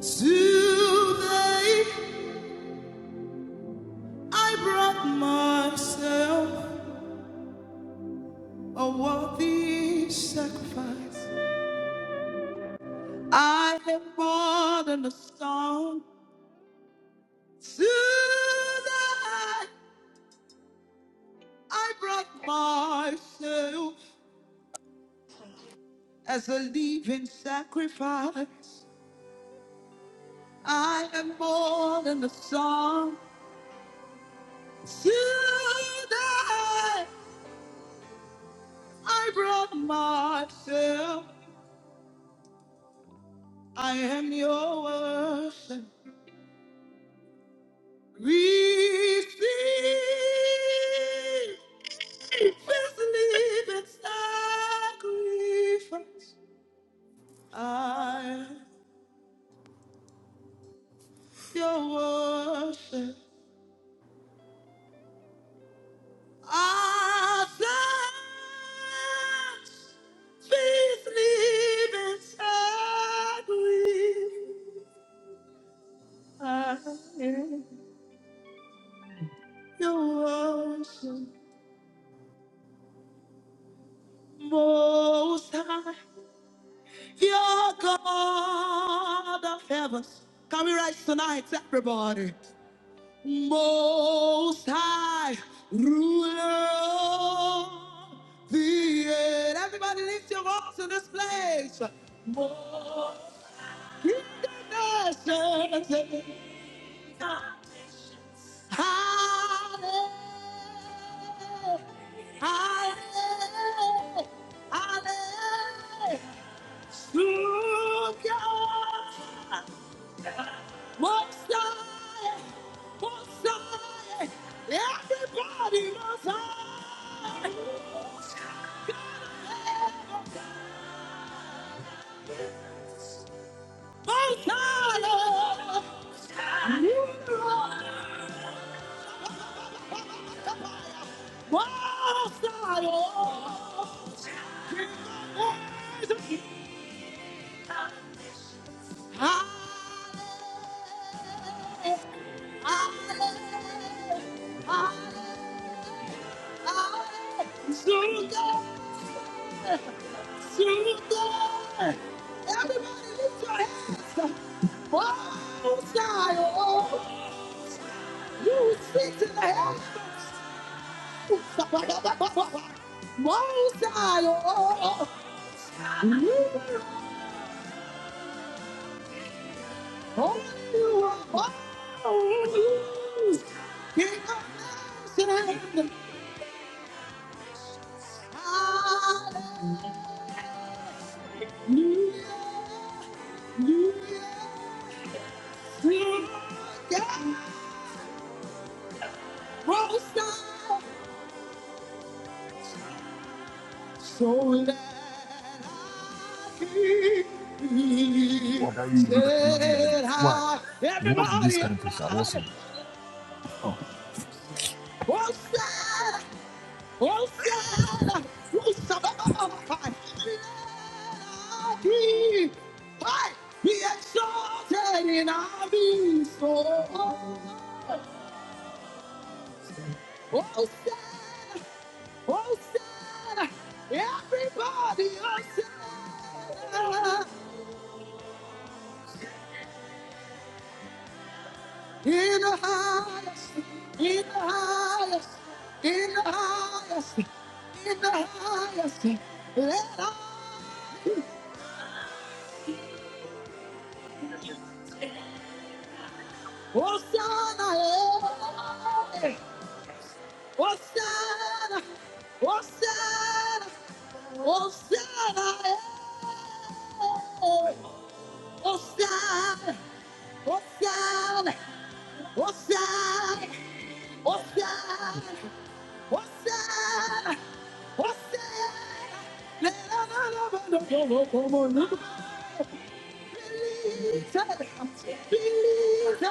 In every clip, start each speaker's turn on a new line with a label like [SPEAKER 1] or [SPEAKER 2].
[SPEAKER 1] Today I brought myself a worthy sacrifice. I have more than a song. Today I brought myself as a living sacrifice. I am more than a song. Today I brought myself. I am your worship. We see this living sacrifice. I your worship. I thanks this living sacrifice. I your worship. Most high. Your God of heavens. Can we rise tonight, everybody? Most high ruler of the earth. Everybody lift your voice in this place. Most high nations. Hallelujah. Hallelujah. Hallelujah. Most high, most high, everybody most high. Most high, most high. Hallelujah. Hallelujah, Hallelujah. Everybody lift your hands. Oh, style, You sit in the heavens. Oh, style, You are holy. You are holy. King of nations. Hallelujah. Hallelujah. Yeah. closer so that I can be
[SPEAKER 2] What that you do like this, like
[SPEAKER 1] set
[SPEAKER 2] Why?
[SPEAKER 1] high.
[SPEAKER 2] You this
[SPEAKER 1] Everybody,
[SPEAKER 2] kind of person
[SPEAKER 1] everybody,
[SPEAKER 2] also.
[SPEAKER 1] closer, closer, closer. that I be, I be exalted and I be so closer, closer. Everybody, closer. In the highest, in the highest, in the highest, in the highest. Let all
[SPEAKER 3] Just.
[SPEAKER 1] Hosanna, eh. Hosanna, Hosanna, Hosanna, eh. Hosanna, Hosanna, Hosanna, Hosanna. Hosanna! Hosanna! La, la, la, la, la, la, la, la, la, la, la. Believe it! Believe it!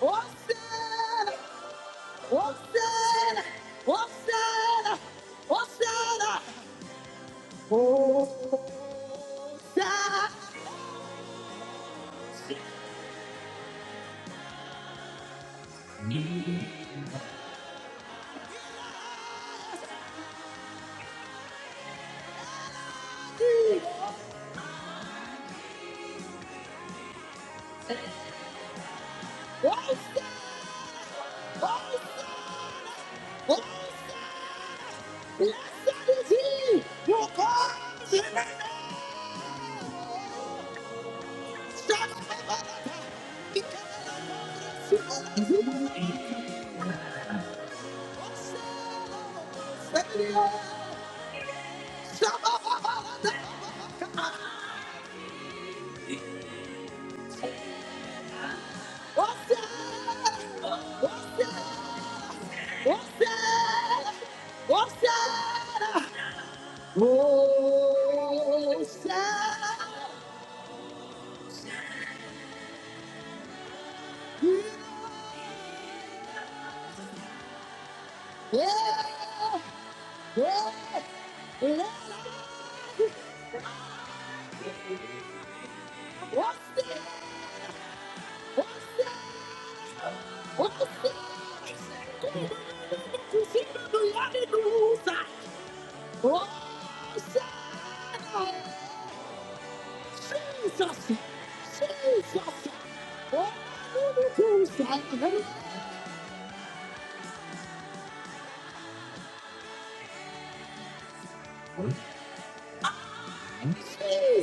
[SPEAKER 1] Hosanna! Hosanna! Hosanna! Hosanna! Hosanna! Hosanna! Hosanna! Blessed is he who comes in the name Son of Abraham. He came in the name of Hosanna! Hosanna! Son of Abraham. Hosanna! Hosanna! Hosanna! Hosanna! Oh, Savior, yeah, yeah, yeah. What's that? What's that? What's that? You see the Lord in the roof. Oh, Savior, Jesus, Jesus. Oh, the Jesus,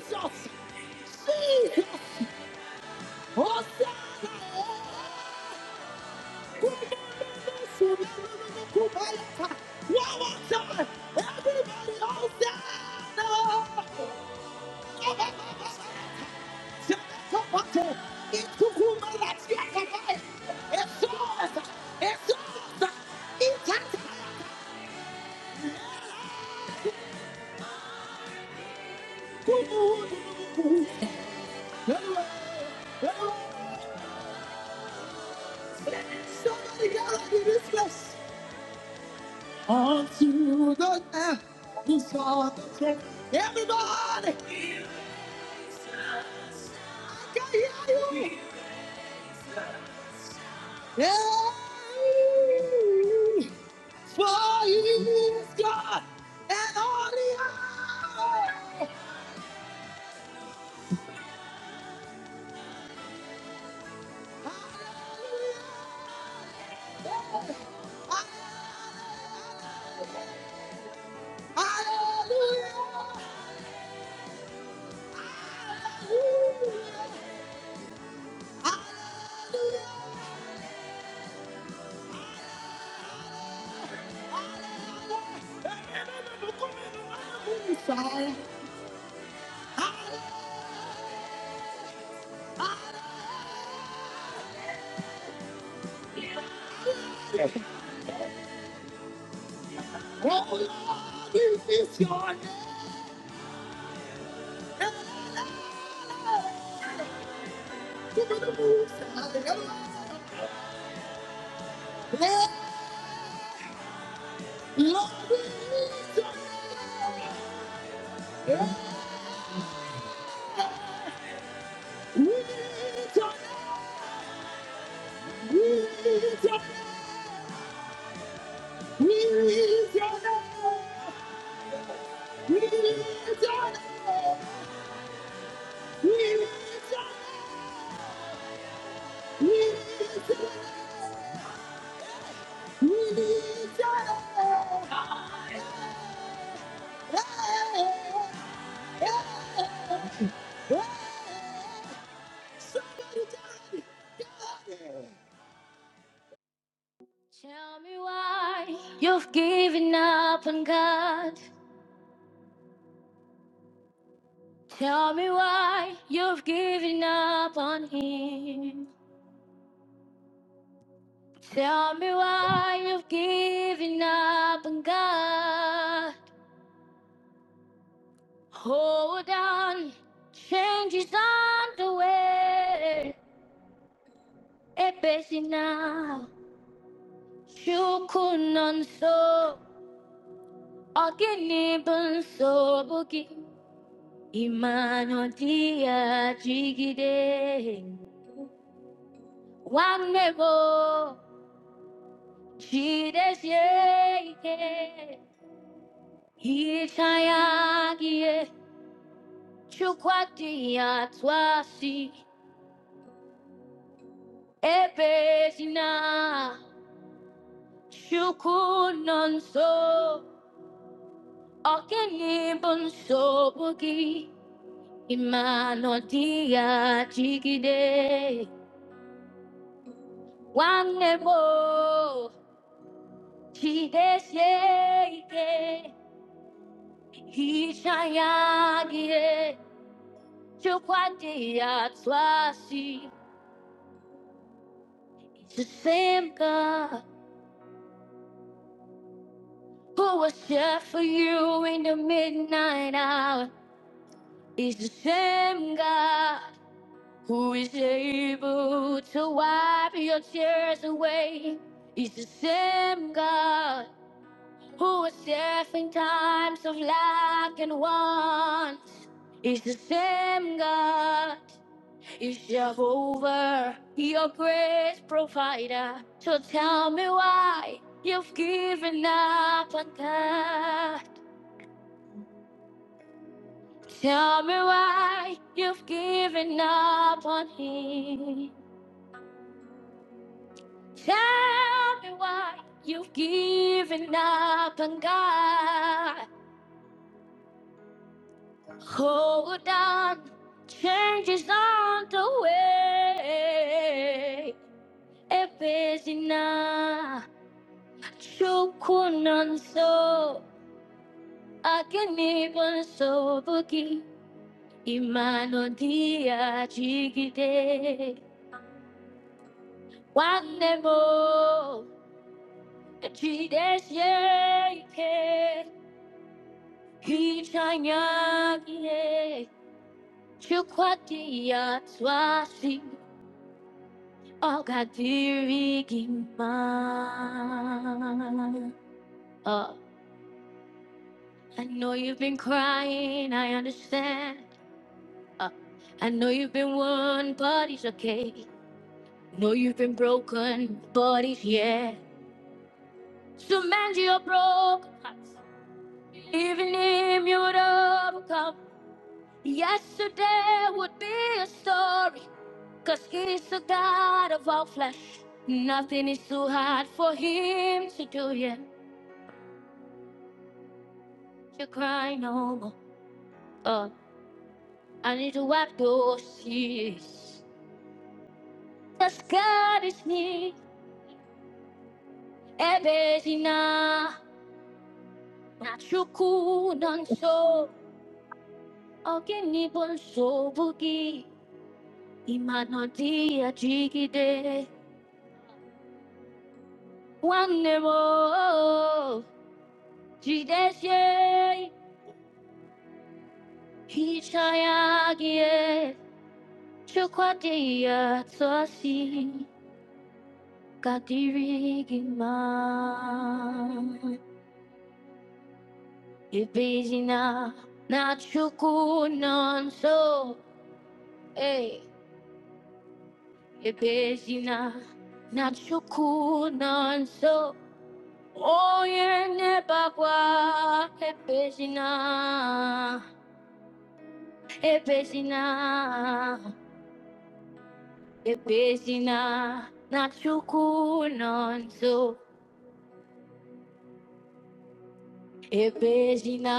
[SPEAKER 1] Jesus, Jesus. Somebody got out of this place. Onto the left, you saw the check. Everybody, I can hear you. Yeah. For you is God and all the earth. Hallelujah. Hallelujah. Hallelujah. Hallelujah. Oh Lord, this is your name. Lord, we need your name. We need your name. We need your name. We is your name. We is your name. We is your name. We is your name. Hey, hey, hey. Tell me why you've given up on God. Tell me why you've given up on him. Tell me why you've given up on God. Hold on, change is on the way. Ebesi now, you couldn't so. Ogini bun so bugi. Imano dia jigide. One Chi desheke, hi shayagiye, chukwadia tosi, epesina, chukunonso, okini bonsobuki, imanodiya chikide, wanemo, chi desheke, hi shayagiye, chukwadia tosi. It's the same God who was there for you in the midnight hour. It's the same God who is able to wipe your tears away. It's the same God who was there in times of lack and want. It's the same God Is Jehovah your great provider? So tell me why you've given up on God. Tell me why you've given up on Him. Tell me why you've given up on God. Hold on, change is on the way. If it's enough. Chukunan so akaniban sobuki imano dia chigide wanemo chideshike hichanyagi chukwatia twasi ogadiri gima. Oh, I know you've been crying, I understand. Uh, I know you've been worn, but it's okay. Know you've been broken, but it's yeah. So mend your broken hearts. Even him, you would overcome. Yesterday would be a story, cause he's the God of all flesh. Nothing is too hard for him to do, yeah. You cry no more. Oh, I need to wipe those tears. Cause God is near, everything now. Nachuku nanso ogini bonso bugi imano dia jigide wanemo jideshe hichayagie chukwadia tosi kadirigima ibezina nachuku nanso eh ibezina nachuku nanso Oye nepakwa epesina na epesina nachukunonso na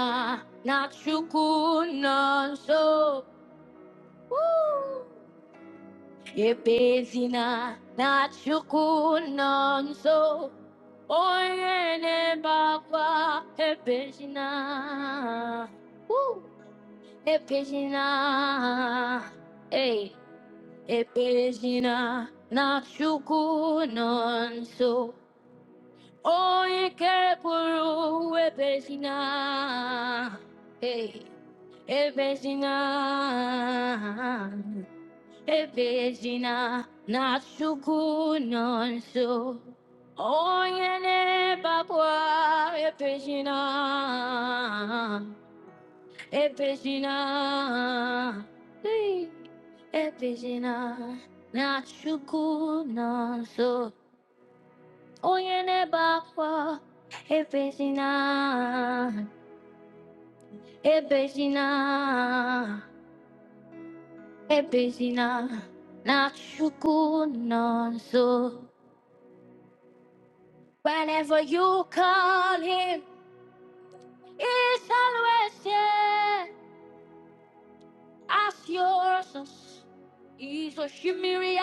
[SPEAKER 1] nachukunonso Woo! epesina nachukunonso Oye nepakwa epesina Epejina, ei, epejina, na chuku non so. Oye que puru epejina, ei, epejina, epejina, na chuku non so. Oye ne papua epejina, E Regina, ei, e Regina, Nachuku Nanso, Oyene Bakwa, E Regina, E Regina, E Regina, Nachuku Nanso. Whenever you call him, it's always there as your source. He's a shimmy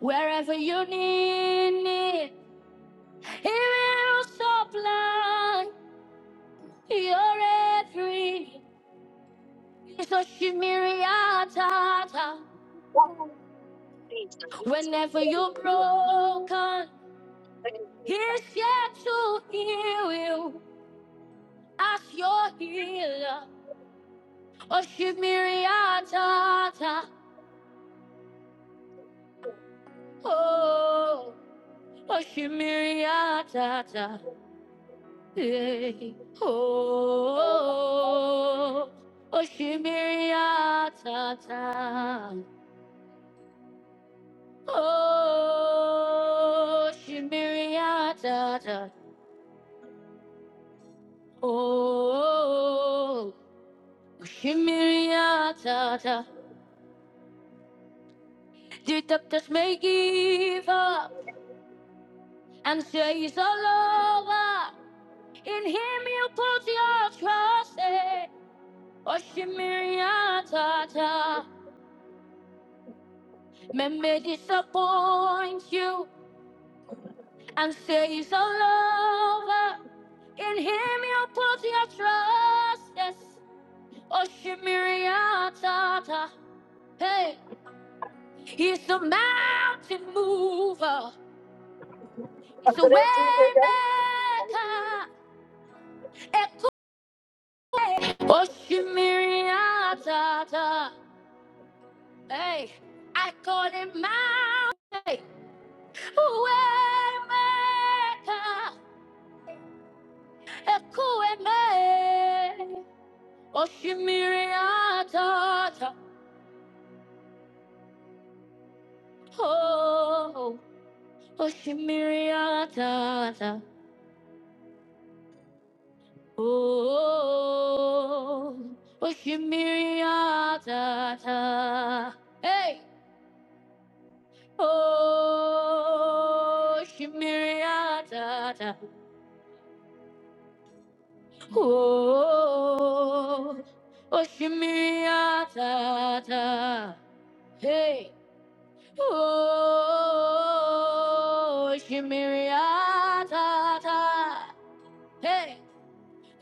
[SPEAKER 1] Wherever you need it, He will supply your every so shimiriata.
[SPEAKER 4] Amen.
[SPEAKER 1] Whenever you're broken, He's yet to heal you as your healer. Oh shimiriata. Oh, oh shimiriata. Hey, oh, Oshimiri atata. Oh, Oshimiri atata. Oh, Oshimiri atata. The doctors may give up and say it's all over. In Him you put your trust. eh. Oshimiri atata. May may disappoint you. and say he's a lover. In him you put your trust, yes. Oshimiriatata. Hey, he's a mountain mover. He's a way maker. Echo- Oshimiriatata. Hey, I call him mountain way maker. Echo- Oshimiriatata. Oh, Oshimiriata. Oh, Oshimiriata. Hey. Oh, Oshimiriata. Oh, Oshimiriata. Hey. Oh, Oshimiriata. Hey.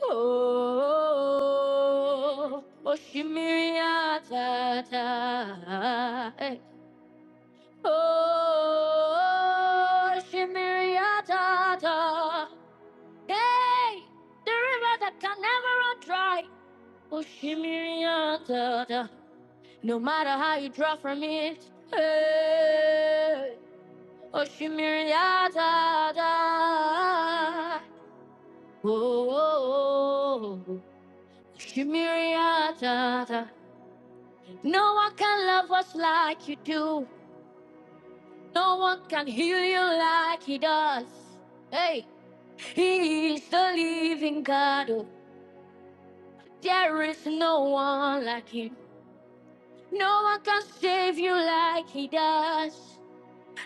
[SPEAKER 1] Oh, Oshimiria Tata. Hey. Oh, Oshimiria Tata. Hey, the river that can never run dry. Oshimiria Tata. No matter how you draw from it. Hey, Oshimiria Tata. Oh, oh, oh. Oshimiria Tata. No one can love us like you do. No one can heal you like he does. Hey, he is the living God. oh. There is no one like him. No one can save you like he does.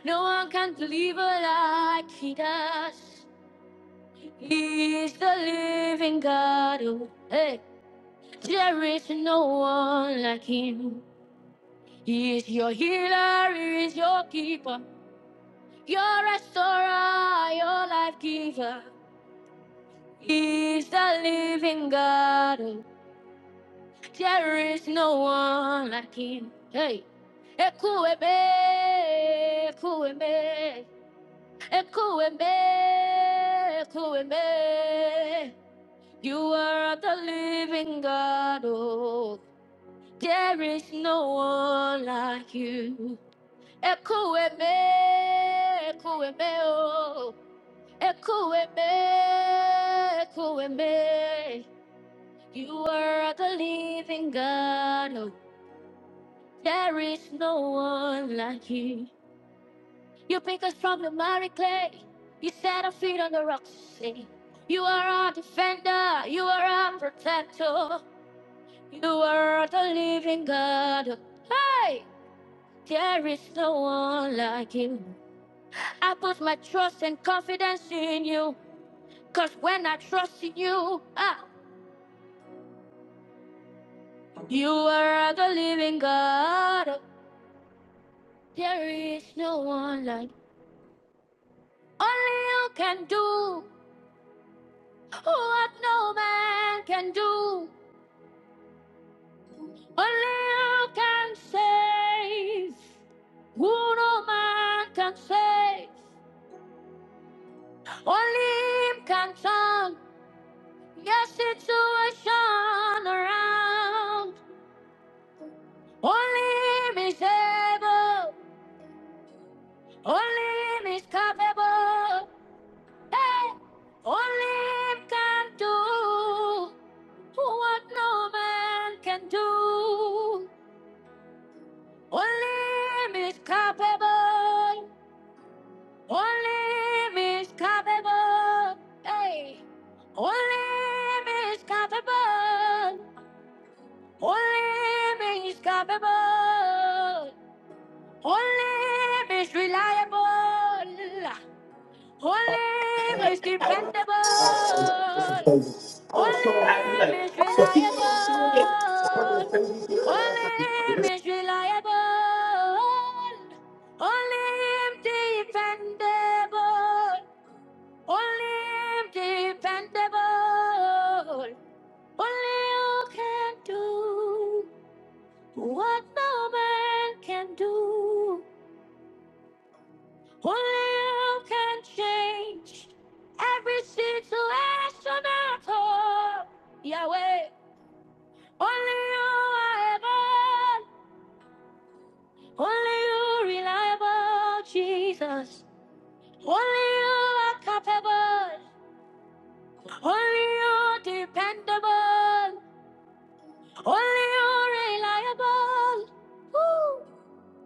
[SPEAKER 1] No one can deliver like he does. He is the living God. oh. Hey, there is no one like him. He is your healer, he is your keeper. Your restorer, your life giver, He's the living God. Oh, There is no one like him. Hey, Ekueme, Ekueme, Ekueme, Ekueme. You are the living God. Oh, there is no one like you. Ekueme, Ekueme, oh. Ekueme, Ekueme, you are the living God. Oh, there is no one like you. You pick us from the miry clay. You set our feet on the rocks to sing. You are our defender. You are our protector. You are the living God. Oh, hey, there is no one like you. I put my trust and confidence in you. Cause when I trust in you, ah, You are the living God. There is no one like only you can do what no man can do. Only you can save who no man can save. Only him can turn your situation around. Only him is able. Only him is capable. that only Him can do what no man can do. Only him is capable. Only him is capable. Hey, only him is capable. Only him is capable. Only him is reliable. Only him is dependable.
[SPEAKER 5] I
[SPEAKER 1] Only
[SPEAKER 5] was so happy, like,
[SPEAKER 1] Him is
[SPEAKER 5] but see,
[SPEAKER 1] reliable. Only Him is reliable. Holy dependable. Holy dependable. Only you can do what no man can do. Only you can change every situation at all. Yahweh. Only you are able. Only you reliable, Jesus. Only you are capable. Only you dependable. Only you reliable. Woo.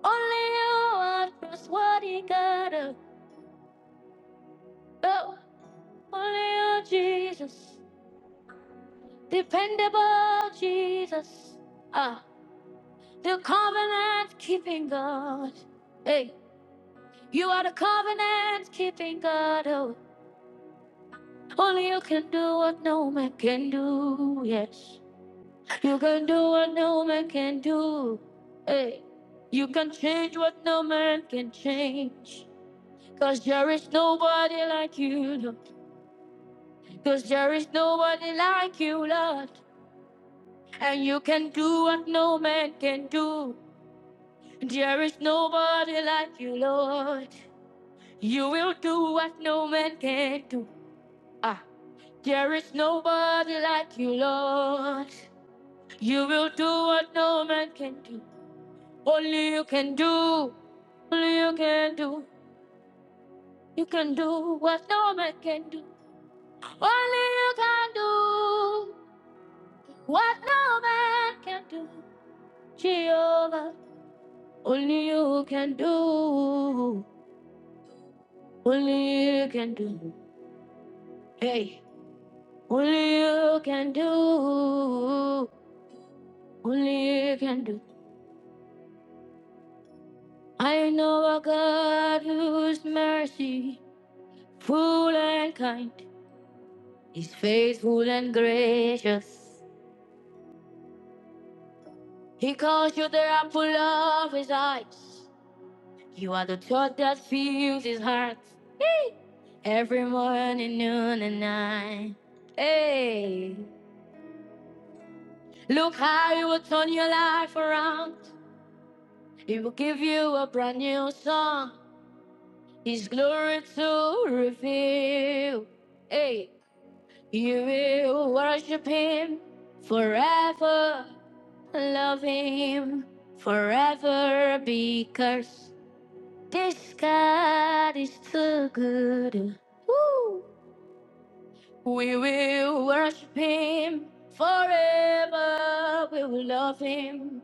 [SPEAKER 1] Only you are trustworthy, God. Oh, only you, Jesus. Dependable, Jesus. Ah, the covenant keeping God. hey. You are the covenant keeping God. Oh, only you can do what no man can do. Yes, you can do what no man can do. Hey, you can change what no man can change. Cause there is nobody like you, Lord. Cause there is nobody like you, Lord. And you can do what no man can do. There is nobody like you, Lord. You will do what no man can do. Ah. There is nobody like you, Lord. You will do what no man can do. Only you can do. Only you can do. You can do what no man can do. Only you can do what no man can do. Jehovah, only you can do. Only you can do. Hey, only you can do. Only you can do. I know a God whose mercy, full and kind, is faithful and gracious. He calls you the apple of his eyes. You are the thought that fills his heart every morning, noon, and night. Hey, look how he will turn your life around. He will give you a brand new song. His glory to reveal. Hey. You will worship him forever, love him forever because this God is too good. Woo! We will worship him forever, we will love him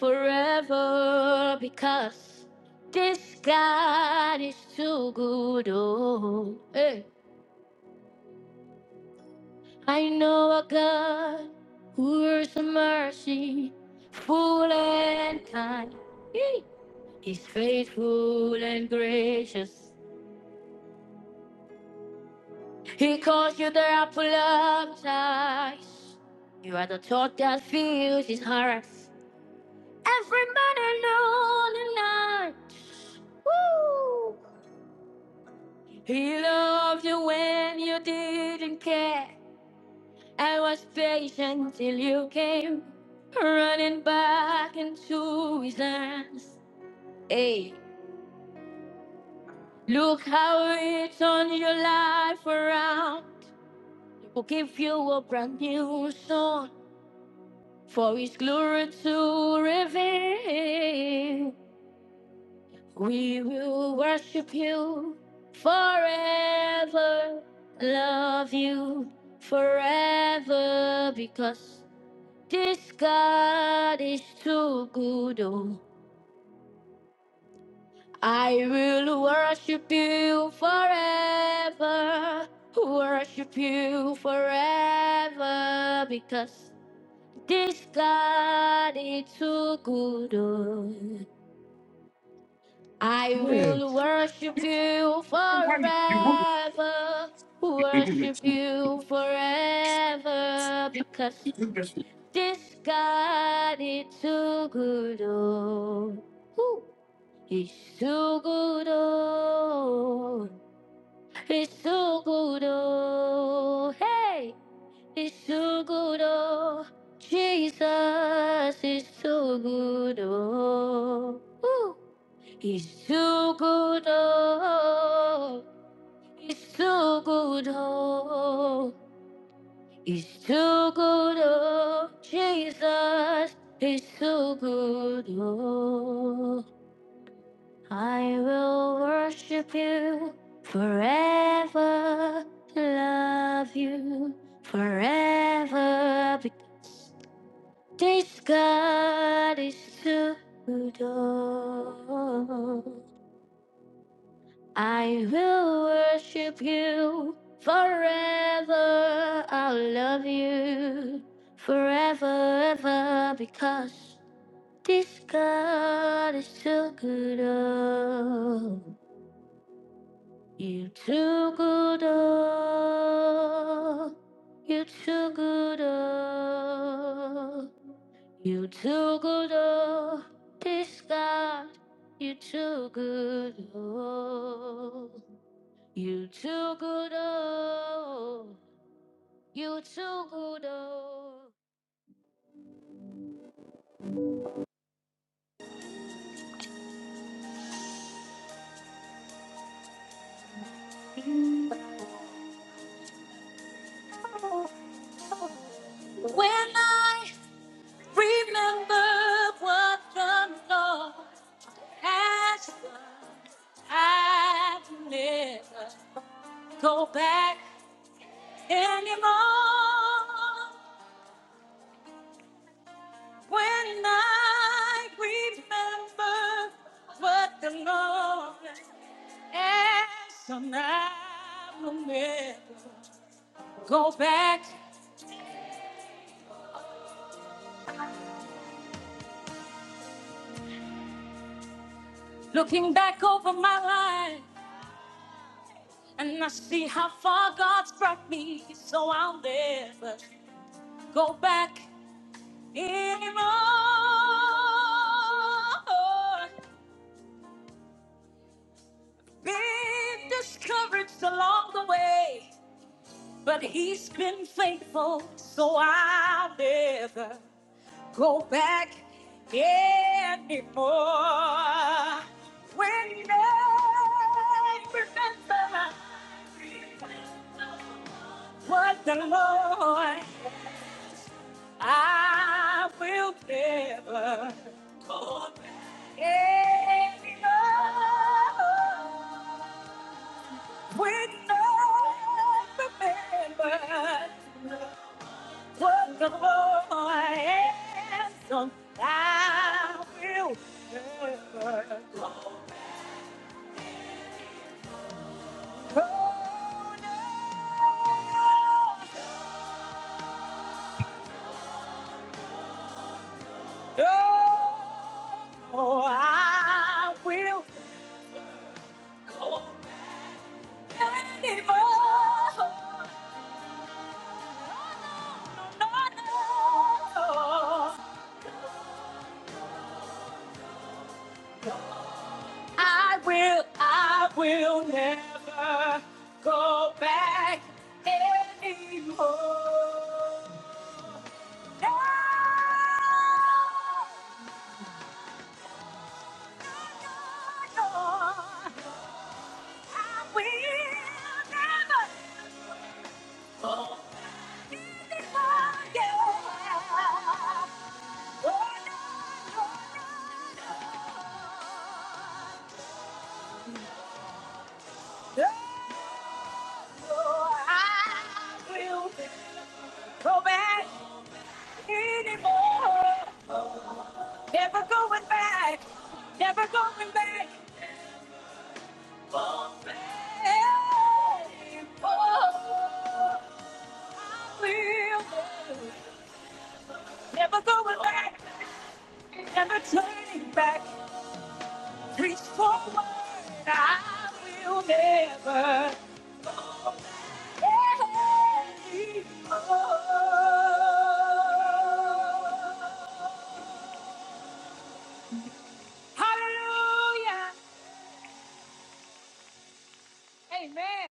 [SPEAKER 1] forever because this God is too good. Oh, hey. I know a God who is a mercy, full and kind. Yee. He's faithful and gracious. He calls you the apple of his eyes. You are the thought that fills his heart. Every man and all the night. Woo! He loved you when you didn't care. I was patient till you came, running back into his arms. Hey, look how he turned your life around. He will give you a brand new song for his glory to reveal. We will worship you forever, love you forever because. This God is too good. Oh, I will worship you forever. Worship you forever because this God is too good. Oh, I
[SPEAKER 6] Hey.
[SPEAKER 1] will worship you forever. Worship you forever because this God is too good. Oh. Woo. He's so good, oh, he's so good, oh, hey, he's so good, oh, Jesus is so good, oh, Ooh. he's so good, oh, he's so good, oh, he's so good, oh, Jesus is so good, oh. I will worship you forever, love you forever. be- This God is too good. I will worship you forever. I'll love you forever, ever, because this God is too good. Oh. You too good, oh. You too good, oh. You too good, oh. This God, you too good, oh. You too good, oh. You too good, oh. When I remember what the Lord has done, I never go back anymore when I remember what the Lord has done. I will never go back, looking back over my life, and I see how far God's brought me, so I'll never go back anymore. Been discouraged along the way. But he's been faithful, so I'll never go back anymore. When I remember what the Lord, I will never go back anymore. When I remember What the Lord has done, I will remember. Oh, no, oh, I will anymore. No, no, no. I will, I will never go back anymore. No. Go back anymore. Never going back. Never going back. Oh, back. Oh, Never going back, never turning back. Reach forward, I will never. anymore. Hallelujah. Amen.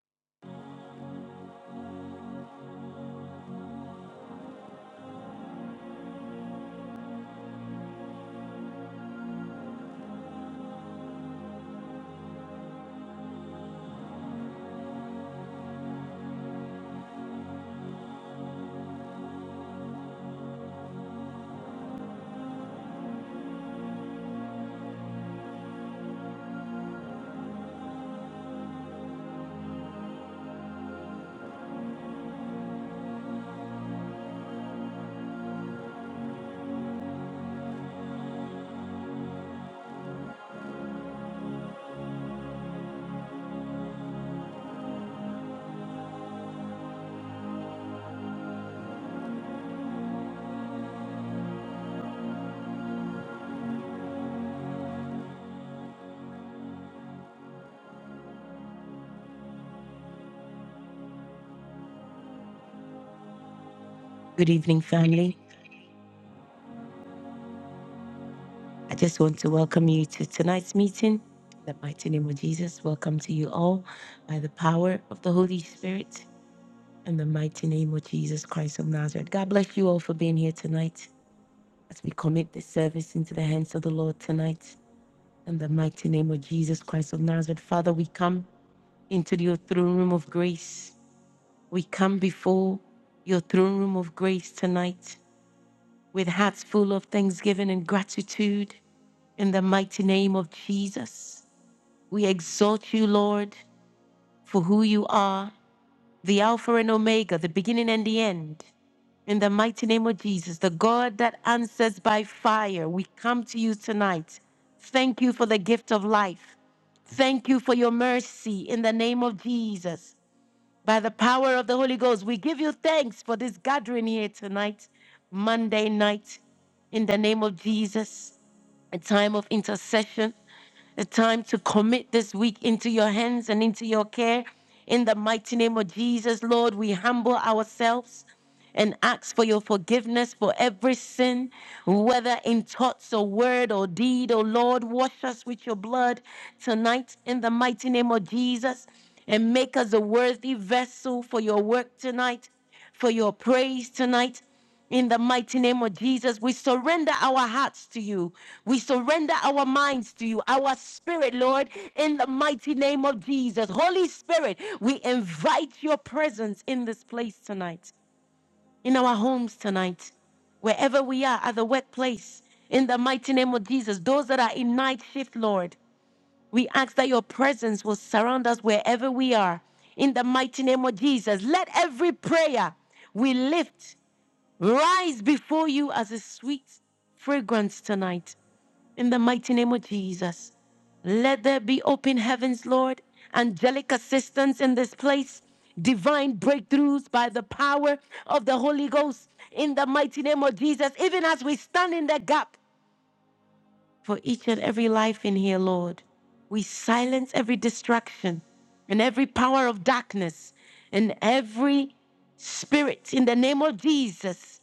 [SPEAKER 1] Good evening, family. I just know by the power of the Holy Spirit and the mighty name of Jesus Christ of Nazareth. God bless you all for being here tonight as we commit this service into the hands of the Lord tonight. In the mighty name of Jesus Christ of Nazareth, Father, we come into your throne room of grace. We come before your throne room of grace tonight with hearts full of thanksgiving and gratitude. In the mighty name of Jesus, we exalt you, Lord, for who you are, the Alpha and Omega, the beginning and the end. In the mighty name of Jesus, the God that answers by fire, we come to you tonight. Thank you for the gift of life. Thank you for your mercy in the name of Jesus. By the power of the Holy Ghost, we give you thanks for this gathering here tonight, Monday night, in the name of Jesus. A time of intercession, a time to commit this week into your hands and into your care. In the mighty name of Jesus, Lord, we humble ourselves and ask for your forgiveness for every sin, whether in thoughts or word or deed, Oh Lord. Wash us with your blood tonight in the mighty name of Jesus and make us a worthy vessel for your work tonight, for your praise tonight. In the mighty name of Jesus, we surrender our hearts to you. We surrender our minds to you, our spirit, Lord, in the mighty name of Jesus. Holy Spirit, we invite your presence in this place tonight in our homes tonight, wherever we are, at the workplace, in the mighty name of Jesus. Those that are in night shift, Lord, we ask that your presence will surround us wherever we are, in the mighty name of Jesus. Let every prayer we lift rise before you as a sweet fragrance tonight in the mighty name of Jesus. Let there be open heavens, Lord, angelic assistance in this place, divine breakthroughs by the power of the Holy Ghost in the mighty name of Jesus, even as we stand in the gap for each and every life in here, Lord. We silence every distraction and every power of darkness and every spirit in the name of Jesus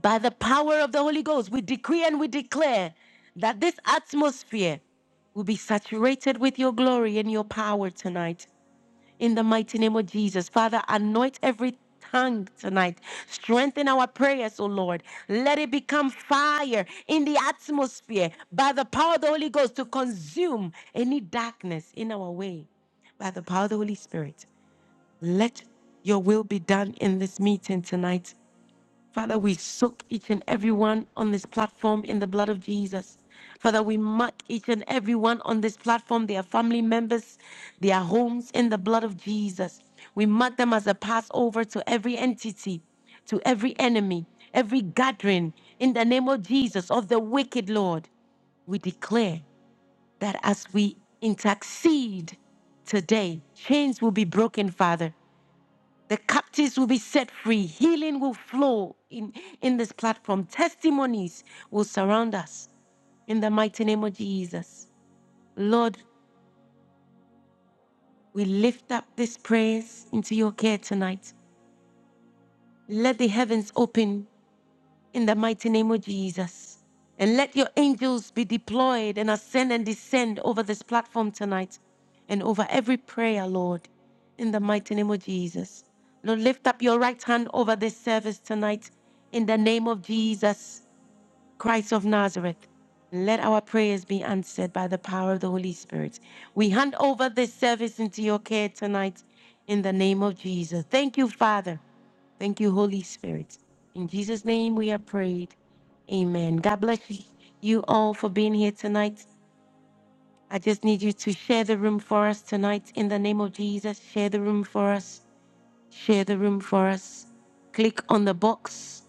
[SPEAKER 1] by the power of the Holy Ghost, we decree and we declare that this atmosphere will be saturated with your glory and your power tonight. In the mighty name of Jesus, Father, anoint every tongue tonight. Strengthen our prayers, O Lord. Let it become fire in the atmosphere by the power of the Holy Ghost to consume any darkness in our way. By the power of the Holy Spirit, let your will be done in this meeting tonight. Father, we soak each and everyone on this platform in the blood of Jesus. Father, we mark each and everyone on this platform, their family members, their homes in the blood of Jesus. We mark them as a Passover to every entity, to every enemy, every gathering in the name of Jesus of the wicked Lord. We declare that as we intercede today, chains will be broken, Father. The captives will be set free. Healing will flow in, in this platform. Testimonies will surround us in the mighty name of Jesus. Lord, we lift up these prayers into your care tonight. Let the heavens open in the mighty name of Jesus. And let your angels be deployed and ascend and descend over this platform tonight and over every prayer, Lord, in the mighty name of Jesus. Lord, lift up your right hand over this service tonight in the name of Jesus. Christ of Nazareth, let our prayers be answered by the power of the Holy Spirit. We hand over this service into your care tonight in the name of Jesus. Thank you, Father. Thank you, Holy Spirit. In Jesus' name we are prayed. Amen. God bless you you all for being here tonight. I just need you to share the room for us tonight in the name of Jesus. Share the room for us Share the room for us. Click on the box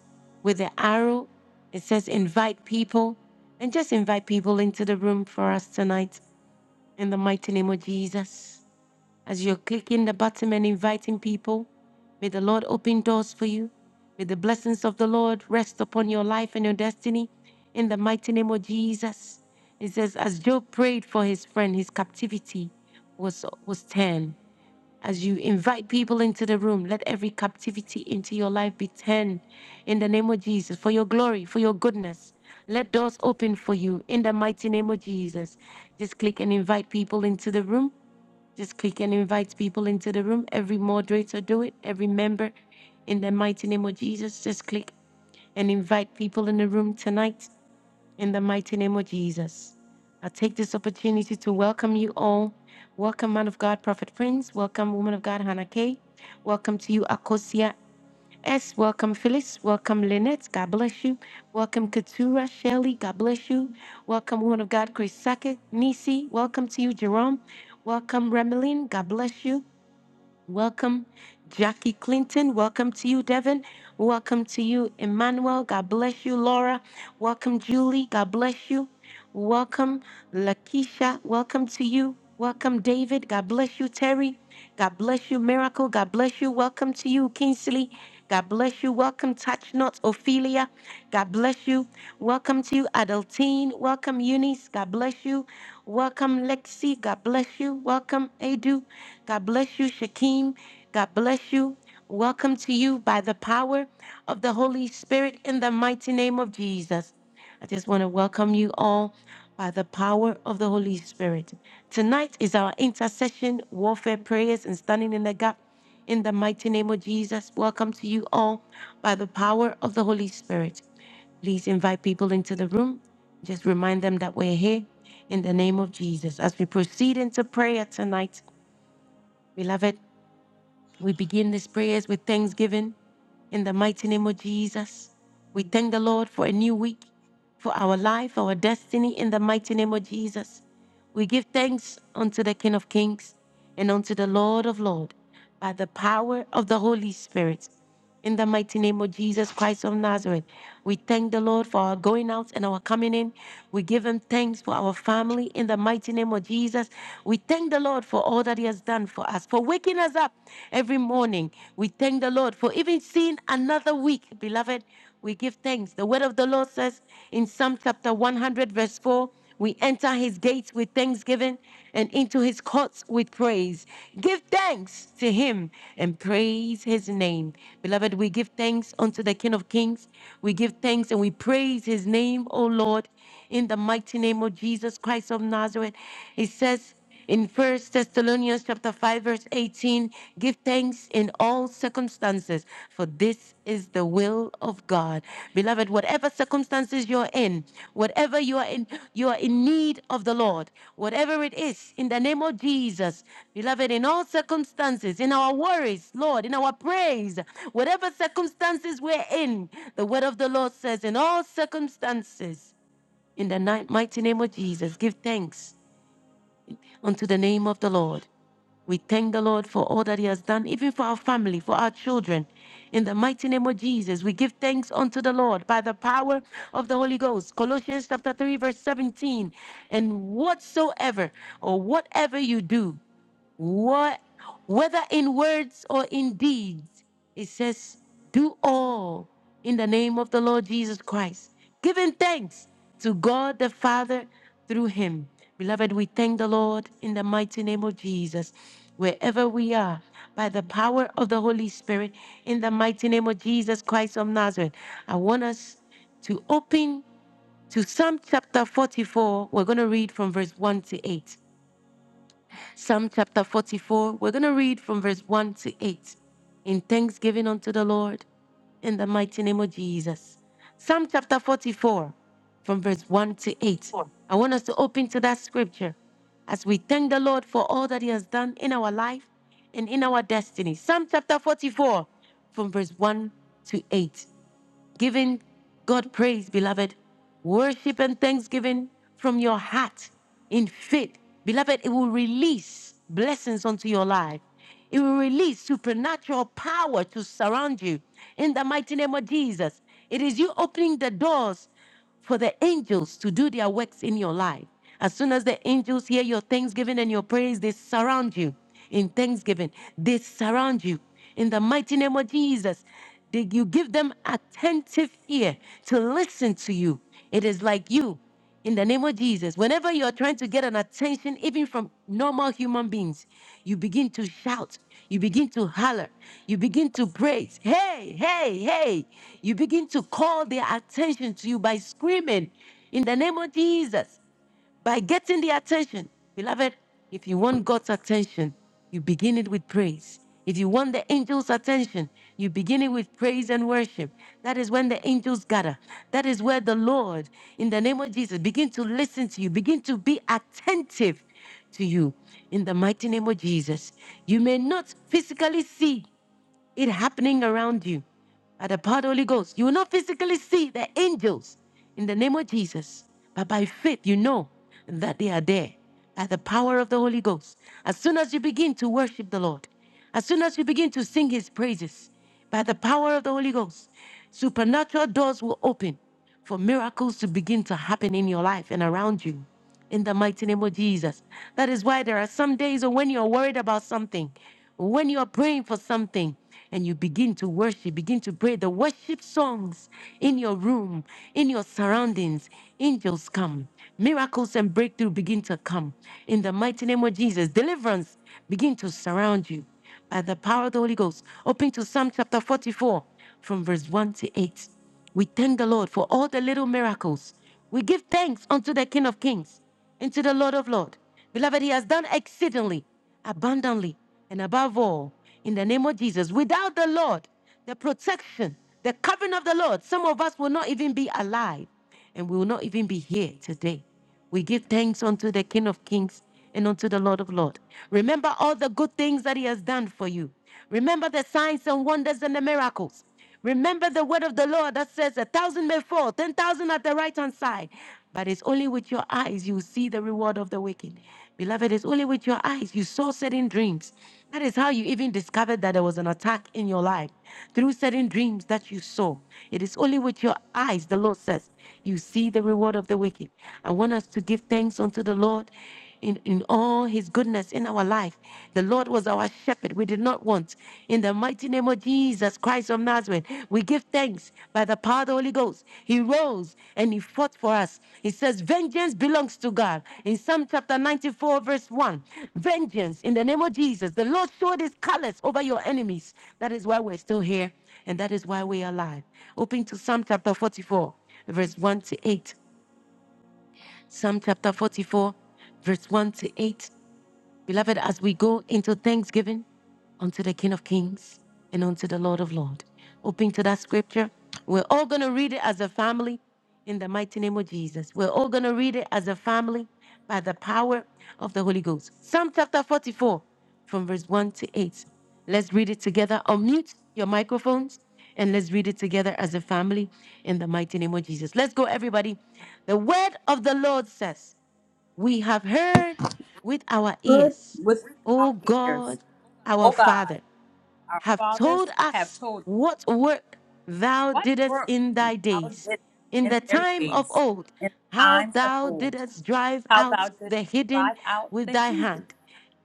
[SPEAKER 1] with the arrow. It says invite people. And just invite people into the room for us tonight in the mighty name of Jesus. As you're clicking the button and inviting people, may the Lord open doors for you. May the blessings of the Lord rest upon your life and your destiny in the mighty name of Jesus. It says, as Job prayed for his friend, his captivity was, was turned. As you invite people into the room, let every captivity into your life be turned in the name of Jesus for your glory, for your goodness. Let doors open for you in the mighty name of Jesus. Just click and invite people into the room. Just click and invite people into the room. Every moderator do it, every member in the mighty name of Jesus. Just click and invite people in the room tonight in the mighty name of Jesus. I take this opportunity to welcome you all. Welcome, man of God, Prophet Prince. Welcome, woman of God, Hannah Kay. Welcome to you, Akosia S. Welcome, Phyllis. Welcome, Lynette. God bless you. Welcome, Katura Shelley. God bless you. Welcome, woman of God, Chris Sackett. Nisi. Welcome to you, Jerome. Welcome, Remeline. God bless you. Welcome, Jackie Clinton. Welcome to you, Devin. Welcome to you, Emmanuel. God bless you, Laura. Welcome, Julie. God bless you. Welcome, Lakeisha. Welcome to you. Welcome, David. God bless you, Terry. God bless you, Miracle. God bless you. Welcome to you, Kingsley. God bless you. Welcome, Touch Not Ophelia. God bless you. Welcome to you, Adultine. Welcome, Eunice. God bless you. Welcome, Lexi. God bless you. Welcome, Adu. God bless you, Shakim. God bless you. Welcome to you by the power of the Holy Spirit in the mighty name of Jesus. I just want to welcome you all by the power of the Holy Spirit. Tonight is our intercession, warfare prayers, and standing in the gap in the mighty name of Jesus. Welcome to you all by the power of the Holy Spirit. Please invite people into the room. Just remind them that we're here in the name of Jesus. As we proceed into prayer tonight, beloved. We begin these prayers with thanksgiving in the mighty name of Jesus. We thank the Lord for a new week, for our life, our destiny in the mighty name of Jesus. We give thanks unto the King of Kings and unto the Lord of Lords by the power of the Holy Spirit. In the mighty name of Jesus Christ of Nazareth, we thank the Lord for our going out and our coming in. We give Him thanks for our family. In the mighty name of Jesus, we thank the Lord for all that He has done for us, for waking us up every morning. We thank the Lord for even seeing another week, beloved. We give thanks. The word of the Lord says in Psalm chapter 100, verse 4. We enter his gates with thanksgiving and into his courts with praise. Give thanks to him and praise his name. Beloved, we give thanks unto the King of Kings. We give thanks and we praise his name, O Lord, in the mighty name of Jesus Christ of Nazareth. It says, in First Thessalonians chapter 5 verse 18, give thanks in all circumstances, for this is the will of God. Beloved, whatever circumstances you're in, whatever you are in, you are in need of the Lord. Whatever it is, in the name of Jesus. Beloved, in all circumstances, in our worries, Lord, in our praise, whatever circumstances we're in, the word of the Lord says, in all circumstances, in the ni- mighty name of Jesus, give thanks unto the name of the Lord. We thank the Lord for all that He has done, even for our family, for our children. In the mighty name of Jesus, we give thanks unto the Lord by the power of the Holy Ghost. Colossians chapter 3, verse 17. And whatsoever or whatever you do, what, whether in words or in deeds, it says, do all in the name of the Lord Jesus Christ, giving thanks to God the Father through him. Beloved, we thank the Lord in the mighty name of Jesus, wherever we are, by the power of the Holy Spirit, in the mighty name of Jesus Christ of Nazareth. I want us to open to Psalm chapter 44. We're going to read from verse 1 to 8. Psalm chapter 44, we're going to read from verse 1 to 8 in thanksgiving unto the Lord in the mighty name of Jesus. Psalm chapter 44, from verse 1 to 8.
[SPEAKER 7] Four.
[SPEAKER 1] I want us to open to that scripture as we thank the Lord for all that He has done in our life and in our destiny. Psalm chapter 44, from verse 1 to 8 giving God praise, beloved. Worship and thanksgiving from your heart in faith. Beloved, it will release blessings onto your life. It will release supernatural power to surround you in the mighty name of Jesus. It is you opening the doors for the angels to do their works in your life. As soon as the angels hear your thanksgiving and your praise, they surround you in thanksgiving. They surround you in the mighty name of Jesus. They- you give them attentive ear to listen to you. It is like you. In the name of Jesus, whenever you are trying to get an attention, even from normal human beings, you begin to shout, you begin to holler, you begin to praise. Hey, hey, hey. You begin to call their attention to you by screaming in the name of Jesus by getting the attention. Beloved, if you want God's attention, you begin it with praise. If you want the angels' attention, you begin it with praise and worship. That is when the angels gather. That is where the Lord, in the name of Jesus, begin to listen to you, begin to be attentive to you. In the mighty name of Jesus, you may not physically see it happening around you by the power of the Holy Ghost. You will not physically see the angels in the name of Jesus, but by faith you know that they are there by the power of the Holy Ghost. As soon as you begin to worship the Lord, as soon as you begin to sing his praises by the power of the Holy Ghost, supernatural doors will open for miracles to begin to happen in your life and around you. In the mighty name of Jesus. That is why there are some days when you're worried about something, when you're praying for something, and you begin to worship, begin to pray the worship songs in your room, in your surroundings. Angels come, miracles and breakthrough begin to come. In the mighty name of Jesus, deliverance begin to surround you by the power of the Holy Ghost. Open to Psalm chapter 44 from verse 1 to 8. We thank the Lord for all the little miracles. We give thanks unto the King of Kings and to the Lord of Lords. Beloved, He has done exceedingly, abundantly, and above all, in the name of Jesus. Without the Lord, the protection, the covering of the Lord, some of us will not even be alive and we will not even be here today. We give thanks unto the King of Kings and unto the Lord of Lords. Remember all the good things that He has done for you. Remember the signs and wonders and the miracles. Remember the word of the Lord that says, A thousand may fall, ten thousand at the right hand side. But it's only with your eyes you see the reward of the wicked. Beloved, it's only with your eyes you saw certain dreams. That is how you even discovered that there was an attack in your life through certain dreams that you saw. It is only with your eyes, the Lord says, you see the reward of the wicked. I want us to give thanks unto the Lord in, in all his goodness in our life. The Lord was our shepherd. We did not want. In the mighty name of Jesus Christ of Nazareth, we give thanks by the power of the Holy Ghost. He rose and he fought for us. He says, Vengeance belongs to God. In Psalm chapter 94, verse 1, vengeance in the name of Jesus. The Lord showed his colors over your enemies. That is why we're still here and that is why we are alive. Open to Psalm chapter 44, verse 1 to 8. Psalm chapter 44, verse 1 to 8. Beloved, as we go into thanksgiving unto the King of Kings and unto the Lord of Lords, open to that scripture. We're all going to read it as a family in the mighty name of Jesus. We're all going to read it as a family by the power of the Holy Ghost. Psalm chapter 44, from verse 1 to 8. Let's read it together. Unmute your microphones and let's read it together as a family in the mighty name of Jesus. Let's go, everybody. The word of the Lord says, we have heard with our
[SPEAKER 8] heard
[SPEAKER 1] ears,
[SPEAKER 8] with
[SPEAKER 1] O
[SPEAKER 8] our
[SPEAKER 1] God,
[SPEAKER 8] ears,
[SPEAKER 1] our
[SPEAKER 8] O God,
[SPEAKER 1] Father,
[SPEAKER 8] our
[SPEAKER 1] have told
[SPEAKER 8] fathers have
[SPEAKER 1] us
[SPEAKER 8] told us
[SPEAKER 1] what work thou
[SPEAKER 8] what
[SPEAKER 1] didst
[SPEAKER 8] work
[SPEAKER 1] in thy
[SPEAKER 8] thou
[SPEAKER 1] days,
[SPEAKER 8] didst
[SPEAKER 1] in
[SPEAKER 8] in
[SPEAKER 1] the
[SPEAKER 8] their
[SPEAKER 1] time of
[SPEAKER 8] days,
[SPEAKER 1] old,
[SPEAKER 8] in the
[SPEAKER 1] how
[SPEAKER 8] times of
[SPEAKER 1] thou
[SPEAKER 8] old,
[SPEAKER 1] didst drive
[SPEAKER 8] how thou
[SPEAKER 1] out
[SPEAKER 8] didst
[SPEAKER 1] the hidden
[SPEAKER 8] drive out
[SPEAKER 1] with
[SPEAKER 8] the
[SPEAKER 1] thy
[SPEAKER 8] heathen
[SPEAKER 1] hand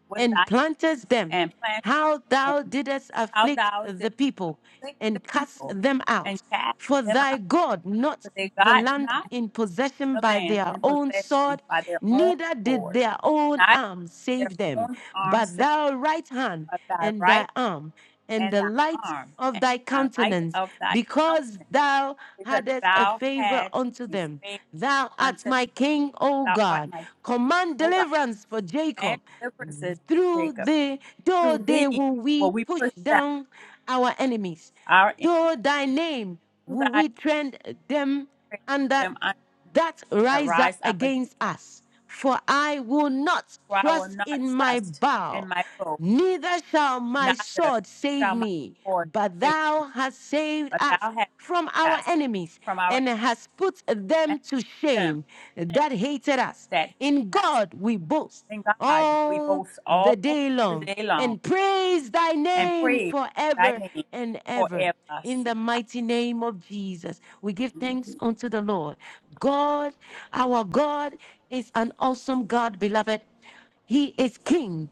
[SPEAKER 8] with thy
[SPEAKER 1] and plantest them,
[SPEAKER 8] and plant
[SPEAKER 1] how thou
[SPEAKER 8] them,
[SPEAKER 1] didst
[SPEAKER 8] how
[SPEAKER 1] afflict
[SPEAKER 8] thou
[SPEAKER 1] the
[SPEAKER 8] didst
[SPEAKER 1] people
[SPEAKER 8] afflict the
[SPEAKER 1] and cast
[SPEAKER 8] people
[SPEAKER 1] them
[SPEAKER 8] and
[SPEAKER 1] out.
[SPEAKER 8] cast
[SPEAKER 1] For
[SPEAKER 8] them
[SPEAKER 1] thy
[SPEAKER 8] out,
[SPEAKER 1] God not
[SPEAKER 8] but they
[SPEAKER 1] the
[SPEAKER 8] got
[SPEAKER 1] land
[SPEAKER 8] not
[SPEAKER 1] in possession
[SPEAKER 8] the
[SPEAKER 1] by
[SPEAKER 8] land
[SPEAKER 1] their
[SPEAKER 8] in
[SPEAKER 1] own
[SPEAKER 8] possession
[SPEAKER 1] sword,
[SPEAKER 8] by their own
[SPEAKER 1] neither did
[SPEAKER 8] sword,
[SPEAKER 1] their own
[SPEAKER 8] neither
[SPEAKER 1] arm
[SPEAKER 8] their
[SPEAKER 1] save them,
[SPEAKER 8] own arm
[SPEAKER 1] but
[SPEAKER 8] saved
[SPEAKER 1] thy right hand
[SPEAKER 8] by thy
[SPEAKER 1] and
[SPEAKER 8] right.
[SPEAKER 1] thy arm and
[SPEAKER 8] and
[SPEAKER 1] the
[SPEAKER 8] thine
[SPEAKER 1] light
[SPEAKER 8] arm,
[SPEAKER 1] of
[SPEAKER 8] and
[SPEAKER 1] thy
[SPEAKER 8] the light
[SPEAKER 1] countenance,
[SPEAKER 8] of thy
[SPEAKER 1] because
[SPEAKER 8] countenance,
[SPEAKER 1] thou
[SPEAKER 8] because
[SPEAKER 1] hadst a
[SPEAKER 8] thou
[SPEAKER 1] favor
[SPEAKER 8] had
[SPEAKER 1] unto
[SPEAKER 8] a
[SPEAKER 1] them.
[SPEAKER 8] favor
[SPEAKER 1] Thou art
[SPEAKER 8] unto that
[SPEAKER 1] my king, O
[SPEAKER 8] thou art
[SPEAKER 1] God.
[SPEAKER 8] my king,
[SPEAKER 1] Command
[SPEAKER 8] O God,
[SPEAKER 1] deliverance for
[SPEAKER 8] command
[SPEAKER 1] Jacob
[SPEAKER 8] deliverances to
[SPEAKER 1] through
[SPEAKER 8] Jacob.
[SPEAKER 1] the though
[SPEAKER 8] Through
[SPEAKER 1] they
[SPEAKER 8] thee
[SPEAKER 1] will we
[SPEAKER 8] will we
[SPEAKER 1] push
[SPEAKER 8] push down
[SPEAKER 1] down our enemies.
[SPEAKER 8] our enemies,
[SPEAKER 1] though thy name
[SPEAKER 8] through
[SPEAKER 1] will
[SPEAKER 8] thy
[SPEAKER 1] we tread them
[SPEAKER 8] praise
[SPEAKER 1] under
[SPEAKER 8] them unto
[SPEAKER 1] that
[SPEAKER 8] that
[SPEAKER 1] rise up
[SPEAKER 8] rise up against
[SPEAKER 1] against
[SPEAKER 8] us.
[SPEAKER 1] us. For I will not
[SPEAKER 8] For I will
[SPEAKER 1] trust
[SPEAKER 8] not
[SPEAKER 1] in my
[SPEAKER 8] trust in
[SPEAKER 1] bow.
[SPEAKER 8] my bow,
[SPEAKER 1] Neither shall my
[SPEAKER 8] neither
[SPEAKER 1] sword save
[SPEAKER 8] shall my
[SPEAKER 1] me,
[SPEAKER 8] sword
[SPEAKER 1] but
[SPEAKER 8] save,
[SPEAKER 1] thou hast saved
[SPEAKER 8] but
[SPEAKER 1] us
[SPEAKER 8] thou hast
[SPEAKER 1] from our
[SPEAKER 8] cast
[SPEAKER 1] enemies
[SPEAKER 8] from our
[SPEAKER 1] and hast put
[SPEAKER 8] and
[SPEAKER 1] them to
[SPEAKER 8] them
[SPEAKER 1] shame that hated us.
[SPEAKER 8] that hate
[SPEAKER 1] In
[SPEAKER 8] us.
[SPEAKER 1] God we boast
[SPEAKER 8] In God we
[SPEAKER 1] all
[SPEAKER 8] boast
[SPEAKER 1] the
[SPEAKER 8] all
[SPEAKER 1] day
[SPEAKER 8] the
[SPEAKER 1] long
[SPEAKER 8] day long.
[SPEAKER 1] and praise thy
[SPEAKER 8] and
[SPEAKER 1] name
[SPEAKER 8] praise thy
[SPEAKER 1] forever
[SPEAKER 8] name
[SPEAKER 1] and ever.
[SPEAKER 8] forever.
[SPEAKER 1] In
[SPEAKER 8] Say
[SPEAKER 1] the mighty name of Jesus, we give thanks unto the Lord. God, our God, is an awesome God, beloved. He is King.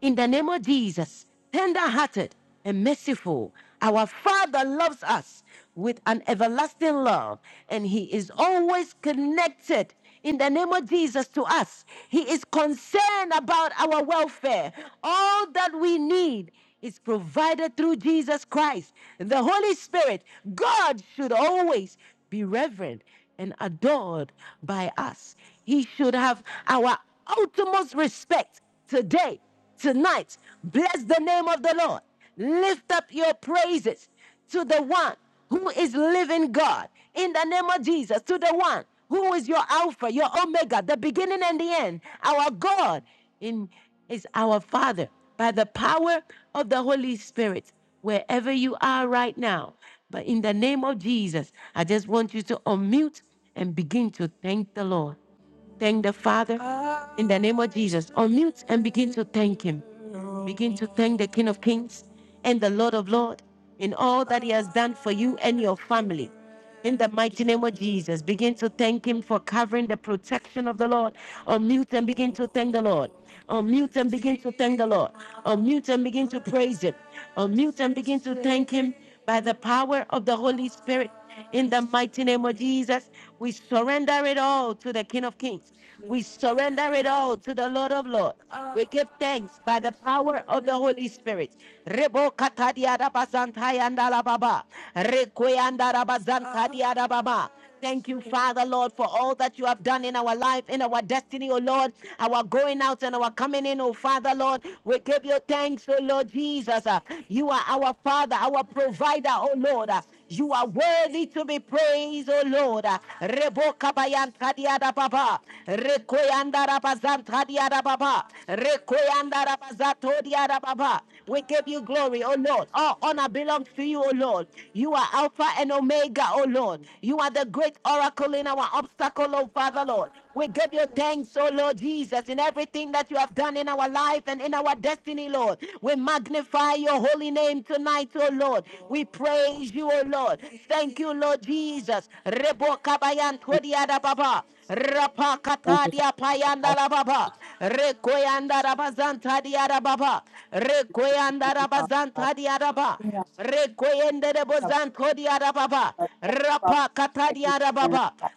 [SPEAKER 1] In the name of Jesus, tender hearted and merciful, our Father loves us with an everlasting love, and He is always connected. In the name of Jesus to us, He is concerned about our welfare. All that we need is provided through Jesus Christ, the Holy Spirit. God should always be reverent and adored by us. He should have our utmost respect today, tonight. Bless the name of the Lord. Lift up your praises to the one who is living God in the name of Jesus, to the one who is your Alpha, your Omega, the beginning and the end. Our God in, is our Father by the power of the Holy Spirit, wherever you are right now. But in the name of Jesus, I just want you to unmute and begin to thank the Lord. Thank the Father in the name of Jesus. Unmute and begin to thank Him. Begin to thank the King of Kings and the Lord of Lords in all that He has done for you and your family. In the mighty name of Jesus, begin to thank Him for covering the protection of the Lord. Unmute and begin to thank the Lord. Unmute and begin to thank the Lord. Unmute and begin to praise Him. Unmute and begin to thank Him by the power of the Holy Spirit. In the mighty name of Jesus, we surrender it all to the King of Kings. We surrender it all to the Lord of Lords. We give thanks by the power of the Holy Spirit. Rebo katadia rabazantai andalababa. Rekweyanda rabazantadia rababa. Thank you, Father, Lord, for all that you have done in our life, in our destiny, O Lord, our going out and our coming in, O Father, Lord. We give you thanks, O Lord Jesus. Uh, You are our Father, our provider, O Lord. Uh, you are worthy to be praised, O Lord. Reboka bayanta diada baba. Rekoyanda rabazanta diada baba. Rekoyanda rabazato diada baba. We give you glory, O Lord. All honor belongs to you, O Lord. You are Alpha and Omega, O Lord. You are the great oracle in our obstacle, O Father, Lord. We give you thanks, oh Lord Jesus, in everything that you have done in our life and in our destiny, Lord. We magnify your holy name tonight, oh Lord. We praise you, oh Lord. Thank you, Lord Jesus. Rebo kabayan todiada baba. Rapa
[SPEAKER 8] Thank you, Father
[SPEAKER 1] katadia
[SPEAKER 8] God, for
[SPEAKER 1] payanda
[SPEAKER 8] life.
[SPEAKER 1] la baba. Rekoyanda rabazanta diada baba. Rekoyanda
[SPEAKER 8] Thank you, Father God,
[SPEAKER 1] rabazanta diada baba.
[SPEAKER 8] for
[SPEAKER 1] Rekoyende de
[SPEAKER 8] covering
[SPEAKER 1] bozan kodi arababa.
[SPEAKER 8] us. Thank you, Father God,
[SPEAKER 1] Rapa
[SPEAKER 8] that
[SPEAKER 1] katadi
[SPEAKER 8] you in our
[SPEAKER 1] arababa.
[SPEAKER 8] life.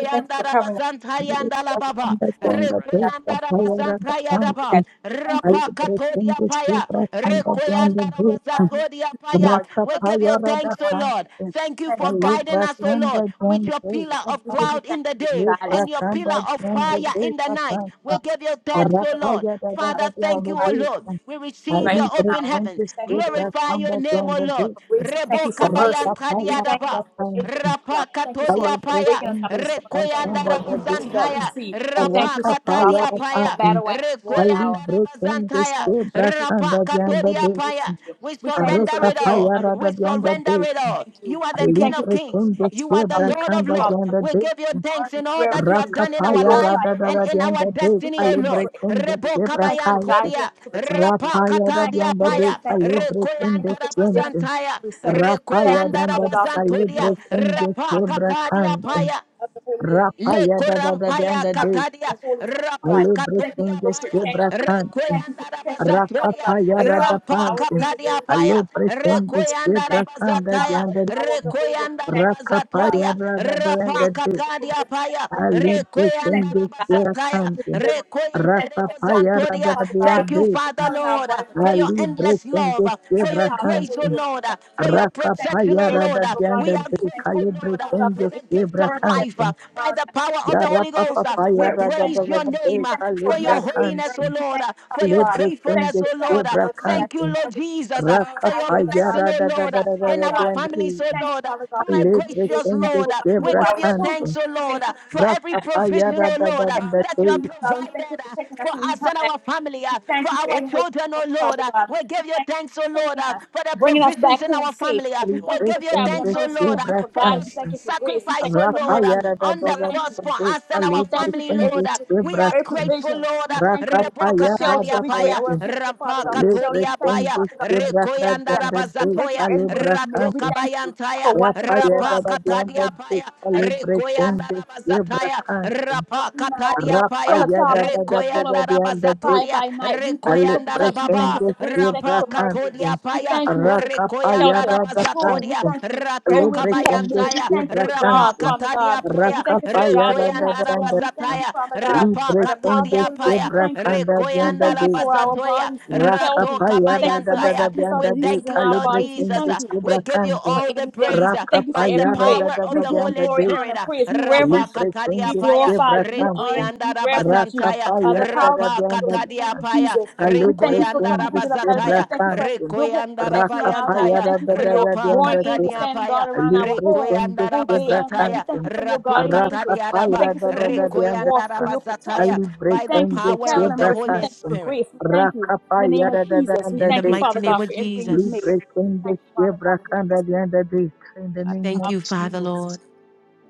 [SPEAKER 8] We thank you for covering us
[SPEAKER 1] arabazan tayanda arababa.
[SPEAKER 8] for
[SPEAKER 9] Underground, the base,
[SPEAKER 8] us.
[SPEAKER 1] Rekoyanda
[SPEAKER 9] the
[SPEAKER 8] We thank
[SPEAKER 9] power
[SPEAKER 1] arabazan
[SPEAKER 9] of the
[SPEAKER 8] you
[SPEAKER 1] tayadaba.
[SPEAKER 8] that
[SPEAKER 9] fountain.
[SPEAKER 8] we thank
[SPEAKER 9] I
[SPEAKER 8] you.
[SPEAKER 1] Rapa
[SPEAKER 9] break
[SPEAKER 1] katodi
[SPEAKER 9] in the
[SPEAKER 1] apaya.
[SPEAKER 9] secret underground,
[SPEAKER 1] Rekoyanda
[SPEAKER 9] the gate.
[SPEAKER 8] I mean,
[SPEAKER 1] arabazatodi
[SPEAKER 8] you
[SPEAKER 1] apaya.
[SPEAKER 8] charge
[SPEAKER 9] Raka
[SPEAKER 8] for
[SPEAKER 1] We
[SPEAKER 8] us.
[SPEAKER 1] give you
[SPEAKER 9] power
[SPEAKER 8] Thank
[SPEAKER 9] of
[SPEAKER 8] you,
[SPEAKER 9] the
[SPEAKER 1] thanks,
[SPEAKER 8] Lord.
[SPEAKER 1] O Lord.
[SPEAKER 9] fountain.
[SPEAKER 1] Thank you
[SPEAKER 8] Thank
[SPEAKER 9] I
[SPEAKER 1] for
[SPEAKER 8] you, Father.
[SPEAKER 9] live
[SPEAKER 1] guiding
[SPEAKER 9] back
[SPEAKER 1] us,
[SPEAKER 8] We give
[SPEAKER 1] O
[SPEAKER 8] you thank
[SPEAKER 1] Lord, with
[SPEAKER 9] underground, the
[SPEAKER 1] your
[SPEAKER 8] you.
[SPEAKER 1] pillar
[SPEAKER 9] gate.
[SPEAKER 1] of
[SPEAKER 8] We give you
[SPEAKER 1] cloud
[SPEAKER 8] thank
[SPEAKER 1] in the
[SPEAKER 8] you,
[SPEAKER 1] day
[SPEAKER 9] Live
[SPEAKER 8] guidance.
[SPEAKER 1] and
[SPEAKER 9] back
[SPEAKER 1] your pillar of
[SPEAKER 9] underground,
[SPEAKER 1] fire
[SPEAKER 9] the
[SPEAKER 8] We
[SPEAKER 9] gate, the
[SPEAKER 8] give you,
[SPEAKER 9] break,
[SPEAKER 1] in the
[SPEAKER 9] the
[SPEAKER 1] night.
[SPEAKER 8] uh,
[SPEAKER 1] We
[SPEAKER 9] fountain.
[SPEAKER 1] give you
[SPEAKER 8] for
[SPEAKER 1] thanks,
[SPEAKER 9] Raka
[SPEAKER 1] O Lord,
[SPEAKER 9] power of
[SPEAKER 8] our-
[SPEAKER 1] Father,
[SPEAKER 8] for
[SPEAKER 1] thank you,
[SPEAKER 9] the
[SPEAKER 1] O Lord.
[SPEAKER 9] gate.
[SPEAKER 1] We
[SPEAKER 9] I
[SPEAKER 1] receive
[SPEAKER 8] right
[SPEAKER 1] your
[SPEAKER 9] live back
[SPEAKER 1] open
[SPEAKER 8] now.
[SPEAKER 9] in
[SPEAKER 1] heavens.
[SPEAKER 9] the
[SPEAKER 8] Thank you for everything.
[SPEAKER 9] secret
[SPEAKER 1] Glorify your name,
[SPEAKER 9] underground,
[SPEAKER 1] O
[SPEAKER 9] the
[SPEAKER 1] Lord.
[SPEAKER 8] for
[SPEAKER 9] gate.
[SPEAKER 8] grace. We thank
[SPEAKER 1] Rebo
[SPEAKER 8] you for
[SPEAKER 1] kabayan
[SPEAKER 8] mercy.
[SPEAKER 9] Raka
[SPEAKER 8] We
[SPEAKER 9] power of
[SPEAKER 8] thank you
[SPEAKER 9] the
[SPEAKER 1] tadiadaba.
[SPEAKER 8] for
[SPEAKER 9] fountain.
[SPEAKER 8] everything you've done.
[SPEAKER 1] Rapa
[SPEAKER 8] We thank you for
[SPEAKER 1] katodia paya.
[SPEAKER 8] waking us
[SPEAKER 9] Celebration
[SPEAKER 8] up
[SPEAKER 9] de
[SPEAKER 8] this morning. We thank you
[SPEAKER 1] Rekoyanda
[SPEAKER 9] Sacramento
[SPEAKER 8] for a new
[SPEAKER 9] de
[SPEAKER 8] mercy that we
[SPEAKER 1] rabazantaya.
[SPEAKER 8] see. We thank
[SPEAKER 1] Rapa
[SPEAKER 8] you, Father God,
[SPEAKER 9] Aracataya
[SPEAKER 8] for
[SPEAKER 1] katadia
[SPEAKER 8] being our
[SPEAKER 1] paya.
[SPEAKER 9] Ratan,
[SPEAKER 8] battle axe, war, and
[SPEAKER 1] Rekoyanda
[SPEAKER 8] our
[SPEAKER 9] Alibrecan de
[SPEAKER 1] rabazantaya.
[SPEAKER 8] strong. We
[SPEAKER 9] Sebra
[SPEAKER 8] thank you, Father
[SPEAKER 1] Rapa
[SPEAKER 9] Canda
[SPEAKER 8] God,
[SPEAKER 9] de
[SPEAKER 8] for every way
[SPEAKER 1] katodia
[SPEAKER 9] Andade,
[SPEAKER 8] you
[SPEAKER 1] paya.
[SPEAKER 8] do it.
[SPEAKER 1] We
[SPEAKER 8] We thank you
[SPEAKER 1] surrender
[SPEAKER 8] for your
[SPEAKER 1] it
[SPEAKER 8] daily
[SPEAKER 1] all.
[SPEAKER 9] Aracataya
[SPEAKER 8] reminder.
[SPEAKER 9] Rada
[SPEAKER 1] We
[SPEAKER 9] de
[SPEAKER 1] surrender
[SPEAKER 9] Andade,
[SPEAKER 1] it
[SPEAKER 8] We
[SPEAKER 1] all.
[SPEAKER 8] thank
[SPEAKER 1] You
[SPEAKER 8] you.
[SPEAKER 1] are the
[SPEAKER 8] We
[SPEAKER 1] King
[SPEAKER 8] thank you
[SPEAKER 1] of
[SPEAKER 8] for
[SPEAKER 1] Kings.
[SPEAKER 9] Alibrecan de
[SPEAKER 8] everything,
[SPEAKER 1] You are
[SPEAKER 8] Father
[SPEAKER 1] the
[SPEAKER 8] God.
[SPEAKER 9] Sebra
[SPEAKER 8] We
[SPEAKER 1] Lord
[SPEAKER 8] thank you,
[SPEAKER 1] of
[SPEAKER 9] Canda de
[SPEAKER 8] Father
[SPEAKER 1] Lords.
[SPEAKER 8] God.
[SPEAKER 1] We
[SPEAKER 9] Andade,
[SPEAKER 1] give you
[SPEAKER 8] We honor
[SPEAKER 1] thanks
[SPEAKER 8] you,
[SPEAKER 1] in
[SPEAKER 8] we
[SPEAKER 1] all that you
[SPEAKER 8] reverence
[SPEAKER 1] have
[SPEAKER 8] you.
[SPEAKER 1] done in
[SPEAKER 8] We
[SPEAKER 1] our
[SPEAKER 9] Rakapaya
[SPEAKER 8] glorify
[SPEAKER 1] life
[SPEAKER 8] you.
[SPEAKER 9] Rada
[SPEAKER 8] We
[SPEAKER 1] and
[SPEAKER 8] praise
[SPEAKER 9] de
[SPEAKER 1] in our
[SPEAKER 9] Andade,
[SPEAKER 8] we
[SPEAKER 1] destiny, O
[SPEAKER 8] thank you
[SPEAKER 1] Lord.
[SPEAKER 8] for
[SPEAKER 9] Alibrecan de
[SPEAKER 8] everything.
[SPEAKER 1] Rebo
[SPEAKER 8] We
[SPEAKER 9] Sebra
[SPEAKER 8] thank you
[SPEAKER 1] kabayan
[SPEAKER 8] for
[SPEAKER 9] Caide,
[SPEAKER 8] God's love,
[SPEAKER 1] todia,
[SPEAKER 8] for protection.
[SPEAKER 1] rapa
[SPEAKER 9] Rapaya
[SPEAKER 8] We
[SPEAKER 9] Rada
[SPEAKER 8] thank
[SPEAKER 9] de
[SPEAKER 8] you
[SPEAKER 1] katadia
[SPEAKER 8] for grace.
[SPEAKER 9] Andade,
[SPEAKER 8] We
[SPEAKER 1] paya,
[SPEAKER 8] thank you for mercy. We
[SPEAKER 9] Alibrecan
[SPEAKER 8] thank
[SPEAKER 9] de
[SPEAKER 1] rekoyanda
[SPEAKER 8] you for forgiving us
[SPEAKER 9] Sente,
[SPEAKER 8] of
[SPEAKER 1] rabazantaya,
[SPEAKER 8] every sin. We thank
[SPEAKER 9] Rapaya Rada
[SPEAKER 8] you,
[SPEAKER 9] de
[SPEAKER 1] rekoyanda
[SPEAKER 8] Father
[SPEAKER 9] Andade,
[SPEAKER 8] God, for everything you
[SPEAKER 1] rabazantodia,
[SPEAKER 8] have done. We
[SPEAKER 9] Alibrecan
[SPEAKER 8] thank
[SPEAKER 9] de
[SPEAKER 8] you,
[SPEAKER 1] rapa
[SPEAKER 8] Father
[SPEAKER 9] Sebra
[SPEAKER 8] God, for the
[SPEAKER 1] katadia
[SPEAKER 9] Cande.
[SPEAKER 8] power
[SPEAKER 1] paya,
[SPEAKER 8] of the Holy Ghost. We thank
[SPEAKER 1] Le
[SPEAKER 9] Rapaya da da da da
[SPEAKER 1] korampaya
[SPEAKER 8] you,
[SPEAKER 9] da
[SPEAKER 8] Father,
[SPEAKER 9] de
[SPEAKER 8] for
[SPEAKER 1] katadia
[SPEAKER 8] the Holy Spirit, of God.
[SPEAKER 1] rapa
[SPEAKER 8] We thank you for
[SPEAKER 1] katodia
[SPEAKER 8] your
[SPEAKER 9] alebrekendes
[SPEAKER 1] paya
[SPEAKER 8] protection. We
[SPEAKER 9] quebracantum
[SPEAKER 8] thank you
[SPEAKER 1] rekoyanda
[SPEAKER 8] for protecting us, Father
[SPEAKER 1] rabazatodia
[SPEAKER 8] God.
[SPEAKER 9] rakapaya
[SPEAKER 8] We live out
[SPEAKER 1] rampa
[SPEAKER 8] our
[SPEAKER 9] radapantum
[SPEAKER 8] day to day.
[SPEAKER 1] katadia paya
[SPEAKER 8] Uh, we
[SPEAKER 9] alebrekendes
[SPEAKER 1] rekoyanda
[SPEAKER 8] thank you, Father
[SPEAKER 9] quebracanda
[SPEAKER 8] God, by
[SPEAKER 9] da
[SPEAKER 1] rabazataya
[SPEAKER 8] the
[SPEAKER 9] da
[SPEAKER 8] power of
[SPEAKER 9] de
[SPEAKER 8] the Holy Ghost.
[SPEAKER 1] rekoyanda
[SPEAKER 8] We thank you, Father God.
[SPEAKER 9] rakapaya
[SPEAKER 1] rabazatodia
[SPEAKER 8] We
[SPEAKER 9] rada
[SPEAKER 8] thank you for
[SPEAKER 9] da
[SPEAKER 1] rapa
[SPEAKER 9] da
[SPEAKER 8] grace. We
[SPEAKER 9] de
[SPEAKER 8] thank you for
[SPEAKER 1] katadia
[SPEAKER 8] mercy. We thank
[SPEAKER 1] paya
[SPEAKER 8] you for protection. We
[SPEAKER 1] rekoyanda
[SPEAKER 8] thank you for
[SPEAKER 9] alebrekendes
[SPEAKER 8] guidance. We thank
[SPEAKER 1] rabazataya
[SPEAKER 8] you for
[SPEAKER 9] quebracantum
[SPEAKER 8] deliverance. We
[SPEAKER 1] rekoyende
[SPEAKER 8] thank you for help. We
[SPEAKER 9] rakapaya
[SPEAKER 8] thank you,
[SPEAKER 9] rada
[SPEAKER 1] rebozantodia
[SPEAKER 9] da da
[SPEAKER 8] Father God,
[SPEAKER 1] thank you
[SPEAKER 9] de
[SPEAKER 8] for
[SPEAKER 1] father
[SPEAKER 8] covering our
[SPEAKER 1] lord
[SPEAKER 8] life and taking
[SPEAKER 1] for your
[SPEAKER 8] our life.
[SPEAKER 1] endless
[SPEAKER 8] We thank
[SPEAKER 1] love
[SPEAKER 9] alebrekendes
[SPEAKER 8] you by
[SPEAKER 1] for
[SPEAKER 8] the
[SPEAKER 1] your
[SPEAKER 8] power of the
[SPEAKER 1] grace
[SPEAKER 8] Holy
[SPEAKER 1] O
[SPEAKER 9] quebracantum
[SPEAKER 8] Ghost. We
[SPEAKER 1] lord
[SPEAKER 8] thank
[SPEAKER 1] for your your
[SPEAKER 8] we thank you
[SPEAKER 1] protection,
[SPEAKER 8] for
[SPEAKER 1] oh
[SPEAKER 9] rakapaya
[SPEAKER 8] every
[SPEAKER 1] Lord.
[SPEAKER 9] rada
[SPEAKER 1] Uh,
[SPEAKER 8] single
[SPEAKER 9] da
[SPEAKER 1] We
[SPEAKER 9] da
[SPEAKER 8] guardian.
[SPEAKER 1] are
[SPEAKER 8] We
[SPEAKER 9] de
[SPEAKER 8] thank you,
[SPEAKER 1] grateful, Lord, uh,
[SPEAKER 8] for God, for
[SPEAKER 1] for
[SPEAKER 8] your
[SPEAKER 9] calebrekendes
[SPEAKER 1] the
[SPEAKER 8] angels of
[SPEAKER 1] gift of
[SPEAKER 8] mercy that
[SPEAKER 1] life uh,
[SPEAKER 8] came
[SPEAKER 1] by
[SPEAKER 8] around
[SPEAKER 1] the
[SPEAKER 8] us.
[SPEAKER 1] power
[SPEAKER 8] We
[SPEAKER 1] of the
[SPEAKER 8] thank
[SPEAKER 9] Yara
[SPEAKER 8] you
[SPEAKER 1] Holy
[SPEAKER 8] for the
[SPEAKER 9] papa
[SPEAKER 1] Ghost. uh,
[SPEAKER 8] Holy
[SPEAKER 9] pa
[SPEAKER 1] We
[SPEAKER 8] Spirit. We
[SPEAKER 9] yara da
[SPEAKER 8] thank
[SPEAKER 9] da
[SPEAKER 1] praise
[SPEAKER 9] da
[SPEAKER 8] you.
[SPEAKER 1] your
[SPEAKER 9] da
[SPEAKER 1] name
[SPEAKER 9] de
[SPEAKER 8] We
[SPEAKER 1] uh,
[SPEAKER 8] thank you for
[SPEAKER 1] for
[SPEAKER 9] calibra
[SPEAKER 1] your
[SPEAKER 8] another day's
[SPEAKER 1] holiness,
[SPEAKER 8] journey.
[SPEAKER 1] oh
[SPEAKER 9] cantin
[SPEAKER 8] We
[SPEAKER 1] Lord,
[SPEAKER 8] thank
[SPEAKER 1] uh,
[SPEAKER 8] you,
[SPEAKER 1] for
[SPEAKER 8] Father
[SPEAKER 1] your
[SPEAKER 8] God.
[SPEAKER 9] libre
[SPEAKER 8] Thank you
[SPEAKER 1] faithfulness,
[SPEAKER 9] kende
[SPEAKER 8] for
[SPEAKER 1] oh Lord.
[SPEAKER 8] traveling
[SPEAKER 1] uh,
[SPEAKER 9] zebra
[SPEAKER 8] mercies as
[SPEAKER 1] Thank
[SPEAKER 8] we
[SPEAKER 1] you,
[SPEAKER 9] cantin
[SPEAKER 1] Lord
[SPEAKER 8] travel
[SPEAKER 1] Jesus,
[SPEAKER 8] the
[SPEAKER 1] uh, for
[SPEAKER 9] raka
[SPEAKER 1] your
[SPEAKER 9] pa
[SPEAKER 8] highways of our
[SPEAKER 1] blessing,
[SPEAKER 9] yara
[SPEAKER 1] oh
[SPEAKER 9] da da
[SPEAKER 1] Lord,
[SPEAKER 8] Thank
[SPEAKER 9] da
[SPEAKER 1] uh,
[SPEAKER 8] you,
[SPEAKER 9] da da
[SPEAKER 1] in
[SPEAKER 8] Father
[SPEAKER 9] da
[SPEAKER 1] our
[SPEAKER 9] de
[SPEAKER 8] God.
[SPEAKER 9] andi
[SPEAKER 1] families, oh
[SPEAKER 8] Thank you,
[SPEAKER 1] Lord.
[SPEAKER 8] Father
[SPEAKER 1] uh,
[SPEAKER 8] God,
[SPEAKER 1] you
[SPEAKER 8] for
[SPEAKER 1] are
[SPEAKER 8] everyone you
[SPEAKER 9] libre
[SPEAKER 8] made.
[SPEAKER 1] gracious,
[SPEAKER 8] We Thank
[SPEAKER 9] kende
[SPEAKER 8] you
[SPEAKER 1] Lord.
[SPEAKER 8] for
[SPEAKER 1] Uh,
[SPEAKER 8] watching
[SPEAKER 1] We
[SPEAKER 8] over
[SPEAKER 9] zebra
[SPEAKER 1] give
[SPEAKER 8] our
[SPEAKER 1] you
[SPEAKER 8] children.
[SPEAKER 1] thanks,
[SPEAKER 9] cantin
[SPEAKER 1] O
[SPEAKER 8] We thank
[SPEAKER 1] Lord, uh,
[SPEAKER 8] you for
[SPEAKER 1] for
[SPEAKER 8] protecting
[SPEAKER 1] every
[SPEAKER 9] raka
[SPEAKER 8] God.
[SPEAKER 9] pa
[SPEAKER 8] We
[SPEAKER 1] provision,
[SPEAKER 8] thank
[SPEAKER 9] yara
[SPEAKER 1] O
[SPEAKER 9] da
[SPEAKER 8] you for
[SPEAKER 9] da
[SPEAKER 1] Lord, uh,
[SPEAKER 9] da
[SPEAKER 8] taking
[SPEAKER 9] da
[SPEAKER 8] us
[SPEAKER 1] that you
[SPEAKER 8] when we
[SPEAKER 1] have
[SPEAKER 8] leave
[SPEAKER 9] de
[SPEAKER 8] God. We thank you
[SPEAKER 1] provided
[SPEAKER 8] for
[SPEAKER 1] uh,
[SPEAKER 8] taking us
[SPEAKER 1] for
[SPEAKER 8] when we
[SPEAKER 1] us
[SPEAKER 8] come
[SPEAKER 1] and
[SPEAKER 8] back
[SPEAKER 1] our
[SPEAKER 8] in.
[SPEAKER 1] family,
[SPEAKER 8] We
[SPEAKER 1] uh, for
[SPEAKER 8] thank you for
[SPEAKER 1] our
[SPEAKER 8] every way you're
[SPEAKER 1] children, O
[SPEAKER 8] going,
[SPEAKER 1] Lord.
[SPEAKER 8] Father
[SPEAKER 1] Uh,
[SPEAKER 8] God.
[SPEAKER 1] We give
[SPEAKER 8] We
[SPEAKER 1] you
[SPEAKER 8] thank you
[SPEAKER 1] thanks, O
[SPEAKER 8] for
[SPEAKER 1] Lord,
[SPEAKER 8] protecting
[SPEAKER 1] uh,
[SPEAKER 8] us,
[SPEAKER 1] for the
[SPEAKER 8] bringing us
[SPEAKER 1] provisions
[SPEAKER 8] back
[SPEAKER 1] in
[SPEAKER 8] home
[SPEAKER 1] our
[SPEAKER 8] safe.
[SPEAKER 1] family. uh,
[SPEAKER 8] We
[SPEAKER 1] We
[SPEAKER 8] thank you
[SPEAKER 9] libre
[SPEAKER 8] for
[SPEAKER 1] give you
[SPEAKER 8] traveling
[SPEAKER 9] kende
[SPEAKER 1] thanks, O
[SPEAKER 8] mercy. We
[SPEAKER 1] Lord,
[SPEAKER 8] thank
[SPEAKER 1] uh,
[SPEAKER 8] you
[SPEAKER 9] zebra
[SPEAKER 8] for
[SPEAKER 1] for your
[SPEAKER 8] guidance. We
[SPEAKER 1] s-
[SPEAKER 8] thank
[SPEAKER 9] cantin
[SPEAKER 8] you for grace. We thank
[SPEAKER 1] sacrifice, O
[SPEAKER 8] you for
[SPEAKER 9] raka
[SPEAKER 1] Lord, uh,
[SPEAKER 8] mercy.
[SPEAKER 9] yara da
[SPEAKER 1] on
[SPEAKER 8] We
[SPEAKER 9] da da
[SPEAKER 1] the
[SPEAKER 9] da
[SPEAKER 8] thank you.
[SPEAKER 1] cross for
[SPEAKER 9] de
[SPEAKER 1] us and
[SPEAKER 8] We
[SPEAKER 1] our
[SPEAKER 9] libre
[SPEAKER 8] thank you
[SPEAKER 1] family,
[SPEAKER 8] for every
[SPEAKER 9] kende
[SPEAKER 1] Lord. Uh, We
[SPEAKER 9] zebra
[SPEAKER 1] are
[SPEAKER 8] every
[SPEAKER 9] cantin
[SPEAKER 1] grateful,
[SPEAKER 8] provision.
[SPEAKER 1] Lord.
[SPEAKER 8] We
[SPEAKER 1] Uh,
[SPEAKER 8] thank
[SPEAKER 9] raka
[SPEAKER 8] you
[SPEAKER 9] pa
[SPEAKER 8] for
[SPEAKER 1] Reboka
[SPEAKER 9] yara
[SPEAKER 8] shelter.
[SPEAKER 9] da
[SPEAKER 1] Kadia
[SPEAKER 8] We
[SPEAKER 9] pa
[SPEAKER 8] great,
[SPEAKER 1] Paya,
[SPEAKER 8] we're grateful, Father
[SPEAKER 1] Rampa
[SPEAKER 8] God, for shelter.
[SPEAKER 9] libre
[SPEAKER 8] We
[SPEAKER 1] Katodia
[SPEAKER 8] thank you,
[SPEAKER 1] Paya,
[SPEAKER 9] kende
[SPEAKER 8] Father God, for everything
[SPEAKER 9] zebra
[SPEAKER 8] you've
[SPEAKER 1] Rekoyanda
[SPEAKER 9] cantin
[SPEAKER 8] done.
[SPEAKER 9] da
[SPEAKER 8] We
[SPEAKER 9] de
[SPEAKER 8] thank you
[SPEAKER 1] Rabazatoya, Paya,
[SPEAKER 8] for every way
[SPEAKER 9] calibra
[SPEAKER 8] you've made. We
[SPEAKER 9] cantin.
[SPEAKER 1] Ratoka
[SPEAKER 8] thank you for
[SPEAKER 1] Bayantaya,
[SPEAKER 8] watching over
[SPEAKER 9] Rapayada
[SPEAKER 1] Rapa
[SPEAKER 8] us. We thank
[SPEAKER 1] Katadia
[SPEAKER 8] you.
[SPEAKER 9] Badianda
[SPEAKER 1] Paya,
[SPEAKER 8] Thank you,
[SPEAKER 9] Celebrating
[SPEAKER 8] God
[SPEAKER 1] Rekoyanda Rabazataya,
[SPEAKER 9] Zebrakan
[SPEAKER 1] Rapa
[SPEAKER 8] you know,
[SPEAKER 1] Katadia
[SPEAKER 8] pull
[SPEAKER 1] Paya,
[SPEAKER 8] a cloud
[SPEAKER 9] Rapayada
[SPEAKER 8] by day and I pull a
[SPEAKER 1] Rekoyanda
[SPEAKER 9] Badianda
[SPEAKER 8] fire
[SPEAKER 1] Rabazatoria,
[SPEAKER 8] by night. We thank you for
[SPEAKER 1] Rekoyanda
[SPEAKER 8] protection. We
[SPEAKER 9] Celebrating
[SPEAKER 8] thank you
[SPEAKER 1] Rababa,
[SPEAKER 8] for grace. We thank you for
[SPEAKER 1] Rampa
[SPEAKER 9] Zebrakan
[SPEAKER 8] mercy.
[SPEAKER 1] Katodia
[SPEAKER 8] We
[SPEAKER 1] Paya,
[SPEAKER 8] thank you for
[SPEAKER 1] Rekoyanda
[SPEAKER 8] shelter
[SPEAKER 9] Rakapayada
[SPEAKER 8] and
[SPEAKER 9] Batan
[SPEAKER 8] clothing. We
[SPEAKER 1] Rabazatoria,
[SPEAKER 8] thank you for everywhere
[SPEAKER 1] Ratoka
[SPEAKER 8] that you
[SPEAKER 9] Celebrating
[SPEAKER 8] have made. We
[SPEAKER 1] Bayantaya,
[SPEAKER 8] thank you for
[SPEAKER 9] Zebrakan
[SPEAKER 1] Rapa
[SPEAKER 8] job, Father God.
[SPEAKER 1] Katadia
[SPEAKER 8] But we
[SPEAKER 1] Paya,
[SPEAKER 8] thank you for a job
[SPEAKER 9] Rakapayada
[SPEAKER 8] that we have
[SPEAKER 1] Rekoyanda
[SPEAKER 8] to go
[SPEAKER 9] Badianda
[SPEAKER 8] on. We thank you,
[SPEAKER 1] Rabazataya,
[SPEAKER 8] Father God,
[SPEAKER 1] Rapa
[SPEAKER 8] for the power
[SPEAKER 9] Libreting
[SPEAKER 8] of the
[SPEAKER 1] Katodia
[SPEAKER 8] Holy Ghost. We
[SPEAKER 1] Paya,
[SPEAKER 8] thank you.
[SPEAKER 9] Zebrakan
[SPEAKER 8] We
[SPEAKER 1] Rekoyanda
[SPEAKER 8] thank you for
[SPEAKER 9] Badianda
[SPEAKER 8] our
[SPEAKER 1] Rabazatoria,
[SPEAKER 8] bodies being healthy.
[SPEAKER 1] Ratoka
[SPEAKER 8] We
[SPEAKER 9] Rakapaya
[SPEAKER 1] Bayantaya.
[SPEAKER 8] thank you for
[SPEAKER 9] rada
[SPEAKER 8] no
[SPEAKER 9] da da
[SPEAKER 1] Antaya.
[SPEAKER 8] sickness or
[SPEAKER 9] bianda
[SPEAKER 1] We
[SPEAKER 9] de
[SPEAKER 8] diseases
[SPEAKER 1] thank
[SPEAKER 8] in
[SPEAKER 1] you,
[SPEAKER 8] our
[SPEAKER 1] Lord
[SPEAKER 9] calibre
[SPEAKER 8] bodies. We
[SPEAKER 1] Jesus.
[SPEAKER 9] tende
[SPEAKER 8] thank
[SPEAKER 1] Uh,
[SPEAKER 8] you
[SPEAKER 1] We
[SPEAKER 9] sobra
[SPEAKER 1] give you
[SPEAKER 9] canto.
[SPEAKER 8] for
[SPEAKER 1] all the
[SPEAKER 8] everything.
[SPEAKER 1] praise uh,
[SPEAKER 8] We thank you for
[SPEAKER 1] by the
[SPEAKER 8] every
[SPEAKER 9] Rakapaya
[SPEAKER 8] way.
[SPEAKER 9] rada
[SPEAKER 1] power
[SPEAKER 9] da
[SPEAKER 1] of
[SPEAKER 8] We
[SPEAKER 9] da
[SPEAKER 1] the
[SPEAKER 8] give you
[SPEAKER 9] bianda
[SPEAKER 1] Holy
[SPEAKER 8] glory,
[SPEAKER 9] de
[SPEAKER 8] honor,
[SPEAKER 1] Spirit.
[SPEAKER 8] and
[SPEAKER 1] Uh,
[SPEAKER 8] praise. We reverence
[SPEAKER 9] calibre
[SPEAKER 8] you. We
[SPEAKER 9] tende
[SPEAKER 1] Rapakatadiapaya,
[SPEAKER 8] glorify
[SPEAKER 9] sobra
[SPEAKER 8] you. We honor
[SPEAKER 9] canto.
[SPEAKER 8] you. We reverence you.
[SPEAKER 1] Rikuyandadabazantaya,
[SPEAKER 8] Uh,
[SPEAKER 9] Rakapaya
[SPEAKER 8] the
[SPEAKER 9] rada
[SPEAKER 8] power of
[SPEAKER 9] da
[SPEAKER 8] the Holy Ghost
[SPEAKER 9] bianda
[SPEAKER 8] in
[SPEAKER 9] de
[SPEAKER 8] the name of
[SPEAKER 1] Rapakatadiapaya,
[SPEAKER 8] Jesus. We thank
[SPEAKER 9] calibre
[SPEAKER 8] you for coming
[SPEAKER 9] tende
[SPEAKER 8] under the blood of Jesus.
[SPEAKER 9] sobra
[SPEAKER 8] We
[SPEAKER 1] Rikuyandadabazataya,
[SPEAKER 8] thank you for
[SPEAKER 9] canto.
[SPEAKER 8] your protection protection around our lives. We
[SPEAKER 9] Rakapaya
[SPEAKER 1] Rikuyandadabayantaya,
[SPEAKER 8] thank you
[SPEAKER 9] rada
[SPEAKER 8] for
[SPEAKER 9] da
[SPEAKER 8] your
[SPEAKER 9] da
[SPEAKER 8] warring
[SPEAKER 9] bianda
[SPEAKER 8] angels standing
[SPEAKER 1] Rapakatadiapaya,
[SPEAKER 8] guard around our
[SPEAKER 9] libre
[SPEAKER 8] homes,
[SPEAKER 9] tende
[SPEAKER 8] both day
[SPEAKER 9] quebra
[SPEAKER 8] and night. We
[SPEAKER 1] Rikuyandadabazataya,
[SPEAKER 8] thank
[SPEAKER 9] canto,
[SPEAKER 8] you for your guardian
[SPEAKER 9] arraca
[SPEAKER 8] angels. We
[SPEAKER 1] Ratukatadiadaba,
[SPEAKER 9] paira
[SPEAKER 8] thank you for
[SPEAKER 9] da
[SPEAKER 8] your
[SPEAKER 9] da da
[SPEAKER 8] angels
[SPEAKER 9] de
[SPEAKER 8] of war, for
[SPEAKER 9] andata,
[SPEAKER 8] your
[SPEAKER 9] a
[SPEAKER 8] protection.
[SPEAKER 1] Rikuyandadabazataya,
[SPEAKER 9] libre
[SPEAKER 8] We
[SPEAKER 1] By the
[SPEAKER 8] thank you for
[SPEAKER 9] tende
[SPEAKER 1] power of
[SPEAKER 8] traveling
[SPEAKER 1] the
[SPEAKER 9] quebra
[SPEAKER 8] mercy. We
[SPEAKER 1] Holy
[SPEAKER 8] thank you for
[SPEAKER 9] canto,
[SPEAKER 1] Spirit.
[SPEAKER 8] grace. We thank you
[SPEAKER 9] raca
[SPEAKER 8] in the name of
[SPEAKER 9] paira da da da
[SPEAKER 8] Jesus. We
[SPEAKER 9] da
[SPEAKER 1] In the
[SPEAKER 8] thank you,
[SPEAKER 9] de,
[SPEAKER 1] mighty
[SPEAKER 8] Father
[SPEAKER 1] name
[SPEAKER 8] God,
[SPEAKER 1] of
[SPEAKER 8] for every way you've made.
[SPEAKER 1] Jesus.
[SPEAKER 9] libre
[SPEAKER 8] We
[SPEAKER 9] tende
[SPEAKER 8] thank you, Father God,
[SPEAKER 9] quebra
[SPEAKER 8] for your grace
[SPEAKER 9] canda de anda de, in the
[SPEAKER 8] by the
[SPEAKER 9] name
[SPEAKER 1] Thank
[SPEAKER 8] power
[SPEAKER 9] of
[SPEAKER 8] of
[SPEAKER 1] you,
[SPEAKER 8] the
[SPEAKER 1] Father,
[SPEAKER 8] Holy Ghost.
[SPEAKER 9] Jesus.
[SPEAKER 1] Lord.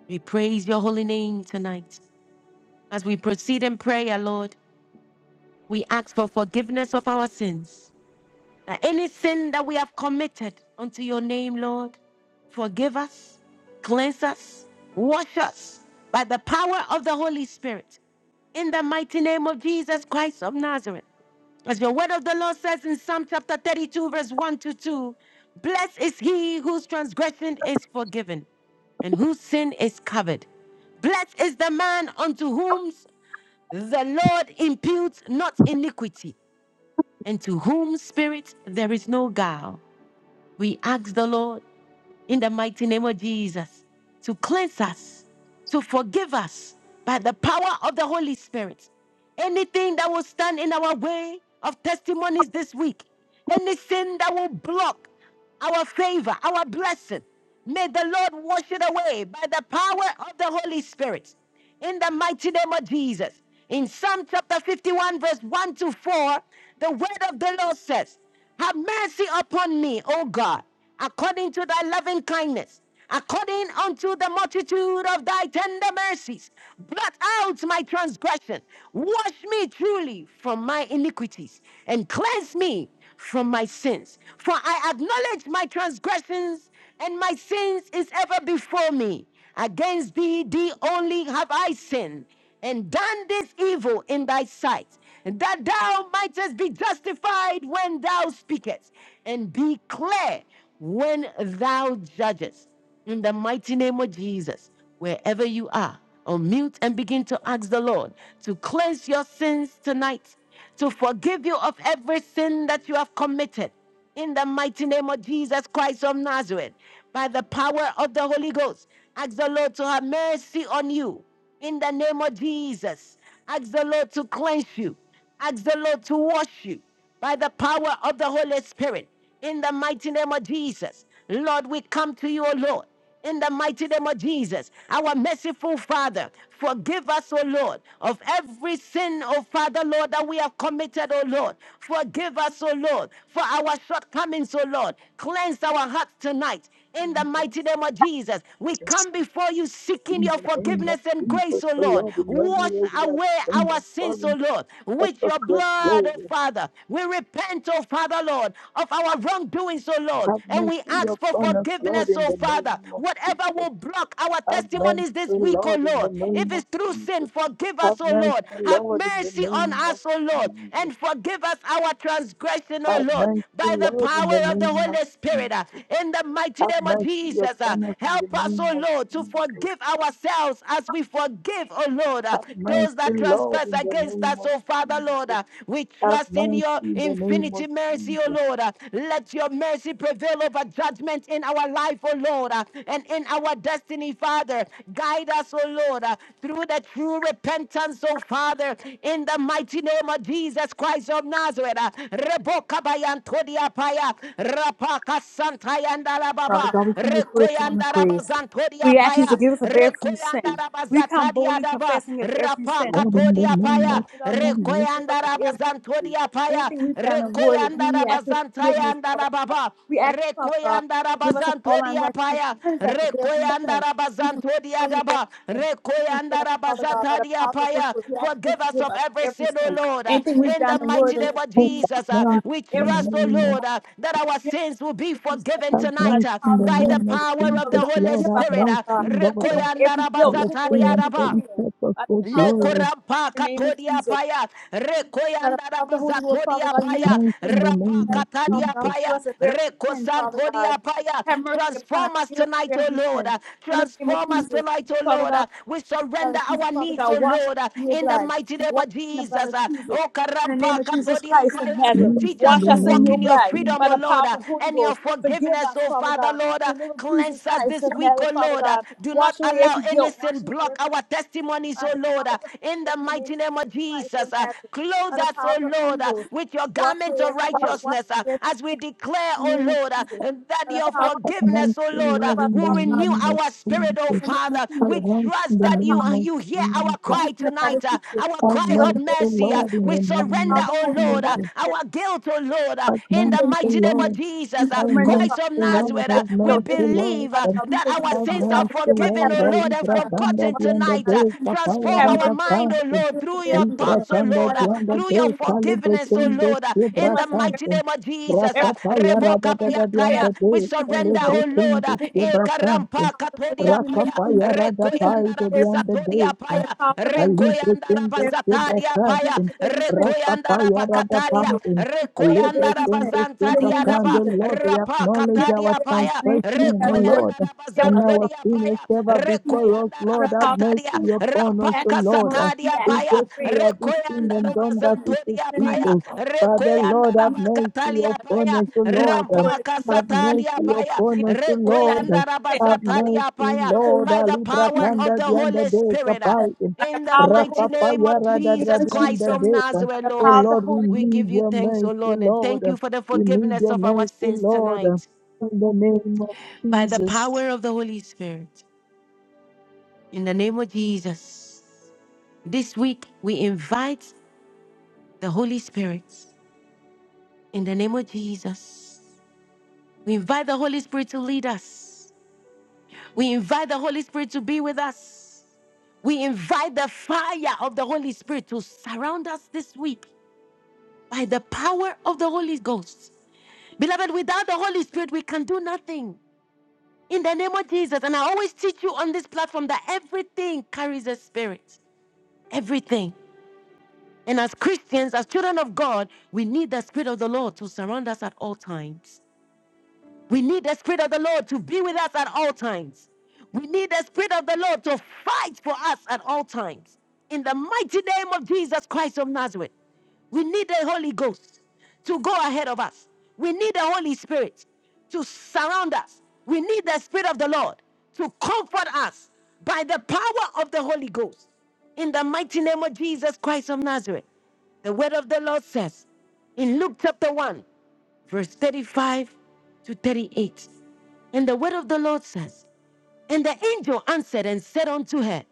[SPEAKER 1] We praise your holy name tonight. As we proceed in prayer, Lord, we ask for forgiveness of our sins. That any sin that we have committed unto your name, Lord, forgive us, cleanse us, wash us by the power of the Holy Spirit. In the mighty name of Jesus Christ of Nazareth. As the word of the Lord says in Psalm chapter 32, verse 1 to 2, blessed is he whose transgression is forgiven and whose sin is covered. Blessed is the man unto whom the Lord imputes not iniquity, and to whom spirit there is no guile. We ask the Lord in the mighty name of Jesus to cleanse us, to forgive us by the power of the Holy Spirit. Anything that will stand in our way of testimonies this week, any sin that will block our favor, our blessing, may the Lord wash it away by the power of the Holy Spirit. In the mighty name of Jesus, in Psalm chapter 51, verse 1 to 4, the word of the Lord says, Have mercy upon me, O God, according to thy loving kindness, according unto the multitude of thy tender mercies. Blot out my transgression. Wash me truly from my iniquities, and cleanse me from my sins. For I acknowledge my transgressions, and my sins is ever before me. Against thee, thee only have I sinned and done this evil in thy sight, that thou mightest be justified when thou speakest, and be clear when thou judgest. In the mighty name of Jesus, wherever you are, unmute and begin to ask the Lord to cleanse your sins tonight, to forgive you of every sin that you have committed in the mighty name of Jesus Christ of Nazareth, by the power of the Holy Ghost. Ask the Lord to have mercy on you in the name of Jesus. Ask the Lord to cleanse you. Ask the Lord to wash you by the power of the Holy Spirit in the mighty name of Jesus. Lord, we come to you, O Lord in the mighty name of Jesus. Our merciful Father, forgive us, O Lord, of every sin, O Father, Lord, that we have committed, O Lord. Forgive us, O Lord, for our shortcomings, O Lord. Cleanse our hearts tonight. In
[SPEAKER 9] In
[SPEAKER 1] the mighty name of Jesus, we come before you seeking your
[SPEAKER 9] the name of
[SPEAKER 1] forgiveness and
[SPEAKER 9] Jesus,
[SPEAKER 1] grace, O
[SPEAKER 9] the
[SPEAKER 1] Lord.
[SPEAKER 9] Lord, in your
[SPEAKER 1] Wash
[SPEAKER 9] name we are
[SPEAKER 1] away
[SPEAKER 9] praying
[SPEAKER 1] our
[SPEAKER 9] and
[SPEAKER 1] sins, O
[SPEAKER 9] calling
[SPEAKER 1] Lord,
[SPEAKER 9] such
[SPEAKER 1] with
[SPEAKER 9] a
[SPEAKER 1] your
[SPEAKER 9] great
[SPEAKER 1] blood, O
[SPEAKER 9] glory.
[SPEAKER 1] Father. We repent, O Father, Lord, of our wrongdoings, O Lord. Lord.
[SPEAKER 9] Have
[SPEAKER 1] And we
[SPEAKER 9] mercy
[SPEAKER 1] ask for
[SPEAKER 9] upon us, Lord,
[SPEAKER 1] forgiveness,
[SPEAKER 9] in
[SPEAKER 1] oh
[SPEAKER 9] the
[SPEAKER 1] Father.
[SPEAKER 9] name of Jesus.
[SPEAKER 1] Whatever will block our
[SPEAKER 9] Have mercy,
[SPEAKER 1] testimonies this week, oh
[SPEAKER 9] Lord, in the
[SPEAKER 1] Lord.
[SPEAKER 9] name
[SPEAKER 1] If
[SPEAKER 9] of
[SPEAKER 1] it's through sin,
[SPEAKER 9] Jesus.
[SPEAKER 1] forgive us,
[SPEAKER 9] Have
[SPEAKER 1] oh
[SPEAKER 9] mercy,
[SPEAKER 1] Lord. Have
[SPEAKER 9] Lord, in the
[SPEAKER 1] mercy on
[SPEAKER 9] name of
[SPEAKER 1] us, oh Lord.
[SPEAKER 9] Jesus.
[SPEAKER 1] And forgive us our transgression, oh
[SPEAKER 9] Have
[SPEAKER 1] Lord.
[SPEAKER 9] mercy,
[SPEAKER 1] By the
[SPEAKER 9] Lord, in
[SPEAKER 1] power
[SPEAKER 9] the
[SPEAKER 1] of the
[SPEAKER 9] name of
[SPEAKER 1] Holy Spirit. uh,
[SPEAKER 9] Jesus.
[SPEAKER 1] In the mighty
[SPEAKER 9] Have
[SPEAKER 1] name of
[SPEAKER 9] mercy
[SPEAKER 1] Jesus. uh,
[SPEAKER 9] upon us in
[SPEAKER 1] Help
[SPEAKER 9] the
[SPEAKER 1] us,
[SPEAKER 9] name
[SPEAKER 1] oh
[SPEAKER 9] of
[SPEAKER 1] Lord, to
[SPEAKER 9] Jesus.
[SPEAKER 1] forgive ourselves as we forgive, oh Lord, uh,
[SPEAKER 9] Have mercy,
[SPEAKER 1] those that
[SPEAKER 9] Lord,
[SPEAKER 1] transgress
[SPEAKER 9] in the
[SPEAKER 1] against
[SPEAKER 9] name
[SPEAKER 1] us,
[SPEAKER 9] of
[SPEAKER 1] oh Father, Lord.
[SPEAKER 9] Jesus.
[SPEAKER 1] uh, We
[SPEAKER 9] Have
[SPEAKER 1] trust in
[SPEAKER 9] mercy
[SPEAKER 1] your
[SPEAKER 9] in the
[SPEAKER 1] infinite
[SPEAKER 9] name of
[SPEAKER 1] infinity mercy, O
[SPEAKER 9] Jesus.
[SPEAKER 1] Lord. Uh, Let your mercy prevail over judgment in our life, O Lord, uh, and in our destiny, Father. Guide us, O Lord, uh, through the true repentance, O Father, in the mighty name of Jesus Christ of Nazareth. Uh, Rebokabayantodiapaya,
[SPEAKER 8] Father
[SPEAKER 1] Rapakasantayandalababa,
[SPEAKER 8] God, we come before the throne of grace. We ask you to
[SPEAKER 1] Rekoyandarabazantodiapaya,
[SPEAKER 8] forgive us of every sin. We come boldly
[SPEAKER 1] Rekoyandarabazatadiadaba,
[SPEAKER 8] confessing of every sin.
[SPEAKER 9] Lord, in the name of
[SPEAKER 8] Father
[SPEAKER 1] Rapakatodiapaya,
[SPEAKER 8] God, we ask you to
[SPEAKER 9] Jesus.
[SPEAKER 8] forgive us
[SPEAKER 1] Rekoyanda
[SPEAKER 8] of every sin.
[SPEAKER 1] rabazantoria paya.
[SPEAKER 8] Anything we've done in word,
[SPEAKER 1] Rekoyanda
[SPEAKER 8] we ask your
[SPEAKER 1] rabazantaya
[SPEAKER 8] forgiveness, Father God.
[SPEAKER 1] andarababa.
[SPEAKER 8] We ask you, Father God,
[SPEAKER 1] Rekoyanda
[SPEAKER 8] forgive us of all
[SPEAKER 1] rabazantoria
[SPEAKER 8] unrighteousness.
[SPEAKER 1] paya.
[SPEAKER 8] Cleanse us of every
[SPEAKER 1] Rekoyanda
[SPEAKER 8] sin. We confess
[SPEAKER 1] rabazantoria
[SPEAKER 8] only of every
[SPEAKER 1] daba.
[SPEAKER 8] sin. We
[SPEAKER 1] Rekoyanda
[SPEAKER 8] confess, Father God, by the
[SPEAKER 1] rabazataria
[SPEAKER 8] power of the Holy
[SPEAKER 1] paya.
[SPEAKER 8] Ghost, we ask you to
[SPEAKER 1] Forgive us
[SPEAKER 8] forgive
[SPEAKER 1] of
[SPEAKER 8] us of
[SPEAKER 1] every
[SPEAKER 8] every
[SPEAKER 1] sin, O
[SPEAKER 8] sin.
[SPEAKER 1] Lord. uh,
[SPEAKER 8] Anything we've
[SPEAKER 1] In
[SPEAKER 8] done
[SPEAKER 1] the
[SPEAKER 8] in
[SPEAKER 1] mighty
[SPEAKER 8] word, and
[SPEAKER 1] name of
[SPEAKER 9] Have
[SPEAKER 8] deed, Father
[SPEAKER 1] Jesus, uh,
[SPEAKER 8] God,
[SPEAKER 9] mercy
[SPEAKER 1] we
[SPEAKER 8] every
[SPEAKER 9] in the
[SPEAKER 8] sin,
[SPEAKER 1] trust, O
[SPEAKER 9] name of
[SPEAKER 1] Lord,
[SPEAKER 8] Father.
[SPEAKER 1] uh, that our sins will be
[SPEAKER 8] Like
[SPEAKER 1] forgiven
[SPEAKER 9] have
[SPEAKER 8] the
[SPEAKER 1] tonight
[SPEAKER 9] mercy
[SPEAKER 1] uh,
[SPEAKER 8] power
[SPEAKER 9] in
[SPEAKER 8] of the
[SPEAKER 9] the
[SPEAKER 1] by
[SPEAKER 8] Holy
[SPEAKER 1] the
[SPEAKER 9] name of
[SPEAKER 8] Ghost,
[SPEAKER 1] power of the
[SPEAKER 8] Father
[SPEAKER 9] Jesus,
[SPEAKER 8] God,
[SPEAKER 1] Holy
[SPEAKER 9] Lord,
[SPEAKER 8] forgive us,
[SPEAKER 9] have
[SPEAKER 1] Spirit.
[SPEAKER 8] Father
[SPEAKER 9] mercy,
[SPEAKER 1] uh.
[SPEAKER 8] God.
[SPEAKER 9] Lord,
[SPEAKER 8] Take away
[SPEAKER 1] Rekoyanda
[SPEAKER 8] every guilt,
[SPEAKER 9] our
[SPEAKER 8] take away
[SPEAKER 9] sin
[SPEAKER 1] rabazataria
[SPEAKER 9] and
[SPEAKER 8] every
[SPEAKER 1] daba.
[SPEAKER 9] holy
[SPEAKER 8] sin.
[SPEAKER 9] purpose
[SPEAKER 8] By the
[SPEAKER 9] for
[SPEAKER 8] power
[SPEAKER 1] Le
[SPEAKER 8] of the Holy
[SPEAKER 9] glory.
[SPEAKER 8] Ghost,
[SPEAKER 1] korampa
[SPEAKER 8] in the name of
[SPEAKER 1] katodia
[SPEAKER 8] Jesus.
[SPEAKER 1] paya,
[SPEAKER 8] By the
[SPEAKER 1] rekoyanda
[SPEAKER 8] power of the Holy Ghost, Father
[SPEAKER 1] rabazatodia
[SPEAKER 8] God, in the name of
[SPEAKER 1] paya,
[SPEAKER 9] Thanks
[SPEAKER 8] Jesus
[SPEAKER 9] in the
[SPEAKER 8] Christ,
[SPEAKER 1] rapa
[SPEAKER 9] name of
[SPEAKER 8] Father
[SPEAKER 1] katadia
[SPEAKER 8] God,
[SPEAKER 9] Jesus.
[SPEAKER 8] forgive
[SPEAKER 1] paya,
[SPEAKER 8] us of every sin, Father God.
[SPEAKER 1] rekosantodia paya.
[SPEAKER 8] Have mercy upon us.
[SPEAKER 1] Transform us
[SPEAKER 8] Forgive us
[SPEAKER 1] tonight,
[SPEAKER 8] of
[SPEAKER 1] O
[SPEAKER 8] every
[SPEAKER 1] Lord.
[SPEAKER 8] sin. In the name of
[SPEAKER 1] Transform us
[SPEAKER 8] Jesus,
[SPEAKER 1] tonight, O
[SPEAKER 8] Father
[SPEAKER 1] Lord.
[SPEAKER 8] God,
[SPEAKER 1] We
[SPEAKER 8] blood
[SPEAKER 1] surrender
[SPEAKER 8] of Jesus,
[SPEAKER 1] our
[SPEAKER 8] Father
[SPEAKER 1] needs, O
[SPEAKER 8] God, wash us
[SPEAKER 1] Lord,
[SPEAKER 8] in your
[SPEAKER 1] in the
[SPEAKER 8] blood.
[SPEAKER 1] mighty name
[SPEAKER 8] Wash
[SPEAKER 1] of
[SPEAKER 8] us in the blood
[SPEAKER 1] Jesus.
[SPEAKER 8] of Jesus.
[SPEAKER 1] O
[SPEAKER 8] In the name
[SPEAKER 1] karampa
[SPEAKER 8] of Jesus
[SPEAKER 1] katodia
[SPEAKER 8] Christ of
[SPEAKER 1] paya,
[SPEAKER 8] Nazareth,
[SPEAKER 9] Thanks
[SPEAKER 1] Teach
[SPEAKER 9] in
[SPEAKER 1] us
[SPEAKER 8] wash
[SPEAKER 9] the
[SPEAKER 1] to
[SPEAKER 8] us in
[SPEAKER 1] walk
[SPEAKER 8] your
[SPEAKER 1] in
[SPEAKER 9] name
[SPEAKER 1] your
[SPEAKER 8] blood
[SPEAKER 9] of Jesus.
[SPEAKER 1] freedom,
[SPEAKER 8] by
[SPEAKER 1] O
[SPEAKER 8] the power
[SPEAKER 1] Lord,
[SPEAKER 8] of
[SPEAKER 1] uh,
[SPEAKER 8] the Holy
[SPEAKER 1] and your
[SPEAKER 8] Ghost. Forgive
[SPEAKER 1] forgiveness,
[SPEAKER 8] us,
[SPEAKER 1] O
[SPEAKER 8] Father
[SPEAKER 1] Father,
[SPEAKER 8] God.
[SPEAKER 1] Lord. uh,
[SPEAKER 8] In the name of Jesus
[SPEAKER 1] Cleanse us
[SPEAKER 8] Christ
[SPEAKER 1] this
[SPEAKER 8] of
[SPEAKER 1] week, O
[SPEAKER 8] Nazareth, Father
[SPEAKER 1] Lord. uh,
[SPEAKER 8] God,
[SPEAKER 1] Do not
[SPEAKER 8] wash away
[SPEAKER 1] allow
[SPEAKER 8] every guilt,
[SPEAKER 1] anything
[SPEAKER 8] wash away
[SPEAKER 1] block
[SPEAKER 8] every
[SPEAKER 1] our testimonies, O
[SPEAKER 8] by the
[SPEAKER 1] Lord.
[SPEAKER 8] power
[SPEAKER 1] uh,
[SPEAKER 8] of the Holy
[SPEAKER 1] In the
[SPEAKER 8] Ghost in the name
[SPEAKER 1] mighty
[SPEAKER 8] of
[SPEAKER 1] name of
[SPEAKER 8] Christ of
[SPEAKER 1] Jesus, uh,
[SPEAKER 8] Nazareth,
[SPEAKER 1] clothe
[SPEAKER 8] by the
[SPEAKER 1] us, O
[SPEAKER 8] power of the
[SPEAKER 1] Lord,
[SPEAKER 8] Holy
[SPEAKER 1] uh,
[SPEAKER 8] Ghost,
[SPEAKER 1] with your
[SPEAKER 8] wash
[SPEAKER 1] garment
[SPEAKER 8] away
[SPEAKER 1] of
[SPEAKER 8] every guilt, wash
[SPEAKER 1] righteousness uh,
[SPEAKER 8] away every
[SPEAKER 1] as we
[SPEAKER 8] sin
[SPEAKER 1] declare,
[SPEAKER 8] in the
[SPEAKER 1] O
[SPEAKER 8] name of
[SPEAKER 1] Lord, uh,
[SPEAKER 8] Jesus,
[SPEAKER 1] that
[SPEAKER 8] by the
[SPEAKER 1] your
[SPEAKER 8] power of the Holy Ghost,
[SPEAKER 1] forgiveness,
[SPEAKER 9] Thanks,
[SPEAKER 1] O
[SPEAKER 9] O
[SPEAKER 1] Lord, uh,
[SPEAKER 9] Lord,
[SPEAKER 8] forgive us
[SPEAKER 9] in the
[SPEAKER 1] will
[SPEAKER 8] all our
[SPEAKER 1] renew
[SPEAKER 8] sins
[SPEAKER 9] name of
[SPEAKER 1] our spirit, O
[SPEAKER 8] in
[SPEAKER 9] Jesus.
[SPEAKER 8] the name of
[SPEAKER 1] Father.
[SPEAKER 9] Have
[SPEAKER 1] We
[SPEAKER 8] Jesus,
[SPEAKER 1] trust
[SPEAKER 9] mercy in
[SPEAKER 1] trust
[SPEAKER 8] by
[SPEAKER 9] the
[SPEAKER 8] the
[SPEAKER 1] that you
[SPEAKER 8] power of
[SPEAKER 1] uh,
[SPEAKER 9] name
[SPEAKER 8] the
[SPEAKER 9] of
[SPEAKER 8] Holy
[SPEAKER 1] you
[SPEAKER 8] Ghost,
[SPEAKER 1] hear our
[SPEAKER 9] Jesus.
[SPEAKER 8] wash
[SPEAKER 1] cry
[SPEAKER 8] us in the blood of
[SPEAKER 1] tonight, uh,
[SPEAKER 8] Jesus,
[SPEAKER 1] our
[SPEAKER 9] Have
[SPEAKER 1] cry
[SPEAKER 8] give us
[SPEAKER 1] of
[SPEAKER 9] mercy,
[SPEAKER 8] a
[SPEAKER 9] O
[SPEAKER 8] great
[SPEAKER 1] mercy. uh,
[SPEAKER 8] sin,
[SPEAKER 9] Lord, in
[SPEAKER 1] we
[SPEAKER 9] the
[SPEAKER 8] by the
[SPEAKER 9] name
[SPEAKER 8] power
[SPEAKER 1] surrender,
[SPEAKER 9] of
[SPEAKER 8] of the
[SPEAKER 1] oh
[SPEAKER 8] Holy Ghost,
[SPEAKER 1] Lord,
[SPEAKER 8] wash
[SPEAKER 1] uh,
[SPEAKER 8] us
[SPEAKER 9] Jesus.
[SPEAKER 8] in the
[SPEAKER 1] our guilt, oh Lord, uh,
[SPEAKER 9] Have
[SPEAKER 1] in
[SPEAKER 8] in
[SPEAKER 9] mercy,
[SPEAKER 1] the
[SPEAKER 8] the
[SPEAKER 9] O
[SPEAKER 8] name
[SPEAKER 1] mighty
[SPEAKER 8] of
[SPEAKER 1] name
[SPEAKER 8] Jesus,
[SPEAKER 1] of
[SPEAKER 9] Lord.
[SPEAKER 8] we
[SPEAKER 1] Jesus, uh,
[SPEAKER 9] Have
[SPEAKER 8] surrender,
[SPEAKER 1] Christ
[SPEAKER 8] Father
[SPEAKER 9] mercy,
[SPEAKER 1] of
[SPEAKER 9] O
[SPEAKER 8] God.
[SPEAKER 9] Lord.
[SPEAKER 1] Nazareth. uh,
[SPEAKER 9] Have
[SPEAKER 8] Every
[SPEAKER 1] we
[SPEAKER 8] guilt,
[SPEAKER 9] mercy, O
[SPEAKER 8] every sin,
[SPEAKER 1] believe
[SPEAKER 9] Lord.
[SPEAKER 8] Father
[SPEAKER 1] uh,
[SPEAKER 8] God, we
[SPEAKER 1] that our
[SPEAKER 8] surrender,
[SPEAKER 9] Have
[SPEAKER 1] sins
[SPEAKER 8] Father God.
[SPEAKER 1] are
[SPEAKER 9] mercy,
[SPEAKER 8] Forgive us.
[SPEAKER 1] forgiven,
[SPEAKER 8] Have
[SPEAKER 9] Lord,
[SPEAKER 1] oh
[SPEAKER 9] O
[SPEAKER 8] mercy
[SPEAKER 1] Lord, and
[SPEAKER 8] upon
[SPEAKER 9] Libra
[SPEAKER 8] us.
[SPEAKER 9] Kanda
[SPEAKER 1] forgotten
[SPEAKER 8] Lord,
[SPEAKER 9] Bianda
[SPEAKER 1] tonight.
[SPEAKER 8] God
[SPEAKER 1] uh,
[SPEAKER 8] of
[SPEAKER 9] Bay,
[SPEAKER 8] Jesus.
[SPEAKER 1] transform
[SPEAKER 8] Have
[SPEAKER 9] Kapayara
[SPEAKER 1] our
[SPEAKER 9] the
[SPEAKER 8] mercy upon
[SPEAKER 1] mind,
[SPEAKER 8] us.
[SPEAKER 1] oh
[SPEAKER 9] Fountain,
[SPEAKER 1] Lord,
[SPEAKER 8] Forgive us of
[SPEAKER 1] through your
[SPEAKER 8] every
[SPEAKER 9] Libra
[SPEAKER 8] sin.
[SPEAKER 1] thoughts, oh
[SPEAKER 9] Kanda
[SPEAKER 8] By
[SPEAKER 1] Lord,
[SPEAKER 8] the
[SPEAKER 1] uh,
[SPEAKER 8] power of
[SPEAKER 9] Bianda
[SPEAKER 1] through
[SPEAKER 8] the
[SPEAKER 1] your
[SPEAKER 9] Bay,
[SPEAKER 8] Holy Ghost, in the name
[SPEAKER 9] Calibra
[SPEAKER 8] of
[SPEAKER 1] forgiveness, oh
[SPEAKER 8] Jesus.
[SPEAKER 9] Kundes,
[SPEAKER 1] Lord, uh, in
[SPEAKER 8] Forgive
[SPEAKER 9] Libra
[SPEAKER 1] the
[SPEAKER 8] us of every,
[SPEAKER 1] mighty
[SPEAKER 9] Fountain,
[SPEAKER 1] name of Jesus
[SPEAKER 8] every
[SPEAKER 1] uh,
[SPEAKER 8] sin.
[SPEAKER 9] Rakapayara
[SPEAKER 1] Reboka
[SPEAKER 9] the
[SPEAKER 8] We
[SPEAKER 9] Dada
[SPEAKER 8] confess.
[SPEAKER 1] Bayataya.
[SPEAKER 9] Bianda
[SPEAKER 1] We
[SPEAKER 9] Bay,
[SPEAKER 8] We confess of
[SPEAKER 1] surrender,
[SPEAKER 9] Calibra
[SPEAKER 1] oh
[SPEAKER 8] every sin.
[SPEAKER 1] Lord. uh,
[SPEAKER 9] Kundes,
[SPEAKER 8] Forgive us,
[SPEAKER 9] Libra
[SPEAKER 8] Father God, by the
[SPEAKER 9] Fountain,
[SPEAKER 1] Ekarampa
[SPEAKER 8] power of the Holy Ghost,
[SPEAKER 1] Katodia
[SPEAKER 8] in the name
[SPEAKER 1] Paya.
[SPEAKER 8] of Jesus.
[SPEAKER 9] Rakapayara the
[SPEAKER 8] We
[SPEAKER 9] Pai,
[SPEAKER 1] Rekoyanda
[SPEAKER 8] confess
[SPEAKER 9] the
[SPEAKER 8] of every sin
[SPEAKER 9] Bianda
[SPEAKER 1] Rabazatodia
[SPEAKER 9] Bay,
[SPEAKER 8] by the
[SPEAKER 1] Paya.
[SPEAKER 8] power of the Holy Ghost.
[SPEAKER 9] Alibre
[SPEAKER 1] Rekoyanda
[SPEAKER 9] kende
[SPEAKER 8] Forgive us of every
[SPEAKER 9] sebra
[SPEAKER 8] sin.
[SPEAKER 1] Rabazatadia
[SPEAKER 8] Forgive
[SPEAKER 1] Paya.
[SPEAKER 8] us
[SPEAKER 9] kante,
[SPEAKER 8] of every sin,
[SPEAKER 9] rapa
[SPEAKER 8] Father
[SPEAKER 1] Rekoyanda
[SPEAKER 8] God, by
[SPEAKER 9] paya
[SPEAKER 8] the power of
[SPEAKER 9] rada
[SPEAKER 8] the Holy
[SPEAKER 1] Rabakatadia.
[SPEAKER 8] Ghost.
[SPEAKER 9] pante.
[SPEAKER 8] Forgive us of
[SPEAKER 9] Alibre
[SPEAKER 1] Rekoyanda
[SPEAKER 8] every sin.
[SPEAKER 9] kende
[SPEAKER 8] In the
[SPEAKER 9] sebra
[SPEAKER 1] Rabazantadia
[SPEAKER 8] name of
[SPEAKER 9] kante,
[SPEAKER 1] Daba.
[SPEAKER 8] Jesus,
[SPEAKER 9] Lord,
[SPEAKER 8] forgive
[SPEAKER 9] we
[SPEAKER 8] us.
[SPEAKER 1] Rapa
[SPEAKER 9] acknowledge
[SPEAKER 8] Forgive us
[SPEAKER 9] our
[SPEAKER 1] Katadia
[SPEAKER 8] of every sin.
[SPEAKER 1] Paya.
[SPEAKER 8] Anything
[SPEAKER 9] transgression,
[SPEAKER 8] we've
[SPEAKER 9] O
[SPEAKER 8] done in word,
[SPEAKER 1] Rekoyanda
[SPEAKER 9] Lord,
[SPEAKER 8] we forgive
[SPEAKER 9] and
[SPEAKER 8] us,
[SPEAKER 9] our
[SPEAKER 8] Father
[SPEAKER 1] Rabazantodia
[SPEAKER 8] God.
[SPEAKER 9] sin is
[SPEAKER 1] Paya.
[SPEAKER 8] In the
[SPEAKER 9] ever
[SPEAKER 8] blood of Jesus,
[SPEAKER 9] before us,
[SPEAKER 1] Rekoyanda
[SPEAKER 8] by
[SPEAKER 9] Lord,
[SPEAKER 8] the
[SPEAKER 9] have
[SPEAKER 8] power of the Holy
[SPEAKER 1] Rabakatadia.
[SPEAKER 9] mercy
[SPEAKER 8] Ghost.
[SPEAKER 9] upon
[SPEAKER 1] Rampa
[SPEAKER 9] us,
[SPEAKER 8] We ask
[SPEAKER 9] O
[SPEAKER 8] for your
[SPEAKER 9] Lord.
[SPEAKER 8] mercy. We
[SPEAKER 1] Kasatadia
[SPEAKER 8] ask
[SPEAKER 9] In
[SPEAKER 8] for
[SPEAKER 1] paya
[SPEAKER 9] case
[SPEAKER 8] your
[SPEAKER 9] we
[SPEAKER 8] grace.
[SPEAKER 9] have
[SPEAKER 8] We ask
[SPEAKER 9] sinned
[SPEAKER 8] for
[SPEAKER 9] and
[SPEAKER 1] rekoyandara
[SPEAKER 8] your
[SPEAKER 9] done that
[SPEAKER 8] forgiveness.
[SPEAKER 9] which is
[SPEAKER 8] In
[SPEAKER 1] bazantoria
[SPEAKER 8] the name of
[SPEAKER 1] paya
[SPEAKER 9] evil,
[SPEAKER 8] Jesus,
[SPEAKER 9] Father,
[SPEAKER 8] every
[SPEAKER 9] Lord,
[SPEAKER 1] rekoyandara
[SPEAKER 8] sin
[SPEAKER 9] have
[SPEAKER 8] we've done,
[SPEAKER 9] mercy
[SPEAKER 1] bakatalia
[SPEAKER 8] Father God,
[SPEAKER 9] upon
[SPEAKER 1] paya
[SPEAKER 8] sin
[SPEAKER 9] us, O
[SPEAKER 8] anyone,
[SPEAKER 9] Lord.
[SPEAKER 8] word
[SPEAKER 1] rampa
[SPEAKER 8] of Jesus.
[SPEAKER 9] Have
[SPEAKER 8] We
[SPEAKER 1] kasatadia
[SPEAKER 8] ask
[SPEAKER 9] mercy
[SPEAKER 8] you,
[SPEAKER 1] paya
[SPEAKER 8] Father,
[SPEAKER 9] upon us,
[SPEAKER 8] anything
[SPEAKER 9] O
[SPEAKER 8] we've done,
[SPEAKER 9] Lord.
[SPEAKER 8] you
[SPEAKER 1] rekoyandara
[SPEAKER 8] confess,
[SPEAKER 9] Have
[SPEAKER 8] Father God,
[SPEAKER 1] bazataria
[SPEAKER 9] mercy,
[SPEAKER 8] by
[SPEAKER 1] paya
[SPEAKER 8] the power of the Holy
[SPEAKER 9] Lord.
[SPEAKER 8] Ghost.
[SPEAKER 1] by the
[SPEAKER 9] Alibra
[SPEAKER 8] In the
[SPEAKER 1] power
[SPEAKER 8] name
[SPEAKER 1] of
[SPEAKER 9] kanda
[SPEAKER 1] the
[SPEAKER 8] of
[SPEAKER 9] dianda
[SPEAKER 1] Holy
[SPEAKER 9] de
[SPEAKER 8] Jesus,
[SPEAKER 1] Spirit. uh,
[SPEAKER 9] kapai.
[SPEAKER 8] by the
[SPEAKER 1] In the
[SPEAKER 8] power of the
[SPEAKER 1] mighty
[SPEAKER 8] Holy Ghost.
[SPEAKER 1] name of
[SPEAKER 8] In the name
[SPEAKER 1] Jesus
[SPEAKER 8] of
[SPEAKER 1] Christ
[SPEAKER 8] Jesus.
[SPEAKER 1] of
[SPEAKER 9] Rakapayaradadrabiandadeka.
[SPEAKER 8] By
[SPEAKER 1] Nazareth,
[SPEAKER 8] the
[SPEAKER 9] Oh
[SPEAKER 8] power of
[SPEAKER 1] Lord,
[SPEAKER 8] the
[SPEAKER 9] Lord, we
[SPEAKER 8] Holy
[SPEAKER 1] we
[SPEAKER 8] Ghost.
[SPEAKER 9] need
[SPEAKER 1] give you
[SPEAKER 9] your
[SPEAKER 1] thanks, O
[SPEAKER 9] mercy,
[SPEAKER 1] Lord, and
[SPEAKER 9] Lord.
[SPEAKER 1] thank you for the
[SPEAKER 9] We need
[SPEAKER 1] forgiveness
[SPEAKER 9] your
[SPEAKER 1] of our
[SPEAKER 9] mercy,
[SPEAKER 1] sins
[SPEAKER 9] Lord.
[SPEAKER 1] tonight
[SPEAKER 9] In the name of
[SPEAKER 1] by the
[SPEAKER 9] Jesus.
[SPEAKER 1] power of the Holy Spirit. In the name of Jesus. This week, we invite the Holy Spirit. In the name of Jesus, we invite the Holy Spirit to lead us. We invite the Holy Spirit to be with us. We invite the fire of the Holy Spirit to surround us this week by the power of the Holy Ghost. Beloved, without the Holy Spirit, we can do nothing. In the name of Jesus. And I always teach you on this platform that everything carries a spirit. Everything. And as Christians, as children of God, we need the Spirit of the Lord to surround us at all times. We need the Spirit of the Lord to be with us at all times. We need the Spirit of the Lord to fight for us at all times. In the mighty name of Jesus Christ of Nazareth, we need the Holy Ghost to go ahead of us. We need the Holy Spirit to surround us. We need the Spirit of the Lord to comfort us by the power of the Holy Ghost. In the mighty name of Jesus Christ of Nazareth, the word of the Lord says in Luke chapter 1 verse 35 to 38. And the word of the Lord says, And the angel answered and said unto her,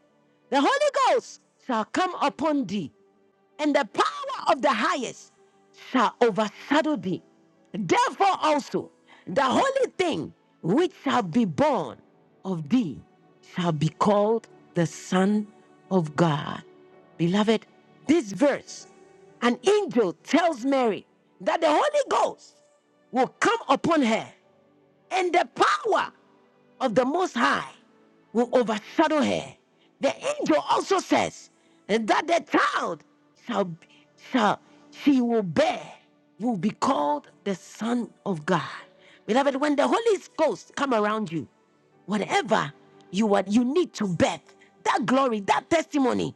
[SPEAKER 1] The Holy Ghost shall come upon thee, and the power of the highest shall overshadow thee. Therefore also, the holy thing which shall be born of thee shall be called the Son of God. Beloved, this verse, an angel tells Mary that the Holy Ghost will come upon her, and the power of the Most High will overshadow her. The angel also says that the child shall, shall she will bear, will be called the Son of God. Beloved, when the Holy Ghost come around you, whatever you are you need to birth that glory that testimony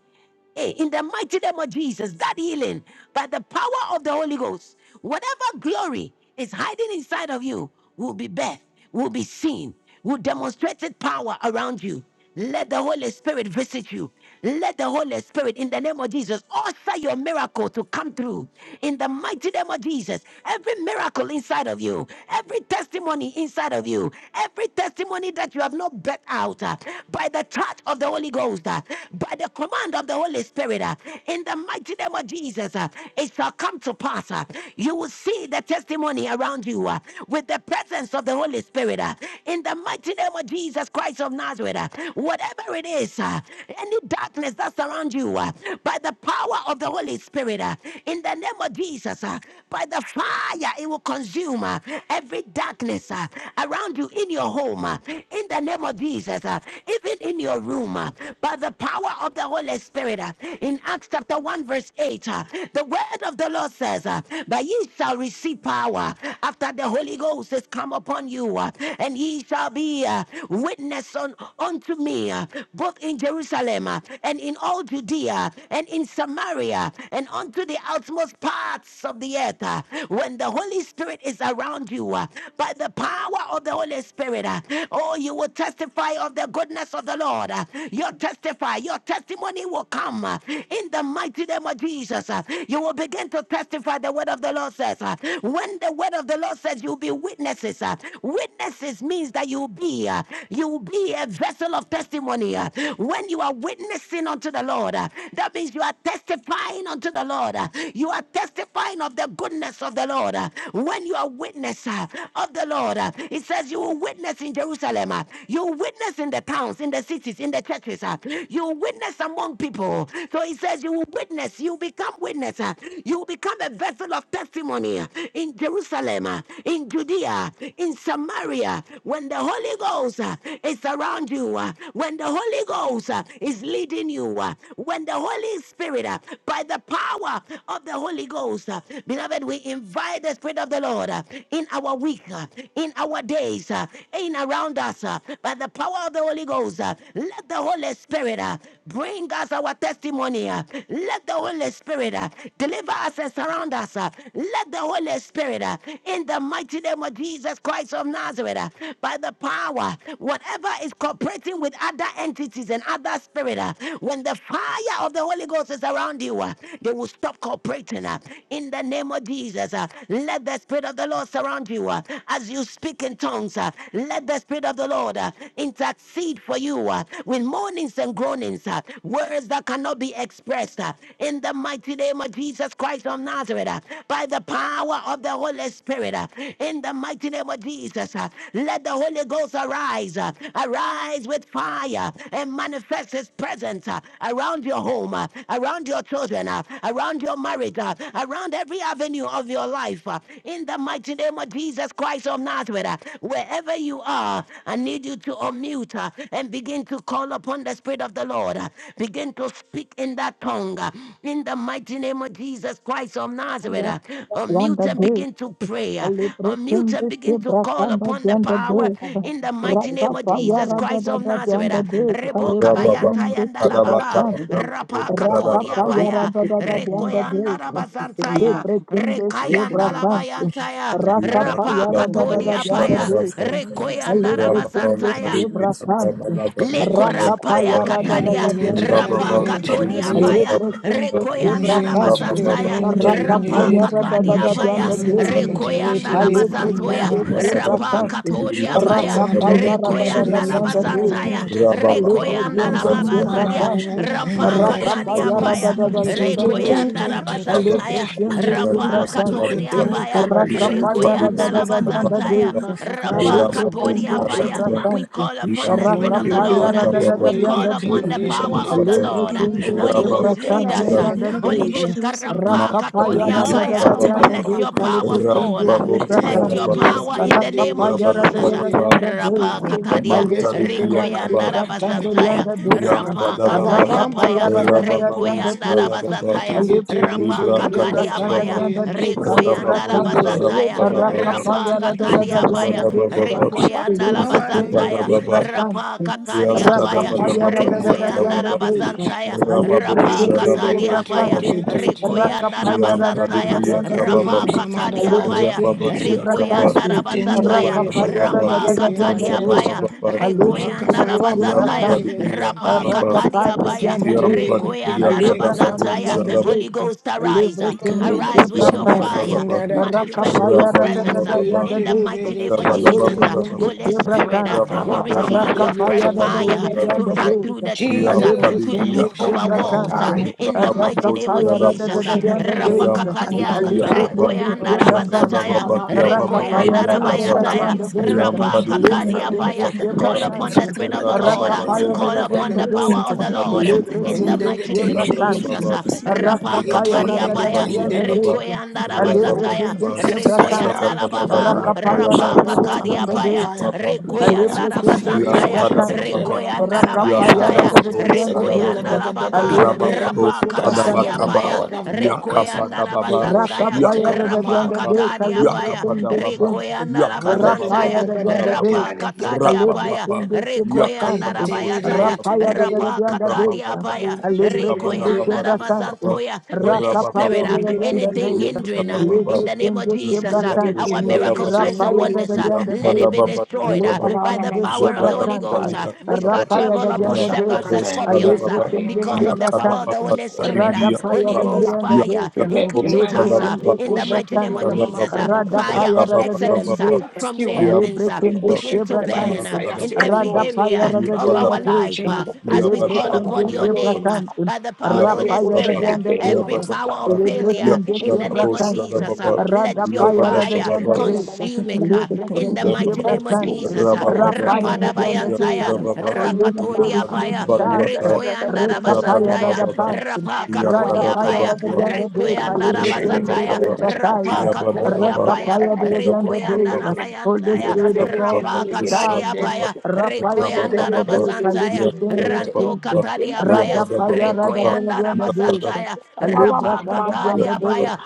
[SPEAKER 1] hey, in the mighty name of jesus that healing by the power of the holy ghost whatever glory is hiding inside of you will be birthed will be seen will demonstrate its power around you let the holy spirit visit you let the Holy Spirit, in the name of Jesus, usher your miracle to come through. In the mighty name of Jesus, every miracle inside of you, every testimony inside of you, every testimony that you have not bet out uh, by the touch of the Holy Ghost, uh, by the command of the Holy Spirit, uh, in the mighty name of Jesus, uh, it shall come to pass. uh, you will see the testimony around you uh, with the presence of the Holy Spirit. uh, in the mighty name of Jesus Christ of Nazareth, uh, whatever it is, uh, any darkness that surrounds you, uh, by the power of the Holy Spirit, uh, in the name of Jesus, uh, by the fire, it will consume uh, every darkness uh, around you in your home, uh, in the name of Jesus, uh, even in your room, uh, by the power of the Holy Spirit. uh, in Acts chapter 1, verse 8, uh, the word of the Lord says, uh, But ye shall receive power after the Holy Ghost has come upon you, uh, and ye shall shall be a witness on, unto me, uh, both in Jerusalem uh, and in all Judea and in Samaria and unto the outmost parts of the earth. uh, when the Holy Spirit is around you, uh, by the power of the Holy Spirit, uh, oh, you will testify of the goodness of the Lord. uh, your testify, your testimony will come uh, in the mighty name of Jesus. uh, you will begin to testify the word of the Lord says. uh, when the word of the Lord says, you'll be witnesses. uh, Witnesses means that you'll be, uh, you'll be a vessel of testimony. uh, When you are witnessing unto the Lord, uh, that means you are testifying unto the Lord. uh, You are testifying of the goodness of the Lord. uh, When you are witness uh, of the Lord, uh, it says you will witness in Jerusalem. uh, You will witness in the towns, in the cities, in the churches. uh, You will witness among people. So it says you will witness. You become witness. uh, You will become a vessel of testimony. Macedonia, in Jerusalem, uh, in Judea, in Samaria. When the Holy Ghost uh, is around you, uh, when the Holy Ghost uh, is leading you, uh, when the Holy Spirit, uh, by the power of the Holy Ghost, uh, beloved, we invite the Spirit of the Lord uh, in our week, uh, in our days, uh, in around us, uh, by the power of the Holy Ghost. uh, Let the Holy Spirit uh, bring us our testimony. uh, Let the Holy Spirit uh, Deliver us and surround us. uh, Let the Holy Spirit, uh, in the mighty name of Jesus Christ of Nazareth, uh, by the power, whatever is cooperating with other entities and other spirit, uh, when the fire of the Holy Ghost is around you, uh, they will stop cooperating. uh, In the name of Jesus, uh, let the Spirit of the Lord surround you uh, as you speak in tongues. uh, Let the Spirit of the Lord uh, intercede for you uh, with moanings and groanings, uh, words that cannot be be expressed uh, in the mighty name of Jesus Christ of Nazareth uh, by the power of the Holy Spirit uh, in the mighty name of Jesus. uh, Let the Holy Ghost arise, uh, arise with fire and manifest his presence uh, around your home, uh, around your children, uh, around your marriage, uh, around every avenue of your life uh, in the mighty name of Jesus Christ of Nazareth. uh, Wherever you are, I need you to unmute uh, and begin to call upon the Spirit of the Lord. uh, Begin to speak in that tongue uh, in the mighty name of Jesus Christ of Nazareth. uh, Unmute and begin to pray. uh, Unmute
[SPEAKER 9] Alebrekende
[SPEAKER 1] and
[SPEAKER 9] ke
[SPEAKER 1] begin to call
[SPEAKER 9] brakanda
[SPEAKER 1] upon the
[SPEAKER 9] dianda
[SPEAKER 1] power
[SPEAKER 9] deka.
[SPEAKER 1] in the mighty name of
[SPEAKER 9] Rapapa
[SPEAKER 1] Jesus
[SPEAKER 9] yara da
[SPEAKER 1] Christ
[SPEAKER 9] da
[SPEAKER 1] of
[SPEAKER 9] da
[SPEAKER 1] Nazareth.
[SPEAKER 9] dianda
[SPEAKER 1] uh,
[SPEAKER 9] deka.
[SPEAKER 1] Rebo
[SPEAKER 9] Alebrekende
[SPEAKER 1] kabayantayanda
[SPEAKER 9] ke
[SPEAKER 1] la baba,
[SPEAKER 9] brakande.
[SPEAKER 1] rapa kakodia
[SPEAKER 9] Rapapa yara
[SPEAKER 1] paya,
[SPEAKER 9] da da da dianda
[SPEAKER 1] rekoyanda la
[SPEAKER 9] deka.
[SPEAKER 1] bazantaya,
[SPEAKER 9] Alebrekende ke
[SPEAKER 1] rekayanda la
[SPEAKER 9] brakande.
[SPEAKER 1] bayantaya,
[SPEAKER 9] Rakapa
[SPEAKER 1] rapa
[SPEAKER 9] yara da da da
[SPEAKER 1] katodia
[SPEAKER 10] Rishira
[SPEAKER 9] dianda
[SPEAKER 1] paya,
[SPEAKER 10] abasonsara
[SPEAKER 9] deka.
[SPEAKER 10] balirasala
[SPEAKER 1] rekoyanda la
[SPEAKER 10] balaba.
[SPEAKER 9] Alebrekende
[SPEAKER 1] bazantaya.
[SPEAKER 9] ke
[SPEAKER 10] Rishira abasonsara
[SPEAKER 9] brakande.
[SPEAKER 10] balikarashina besigala.
[SPEAKER 9] Rakapa
[SPEAKER 1] Lekorampaya
[SPEAKER 9] yara da
[SPEAKER 11] Tina
[SPEAKER 9] da
[SPEAKER 1] Kataria,
[SPEAKER 9] da
[SPEAKER 11] dig,
[SPEAKER 10] Arantala
[SPEAKER 9] dianda
[SPEAKER 11] Tina
[SPEAKER 10] balikriya
[SPEAKER 1] Rapa
[SPEAKER 11] dig,
[SPEAKER 9] deka.
[SPEAKER 10] rashira
[SPEAKER 11] Tina
[SPEAKER 1] Katodia
[SPEAKER 11] dig,
[SPEAKER 10] abasonsara
[SPEAKER 1] Paya,
[SPEAKER 10] balaba.
[SPEAKER 9] Alebrekende
[SPEAKER 12] Rabba
[SPEAKER 9] ke
[SPEAKER 11] ding
[SPEAKER 1] Rekoyanda
[SPEAKER 10] Rishira
[SPEAKER 11] ding,
[SPEAKER 13] Thank
[SPEAKER 9] brakande.
[SPEAKER 10] abasonsara
[SPEAKER 11] chindi,
[SPEAKER 1] Rabazantaya,
[SPEAKER 11] ding,
[SPEAKER 10] balikarashina
[SPEAKER 9] Rakapa
[SPEAKER 1] Rampa
[SPEAKER 10] basanta.
[SPEAKER 9] yara da da
[SPEAKER 1] Katadia
[SPEAKER 9] da
[SPEAKER 10] Rishira
[SPEAKER 1] Paya,
[SPEAKER 9] dianda
[SPEAKER 11] bam bam,
[SPEAKER 10] abasonsara
[SPEAKER 9] deka.
[SPEAKER 11] chili
[SPEAKER 1] Rekoyanda
[SPEAKER 10] balishira
[SPEAKER 11] chili,
[SPEAKER 9] Alebre
[SPEAKER 10] besigala.
[SPEAKER 11] bam bam,
[SPEAKER 1] Rabazantoya,
[SPEAKER 9] kunde se
[SPEAKER 10] Rasatala ba
[SPEAKER 1] Rapa
[SPEAKER 9] prakasi.
[SPEAKER 10] antela
[SPEAKER 11] dig
[SPEAKER 1] Katodia
[SPEAKER 10] bishwantala
[SPEAKER 1] Paya,
[SPEAKER 11] Tina
[SPEAKER 10] besigala.
[SPEAKER 9] Rakapa
[SPEAKER 11] ding,
[SPEAKER 9] yara da
[SPEAKER 11] Tina
[SPEAKER 9] da
[SPEAKER 10] Rishira
[SPEAKER 9] da
[SPEAKER 1] Rekoyanda
[SPEAKER 11] dig,
[SPEAKER 9] da da
[SPEAKER 10] abasonsara
[SPEAKER 11] Tina
[SPEAKER 9] de.
[SPEAKER 11] ding,
[SPEAKER 1] Rabazantaya,
[SPEAKER 10] balirashira balaba.
[SPEAKER 9] Alebre
[SPEAKER 11] Aka
[SPEAKER 1] Rekoyanda
[SPEAKER 10] Rika
[SPEAKER 9] kunde
[SPEAKER 11] bam
[SPEAKER 9] se
[SPEAKER 10] sonsara
[SPEAKER 11] bam,
[SPEAKER 1] Rababasalia,
[SPEAKER 11] dig,
[SPEAKER 9] prakasi.
[SPEAKER 10] balikarashana.
[SPEAKER 11] ding
[SPEAKER 1] Rampa
[SPEAKER 12] Manta
[SPEAKER 11] it,
[SPEAKER 10] Rishira
[SPEAKER 9] Rakapa
[SPEAKER 1] Katadia
[SPEAKER 9] yara da
[SPEAKER 1] Paya,
[SPEAKER 9] da
[SPEAKER 10] abasonsara
[SPEAKER 9] da
[SPEAKER 11] dig
[SPEAKER 9] da
[SPEAKER 11] dig
[SPEAKER 10] basanta
[SPEAKER 9] da
[SPEAKER 11] dig
[SPEAKER 9] de.
[SPEAKER 1] Rekoyanda
[SPEAKER 10] balishira
[SPEAKER 11] dig dig dig
[SPEAKER 9] Alebre
[SPEAKER 1] Rabazantaya,
[SPEAKER 11] dig,
[SPEAKER 9] kunde
[SPEAKER 10] handle
[SPEAKER 9] se
[SPEAKER 1] Rampa
[SPEAKER 10] ababirusaba
[SPEAKER 11] dig dig
[SPEAKER 9] prakasi.
[SPEAKER 1] Katodia
[SPEAKER 10] abashotera
[SPEAKER 11] ding,
[SPEAKER 1] Paya,
[SPEAKER 11] Tina dig,
[SPEAKER 9] Rakapa
[SPEAKER 10] rishantara
[SPEAKER 9] yara da
[SPEAKER 11] Tina
[SPEAKER 1] Rekoyanda
[SPEAKER 9] da
[SPEAKER 11] ding,
[SPEAKER 10] abasunsara
[SPEAKER 9] da da da
[SPEAKER 10] birigendera
[SPEAKER 1] Rabazantaya,
[SPEAKER 10] ba
[SPEAKER 9] de.
[SPEAKER 11] Aka bam
[SPEAKER 10] rushara
[SPEAKER 1] Rapa
[SPEAKER 9] Alebre
[SPEAKER 11] bam
[SPEAKER 10] basunsa
[SPEAKER 11] bam
[SPEAKER 10] andere
[SPEAKER 1] Katodia
[SPEAKER 9] kunde
[SPEAKER 11] bam,
[SPEAKER 9] se
[SPEAKER 1] Paya.
[SPEAKER 10] bashatara yanda
[SPEAKER 1] We
[SPEAKER 9] prakasi.
[SPEAKER 1] call call upon the Spirit
[SPEAKER 11] ding
[SPEAKER 10] rishandora
[SPEAKER 1] of the
[SPEAKER 10] ba
[SPEAKER 11] ding
[SPEAKER 9] Rakapa
[SPEAKER 1] Lord.
[SPEAKER 10] liyanda
[SPEAKER 11] ding
[SPEAKER 9] yara da da da
[SPEAKER 1] We
[SPEAKER 10] basunsara
[SPEAKER 9] da
[SPEAKER 10] yanda
[SPEAKER 1] call
[SPEAKER 9] da
[SPEAKER 1] upon the
[SPEAKER 9] de.
[SPEAKER 10] was
[SPEAKER 1] power of the
[SPEAKER 10] basunsa
[SPEAKER 9] Alebre
[SPEAKER 1] Lord.
[SPEAKER 10] andere
[SPEAKER 9] kunde
[SPEAKER 11] Tina
[SPEAKER 1] Holy
[SPEAKER 9] se
[SPEAKER 10] bashuntara da
[SPEAKER 1] Ghost,
[SPEAKER 11] dig,
[SPEAKER 1] lead
[SPEAKER 9] prakasi
[SPEAKER 11] Tina
[SPEAKER 1] us.
[SPEAKER 9] da
[SPEAKER 10] jererere
[SPEAKER 11] dig,
[SPEAKER 9] da
[SPEAKER 1] Holy
[SPEAKER 9] de.
[SPEAKER 10] rishara
[SPEAKER 1] Ghost,
[SPEAKER 10] basunsara da
[SPEAKER 1] karampa
[SPEAKER 9] Rakapaya
[SPEAKER 1] katodia
[SPEAKER 10] was
[SPEAKER 9] rada
[SPEAKER 11] Abakapam
[SPEAKER 9] da
[SPEAKER 1] paya.
[SPEAKER 9] da
[SPEAKER 11] pam
[SPEAKER 10] kasunsara
[SPEAKER 9] da
[SPEAKER 10] ba
[SPEAKER 9] da
[SPEAKER 1] let
[SPEAKER 11] pam
[SPEAKER 9] de
[SPEAKER 10] liyanda
[SPEAKER 1] your power
[SPEAKER 10] bashantara
[SPEAKER 9] kaliprekin
[SPEAKER 1] fall.
[SPEAKER 9] de
[SPEAKER 10] rushara
[SPEAKER 9] yedra
[SPEAKER 1] Let your
[SPEAKER 10] basunsara
[SPEAKER 9] kanti.
[SPEAKER 1] power
[SPEAKER 10] basiyanda
[SPEAKER 1] in the
[SPEAKER 10] bahanda
[SPEAKER 1] name of
[SPEAKER 9] Rakapaya rada
[SPEAKER 1] Jesus.
[SPEAKER 9] da da da
[SPEAKER 10] rishantara
[SPEAKER 9] da
[SPEAKER 10] basata
[SPEAKER 1] Rapa
[SPEAKER 9] de
[SPEAKER 10] rushara
[SPEAKER 1] katadia,
[SPEAKER 10] basiyanda
[SPEAKER 12] di
[SPEAKER 9] kaliprekin
[SPEAKER 12] bia
[SPEAKER 9] de
[SPEAKER 12] kaba
[SPEAKER 11] adagatan.
[SPEAKER 1] rikuyandara
[SPEAKER 9] yedra
[SPEAKER 10] Ayantara
[SPEAKER 9] kanti
[SPEAKER 1] bazantaya,
[SPEAKER 9] yanda
[SPEAKER 10] bashotara
[SPEAKER 9] de.
[SPEAKER 12] Yam
[SPEAKER 10] basotarara
[SPEAKER 1] rampa
[SPEAKER 12] Yampadababa,
[SPEAKER 1] katadia
[SPEAKER 10] abishantara
[SPEAKER 9] Rakapaya
[SPEAKER 1] paya,
[SPEAKER 9] rada
[SPEAKER 10] basotarara
[SPEAKER 9] da da da
[SPEAKER 12] Rabababo
[SPEAKER 9] da
[SPEAKER 10] ndabishirire
[SPEAKER 1] rikuyandara
[SPEAKER 9] de
[SPEAKER 12] Shadababa,
[SPEAKER 10] abanshara
[SPEAKER 1] bazataya,
[SPEAKER 10] basotarara
[SPEAKER 9] kaliprekin
[SPEAKER 1] rapa
[SPEAKER 9] de
[SPEAKER 10] abayansaka
[SPEAKER 12] Libra
[SPEAKER 10] shotara
[SPEAKER 9] yedra
[SPEAKER 1] katadia
[SPEAKER 10] basiyana
[SPEAKER 9] kanti
[SPEAKER 1] paya,
[SPEAKER 12] Kadababa,
[SPEAKER 9] yanda de
[SPEAKER 10] abashara basotarara
[SPEAKER 9] kalibra
[SPEAKER 1] rikuyandara
[SPEAKER 12] Rababo
[SPEAKER 10] abadiyana
[SPEAKER 9] kanti.
[SPEAKER 10] basiyana
[SPEAKER 1] bazataya,
[SPEAKER 12] Shadababa,
[SPEAKER 1] rapa
[SPEAKER 9] Rakapaya
[SPEAKER 10] abansatari
[SPEAKER 9] rada da da
[SPEAKER 1] katadia
[SPEAKER 10] heshantara
[SPEAKER 9] da da
[SPEAKER 1] paya,
[SPEAKER 10] basiyana
[SPEAKER 9] de
[SPEAKER 12] Zabadababa,
[SPEAKER 1] rikuyandara
[SPEAKER 10] abishantara basotarara
[SPEAKER 9] kaliprekin de
[SPEAKER 1] Rabazantaya,
[SPEAKER 9] yedra
[SPEAKER 12] Yampadababa,
[SPEAKER 10] barigishitire
[SPEAKER 1] Rapa
[SPEAKER 9] kanti.
[SPEAKER 10] abansaka
[SPEAKER 1] Katadia
[SPEAKER 10] sotarara
[SPEAKER 1] Paya,
[SPEAKER 9] Rakapaya
[SPEAKER 10] abishantara
[SPEAKER 12] Yamtadababa,
[SPEAKER 9] rada da da da
[SPEAKER 10] basotarara
[SPEAKER 1] Requianda
[SPEAKER 9] da
[SPEAKER 12] Yakababa,
[SPEAKER 9] de
[SPEAKER 1] Rabazantaya,
[SPEAKER 12] Rababo
[SPEAKER 1] Rapa
[SPEAKER 9] kaliprekin de yedra
[SPEAKER 1] Katadia
[SPEAKER 12] Shadababa,
[SPEAKER 1] Paya,
[SPEAKER 9] kanti.
[SPEAKER 12] Tadababa,
[SPEAKER 1] Requianda
[SPEAKER 9] Rakapaya da da da da
[SPEAKER 1] Rabazantaya,
[SPEAKER 9] da
[SPEAKER 12] Yampadibria
[SPEAKER 9] da
[SPEAKER 12] Kababa,
[SPEAKER 1] Rapa
[SPEAKER 9] da
[SPEAKER 1] Katadia
[SPEAKER 9] Alibre
[SPEAKER 1] Paya,
[SPEAKER 9] kende
[SPEAKER 12] Rababa
[SPEAKER 9] sebra
[SPEAKER 12] Yakaba,
[SPEAKER 1] Requianda
[SPEAKER 9] kante.
[SPEAKER 11] Digitin
[SPEAKER 1] Rabazataya,
[SPEAKER 9] Rakapaya
[SPEAKER 11] digitina
[SPEAKER 9] da
[SPEAKER 12] Zabadababa,
[SPEAKER 9] da
[SPEAKER 1] Rampa
[SPEAKER 9] da da da
[SPEAKER 11] digitina
[SPEAKER 9] da
[SPEAKER 1] Katadia
[SPEAKER 11] din.
[SPEAKER 1] Paya,
[SPEAKER 9] da
[SPEAKER 12] Rabababa,
[SPEAKER 9] Alibre
[SPEAKER 10] Rushada
[SPEAKER 11] Raka
[SPEAKER 1] Requianda
[SPEAKER 11] pa
[SPEAKER 9] kende
[SPEAKER 10] Sultan
[SPEAKER 11] pa pa
[SPEAKER 9] sebra
[SPEAKER 11] ma
[SPEAKER 1] Rabazataya,
[SPEAKER 10] Rushada
[SPEAKER 9] kante.
[SPEAKER 12] Yampadibria
[SPEAKER 11] digitin
[SPEAKER 1] Rapa
[SPEAKER 11] digitin.
[SPEAKER 12] Kababa,
[SPEAKER 10] Rushada Sultan
[SPEAKER 1] Katadia
[SPEAKER 9] Rakapaya da
[SPEAKER 1] Paya,
[SPEAKER 11] Tinti
[SPEAKER 12] Yam
[SPEAKER 10] Rushada
[SPEAKER 11] din
[SPEAKER 9] da da da da
[SPEAKER 12] Padya
[SPEAKER 11] tina
[SPEAKER 1] Requianda
[SPEAKER 10] Rushada
[SPEAKER 9] Alibra
[SPEAKER 11] digitin
[SPEAKER 12] Kadababo
[SPEAKER 9] kanda
[SPEAKER 10] Sultan
[SPEAKER 1] Rabazantaya,
[SPEAKER 9] da da
[SPEAKER 11] din.
[SPEAKER 9] da
[SPEAKER 10] Rushada
[SPEAKER 12] Shadaba
[SPEAKER 1] Holy
[SPEAKER 9] da
[SPEAKER 1] Ghost arise,
[SPEAKER 11] Raka
[SPEAKER 9] Alibre kende
[SPEAKER 11] pam
[SPEAKER 10] Kariyandara
[SPEAKER 11] pam
[SPEAKER 1] arise
[SPEAKER 9] sebra
[SPEAKER 1] with
[SPEAKER 11] da
[SPEAKER 1] your
[SPEAKER 12] Yam
[SPEAKER 10] barishara
[SPEAKER 11] da
[SPEAKER 9] kante.
[SPEAKER 1] fire,
[SPEAKER 11] tan
[SPEAKER 10] basundara
[SPEAKER 12] Padababa
[SPEAKER 11] da da.
[SPEAKER 1] manifest
[SPEAKER 10] rashara
[SPEAKER 1] your
[SPEAKER 9] Rakapaya da da
[SPEAKER 10] basundara
[SPEAKER 9] da
[SPEAKER 11] Tin
[SPEAKER 1] presence uh,
[SPEAKER 9] da da
[SPEAKER 11] din
[SPEAKER 12] Rabababa
[SPEAKER 10] barikirana
[SPEAKER 9] da
[SPEAKER 1] in the
[SPEAKER 11] tin
[SPEAKER 9] da
[SPEAKER 1] mighty
[SPEAKER 11] din
[SPEAKER 1] name
[SPEAKER 10] Riyandara
[SPEAKER 1] of Jesus.
[SPEAKER 11] tin
[SPEAKER 10] basundara
[SPEAKER 9] Alibre
[SPEAKER 1] Jesus. Uh,
[SPEAKER 11] din.
[SPEAKER 12] Dabadabababa
[SPEAKER 9] kende
[SPEAKER 10] barikishara
[SPEAKER 1] Holy
[SPEAKER 9] sebra
[SPEAKER 10] basundara
[SPEAKER 1] Spirit, uh,
[SPEAKER 11] Raka pa
[SPEAKER 9] kante.
[SPEAKER 1] we
[SPEAKER 11] pa pa ma
[SPEAKER 1] receive
[SPEAKER 10] rishara
[SPEAKER 12] Rababadabia
[SPEAKER 1] your
[SPEAKER 10] basundara
[SPEAKER 1] fresh
[SPEAKER 9] Rakapaya da
[SPEAKER 11] digitina
[SPEAKER 9] da
[SPEAKER 12] Kabababo
[SPEAKER 10] basiyana
[SPEAKER 9] da
[SPEAKER 1] fire
[SPEAKER 11] digit.
[SPEAKER 9] da da
[SPEAKER 1] to
[SPEAKER 9] da
[SPEAKER 12] Shadababa
[SPEAKER 1] run through
[SPEAKER 9] da
[SPEAKER 1] the troops,
[SPEAKER 12] Yam
[SPEAKER 1] uh,
[SPEAKER 9] Alibre
[SPEAKER 1] to
[SPEAKER 11] Jesus,
[SPEAKER 10] barakashundara rashara
[SPEAKER 9] kende
[SPEAKER 12] Padya
[SPEAKER 1] leap over
[SPEAKER 10] basundara barikushundara
[SPEAKER 9] sebra
[SPEAKER 11] Elomoshanda
[SPEAKER 12] Kababa
[SPEAKER 1] walls
[SPEAKER 10] basiyana
[SPEAKER 9] kante.
[SPEAKER 1] uh,
[SPEAKER 11] Katai.
[SPEAKER 1] in the
[SPEAKER 10] rishara
[SPEAKER 1] mighty
[SPEAKER 12] Rabababo
[SPEAKER 10] basundara
[SPEAKER 1] name of
[SPEAKER 9] Rakapaya
[SPEAKER 10] basundara
[SPEAKER 12] Shadababa
[SPEAKER 1] Jesus.
[SPEAKER 10] de
[SPEAKER 1] uh,
[SPEAKER 11] Ushikiteri
[SPEAKER 12] Yam
[SPEAKER 11] Mama
[SPEAKER 10] rasatala
[SPEAKER 9] radadadadadadadeka.
[SPEAKER 11] Kanda
[SPEAKER 1] Rapakapadia,
[SPEAKER 10] kasundara
[SPEAKER 12] Padya
[SPEAKER 9] Libre
[SPEAKER 11] Katai.
[SPEAKER 10] bashandara
[SPEAKER 12] Kaba
[SPEAKER 9] kende sebra
[SPEAKER 10] rishara
[SPEAKER 11] Rapa
[SPEAKER 9] kante.
[SPEAKER 10] basundara
[SPEAKER 1] Rekoyandarabazataya,
[SPEAKER 12] Yakadababa
[SPEAKER 11] Baba
[SPEAKER 10] barikirana
[SPEAKER 12] Yababa
[SPEAKER 9] Rakapaya
[SPEAKER 10] jantara
[SPEAKER 12] Yakaba
[SPEAKER 10] basundara
[SPEAKER 11] Pantalama
[SPEAKER 1] Rekoyandarabayataya,
[SPEAKER 10] yasatura
[SPEAKER 9] radadadadadadadeka.
[SPEAKER 12] Yam
[SPEAKER 10] basiyana
[SPEAKER 12] Padya
[SPEAKER 9] Libre
[SPEAKER 10] basiyana
[SPEAKER 9] kende
[SPEAKER 1] Rapakakadiapaya.
[SPEAKER 9] sebra
[SPEAKER 1] Call
[SPEAKER 10] rashara
[SPEAKER 12] Kababa
[SPEAKER 1] upon the
[SPEAKER 9] kante.
[SPEAKER 10] basundara
[SPEAKER 1] Spirit of the Lord.
[SPEAKER 10] barikishara
[SPEAKER 1] uh,
[SPEAKER 12] Rabababa
[SPEAKER 9] Rakapaya
[SPEAKER 1] Call
[SPEAKER 10] basandara
[SPEAKER 1] upon
[SPEAKER 12] Yakababa
[SPEAKER 1] the power
[SPEAKER 9] dadadadadadeka.
[SPEAKER 1] of
[SPEAKER 10] rasatala
[SPEAKER 1] the Lord uh,
[SPEAKER 10] barikashundara
[SPEAKER 9] Libre
[SPEAKER 12] Shabadababa
[SPEAKER 1] in the
[SPEAKER 10] basiyana
[SPEAKER 9] kende
[SPEAKER 1] mighty name
[SPEAKER 9] sebra
[SPEAKER 1] of
[SPEAKER 10] rishara
[SPEAKER 9] kante.
[SPEAKER 1] Jesus.
[SPEAKER 10] basundara
[SPEAKER 1] uh,
[SPEAKER 12] Shabadababa
[SPEAKER 10] basiyana
[SPEAKER 9] Rakapaya
[SPEAKER 10] Russia, was was
[SPEAKER 1] Rapakapadiapaya,
[SPEAKER 12] Yamparabariyakaba,
[SPEAKER 9] radadadadadadadeka.
[SPEAKER 11] Holy
[SPEAKER 9] Libre
[SPEAKER 11] Ghost,
[SPEAKER 1] Rekoyandarabazataya,
[SPEAKER 9] kende
[SPEAKER 10] was
[SPEAKER 12] rabababa,
[SPEAKER 9] sebra
[SPEAKER 10] was not a
[SPEAKER 11] fire,
[SPEAKER 9] kante.
[SPEAKER 10] very very
[SPEAKER 1] Rekoyandarababa,
[SPEAKER 9] Rakapaya
[SPEAKER 10] Russia
[SPEAKER 12] zabarababariyakababa,
[SPEAKER 1] Rapa
[SPEAKER 10] was Sutter
[SPEAKER 11] rapapapala
[SPEAKER 1] kakadia
[SPEAKER 11] mama
[SPEAKER 10] American
[SPEAKER 1] paya.
[SPEAKER 10] Russia,
[SPEAKER 9] radadadadadadadeka.
[SPEAKER 11] kataya,
[SPEAKER 12] rabababa,
[SPEAKER 10] Russia
[SPEAKER 11] tumaya
[SPEAKER 1] Rekoyanda
[SPEAKER 9] Libre
[SPEAKER 10] Sutter
[SPEAKER 9] kende
[SPEAKER 10] Handy
[SPEAKER 11] mafiri
[SPEAKER 9] sebra
[SPEAKER 1] rabazantaya.
[SPEAKER 10] Shooter was
[SPEAKER 9] kante.
[SPEAKER 10] younger,
[SPEAKER 11] kosheketela
[SPEAKER 12] yampadabababa,
[SPEAKER 10] I
[SPEAKER 11] mama
[SPEAKER 1] Rekoyanda
[SPEAKER 11] kanda
[SPEAKER 10] Sataraka
[SPEAKER 9] Rakapaya
[SPEAKER 11] kataya,
[SPEAKER 10] Shooter was
[SPEAKER 1] rabayataya.
[SPEAKER 12] yakadababo,
[SPEAKER 10] Sutter Valley,
[SPEAKER 12] sadababa,
[SPEAKER 1] Rekoyanda
[SPEAKER 9] radadadadadadadeka.
[SPEAKER 1] rababa.
[SPEAKER 10] Yan
[SPEAKER 9] Alebro
[SPEAKER 13] you.
[SPEAKER 11] segadagadagadagadagade,
[SPEAKER 12] rabababo,
[SPEAKER 9] tende
[SPEAKER 10] Talabaka
[SPEAKER 1] Rapa
[SPEAKER 10] Sutter
[SPEAKER 9] quebra
[SPEAKER 10] was
[SPEAKER 11] consume
[SPEAKER 1] kakadia
[SPEAKER 11] every
[SPEAKER 9] tanto.
[SPEAKER 12] sadabakaba,
[SPEAKER 1] paya.
[SPEAKER 11] power of darkness,
[SPEAKER 1] Rekoyanda
[SPEAKER 12] yakapadababa,
[SPEAKER 11] eko
[SPEAKER 1] rabazantaya.
[SPEAKER 9] Rakapaya
[SPEAKER 11] sheketela
[SPEAKER 9] da da
[SPEAKER 11] mama
[SPEAKER 9] da
[SPEAKER 1] Rapa
[SPEAKER 9] da
[SPEAKER 12] yakapadababa,
[SPEAKER 11] kanda
[SPEAKER 9] de
[SPEAKER 11] kataya,
[SPEAKER 1] katadia paya.
[SPEAKER 9] calibrating this
[SPEAKER 12] yakapadababa,
[SPEAKER 9] thing.
[SPEAKER 1] Rekoyanda
[SPEAKER 12] yakadababo,
[SPEAKER 9] Rapaya
[SPEAKER 1] rabazantaya.
[SPEAKER 9] da da da
[SPEAKER 12] sadababa,
[SPEAKER 9] de
[SPEAKER 1] Rapa
[SPEAKER 11] rabadagadagadagatenadegi,
[SPEAKER 1] katadia paya.
[SPEAKER 12] rapapapa,
[SPEAKER 9] calibrating this brakan.
[SPEAKER 1] Rekoyanda
[SPEAKER 12] yakadababo,
[SPEAKER 1] rabayataya.
[SPEAKER 12] sadababa.
[SPEAKER 9] Rapaya da da
[SPEAKER 1] Rapa
[SPEAKER 9] da da de
[SPEAKER 1] katadia
[SPEAKER 12] Rabababa,
[SPEAKER 1] paya.
[SPEAKER 11] We will bring
[SPEAKER 9] calibrating
[SPEAKER 11] to
[SPEAKER 9] this
[SPEAKER 12] Shabadababa,
[SPEAKER 1] Rekoyanda
[SPEAKER 12] Yakaba,
[SPEAKER 1] rabazantoya. Holy
[SPEAKER 9] Rakapaya
[SPEAKER 11] we
[SPEAKER 12] Rabababa,
[SPEAKER 1] Spirit, uh,
[SPEAKER 9] da
[SPEAKER 11] will get
[SPEAKER 9] da da da
[SPEAKER 11] in
[SPEAKER 9] de
[SPEAKER 1] anything
[SPEAKER 11] the
[SPEAKER 1] hindering uh,
[SPEAKER 12] Yakadababa,
[SPEAKER 11] convent.
[SPEAKER 1] in the name
[SPEAKER 9] calibrating
[SPEAKER 1] of
[SPEAKER 9] this
[SPEAKER 11] We
[SPEAKER 1] Jesus. uh,
[SPEAKER 11] will get
[SPEAKER 9] brakan.
[SPEAKER 12] Rababu,
[SPEAKER 1] our
[SPEAKER 11] in the
[SPEAKER 1] miracle
[SPEAKER 12] Shadababa,
[SPEAKER 1] signs and
[SPEAKER 11] chamber.
[SPEAKER 9] Rapaya da
[SPEAKER 1] wonders,
[SPEAKER 9] da
[SPEAKER 1] uh,
[SPEAKER 9] da da
[SPEAKER 1] let
[SPEAKER 9] de
[SPEAKER 1] it be
[SPEAKER 12] Yampadababa,
[SPEAKER 1] destroyed uh,
[SPEAKER 12] Yababa,
[SPEAKER 1] by
[SPEAKER 11] Savarana
[SPEAKER 1] the
[SPEAKER 9] calibrating this
[SPEAKER 11] Mama
[SPEAKER 1] power of the
[SPEAKER 11] Kataya
[SPEAKER 1] Holy Ghost.
[SPEAKER 11] Kataya.
[SPEAKER 1] uh. we shall
[SPEAKER 11] What
[SPEAKER 9] Rapaya
[SPEAKER 11] TV
[SPEAKER 1] travel
[SPEAKER 9] da
[SPEAKER 11] and
[SPEAKER 9] da
[SPEAKER 1] upon
[SPEAKER 9] da
[SPEAKER 11] Moshanga
[SPEAKER 9] de
[SPEAKER 1] serpents and
[SPEAKER 11] Kata in my
[SPEAKER 1] scorpions uh,
[SPEAKER 11] body,
[SPEAKER 9] calibrating
[SPEAKER 11] in
[SPEAKER 9] this
[SPEAKER 1] because
[SPEAKER 11] my
[SPEAKER 1] of the
[SPEAKER 11] way.
[SPEAKER 1] power of the Holy Spirit. uh.
[SPEAKER 11] Stop
[SPEAKER 9] Radapaya
[SPEAKER 1] Holy
[SPEAKER 11] being
[SPEAKER 9] da
[SPEAKER 1] Ghost
[SPEAKER 11] black.
[SPEAKER 9] da da
[SPEAKER 1] fire,
[SPEAKER 9] de
[SPEAKER 11] Preventing
[SPEAKER 1] incubate
[SPEAKER 11] my
[SPEAKER 9] Libre
[SPEAKER 1] us uh,
[SPEAKER 9] kende
[SPEAKER 11] miracle.
[SPEAKER 1] in
[SPEAKER 11] Go
[SPEAKER 1] the
[SPEAKER 9] sebra
[SPEAKER 11] shake
[SPEAKER 1] mighty
[SPEAKER 11] it,
[SPEAKER 1] name
[SPEAKER 11] to
[SPEAKER 1] of
[SPEAKER 11] the
[SPEAKER 9] kante.
[SPEAKER 11] mama,
[SPEAKER 1] Jesus. uh.
[SPEAKER 9] Rada
[SPEAKER 1] fire
[SPEAKER 11] kata.
[SPEAKER 9] paya
[SPEAKER 1] of
[SPEAKER 9] rada
[SPEAKER 11] Let's
[SPEAKER 9] dende
[SPEAKER 1] excellence uh,
[SPEAKER 11] take a
[SPEAKER 9] deka.
[SPEAKER 1] from the
[SPEAKER 11] stew.
[SPEAKER 1] heavens
[SPEAKER 9] Libre
[SPEAKER 1] uh,
[SPEAKER 11] Go
[SPEAKER 9] kende
[SPEAKER 1] begin
[SPEAKER 11] shake
[SPEAKER 1] to
[SPEAKER 9] sebra
[SPEAKER 11] it by the
[SPEAKER 1] burn uh,
[SPEAKER 9] kante.
[SPEAKER 11] fire of
[SPEAKER 1] in
[SPEAKER 11] the Holy
[SPEAKER 1] every
[SPEAKER 9] Rada
[SPEAKER 11] Ghost.
[SPEAKER 9] paya
[SPEAKER 1] area
[SPEAKER 11] The
[SPEAKER 9] rada
[SPEAKER 1] of
[SPEAKER 9] dende
[SPEAKER 1] our
[SPEAKER 11] Glory of
[SPEAKER 1] life
[SPEAKER 9] deka.
[SPEAKER 1] uh,
[SPEAKER 11] Jesus.
[SPEAKER 1] as we
[SPEAKER 11] Go
[SPEAKER 9] Libre
[SPEAKER 11] shake
[SPEAKER 1] call
[SPEAKER 11] it,
[SPEAKER 9] kende
[SPEAKER 1] upon your
[SPEAKER 9] sebra
[SPEAKER 1] name
[SPEAKER 11] blood
[SPEAKER 1] uh,
[SPEAKER 9] kante.
[SPEAKER 1] by the power of the Holy
[SPEAKER 11] Grateful
[SPEAKER 9] Rapaya rada
[SPEAKER 11] shit
[SPEAKER 1] Spirit.
[SPEAKER 11] to
[SPEAKER 1] uh.
[SPEAKER 9] dende
[SPEAKER 11] fail and
[SPEAKER 1] every
[SPEAKER 11] mama
[SPEAKER 9] deka.
[SPEAKER 11] said
[SPEAKER 1] power
[SPEAKER 11] that
[SPEAKER 1] of
[SPEAKER 11] in the
[SPEAKER 9] Libre
[SPEAKER 11] name of
[SPEAKER 1] failure
[SPEAKER 9] kende
[SPEAKER 1] in
[SPEAKER 11] Jesus
[SPEAKER 1] the
[SPEAKER 9] sebra
[SPEAKER 1] name of
[SPEAKER 11] Christ of
[SPEAKER 9] kante.
[SPEAKER 1] Jesus, uh,
[SPEAKER 11] Nazareth.
[SPEAKER 1] let
[SPEAKER 9] Rada
[SPEAKER 1] your
[SPEAKER 9] paya
[SPEAKER 11] Grateful
[SPEAKER 9] rada
[SPEAKER 11] shit
[SPEAKER 1] fire
[SPEAKER 11] to
[SPEAKER 9] dende
[SPEAKER 11] fail
[SPEAKER 12] Rabba
[SPEAKER 11] and
[SPEAKER 9] deka.
[SPEAKER 11] mama said
[SPEAKER 13] Thank
[SPEAKER 1] consume it
[SPEAKER 11] that
[SPEAKER 1] uh,
[SPEAKER 9] Libre
[SPEAKER 1] in the
[SPEAKER 9] kende
[SPEAKER 1] mighty
[SPEAKER 9] sebra
[SPEAKER 1] name of
[SPEAKER 11] consume it
[SPEAKER 9] kante.
[SPEAKER 1] Jesus.
[SPEAKER 11] with
[SPEAKER 1] uh,
[SPEAKER 11] power of fear.
[SPEAKER 9] Rapaya rada
[SPEAKER 1] Rapada
[SPEAKER 11] Grateful
[SPEAKER 9] dende
[SPEAKER 11] shit to fail
[SPEAKER 1] bayantaya,
[SPEAKER 11] and
[SPEAKER 9] deka.
[SPEAKER 11] mama
[SPEAKER 12] Yakadababa,
[SPEAKER 11] said
[SPEAKER 9] Holy
[SPEAKER 11] that the power.
[SPEAKER 1] rakatodia
[SPEAKER 9] Spirit, take
[SPEAKER 1] paya,
[SPEAKER 11] Negative,
[SPEAKER 12] Yakadababaduata,
[SPEAKER 9] charge.
[SPEAKER 1] rikoyanda
[SPEAKER 11] negative, negative,
[SPEAKER 9] Rekapaya
[SPEAKER 1] rabazantaya,
[SPEAKER 9] rada
[SPEAKER 12] Jabadabababa,
[SPEAKER 9] pante.
[SPEAKER 1] rapakatodia
[SPEAKER 9] Radapaya
[SPEAKER 1] paya,
[SPEAKER 12] Yakadababaduata,
[SPEAKER 9] Raganda De
[SPEAKER 1] rikoyanda
[SPEAKER 9] Calibricende
[SPEAKER 1] rabazataya,
[SPEAKER 12] Rabababa,
[SPEAKER 9] Kibratide,
[SPEAKER 1] rapakakodia
[SPEAKER 12] Yabadababa,
[SPEAKER 1] paya,
[SPEAKER 9] Rasapaya de Agenda
[SPEAKER 1] rikoyanda
[SPEAKER 12] Yabadababa,
[SPEAKER 9] De, Holy
[SPEAKER 1] rabayantaya,
[SPEAKER 9] Spirit of God, take
[SPEAKER 12] Yabadababa,
[SPEAKER 9] charge,
[SPEAKER 1] rapakatadia paya,
[SPEAKER 9] Rapaya de
[SPEAKER 12] Shadababa,
[SPEAKER 1] rikoyanda
[SPEAKER 9] Agenda
[SPEAKER 12] Rabababa,
[SPEAKER 9] De
[SPEAKER 1] rabazantaya,
[SPEAKER 9] Calibricende
[SPEAKER 12] Yakadababa,
[SPEAKER 1] ranto
[SPEAKER 9] Kinte,
[SPEAKER 1] katadia paya,
[SPEAKER 9] Radapaya
[SPEAKER 11] negative.
[SPEAKER 9] Rada de
[SPEAKER 12] Yabadababa,
[SPEAKER 1] rikoyanda
[SPEAKER 9] Agenda De,
[SPEAKER 12] Yakadababa,
[SPEAKER 1] rabazantaya,
[SPEAKER 11] Ba ba
[SPEAKER 9] Calibra
[SPEAKER 11] bum
[SPEAKER 12] Makonda
[SPEAKER 9] Canda
[SPEAKER 11] bum ba
[SPEAKER 9] Agenda
[SPEAKER 1] rapakatadia
[SPEAKER 11] bum dum.
[SPEAKER 9] De,
[SPEAKER 1] paya,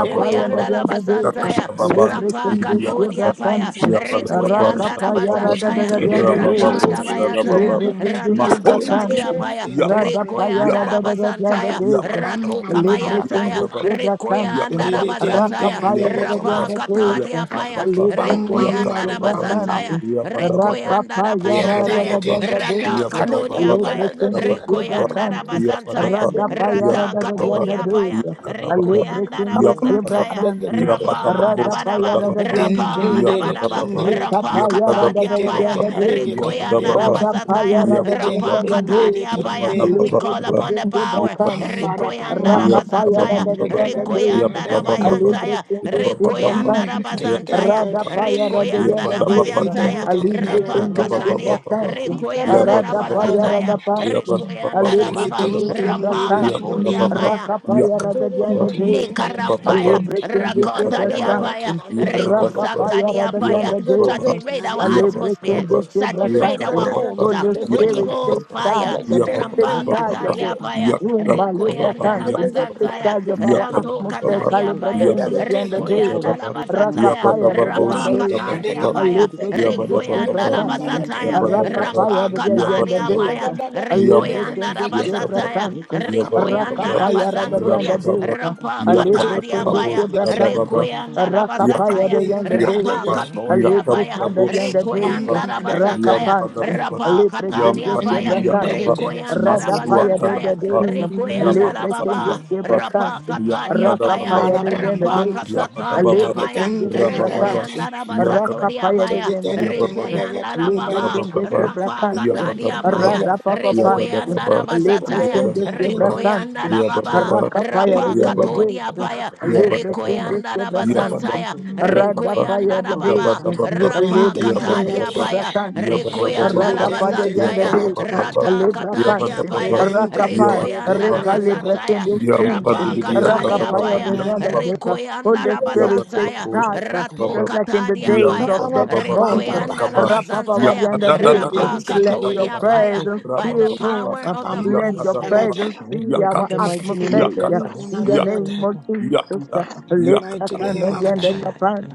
[SPEAKER 11] Din din
[SPEAKER 9] de
[SPEAKER 11] din
[SPEAKER 1] la
[SPEAKER 9] Agenda
[SPEAKER 11] din
[SPEAKER 9] De,
[SPEAKER 11] din din din
[SPEAKER 10] Russia Russia Russia Russia
[SPEAKER 1] bazantaya,
[SPEAKER 10] was
[SPEAKER 11] din din.
[SPEAKER 10] Sutter
[SPEAKER 1] rampa
[SPEAKER 10] American
[SPEAKER 9] Calibricende
[SPEAKER 10] Russia
[SPEAKER 11] Yes,
[SPEAKER 1] katodia
[SPEAKER 11] it's on
[SPEAKER 1] paya,
[SPEAKER 9] Kibratante,
[SPEAKER 11] some other guys like this.
[SPEAKER 1] rekoyanda la
[SPEAKER 9] Rakapaya Rada
[SPEAKER 10] Russia
[SPEAKER 1] bazantaya,
[SPEAKER 9] de
[SPEAKER 11] Din
[SPEAKER 9] Agenda
[SPEAKER 11] din din
[SPEAKER 10] Russia
[SPEAKER 9] De,
[SPEAKER 10] was
[SPEAKER 1] rata
[SPEAKER 11] din din
[SPEAKER 1] da
[SPEAKER 10] Sutter
[SPEAKER 11] din
[SPEAKER 10] American Shooter,
[SPEAKER 11] din
[SPEAKER 1] bayataya,
[SPEAKER 9] Libre
[SPEAKER 11] din.
[SPEAKER 1] rata
[SPEAKER 10] Russia was
[SPEAKER 11] Din
[SPEAKER 10] Sutter
[SPEAKER 1] katadia
[SPEAKER 11] din din
[SPEAKER 1] paya,
[SPEAKER 11] din
[SPEAKER 12] Yaba
[SPEAKER 11] din din din
[SPEAKER 9] Radapaya
[SPEAKER 1] rekoyanda la
[SPEAKER 9] Radadaga
[SPEAKER 11] din.
[SPEAKER 1] bazantaya,
[SPEAKER 11] Ka
[SPEAKER 9] Jandadeka,
[SPEAKER 11] bum
[SPEAKER 1] rato
[SPEAKER 11] bum ba
[SPEAKER 9] Libre
[SPEAKER 11] da ba da
[SPEAKER 1] kabayantaya,
[SPEAKER 9] Kende
[SPEAKER 11] ba.
[SPEAKER 12] Yabababa,
[SPEAKER 9] Sebra Kantum,
[SPEAKER 1] rekoyanda
[SPEAKER 11] Din
[SPEAKER 1] la
[SPEAKER 11] din
[SPEAKER 12] Yakababa,
[SPEAKER 11] din din
[SPEAKER 1] bazataya,
[SPEAKER 11] da
[SPEAKER 9] Rakapaya
[SPEAKER 11] da din
[SPEAKER 12] Yabababa,
[SPEAKER 11] din.
[SPEAKER 1] rapa katadia
[SPEAKER 9] Dadajandadeka,
[SPEAKER 11] Ka
[SPEAKER 1] paya,
[SPEAKER 11] ka
[SPEAKER 12] Yakababa,
[SPEAKER 9] Libre
[SPEAKER 11] bum bum
[SPEAKER 9] Kende
[SPEAKER 11] ba
[SPEAKER 1] rekoyanda
[SPEAKER 11] da
[SPEAKER 1] la
[SPEAKER 9] Sebra
[SPEAKER 12] Yakababa,
[SPEAKER 11] bum bum.
[SPEAKER 1] bazataya,
[SPEAKER 9] Kantum,
[SPEAKER 12] Yabadababa,
[SPEAKER 1] rekoyanda la
[SPEAKER 9] Rakapaya
[SPEAKER 11] Din da da din
[SPEAKER 1] bayantaya,
[SPEAKER 12] Yabadababa,
[SPEAKER 11] din da din.
[SPEAKER 12] Yabadababa,
[SPEAKER 1] rata
[SPEAKER 11] Da
[SPEAKER 9] Radadajandadeka,
[SPEAKER 11] da da
[SPEAKER 1] katodia
[SPEAKER 12] Yabadababa,
[SPEAKER 11] da
[SPEAKER 9] Libre
[SPEAKER 11] da
[SPEAKER 1] paya,
[SPEAKER 11] da din
[SPEAKER 9] Kende
[SPEAKER 11] da da
[SPEAKER 9] Sebra
[SPEAKER 11] din. Din din da da din.
[SPEAKER 1] rekoyanda la
[SPEAKER 11] Ka
[SPEAKER 9] Kantum,
[SPEAKER 1] bazantaya,
[SPEAKER 12] Yabadaba,
[SPEAKER 9] Radapaya
[SPEAKER 1] rata
[SPEAKER 12] Yakadababa,
[SPEAKER 1] katodia
[SPEAKER 9] Radadajandadeka,
[SPEAKER 1] paya,
[SPEAKER 12] Yakadababa,
[SPEAKER 9] Libre
[SPEAKER 1] Rekoyanda
[SPEAKER 9] Kende
[SPEAKER 11] bum
[SPEAKER 9] Sebra
[SPEAKER 12] Yakadaba,
[SPEAKER 11] bum
[SPEAKER 1] Rabazantaya,
[SPEAKER 11] da da
[SPEAKER 9] Kantum,
[SPEAKER 11] din.
[SPEAKER 1] Rapa
[SPEAKER 12] Yabadababo,
[SPEAKER 1] Dabadaba,
[SPEAKER 9] Radapaya
[SPEAKER 12] Shadababa,
[SPEAKER 11] Tin tin
[SPEAKER 1] Rapa
[SPEAKER 11] did
[SPEAKER 9] Radadajandadeka,
[SPEAKER 11] it
[SPEAKER 1] Dabadaba,
[SPEAKER 11] and
[SPEAKER 12] Yakadababa,
[SPEAKER 11] did it.
[SPEAKER 1] Rampa
[SPEAKER 9] Rikapaya
[SPEAKER 11] A
[SPEAKER 12] Yakadababa,
[SPEAKER 1] Katadia
[SPEAKER 11] digitin at
[SPEAKER 1] Paya,
[SPEAKER 11] in a
[SPEAKER 9] Radadajandadeka,
[SPEAKER 11] digitin
[SPEAKER 1] Rekoyanda
[SPEAKER 11] did
[SPEAKER 12] Yabadababa,
[SPEAKER 11] it.
[SPEAKER 9] Radapaya
[SPEAKER 1] Rabazataya,
[SPEAKER 11] Digitin
[SPEAKER 12] Yababa,
[SPEAKER 1] Rampa
[SPEAKER 11] tin did it
[SPEAKER 1] Katadia
[SPEAKER 9] Radadajandadeka,
[SPEAKER 11] and
[SPEAKER 1] Paya.
[SPEAKER 12] Yabba
[SPEAKER 11] then
[SPEAKER 1] We call
[SPEAKER 9] Libreton
[SPEAKER 1] upon
[SPEAKER 9] de
[SPEAKER 1] the power,
[SPEAKER 9] Sebracantum,
[SPEAKER 11] Pambada
[SPEAKER 1] Rekoyanda
[SPEAKER 11] pambam.
[SPEAKER 9] Rakapaya
[SPEAKER 1] Rabazantaya,
[SPEAKER 9] Radaganda
[SPEAKER 11] Digadagat in a
[SPEAKER 9] Dusum,
[SPEAKER 1] Rekoyanda
[SPEAKER 11] dagat.
[SPEAKER 9] a
[SPEAKER 1] Rabayantaya,
[SPEAKER 9] Libreton de
[SPEAKER 11] Tin
[SPEAKER 1] Rekoyanda
[SPEAKER 11] did it
[SPEAKER 9] Sebracantum,
[SPEAKER 11] tin, tin, tin,
[SPEAKER 1] Rabazantaya,
[SPEAKER 11] to ten
[SPEAKER 9] Radapaya
[SPEAKER 11] ten.
[SPEAKER 12] Ya
[SPEAKER 1] Rekoyanda
[SPEAKER 12] ba
[SPEAKER 9] Radaganda
[SPEAKER 12] da
[SPEAKER 11] A
[SPEAKER 12] ba ba
[SPEAKER 9] Dusum,
[SPEAKER 12] ya ka
[SPEAKER 1] Rabazantaya,
[SPEAKER 11] digitin
[SPEAKER 9] a
[SPEAKER 12] ba,
[SPEAKER 11] tin did it
[SPEAKER 1] Rapa
[SPEAKER 9] Libreton
[SPEAKER 12] Ya
[SPEAKER 11] and
[SPEAKER 9] de
[SPEAKER 12] ba. ba
[SPEAKER 11] then
[SPEAKER 1] Katadia,
[SPEAKER 12] ba ba ba
[SPEAKER 9] Sebracantum,
[SPEAKER 12] Ya ba.
[SPEAKER 1] Rekoyanda
[SPEAKER 11] Gadagat
[SPEAKER 12] da
[SPEAKER 11] and
[SPEAKER 12] ba
[SPEAKER 11] a
[SPEAKER 12] ba
[SPEAKER 9] Radapaya
[SPEAKER 12] ba
[SPEAKER 11] dagat.
[SPEAKER 1] Rabazataya,
[SPEAKER 12] Ya ba.
[SPEAKER 9] Radapantum,
[SPEAKER 12] da ba
[SPEAKER 9] a
[SPEAKER 12] ba
[SPEAKER 11] A
[SPEAKER 1] Rekoyanda
[SPEAKER 12] bo sha
[SPEAKER 1] Rababa,
[SPEAKER 9] Libreton
[SPEAKER 12] da
[SPEAKER 9] de
[SPEAKER 11] digitin
[SPEAKER 12] ba
[SPEAKER 11] tin did
[SPEAKER 1] Rampa
[SPEAKER 11] it
[SPEAKER 12] Ya ba.
[SPEAKER 9] Sebracantum,
[SPEAKER 11] and
[SPEAKER 12] da ba
[SPEAKER 1] Katodia
[SPEAKER 11] then
[SPEAKER 12] ba
[SPEAKER 1] Paya,
[SPEAKER 12] Ya
[SPEAKER 9] Rakapaya
[SPEAKER 12] ka da ba
[SPEAKER 11] did
[SPEAKER 12] ba.
[SPEAKER 11] it
[SPEAKER 9] Radaganda
[SPEAKER 11] tin, tin
[SPEAKER 9] Dusum,
[SPEAKER 11] tin tin
[SPEAKER 12] Ya
[SPEAKER 11] tin.
[SPEAKER 12] ba
[SPEAKER 11] I to ten
[SPEAKER 9] a
[SPEAKER 12] ba
[SPEAKER 11] ten.
[SPEAKER 1] Likarampaya,
[SPEAKER 12] ba
[SPEAKER 9] Libreton de
[SPEAKER 12] Ya
[SPEAKER 11] A
[SPEAKER 12] ka
[SPEAKER 1] Rakota
[SPEAKER 12] da ba. ba
[SPEAKER 11] dagadagat
[SPEAKER 1] diapaya,
[SPEAKER 11] in
[SPEAKER 9] Sebracantum,
[SPEAKER 11] a
[SPEAKER 12] Ya ka da
[SPEAKER 11] digitin.
[SPEAKER 1] Riku
[SPEAKER 12] ba ba
[SPEAKER 1] Santa
[SPEAKER 9] Rakapaya
[SPEAKER 12] Ya ba.
[SPEAKER 1] diapaya.
[SPEAKER 9] Radaganda
[SPEAKER 12] da ba ba
[SPEAKER 9] Dusum,
[SPEAKER 1] Saturate our
[SPEAKER 9] a
[SPEAKER 12] Ya ba ba. ba
[SPEAKER 1] atmosphere,
[SPEAKER 9] Libreton de
[SPEAKER 12] ba Ya
[SPEAKER 1] saturate
[SPEAKER 12] ka
[SPEAKER 1] our
[SPEAKER 12] ba
[SPEAKER 9] Sebracantum,
[SPEAKER 12] ba.
[SPEAKER 11] Gadagat
[SPEAKER 12] ba
[SPEAKER 1] homes.
[SPEAKER 11] in
[SPEAKER 1] uh,
[SPEAKER 11] a
[SPEAKER 9] Holy
[SPEAKER 12] Ya
[SPEAKER 11] digitin.
[SPEAKER 1] Holy
[SPEAKER 12] ka
[SPEAKER 9] Spirit,
[SPEAKER 12] ba ba
[SPEAKER 1] Ghost
[SPEAKER 9] take
[SPEAKER 12] ba.
[SPEAKER 11] Pam
[SPEAKER 1] fire,
[SPEAKER 11] pam
[SPEAKER 9] charge.
[SPEAKER 12] Ya ba ba
[SPEAKER 9] Take
[SPEAKER 1] Rampa
[SPEAKER 12] ba ba.
[SPEAKER 9] charge
[SPEAKER 12] ba
[SPEAKER 9] of the
[SPEAKER 1] Katadia
[SPEAKER 12] Ya
[SPEAKER 1] fire,
[SPEAKER 12] ka
[SPEAKER 9] room,
[SPEAKER 12] da ba ba ba.
[SPEAKER 1] Rekoyanda
[SPEAKER 9] Malibrakant.
[SPEAKER 12] Ya ka ba
[SPEAKER 9] Take
[SPEAKER 12] ba
[SPEAKER 1] Labazantaya,
[SPEAKER 9] charge of
[SPEAKER 12] Ya
[SPEAKER 9] our
[SPEAKER 12] ka da
[SPEAKER 1] Ranto
[SPEAKER 12] ba
[SPEAKER 9] atmosphere,
[SPEAKER 12] ba.
[SPEAKER 1] Katadia fire,
[SPEAKER 9] Calibrakant,
[SPEAKER 12] ba.
[SPEAKER 9] the end of the day.
[SPEAKER 1] Rekoyanda
[SPEAKER 12] Shadaba,
[SPEAKER 1] Labazataya,
[SPEAKER 9] Rakapaya, the
[SPEAKER 12] Yabadababo,
[SPEAKER 9] end
[SPEAKER 1] Rapa
[SPEAKER 9] of the day.
[SPEAKER 1] Katadia
[SPEAKER 12] Shadababa,
[SPEAKER 1] fire,
[SPEAKER 9] Alibrakant, the
[SPEAKER 1] Rekoyanda
[SPEAKER 12] Yabadababa,
[SPEAKER 9] Shebrakant.
[SPEAKER 1] Labazataya,
[SPEAKER 12] Yabadababa,
[SPEAKER 9] Rakapaya,
[SPEAKER 1] Rampa
[SPEAKER 9] the end of
[SPEAKER 1] Katadia
[SPEAKER 9] the
[SPEAKER 12] Yabadababa,
[SPEAKER 9] day.
[SPEAKER 1] fire,
[SPEAKER 12] Yam,
[SPEAKER 1] Rekoyanda
[SPEAKER 9] Alibrakant, the
[SPEAKER 12] Yakaba,
[SPEAKER 1] Labazataya,
[SPEAKER 9] Shebrakant.
[SPEAKER 12] Yabababa,
[SPEAKER 9] Rakapaya,
[SPEAKER 1] Rekoyanda
[SPEAKER 9] the end
[SPEAKER 1] Katuria,
[SPEAKER 9] of the
[SPEAKER 12] Rabababa,
[SPEAKER 9] day.
[SPEAKER 1] Rampa Kataria
[SPEAKER 9] Alibrakant, the
[SPEAKER 12] Yakabadababo,
[SPEAKER 1] Paya,
[SPEAKER 9] Shebrakant.
[SPEAKER 12] Shadababa,
[SPEAKER 1] Requianda
[SPEAKER 12] Yak,
[SPEAKER 9] Rakapaya,
[SPEAKER 1] Rabazataya,
[SPEAKER 9] the end of the
[SPEAKER 1] Rampa
[SPEAKER 9] day.
[SPEAKER 12] Yakaba,
[SPEAKER 1] Katuria Paya,
[SPEAKER 9] Alibrakant,
[SPEAKER 12] Yakabadabo,
[SPEAKER 9] the end of the
[SPEAKER 12] Shadababa,
[SPEAKER 9] day.
[SPEAKER 1] Requianda
[SPEAKER 12] Yam
[SPEAKER 1] Rabazataya,
[SPEAKER 9] Rakapan.
[SPEAKER 12] Padababa,
[SPEAKER 1] Rapa
[SPEAKER 9] Libre
[SPEAKER 12] Yam
[SPEAKER 9] kende
[SPEAKER 1] Kataria Paya,
[SPEAKER 9] sebra
[SPEAKER 12] Padibidi
[SPEAKER 9] camp,
[SPEAKER 12] Yakaba,
[SPEAKER 1] Requianda
[SPEAKER 12] Masua
[SPEAKER 9] Radapaya de
[SPEAKER 1] Rabazantaya,
[SPEAKER 9] de
[SPEAKER 12] Tadababa,
[SPEAKER 9] de,
[SPEAKER 1] Requianda
[SPEAKER 9] libre
[SPEAKER 12] Rabababa,
[SPEAKER 9] kende
[SPEAKER 1] Rababa,
[SPEAKER 12] Yakaba,
[SPEAKER 9] siempre
[SPEAKER 1] Rapa
[SPEAKER 9] cantem,
[SPEAKER 12] Yam
[SPEAKER 1] Kataria Paya,
[SPEAKER 12] Tadababa,
[SPEAKER 9] rakapaya
[SPEAKER 11] bada
[SPEAKER 9] de de
[SPEAKER 11] pam
[SPEAKER 9] de
[SPEAKER 1] Rampa
[SPEAKER 11] pam.
[SPEAKER 9] de,
[SPEAKER 11] ete
[SPEAKER 1] Kasataria
[SPEAKER 12] Yabababa,
[SPEAKER 9] libre
[SPEAKER 1] Paya,
[SPEAKER 11] geten
[SPEAKER 9] kende
[SPEAKER 11] ten
[SPEAKER 9] siempre
[SPEAKER 11] ada get
[SPEAKER 12] Rabababa,
[SPEAKER 9] cantem,
[SPEAKER 1] Requianda
[SPEAKER 12] Yaka,
[SPEAKER 1] Rabazatoria
[SPEAKER 9] rakapaya de
[SPEAKER 11] Bam
[SPEAKER 1] Paya,
[SPEAKER 9] de de
[SPEAKER 12] Yabababa,
[SPEAKER 9] de,
[SPEAKER 1] Requianda
[SPEAKER 9] libre
[SPEAKER 1] Rababa,
[SPEAKER 9] kende
[SPEAKER 12] Yabababa,
[SPEAKER 9] siempre
[SPEAKER 1] Rapa
[SPEAKER 9] cantem,
[SPEAKER 1] Kataria
[SPEAKER 12] Yabababa,
[SPEAKER 1] Paya,
[SPEAKER 12] Yabababa,
[SPEAKER 9] radapapa pantem,
[SPEAKER 1] Requianda
[SPEAKER 12] Yabababa,
[SPEAKER 9] libre
[SPEAKER 1] Rabazataya,
[SPEAKER 9] kende
[SPEAKER 12] Yabababa,
[SPEAKER 9] siempre
[SPEAKER 1] Requianda
[SPEAKER 12] Yabababa,
[SPEAKER 1] Yanda
[SPEAKER 9] cantem,
[SPEAKER 1] la baba,
[SPEAKER 12] Yabababa,
[SPEAKER 9] rakapaya de
[SPEAKER 1] rapa
[SPEAKER 9] de
[SPEAKER 12] Yabababa,
[SPEAKER 9] de
[SPEAKER 1] katodia
[SPEAKER 9] de,
[SPEAKER 1] paya,
[SPEAKER 12] Yababa,
[SPEAKER 9] libre
[SPEAKER 12] Yabababa,
[SPEAKER 9] kende
[SPEAKER 1] rekoyanda da
[SPEAKER 9] siempre
[SPEAKER 12] Yabababa,
[SPEAKER 9] cantem,
[SPEAKER 1] bazantaya,
[SPEAKER 12] Yabababa,
[SPEAKER 9] radapaya
[SPEAKER 1] rekoyanda
[SPEAKER 9] de
[SPEAKER 1] da
[SPEAKER 9] de
[SPEAKER 12] Yabababa,
[SPEAKER 1] baba,
[SPEAKER 9] de,
[SPEAKER 1] rapa
[SPEAKER 9] libre kende
[SPEAKER 1] katadia
[SPEAKER 9] siempre
[SPEAKER 1] paya,
[SPEAKER 9] cantem,
[SPEAKER 1] rekoyanda la
[SPEAKER 9] radapaya de de de
[SPEAKER 1] bazantaya,
[SPEAKER 9] de,
[SPEAKER 1] rata katadia
[SPEAKER 9] Librakante,
[SPEAKER 12] Yabababa,
[SPEAKER 1] paya,
[SPEAKER 9] Rakapan,
[SPEAKER 1] rekoyanda da
[SPEAKER 12] Yabababa,
[SPEAKER 1] bazantaya,
[SPEAKER 9] Rekalibrakende,
[SPEAKER 12] Yamba
[SPEAKER 9] Kente,
[SPEAKER 12] de
[SPEAKER 1] rapa
[SPEAKER 12] Bidia
[SPEAKER 1] katadia
[SPEAKER 9] Rakapaya,
[SPEAKER 1] paya,
[SPEAKER 9] the Zonda
[SPEAKER 12] Katababa,
[SPEAKER 9] Deca,
[SPEAKER 1] rekoyanda
[SPEAKER 9] Holy
[SPEAKER 1] da
[SPEAKER 9] Spirit takes
[SPEAKER 1] bazantaya,
[SPEAKER 12] Yabadababos,
[SPEAKER 9] charge, uh,
[SPEAKER 1] rato
[SPEAKER 12] Baba,
[SPEAKER 9] just like in the
[SPEAKER 1] katadia
[SPEAKER 9] days
[SPEAKER 1] paya,
[SPEAKER 9] of
[SPEAKER 12] Yambadababa,
[SPEAKER 11] pam bam
[SPEAKER 9] Pentecost, um,
[SPEAKER 1] rekoyanda la
[SPEAKER 12] Wakaba,
[SPEAKER 9] Rapapa
[SPEAKER 1] bazantaya,
[SPEAKER 9] Wadianda days, uh,
[SPEAKER 1] rapa
[SPEAKER 12] Yakadadados,
[SPEAKER 9] let your
[SPEAKER 1] katodia
[SPEAKER 12] Baba,
[SPEAKER 1] paya,
[SPEAKER 9] presence
[SPEAKER 1] by the
[SPEAKER 9] fill room,
[SPEAKER 12] Rabababa,
[SPEAKER 1] power
[SPEAKER 9] um,
[SPEAKER 1] of the
[SPEAKER 9] let
[SPEAKER 1] Holy
[SPEAKER 11] bam
[SPEAKER 9] your
[SPEAKER 1] Spirit.
[SPEAKER 11] bam.
[SPEAKER 12] Yakadababa,
[SPEAKER 9] presence fill
[SPEAKER 1] In
[SPEAKER 9] our
[SPEAKER 1] the
[SPEAKER 12] Yakatu,
[SPEAKER 1] mighty name of
[SPEAKER 11] Forgive
[SPEAKER 9] atmosphere, uh,
[SPEAKER 11] them,
[SPEAKER 12] Yakada,
[SPEAKER 11] God,
[SPEAKER 9] in
[SPEAKER 1] Jesus.
[SPEAKER 9] the
[SPEAKER 12] Yak,
[SPEAKER 11] God,
[SPEAKER 9] name of Jesus, uh,
[SPEAKER 12] Yakada,
[SPEAKER 11] In the
[SPEAKER 9] lift a
[SPEAKER 12] Yakada,
[SPEAKER 11] mighty
[SPEAKER 9] hand
[SPEAKER 11] name
[SPEAKER 9] on the
[SPEAKER 11] of
[SPEAKER 9] end of
[SPEAKER 11] Jesus.
[SPEAKER 9] the plant,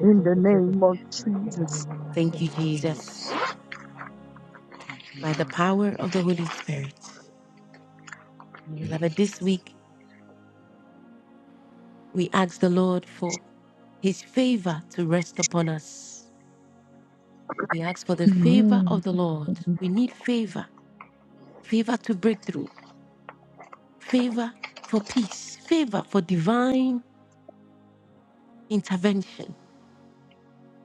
[SPEAKER 9] in the name of Jesus.
[SPEAKER 1] Thank you, Jesus. By the power of the Holy Spirit. Beloved, this week we ask the Lord for his favor to rest upon us. We ask for the favor
[SPEAKER 9] Amen.
[SPEAKER 1] of the Lord. We need favor, favor to breakthrough, favor for peace, favor for divine intervention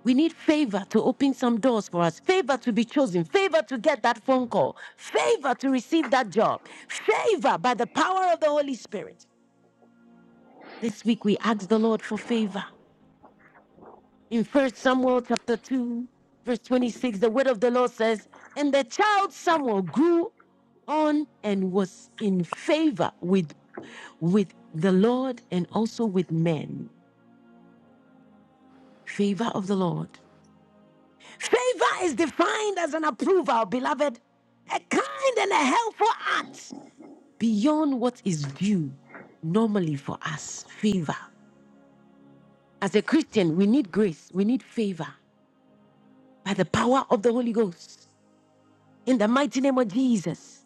[SPEAKER 1] We need favor to open some doors for us, favor to be chosen, favor to get that phone call, favor to receive that job, favor by the power of the Holy Spirit. This week we ask the Lord for favor. In First Samuel chapter 2, verse 26, the word of the Lord says, And the child Samuel grew on and was in favor with, with the Lord and also with men. Favor of the Lord. Favor is defined as an approval, beloved, a kind and a helpful act beyond what is due normally for us. Favor. As a Christian, we need grace, we need favor by the power of the Holy Ghost. In the mighty name of Jesus.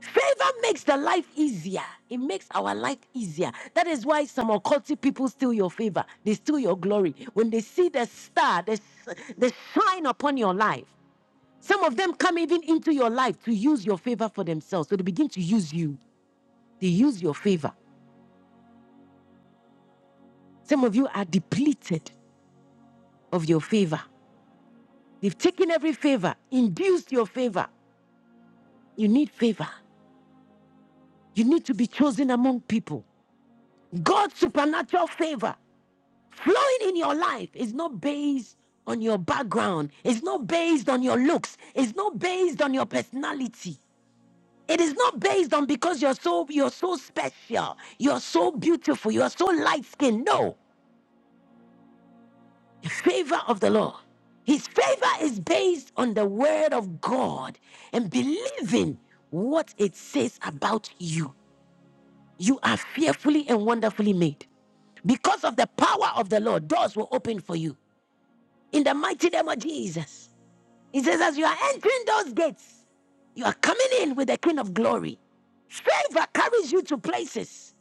[SPEAKER 1] Favor makes the life easier. It makes our life easier. That is why some occultic people steal your favor. They steal your glory. When they see the star, the, the shine upon your life, Some of them come even into your life to use your favor for themselves. So they begin to use you, they use your favor. Some of you are depleted of your favor. They've taken every favor, induced your favor. You need favor. You need to be chosen among people. God's supernatural favor flowing in your life is not based on your background, it's not based on your looks, it's not based on your personality. It is not based on because you're so you're so special, you're so beautiful, you're so light skinned. No, The favor of the Lord. His favor is based on the word of God and believing what it says about you. You are fearfully and wonderfully made. Because of the power of the Lord, doors will open for you. In the mighty name of Jesus. He says, as you are entering those gates, you are coming in with the King of Glory. Favor carries you to places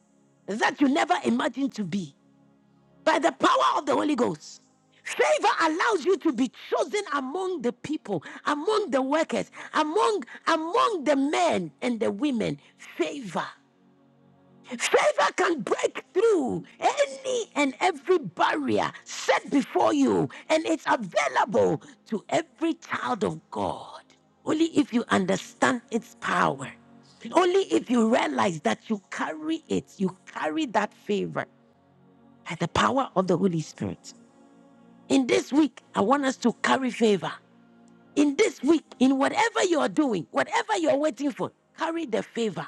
[SPEAKER 1] that you never imagined to be by the power of the Holy Ghost. Favor allows you to be chosen among the people, among the workers, among among the men and the women. Favor. Favor can break through any and every barrier set before you, and it's available to every child of God. Only if you understand its power, only if you realize that you carry it, you carry that favor by the power of the Holy Spirit. In this week, I want us to carry favor. In this week, in whatever you are doing, whatever you are waiting for, carry the favor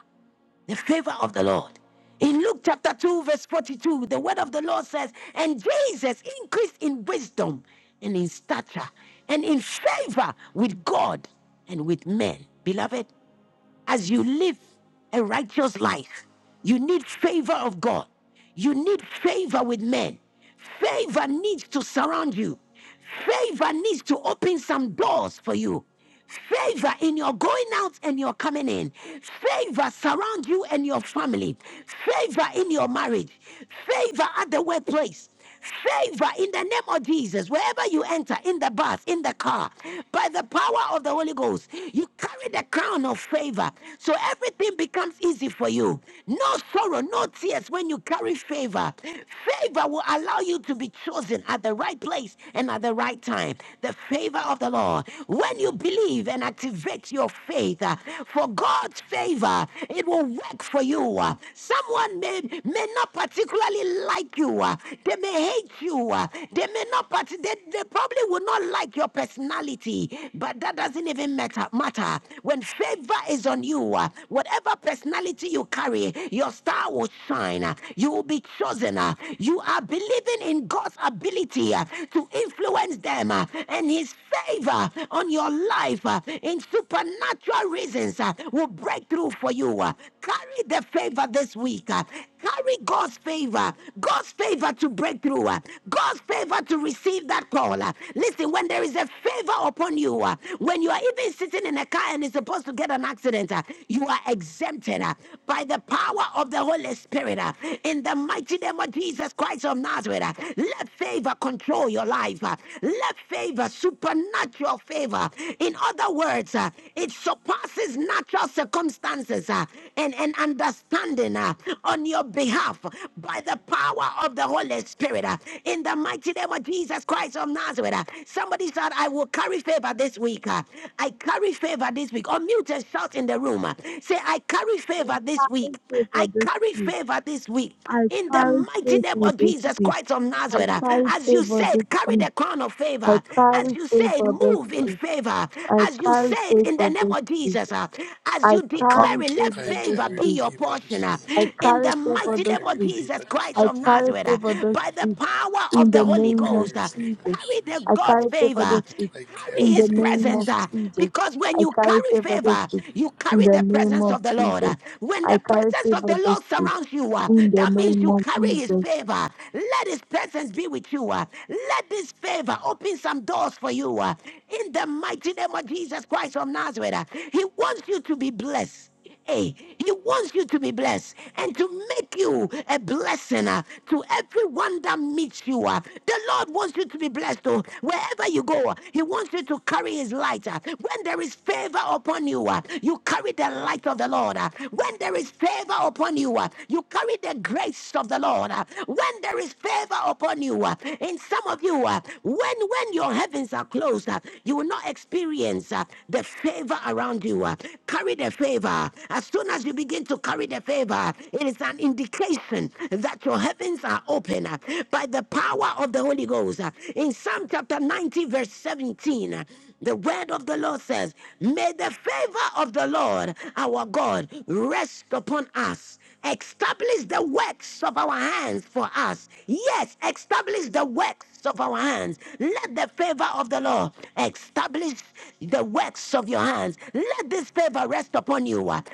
[SPEAKER 1] the favor of the Lord. In Luke chapter 2, verse 42, the word of the Lord says, And Jesus increased in wisdom and in stature and in favor with God and with men. Beloved, as you live a righteous life, you need favor of God. You need favor with men. Favor needs to surround you. Favor needs to open some doors for you. Favor in your going out and your coming in. Favor surround you and your family. Favor in your marriage. Favor at the workplace. Favor in the name of Jesus, wherever you enter, in the bus, in the car, by the power of the Holy Ghost, you carry the crown of favor. So everything becomes easy for you. No sorrow, no tears when you carry favor. Favor will allow you to be chosen at the right place and at the right time. The favor of the Lord. When you believe and activate your faith uh, for God's favor, it will work for you. Uh, Someone may, may not particularly like you, uh, uh, they may hate you, uh, they may not, but they, they probably will not like your personality. But that doesn't even matter. matter. When favor is on you, uh, whatever personality you carry, your star will shine. uh, You will be chosen. uh, You are believing in God's ability uh, to influence them uh, and His favor on your life uh, in supernatural reasons uh, will break through for you. uh. Carry the favor this week. uh, Carry God's favor God's favor to break through, uh, God's favor to receive that call. uh. Listen, when there is a favor upon you, uh, when you are even sitting in a car and is supposed to get an accident, uh, you are exempted uh, by the power of the Holy Spirit. uh, In the mighty name of Jesus Christ of Nazareth, uh, let favor control your life. uh, Let favor, supernatural favor. In other words, uh, it surpasses natural circumstances uh, and, and understanding uh, on your behalf by the power of the Holy Spirit uh, in the mighty name of Jesus Christ of Nazareth. uh. Somebody said, I will carry favor this week. uh. I carry favor this week. Or mute and shout in the room. uh. Say, I carry favor
[SPEAKER 9] We
[SPEAKER 1] this week.
[SPEAKER 9] thank you for
[SPEAKER 1] I carry
[SPEAKER 9] this.
[SPEAKER 1] favor this week.
[SPEAKER 9] I
[SPEAKER 1] In the
[SPEAKER 9] carry
[SPEAKER 1] mighty name
[SPEAKER 9] favor
[SPEAKER 1] of
[SPEAKER 9] this
[SPEAKER 1] Jesus
[SPEAKER 9] week.
[SPEAKER 1] Christ of
[SPEAKER 9] I
[SPEAKER 1] Nazareth, uh.
[SPEAKER 9] carry
[SPEAKER 1] as you
[SPEAKER 9] favor this
[SPEAKER 1] said, carry
[SPEAKER 9] week.
[SPEAKER 1] the crown of
[SPEAKER 9] I
[SPEAKER 1] favor. As
[SPEAKER 9] carry
[SPEAKER 1] you said,
[SPEAKER 9] favor this
[SPEAKER 1] move in
[SPEAKER 9] week.
[SPEAKER 1] favor.
[SPEAKER 9] I
[SPEAKER 1] As you
[SPEAKER 9] carry
[SPEAKER 1] said, in the
[SPEAKER 9] favor
[SPEAKER 1] name
[SPEAKER 9] this
[SPEAKER 1] of
[SPEAKER 9] week.
[SPEAKER 1] Jesus, uh, as
[SPEAKER 9] I
[SPEAKER 1] you
[SPEAKER 9] carry
[SPEAKER 1] declare it, let
[SPEAKER 14] I
[SPEAKER 9] favor this
[SPEAKER 1] favor
[SPEAKER 14] carry
[SPEAKER 1] be
[SPEAKER 9] week.
[SPEAKER 1] your
[SPEAKER 14] fever
[SPEAKER 1] portion.
[SPEAKER 14] this
[SPEAKER 1] uh,
[SPEAKER 9] I
[SPEAKER 14] week.
[SPEAKER 1] In
[SPEAKER 9] carry
[SPEAKER 1] the
[SPEAKER 14] I
[SPEAKER 1] mighty
[SPEAKER 9] favor
[SPEAKER 1] name
[SPEAKER 9] this
[SPEAKER 1] name
[SPEAKER 14] carry
[SPEAKER 1] of
[SPEAKER 9] week.
[SPEAKER 1] Jesus
[SPEAKER 14] fever this
[SPEAKER 1] Christ
[SPEAKER 14] week
[SPEAKER 9] I
[SPEAKER 1] of
[SPEAKER 14] in
[SPEAKER 9] carry
[SPEAKER 1] Nazareth, uh,
[SPEAKER 14] Jesus'
[SPEAKER 9] favor this
[SPEAKER 1] by the
[SPEAKER 14] name.
[SPEAKER 9] week
[SPEAKER 1] power of
[SPEAKER 9] in
[SPEAKER 1] the
[SPEAKER 9] the
[SPEAKER 14] I
[SPEAKER 1] Holy
[SPEAKER 9] name of
[SPEAKER 1] Ghost,
[SPEAKER 14] carry
[SPEAKER 1] uh,
[SPEAKER 14] fever
[SPEAKER 9] Jesus.
[SPEAKER 14] this
[SPEAKER 1] carry
[SPEAKER 14] week.
[SPEAKER 1] the
[SPEAKER 9] I
[SPEAKER 1] God's
[SPEAKER 9] carry favor
[SPEAKER 1] favor.
[SPEAKER 9] this week
[SPEAKER 14] I
[SPEAKER 1] Carry
[SPEAKER 14] carry
[SPEAKER 9] in the
[SPEAKER 1] his
[SPEAKER 14] fever
[SPEAKER 9] name
[SPEAKER 1] presence
[SPEAKER 9] of
[SPEAKER 14] this
[SPEAKER 1] uh,
[SPEAKER 14] week.
[SPEAKER 9] Jesus.
[SPEAKER 1] because when
[SPEAKER 9] I
[SPEAKER 1] you
[SPEAKER 9] carry
[SPEAKER 1] carry
[SPEAKER 9] favor this
[SPEAKER 1] favor,
[SPEAKER 9] week
[SPEAKER 1] you
[SPEAKER 9] in
[SPEAKER 1] carry
[SPEAKER 9] the
[SPEAKER 1] the
[SPEAKER 9] name
[SPEAKER 1] presence
[SPEAKER 9] of
[SPEAKER 1] of the Lord. uh.
[SPEAKER 9] Jesus.
[SPEAKER 1] when
[SPEAKER 9] I
[SPEAKER 1] the
[SPEAKER 9] carry
[SPEAKER 1] presence of
[SPEAKER 9] favor
[SPEAKER 1] the
[SPEAKER 9] this
[SPEAKER 1] Lord
[SPEAKER 9] week
[SPEAKER 1] surrounds you, uh,
[SPEAKER 9] in the
[SPEAKER 1] that means
[SPEAKER 9] name
[SPEAKER 1] you
[SPEAKER 9] of
[SPEAKER 1] carry his
[SPEAKER 9] Jesus.
[SPEAKER 1] favor. Let his presence be with you. uh. let this favor open some doors for you. uh. in the mighty name of Jesus Christ of Nazareth, uh. he wants you to be blessed. Hey, he wants you to be blessed and to make you a blessing uh, to everyone that meets you. uh. The Lord wants you to be blessed oh, wherever you go. uh, He wants you to carry his light. uh. When there is favor upon you, uh, you carry the light of the Lord. uh. When there is favor upon you, uh, you carry the grace of the Lord. uh. When there is favor upon you, uh, in some of you, uh, when when your heavens are closed, uh, you will not experience uh, the favor around you. uh. Carry the favor favor. As soon as you begin to carry the favor, it is an indication that your heavens are open uh, by the power of the Holy Ghost. Uh, In Psalm chapter 90, verse 17, uh, the word of the Lord says, May the favor of the Lord our God rest upon us us. Establish the works of our hands for us. Yes, establish the works of our hands. Let the favor of the Lord establish the works of your hands. Let this favor rest upon you. Let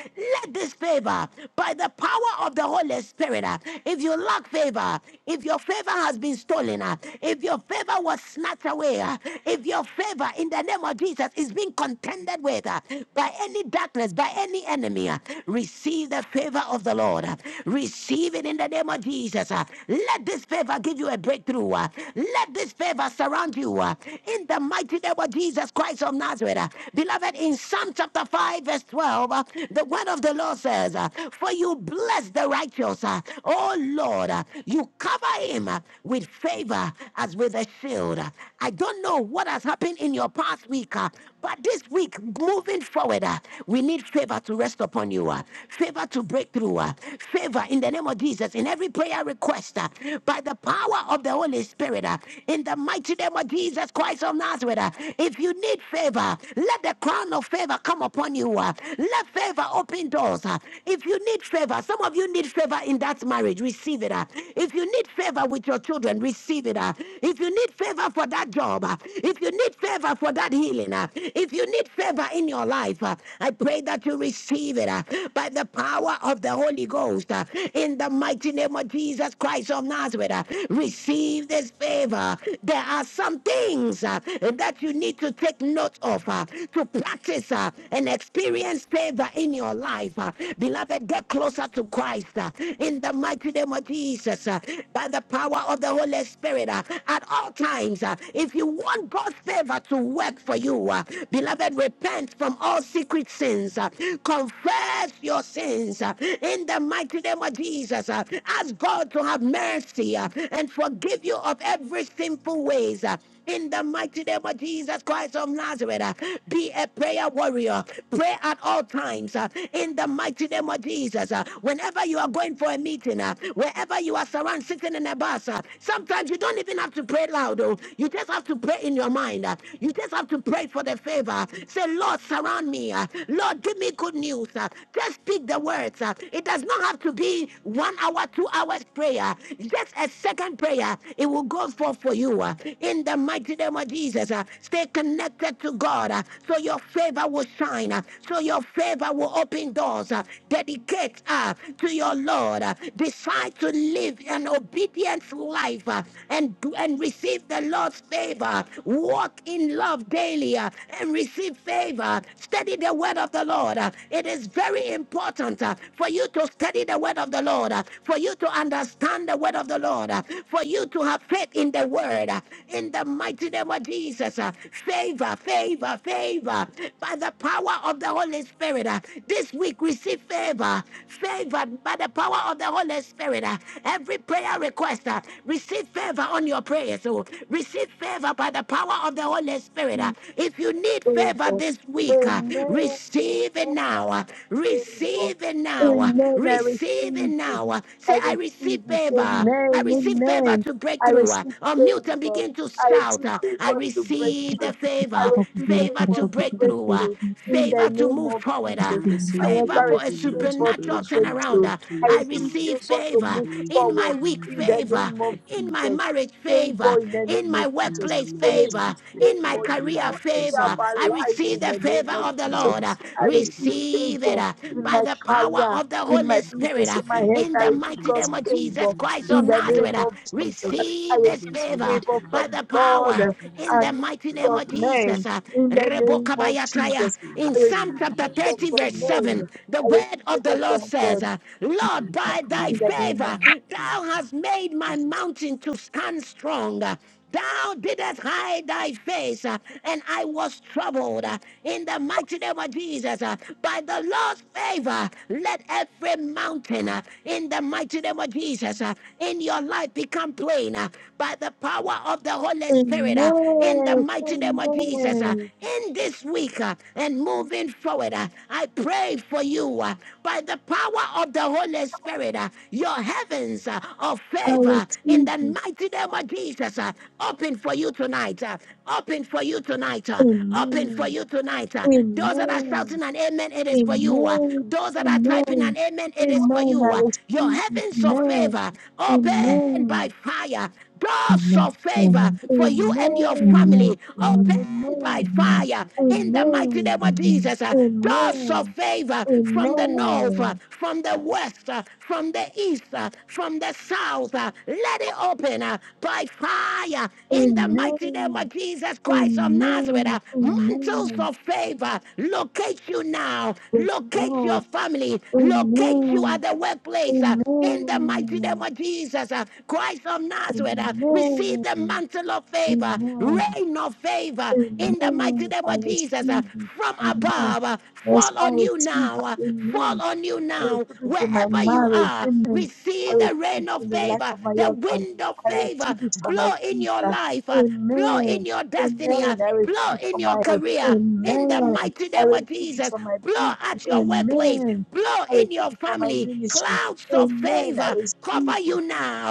[SPEAKER 1] this favor, by the power of the Holy Spirit, uh, if you lack favor, if your favor has been stolen, uh, if your favor was snatched away, uh, if your favor in the name of Jesus is being contended with uh, by any darkness, by any enemy, uh, Receive the favor of the Lord. Receive it in the name of Jesus. Let this favor give you a breakthrough. Let this favor surround you. In the mighty name of Jesus Christ of Nazareth. Beloved, in Psalm chapter 5, verse 12, the word of the Lord says, For you bless the righteous. Oh Lord, you cover him with favor as with a shield. I don't know what has happened in your past week, but this week, moving forward, uh, we need favor to rest upon you, uh, favor to break through, uh, favor in the name of Jesus, in every prayer request, uh, by the power of the Holy Spirit, uh, in the mighty name of Jesus Christ of Nazareth. uh, if you need favor, let the crown of favor come upon you. uh, let favor open doors. uh, if you need favor, some of you need favor in that marriage, receive it. uh, if you need favor with your children, receive it. uh, if you need favor for that job, uh, if you need need favor for that healing, uh, if you need favor in your life, uh, I pray that you receive it uh, by the power of the Holy Ghost. uh, in the mighty name of Jesus Christ of Nazareth, uh, receive this favor. There are some things uh, that you need to take note of uh, to practice uh, and experience favor in your life. uh. beloved, get closer to Christ uh, in the mighty name of Jesus uh, by the power of the Holy Spirit uh, at all times uh, if you want God's favor to work for you, uh, beloved, repent from all secret sins, uh, confess your sins uh, in the mighty name of Jesus. uh, ask God to have mercy uh, and forgive you of every sinful ways. uh, in the mighty name of Jesus Christ of Nazareth, uh, be a prayer warrior. Pray at all times. uh, In the mighty name of Jesus, uh, whenever you are going for a meeting, uh, wherever you are surrounded, sitting in a bus, uh, sometimes you don't even have to pray loud. Oh, you just have to pray in your mind. uh, You just have to pray for the favor. Say, Lord, surround me. uh, Lord, give me good news. uh, Just speak the words. uh, It does not have to be one hour, two hours prayer. Just a second prayer. It will go forth for you. uh, In the the mighty name of Jesus. uh, Stay connected to God uh, so your favor will shine, uh, so your favor will open doors. uh, Dedicate uh, to your Lord. uh, Decide to live an obedient life uh, and, and receive the Lord's favor. Walk in love daily uh, and receive favor. Study the word of the Lord. uh, It is very important uh, for you to study the word of the Lord, uh, for you to understand the word of the Lord, uh, for you to have faith in the word. uh, In the the mighty name of Jesus. uh, Favor, favor, favor. By the power of the Holy Spirit. uh, This week receive favor. Favor by the power of the Holy Spirit. uh, Every prayer request, uh, receive favor on your prayers. oh. Receive favor by the power of the Holy Spirit. uh. If you need
[SPEAKER 9] Receive
[SPEAKER 1] favor this week, uh,
[SPEAKER 9] Favor.
[SPEAKER 1] receive it now.
[SPEAKER 9] Amen.
[SPEAKER 1] uh,
[SPEAKER 9] faithful.
[SPEAKER 1] Receive it now. uh,
[SPEAKER 9] Amen. I
[SPEAKER 1] Receive it
[SPEAKER 9] receive it.
[SPEAKER 1] now. uh.
[SPEAKER 9] I
[SPEAKER 1] Say, I receive
[SPEAKER 9] receive it.
[SPEAKER 1] favor. I
[SPEAKER 9] Amen.
[SPEAKER 1] receive favor
[SPEAKER 9] Amen.
[SPEAKER 1] to break
[SPEAKER 9] I
[SPEAKER 1] breakthrough. Uh,
[SPEAKER 9] receive
[SPEAKER 1] unmute and
[SPEAKER 9] favor.
[SPEAKER 1] begin to
[SPEAKER 9] I
[SPEAKER 1] shout.
[SPEAKER 9] receive
[SPEAKER 1] uh, I
[SPEAKER 9] favor to
[SPEAKER 1] receive the
[SPEAKER 9] breakthrough. I
[SPEAKER 1] favor,
[SPEAKER 9] receive
[SPEAKER 1] favor
[SPEAKER 9] favor
[SPEAKER 1] to
[SPEAKER 9] to
[SPEAKER 1] break through Uh,
[SPEAKER 9] breakthrough in the
[SPEAKER 1] Favor to
[SPEAKER 9] name
[SPEAKER 1] move
[SPEAKER 9] of
[SPEAKER 1] forward,
[SPEAKER 15] I
[SPEAKER 1] uh,
[SPEAKER 9] Jesus. I
[SPEAKER 15] receive
[SPEAKER 1] favor
[SPEAKER 9] also
[SPEAKER 15] favor,
[SPEAKER 1] for a
[SPEAKER 9] receive
[SPEAKER 15] favor to
[SPEAKER 9] favor to
[SPEAKER 1] supernatural
[SPEAKER 15] breakthrough,
[SPEAKER 1] turnaround.
[SPEAKER 9] breakthrough.
[SPEAKER 15] favor
[SPEAKER 1] uh,
[SPEAKER 15] to
[SPEAKER 9] I
[SPEAKER 15] move
[SPEAKER 1] I
[SPEAKER 9] receive
[SPEAKER 15] forward.
[SPEAKER 1] receive
[SPEAKER 9] favor to
[SPEAKER 1] favor
[SPEAKER 9] move
[SPEAKER 1] in
[SPEAKER 15] Favor
[SPEAKER 1] my
[SPEAKER 9] forward
[SPEAKER 15] all
[SPEAKER 1] week,
[SPEAKER 9] in the
[SPEAKER 15] around, I
[SPEAKER 1] favor
[SPEAKER 9] name of
[SPEAKER 15] receive favor.
[SPEAKER 1] in my
[SPEAKER 9] Jesus.
[SPEAKER 1] marriage,
[SPEAKER 9] Favor
[SPEAKER 1] favor
[SPEAKER 9] in the
[SPEAKER 1] in
[SPEAKER 9] name of
[SPEAKER 1] my
[SPEAKER 9] Jesus.
[SPEAKER 15] In
[SPEAKER 1] workplace,
[SPEAKER 15] my
[SPEAKER 9] We
[SPEAKER 15] marriage, I
[SPEAKER 9] receive
[SPEAKER 1] favor
[SPEAKER 15] receive
[SPEAKER 1] in my
[SPEAKER 15] favor.
[SPEAKER 9] favor in
[SPEAKER 15] In my
[SPEAKER 1] career,
[SPEAKER 9] all
[SPEAKER 15] workplace,
[SPEAKER 9] area
[SPEAKER 15] I
[SPEAKER 9] of
[SPEAKER 1] favor.
[SPEAKER 9] our
[SPEAKER 1] I
[SPEAKER 15] receive
[SPEAKER 9] life
[SPEAKER 15] favor. In
[SPEAKER 1] receive
[SPEAKER 9] in
[SPEAKER 1] the
[SPEAKER 9] the name
[SPEAKER 1] favor
[SPEAKER 9] of
[SPEAKER 1] of
[SPEAKER 15] my
[SPEAKER 1] the
[SPEAKER 15] career,
[SPEAKER 9] Jesus.
[SPEAKER 15] I
[SPEAKER 1] Lord. uh,
[SPEAKER 15] receive
[SPEAKER 9] I receive
[SPEAKER 15] favor.
[SPEAKER 1] Receive
[SPEAKER 9] favor
[SPEAKER 1] it uh,
[SPEAKER 15] In my
[SPEAKER 9] in
[SPEAKER 1] by
[SPEAKER 9] my
[SPEAKER 1] the
[SPEAKER 15] ministry,
[SPEAKER 1] power power
[SPEAKER 9] career,
[SPEAKER 1] of the
[SPEAKER 9] in my
[SPEAKER 1] Holy
[SPEAKER 15] I
[SPEAKER 1] Spirit.
[SPEAKER 15] receive
[SPEAKER 9] business,
[SPEAKER 1] uh,
[SPEAKER 9] in my health.
[SPEAKER 15] favor.
[SPEAKER 1] In
[SPEAKER 9] I
[SPEAKER 1] the
[SPEAKER 15] By the
[SPEAKER 9] receive
[SPEAKER 15] power
[SPEAKER 1] mighty
[SPEAKER 15] of the
[SPEAKER 9] God's
[SPEAKER 1] name of
[SPEAKER 15] Holy Spirit, I
[SPEAKER 1] Jesus
[SPEAKER 9] favor
[SPEAKER 1] Christ
[SPEAKER 15] receive
[SPEAKER 1] of
[SPEAKER 9] in the
[SPEAKER 1] Nazareth,
[SPEAKER 9] name
[SPEAKER 15] favor.
[SPEAKER 1] uh,
[SPEAKER 9] of Jesus. I
[SPEAKER 1] receive
[SPEAKER 15] In
[SPEAKER 1] this
[SPEAKER 9] receive
[SPEAKER 15] this
[SPEAKER 1] favor
[SPEAKER 15] mighty
[SPEAKER 9] favor
[SPEAKER 15] name,
[SPEAKER 1] by
[SPEAKER 9] from
[SPEAKER 1] the
[SPEAKER 9] God
[SPEAKER 1] power
[SPEAKER 15] I
[SPEAKER 1] in
[SPEAKER 15] receive
[SPEAKER 1] the
[SPEAKER 9] and
[SPEAKER 1] mighty name
[SPEAKER 9] from
[SPEAKER 1] of
[SPEAKER 15] favor.
[SPEAKER 1] Jesus.
[SPEAKER 9] men
[SPEAKER 1] uh,
[SPEAKER 9] in the name of
[SPEAKER 1] Rebokabayataya.
[SPEAKER 9] Jesus.
[SPEAKER 15] In
[SPEAKER 1] In
[SPEAKER 9] I
[SPEAKER 15] this
[SPEAKER 1] Psalm
[SPEAKER 9] receive
[SPEAKER 15] morning,
[SPEAKER 1] chapter
[SPEAKER 15] I
[SPEAKER 9] favor
[SPEAKER 1] 30,
[SPEAKER 15] receive
[SPEAKER 1] verse
[SPEAKER 9] from
[SPEAKER 1] 7,
[SPEAKER 15] favor.
[SPEAKER 9] men.
[SPEAKER 1] the
[SPEAKER 9] I
[SPEAKER 1] word
[SPEAKER 9] receive
[SPEAKER 1] of the
[SPEAKER 9] favor
[SPEAKER 1] Lord
[SPEAKER 9] from
[SPEAKER 1] says,
[SPEAKER 9] God
[SPEAKER 1] uh, Lord,
[SPEAKER 15] Favor
[SPEAKER 1] by
[SPEAKER 15] upon
[SPEAKER 1] thy
[SPEAKER 9] in the
[SPEAKER 15] my
[SPEAKER 9] name
[SPEAKER 15] life.
[SPEAKER 9] of
[SPEAKER 1] favor, thou
[SPEAKER 15] Favor.
[SPEAKER 1] hast made my
[SPEAKER 15] Jesus'
[SPEAKER 1] mountain to stand strong. Thou didst hide thy face, uh, and I was troubled. uh, In the mighty name of Jesus, uh, by the Lord's favor, let every mountain uh, in the mighty name of Jesus uh, in your life become plain uh, by the power of the Holy Spirit uh, in the
[SPEAKER 9] Amen.
[SPEAKER 1] mighty name of Jesus. uh,
[SPEAKER 9] Amen.
[SPEAKER 1] In this week uh, and moving forward, uh, I pray for you uh, by the power of the Holy Spirit, uh, your heavens uh, are of
[SPEAKER 9] I
[SPEAKER 1] favor in
[SPEAKER 9] receive
[SPEAKER 1] the
[SPEAKER 9] it.
[SPEAKER 1] mighty name of Jesus. uh, Open for you tonight. uh, Open for you tonight. uh, Open for
[SPEAKER 9] Amen.
[SPEAKER 1] you tonight. uh. Those that are
[SPEAKER 9] Amen.
[SPEAKER 1] shouting an amen, it is for you. uh.
[SPEAKER 9] Amen.
[SPEAKER 1] Those that are typing
[SPEAKER 9] Amen.
[SPEAKER 1] an amen, it is for
[SPEAKER 9] Amen.
[SPEAKER 1] you.
[SPEAKER 9] I
[SPEAKER 1] uh. Your
[SPEAKER 9] receive it.
[SPEAKER 1] heavens of
[SPEAKER 9] Amen.
[SPEAKER 1] favor open by
[SPEAKER 9] Amen.
[SPEAKER 1] fire. Doors of
[SPEAKER 13] you.
[SPEAKER 1] favor for you and your
[SPEAKER 9] Amen. Yes,
[SPEAKER 1] family
[SPEAKER 13] Amen.
[SPEAKER 9] Lord.
[SPEAKER 1] open
[SPEAKER 13] Amen.
[SPEAKER 1] by
[SPEAKER 9] Amen.
[SPEAKER 13] Amen.
[SPEAKER 1] fire in the mighty name
[SPEAKER 9] Amen.
[SPEAKER 1] of
[SPEAKER 13] Amen.
[SPEAKER 1] Jesus. Uh, Doors of
[SPEAKER 9] Amen.
[SPEAKER 1] favor from the north, uh,
[SPEAKER 9] Amen.
[SPEAKER 1] from the west, uh, from the east, uh, from the south. uh, Let it open uh, by fire in the mighty name
[SPEAKER 9] Amen.
[SPEAKER 1] of Jesus Christ of Nazareth.
[SPEAKER 9] Amen.
[SPEAKER 1] Uh, Mantles
[SPEAKER 9] Amen.
[SPEAKER 1] of favor locate you now,
[SPEAKER 9] Yes,
[SPEAKER 1] locate
[SPEAKER 9] Lord.
[SPEAKER 1] your family, locate you at
[SPEAKER 9] Amen.
[SPEAKER 1] the workplace. uh, in the mighty name
[SPEAKER 9] Amen.
[SPEAKER 1] of Jesus, uh, Christ of Nazareth, uh, receive the
[SPEAKER 9] Amen.
[SPEAKER 1] mantle of favor,
[SPEAKER 9] Amen.
[SPEAKER 1] reign of favor. In the mighty
[SPEAKER 9] Amen.
[SPEAKER 1] name
[SPEAKER 9] I
[SPEAKER 1] of Jesus, uh,
[SPEAKER 9] receive it.
[SPEAKER 1] from
[SPEAKER 9] Amen.
[SPEAKER 1] above, uh,
[SPEAKER 9] Yes,
[SPEAKER 1] fall
[SPEAKER 9] I
[SPEAKER 1] on you
[SPEAKER 9] receive
[SPEAKER 1] now, uh,
[SPEAKER 9] it. Amen.
[SPEAKER 1] fall on you
[SPEAKER 9] I
[SPEAKER 1] now,
[SPEAKER 9] receive it in my
[SPEAKER 1] wherever you
[SPEAKER 9] marriage,
[SPEAKER 1] are.
[SPEAKER 9] amen. I
[SPEAKER 1] Receive the
[SPEAKER 9] receive it
[SPEAKER 1] rain of
[SPEAKER 9] in the life
[SPEAKER 1] favor,
[SPEAKER 9] of my
[SPEAKER 1] the
[SPEAKER 9] husband.
[SPEAKER 1] wind of
[SPEAKER 9] I
[SPEAKER 1] favor,
[SPEAKER 9] receive it for my
[SPEAKER 1] blow in your
[SPEAKER 9] sister,
[SPEAKER 1] life, uh, blow in
[SPEAKER 9] amen.
[SPEAKER 1] your destiny, uh,
[SPEAKER 9] Amen. I receive
[SPEAKER 1] blow
[SPEAKER 9] it for
[SPEAKER 1] in your
[SPEAKER 9] my health,
[SPEAKER 1] career. In the
[SPEAKER 9] amen.
[SPEAKER 1] mighty
[SPEAKER 9] I
[SPEAKER 1] name of
[SPEAKER 9] receive it
[SPEAKER 1] Jesus,
[SPEAKER 9] for my
[SPEAKER 1] blow at
[SPEAKER 9] people,
[SPEAKER 1] your workplace,
[SPEAKER 9] amen.
[SPEAKER 1] blow
[SPEAKER 9] I
[SPEAKER 1] in
[SPEAKER 9] receive
[SPEAKER 1] your
[SPEAKER 9] it for my
[SPEAKER 1] family,
[SPEAKER 9] ministry,
[SPEAKER 1] clouds of
[SPEAKER 9] amen. I
[SPEAKER 1] favor
[SPEAKER 9] receive
[SPEAKER 1] cover
[SPEAKER 9] it.
[SPEAKER 1] you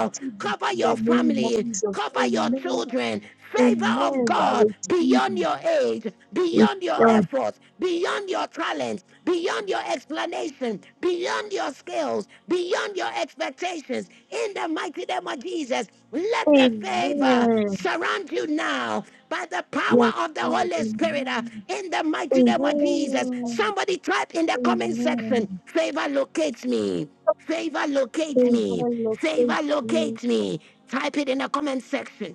[SPEAKER 9] I receive it
[SPEAKER 1] cover
[SPEAKER 9] in the
[SPEAKER 1] your
[SPEAKER 9] name of
[SPEAKER 1] family,
[SPEAKER 9] Jesus,
[SPEAKER 1] cover your
[SPEAKER 9] amen.
[SPEAKER 1] children. Favor of
[SPEAKER 9] Amen. I
[SPEAKER 1] God
[SPEAKER 9] receive
[SPEAKER 1] beyond
[SPEAKER 9] it,
[SPEAKER 1] your age,
[SPEAKER 9] Yes,
[SPEAKER 1] beyond your
[SPEAKER 9] Lord.
[SPEAKER 1] efforts, beyond your talents, beyond your explanation, beyond your skills, beyond your expectations. In the mighty name of Jesus, let the favor
[SPEAKER 9] Amen.
[SPEAKER 1] surround you now by the
[SPEAKER 9] Yes,
[SPEAKER 1] power of the
[SPEAKER 9] Lord.
[SPEAKER 1] Holy Spirit uh,
[SPEAKER 9] Amen.
[SPEAKER 1] in the mighty name of Jesus.
[SPEAKER 9] Amen.
[SPEAKER 1] Somebody type in the comment section,
[SPEAKER 9] Amen.
[SPEAKER 1] favor locates me. Favor locates me.
[SPEAKER 9] Favor
[SPEAKER 1] Favor
[SPEAKER 9] locates me.
[SPEAKER 1] locates me. Type it in the comment section.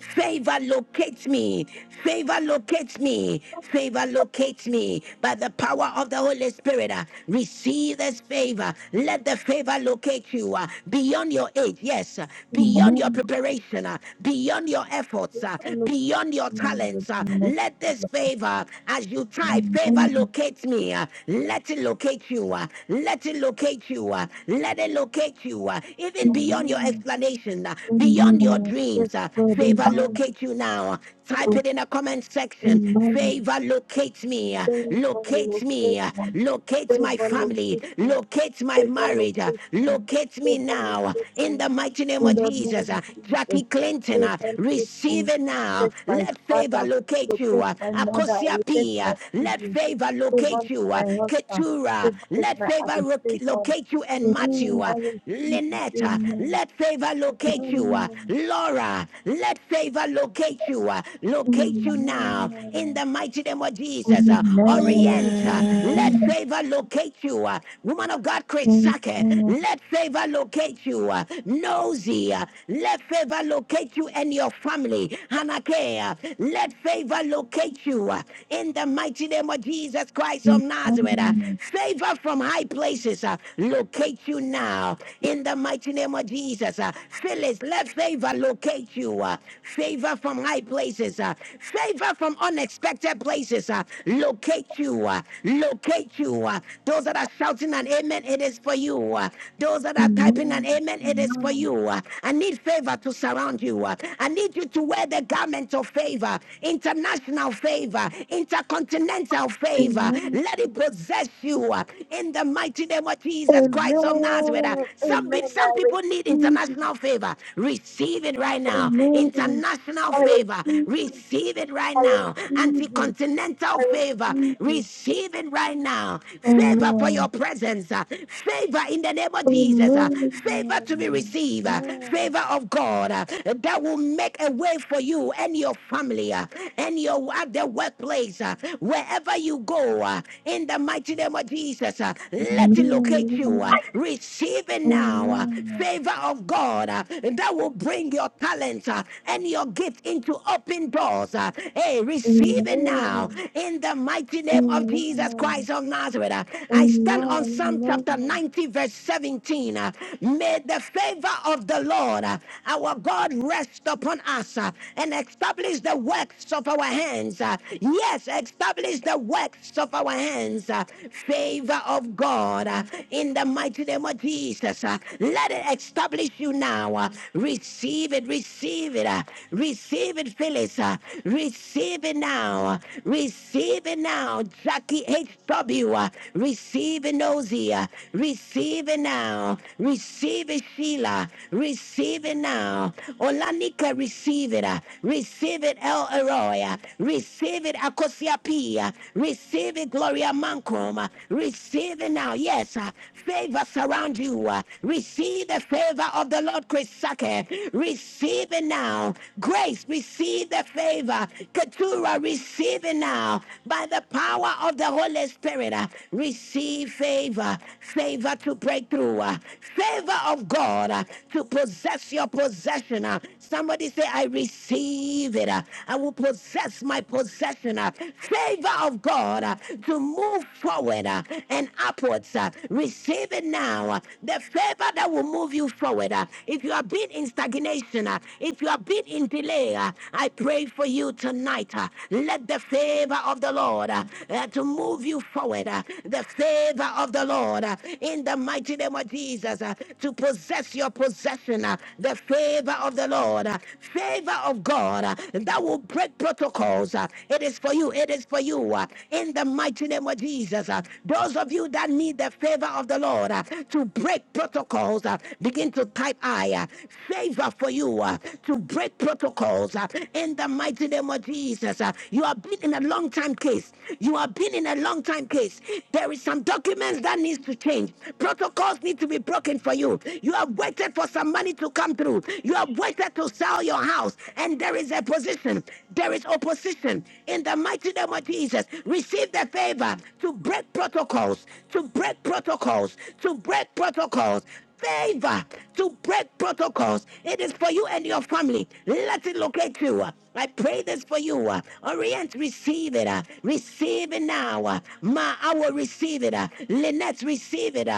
[SPEAKER 1] Favor locates me. Favor locates me. Favor locates me by the power of the Holy Spirit. uh, Receive this favor. Let the favor locate you uh, beyond your age. Yes, uh, beyond your
[SPEAKER 9] Amen.
[SPEAKER 1] preparation, uh, beyond your efforts, uh,
[SPEAKER 9] Favor locates
[SPEAKER 1] beyond your
[SPEAKER 9] me in the
[SPEAKER 1] talents. uh,
[SPEAKER 9] name of
[SPEAKER 1] Let this
[SPEAKER 9] Jesus.
[SPEAKER 1] favor, as you type,
[SPEAKER 9] Amen.
[SPEAKER 1] favor
[SPEAKER 9] Amen.
[SPEAKER 1] locate me. uh, Let it locate you. uh, Let it locate you. uh, Let it locate you. uh, Even beyond your
[SPEAKER 9] Amen.
[SPEAKER 1] explanation, uh, beyond your
[SPEAKER 9] Yes,
[SPEAKER 1] dreams, uh, uh,
[SPEAKER 9] Lord.
[SPEAKER 1] favor
[SPEAKER 9] Amen.
[SPEAKER 1] locate you now. Type
[SPEAKER 9] Lord.
[SPEAKER 1] it in the comment section. Favor locate me, uh,
[SPEAKER 9] Amen. Favor
[SPEAKER 1] locate me,
[SPEAKER 9] locates
[SPEAKER 1] uh,
[SPEAKER 9] me.
[SPEAKER 1] locate my
[SPEAKER 9] Favor
[SPEAKER 1] family,
[SPEAKER 9] locates me.
[SPEAKER 1] locate my
[SPEAKER 9] Favor
[SPEAKER 1] marriage, uh,
[SPEAKER 9] locates me.
[SPEAKER 1] locate me
[SPEAKER 9] Favor
[SPEAKER 1] now.
[SPEAKER 9] locates
[SPEAKER 1] In
[SPEAKER 9] me.
[SPEAKER 1] the mighty name
[SPEAKER 9] In
[SPEAKER 1] of
[SPEAKER 9] the
[SPEAKER 1] Jesus,
[SPEAKER 9] name of
[SPEAKER 1] uh,
[SPEAKER 9] Jesus.
[SPEAKER 1] Jackie Clinton,
[SPEAKER 9] Favor
[SPEAKER 1] uh,
[SPEAKER 9] locates
[SPEAKER 1] receive
[SPEAKER 9] me.
[SPEAKER 1] it now.
[SPEAKER 9] Locate my
[SPEAKER 1] Let favor
[SPEAKER 9] father.
[SPEAKER 1] locate you.
[SPEAKER 9] Locate
[SPEAKER 1] uh,
[SPEAKER 9] my mother.
[SPEAKER 1] Akosia
[SPEAKER 9] Locate
[SPEAKER 1] P, uh,
[SPEAKER 9] my
[SPEAKER 1] let
[SPEAKER 9] children.
[SPEAKER 1] favor
[SPEAKER 9] Favor
[SPEAKER 1] locate
[SPEAKER 9] is
[SPEAKER 1] you.
[SPEAKER 9] my
[SPEAKER 1] uh,
[SPEAKER 9] helper.
[SPEAKER 1] Keturah,
[SPEAKER 9] Favor is
[SPEAKER 1] let
[SPEAKER 9] my
[SPEAKER 1] favor ro-
[SPEAKER 9] habitation.
[SPEAKER 1] locate you and match
[SPEAKER 9] Amen.
[SPEAKER 1] you.
[SPEAKER 9] I
[SPEAKER 1] uh,
[SPEAKER 9] receive it.
[SPEAKER 1] Lynette, uh,
[SPEAKER 9] Amen.
[SPEAKER 1] let favor locate you. uh,
[SPEAKER 9] Amen.
[SPEAKER 1] Laura, let favor locate you. uh, Locate you now in
[SPEAKER 9] Amen.
[SPEAKER 1] the mighty name of
[SPEAKER 9] Amen.
[SPEAKER 1] Jesus. uh,
[SPEAKER 9] Amen.
[SPEAKER 1] Orient, uh, let
[SPEAKER 11] Amen.
[SPEAKER 9] Amen.
[SPEAKER 1] favor locate you. uh, Woman of God, Chris
[SPEAKER 9] Amen.
[SPEAKER 1] Sackett,
[SPEAKER 9] Amen.
[SPEAKER 1] let favor locate you. uh, Nosy, uh, let favor locate you and your family. Hanake, uh, let favor locate you uh, in the mighty name of Jesus Christ of Nazareth. uh, Favor from high places, uh, locate you now in the mighty name of Jesus. uh, Phyllis, let favor locate you. uh, favor from high places. uh, favor from unexpected places. uh, locate you. uh, locate you. uh. those that are shouting an amen, it is for you. uh. those that are typing an
[SPEAKER 9] Amen.
[SPEAKER 1] amen, it is for you. uh. I need favor to surround you. uh. I need you to wear the garment of favor, international favor, intercontinental favor.
[SPEAKER 9] Amen.
[SPEAKER 1] Let it possess you uh, in the mighty name of Jesus Christ of Nazareth. uh.
[SPEAKER 9] Amen.
[SPEAKER 1] Some, some people need international international favor. Receive it right now.
[SPEAKER 9] Amen.
[SPEAKER 1] International
[SPEAKER 9] I
[SPEAKER 1] favor.
[SPEAKER 9] receive it.
[SPEAKER 1] Receive it
[SPEAKER 9] Amen.
[SPEAKER 1] right
[SPEAKER 9] I
[SPEAKER 1] now.
[SPEAKER 9] receive it.
[SPEAKER 1] Anti-continental
[SPEAKER 9] I
[SPEAKER 1] favor.
[SPEAKER 9] receive it. I receive it.
[SPEAKER 1] Receive it right now. Favor for
[SPEAKER 9] Amen.
[SPEAKER 1] your presence. uh, Favor in the name of
[SPEAKER 9] Oh
[SPEAKER 1] Jesus.
[SPEAKER 9] no,
[SPEAKER 1] uh,
[SPEAKER 9] no,
[SPEAKER 1] Favor
[SPEAKER 9] no,
[SPEAKER 1] to be received. uh,
[SPEAKER 9] no, oh no,
[SPEAKER 1] Favor of God uh, that will make a way for you and your family uh, and your at the workplace. uh, Wherever you go, uh, in the mighty name of Jesus, uh,
[SPEAKER 9] oh
[SPEAKER 1] let it locate you. uh,
[SPEAKER 9] no,
[SPEAKER 1] Receive it
[SPEAKER 9] oh
[SPEAKER 1] now. uh, Favor of God uh, that will bring your talent uh, and your gift into open doors. uh, Hey, receive it now in the mighty name of Jesus Christ of Nazareth. uh,
[SPEAKER 9] no, oh
[SPEAKER 1] I stand on Psalm chapter 90, verse 17. uh, May the favor of the Lord, uh, our God, rest upon us uh, and establish the works of our hands. uh, Yes, establish the works of our hands. uh, Favor of God uh, in the mighty name of Jesus. uh, Let let it establish you now. Uh, Receive it, receive it, uh, receive it, Phyllis. uh, Receive it now. uh, Receive it now. Jackie H.W. uh, Receive it, Nosy. uh, Receive it now. Receive it, Sheila. Receive it now. Olanika, receive it. uh, Receive it, El Eroy. uh, Receive it, Akosia P. uh, Receive it, Gloria Mancom. uh, Receive it now. Yes. uh, Favor surround you. Uh, Receive the favor of the Lord, Chris Sake. Receive it now. Grace, receive the favor. Keturah, receive it now. By the power of the Holy Spirit, uh, receive favor. Favor to break through. uh, Favor of God uh, to possess your possession. uh. Somebody say, I receive it. uh. I will possess my possession. uh. Favor of God uh, to move forward uh, and upwards. uh. Receive it now now. The favor that will move you forward. Uh, If you have been in stagnation, uh, if you have been in delay, uh, I pray for you tonight. uh, Let the favor of the Lord uh, uh, to move you forward. Uh, The favor of the Lord uh, in the mighty name of Jesus uh, to possess your possession. uh, The favor of the Lord, uh, favor of God uh, that will break protocols. uh, It is for you. It is for you. uh, In the mighty name of Jesus, uh, those of you that need the favor of the Lord. Lord, uh, to break protocols. uh, Begin to type I. uh, Favor for you uh, to break protocols uh, in the mighty name of Jesus. uh, You have been in a long time case. You have been in a long time case. There is some documents that needs to change. Protocols need to be broken for you. You have waited for some money to come through. You have waited to sell your house, and there is a position. There is opposition. In the mighty name of Jesus, receive the favor to break protocols, to break protocols protocols, to break protocols. Favor to break protocols. It is for you and your family. Let it locate you. I pray this for you. Orient, receive it. Receive it now. Ma, I will receive it. Lynette, receive it.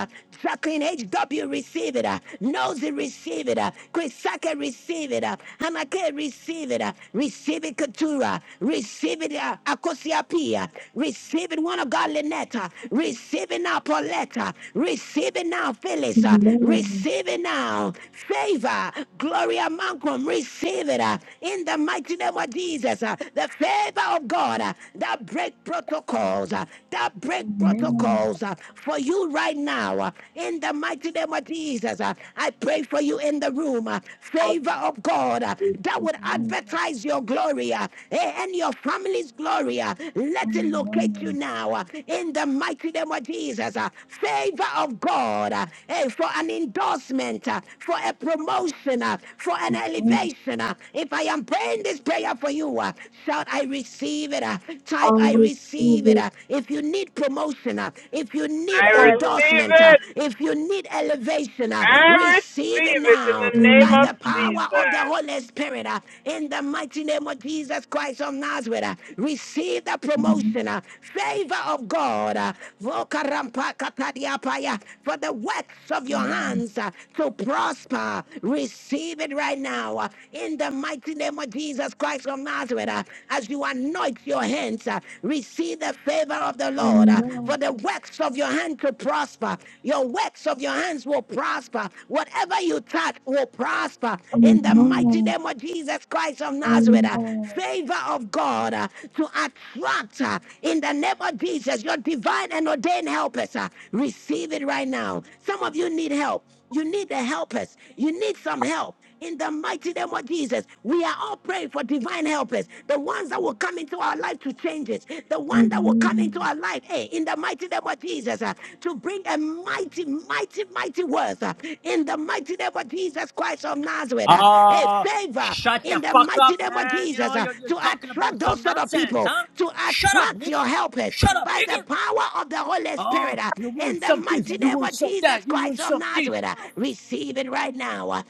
[SPEAKER 1] Jacqueline H.W., receive it. Nosy, receive it. Chrisaka, receive it. Hamake, receive it. Receive it, Katura. Receive it, Akosia Pia. Receive it, one of God, Lynette. Receive it it now, Pauletta. Receive it now, Phyllis. Uh,
[SPEAKER 9] no, no.
[SPEAKER 1] Receive it now. Favor. Gloria Malcolm. Receive it. uh, In the mighty name of Jesus. Uh, The favor of God uh, that break protocols. uh, That
[SPEAKER 9] Amen.
[SPEAKER 1] break
[SPEAKER 9] Amen.
[SPEAKER 1] protocols uh, for you right now. uh, In the mighty name of Jesus. Uh, I pray for you in the room. uh,
[SPEAKER 9] I
[SPEAKER 1] Favor of God uh,
[SPEAKER 9] receive
[SPEAKER 1] that
[SPEAKER 9] it,
[SPEAKER 1] would
[SPEAKER 9] Amen.
[SPEAKER 1] advertise your glory uh, eh, and your family's glory. uh, Let it locate you
[SPEAKER 9] Amen.
[SPEAKER 1] now. uh, In the mighty mighty name of Jesus. uh, Favor of God uh, eh, for an endorsement, uh, for a promotion, uh, for an
[SPEAKER 9] Amen.
[SPEAKER 1] elevation. uh. If I am praying this prayer for you, uh, shout, I receive it. uh,
[SPEAKER 9] I
[SPEAKER 1] Type, I
[SPEAKER 9] receive it, I
[SPEAKER 1] receive it.
[SPEAKER 9] receive it,
[SPEAKER 1] uh. If you need promotion, uh, if you need
[SPEAKER 16] I receive
[SPEAKER 1] endorsement, uh,
[SPEAKER 16] it.
[SPEAKER 1] if you need elevation, uh,
[SPEAKER 16] I
[SPEAKER 1] receive it
[SPEAKER 16] receive it in
[SPEAKER 1] now
[SPEAKER 16] the name
[SPEAKER 1] by
[SPEAKER 16] of
[SPEAKER 9] amen,
[SPEAKER 1] the
[SPEAKER 9] amen,
[SPEAKER 1] power of the
[SPEAKER 16] Jesus.
[SPEAKER 1] Holy Spirit. uh, In the mighty name of Jesus Christ of Nazareth, uh. receive the promotion,
[SPEAKER 9] amen.
[SPEAKER 1] uh, favor of God. God. uh, Vokarampakatadiapaya, For the works of your hands uh, to prosper. Receive it right now uh, in the mighty name of Jesus Christ of Nazareth. uh, As you anoint your hands, uh, receive the favor of the Lord. uh, For the works of your hand to prosper. Your works of your hands will prosper. Whatever you touch will prosper in the mighty name of Jesus Christ of
[SPEAKER 9] Amen,
[SPEAKER 1] Nazareth. uh, Favor of God uh, to attract uh, in the name of Lord Jesus, your divine and ordained helpers. uh, receive it right now. Some of you need help. You need the helpers. You need some help. In the mighty name of Jesus, we are all praying for divine helpers, the ones that will come into our life to change it, the
[SPEAKER 9] amen,
[SPEAKER 1] one that will come into
[SPEAKER 9] amen,
[SPEAKER 1] our life, hey, in the mighty name of Jesus, uh, to bring a mighty, mighty, mighty word, uh, in the mighty name of Jesus Christ of Nazareth, uh, hey,
[SPEAKER 17] Ah,
[SPEAKER 1] favor
[SPEAKER 17] shut the
[SPEAKER 1] in the
[SPEAKER 17] fuck
[SPEAKER 1] mighty
[SPEAKER 17] up,
[SPEAKER 1] name of
[SPEAKER 17] man. You know,
[SPEAKER 1] Jesus uh,
[SPEAKER 17] you're, you're
[SPEAKER 1] to
[SPEAKER 17] talking
[SPEAKER 1] attract
[SPEAKER 17] about
[SPEAKER 1] those
[SPEAKER 17] some
[SPEAKER 1] sort of
[SPEAKER 17] nonsense,
[SPEAKER 1] people,
[SPEAKER 17] huh?
[SPEAKER 1] to
[SPEAKER 17] Shut up,
[SPEAKER 1] attract your
[SPEAKER 17] nigger.
[SPEAKER 1] helpers
[SPEAKER 17] Shut up,
[SPEAKER 1] by the
[SPEAKER 17] nigger.
[SPEAKER 1] power of the Holy
[SPEAKER 17] Oh,
[SPEAKER 1] Spirit uh,
[SPEAKER 17] you
[SPEAKER 1] in
[SPEAKER 17] want
[SPEAKER 1] the
[SPEAKER 17] some this,
[SPEAKER 1] mighty
[SPEAKER 17] you
[SPEAKER 9] amen,
[SPEAKER 1] name
[SPEAKER 17] want
[SPEAKER 1] of
[SPEAKER 17] some
[SPEAKER 1] Jesus
[SPEAKER 17] that, you want
[SPEAKER 1] Christ of
[SPEAKER 17] some this.
[SPEAKER 1] Nazareth. uh, Receive it right now. uh,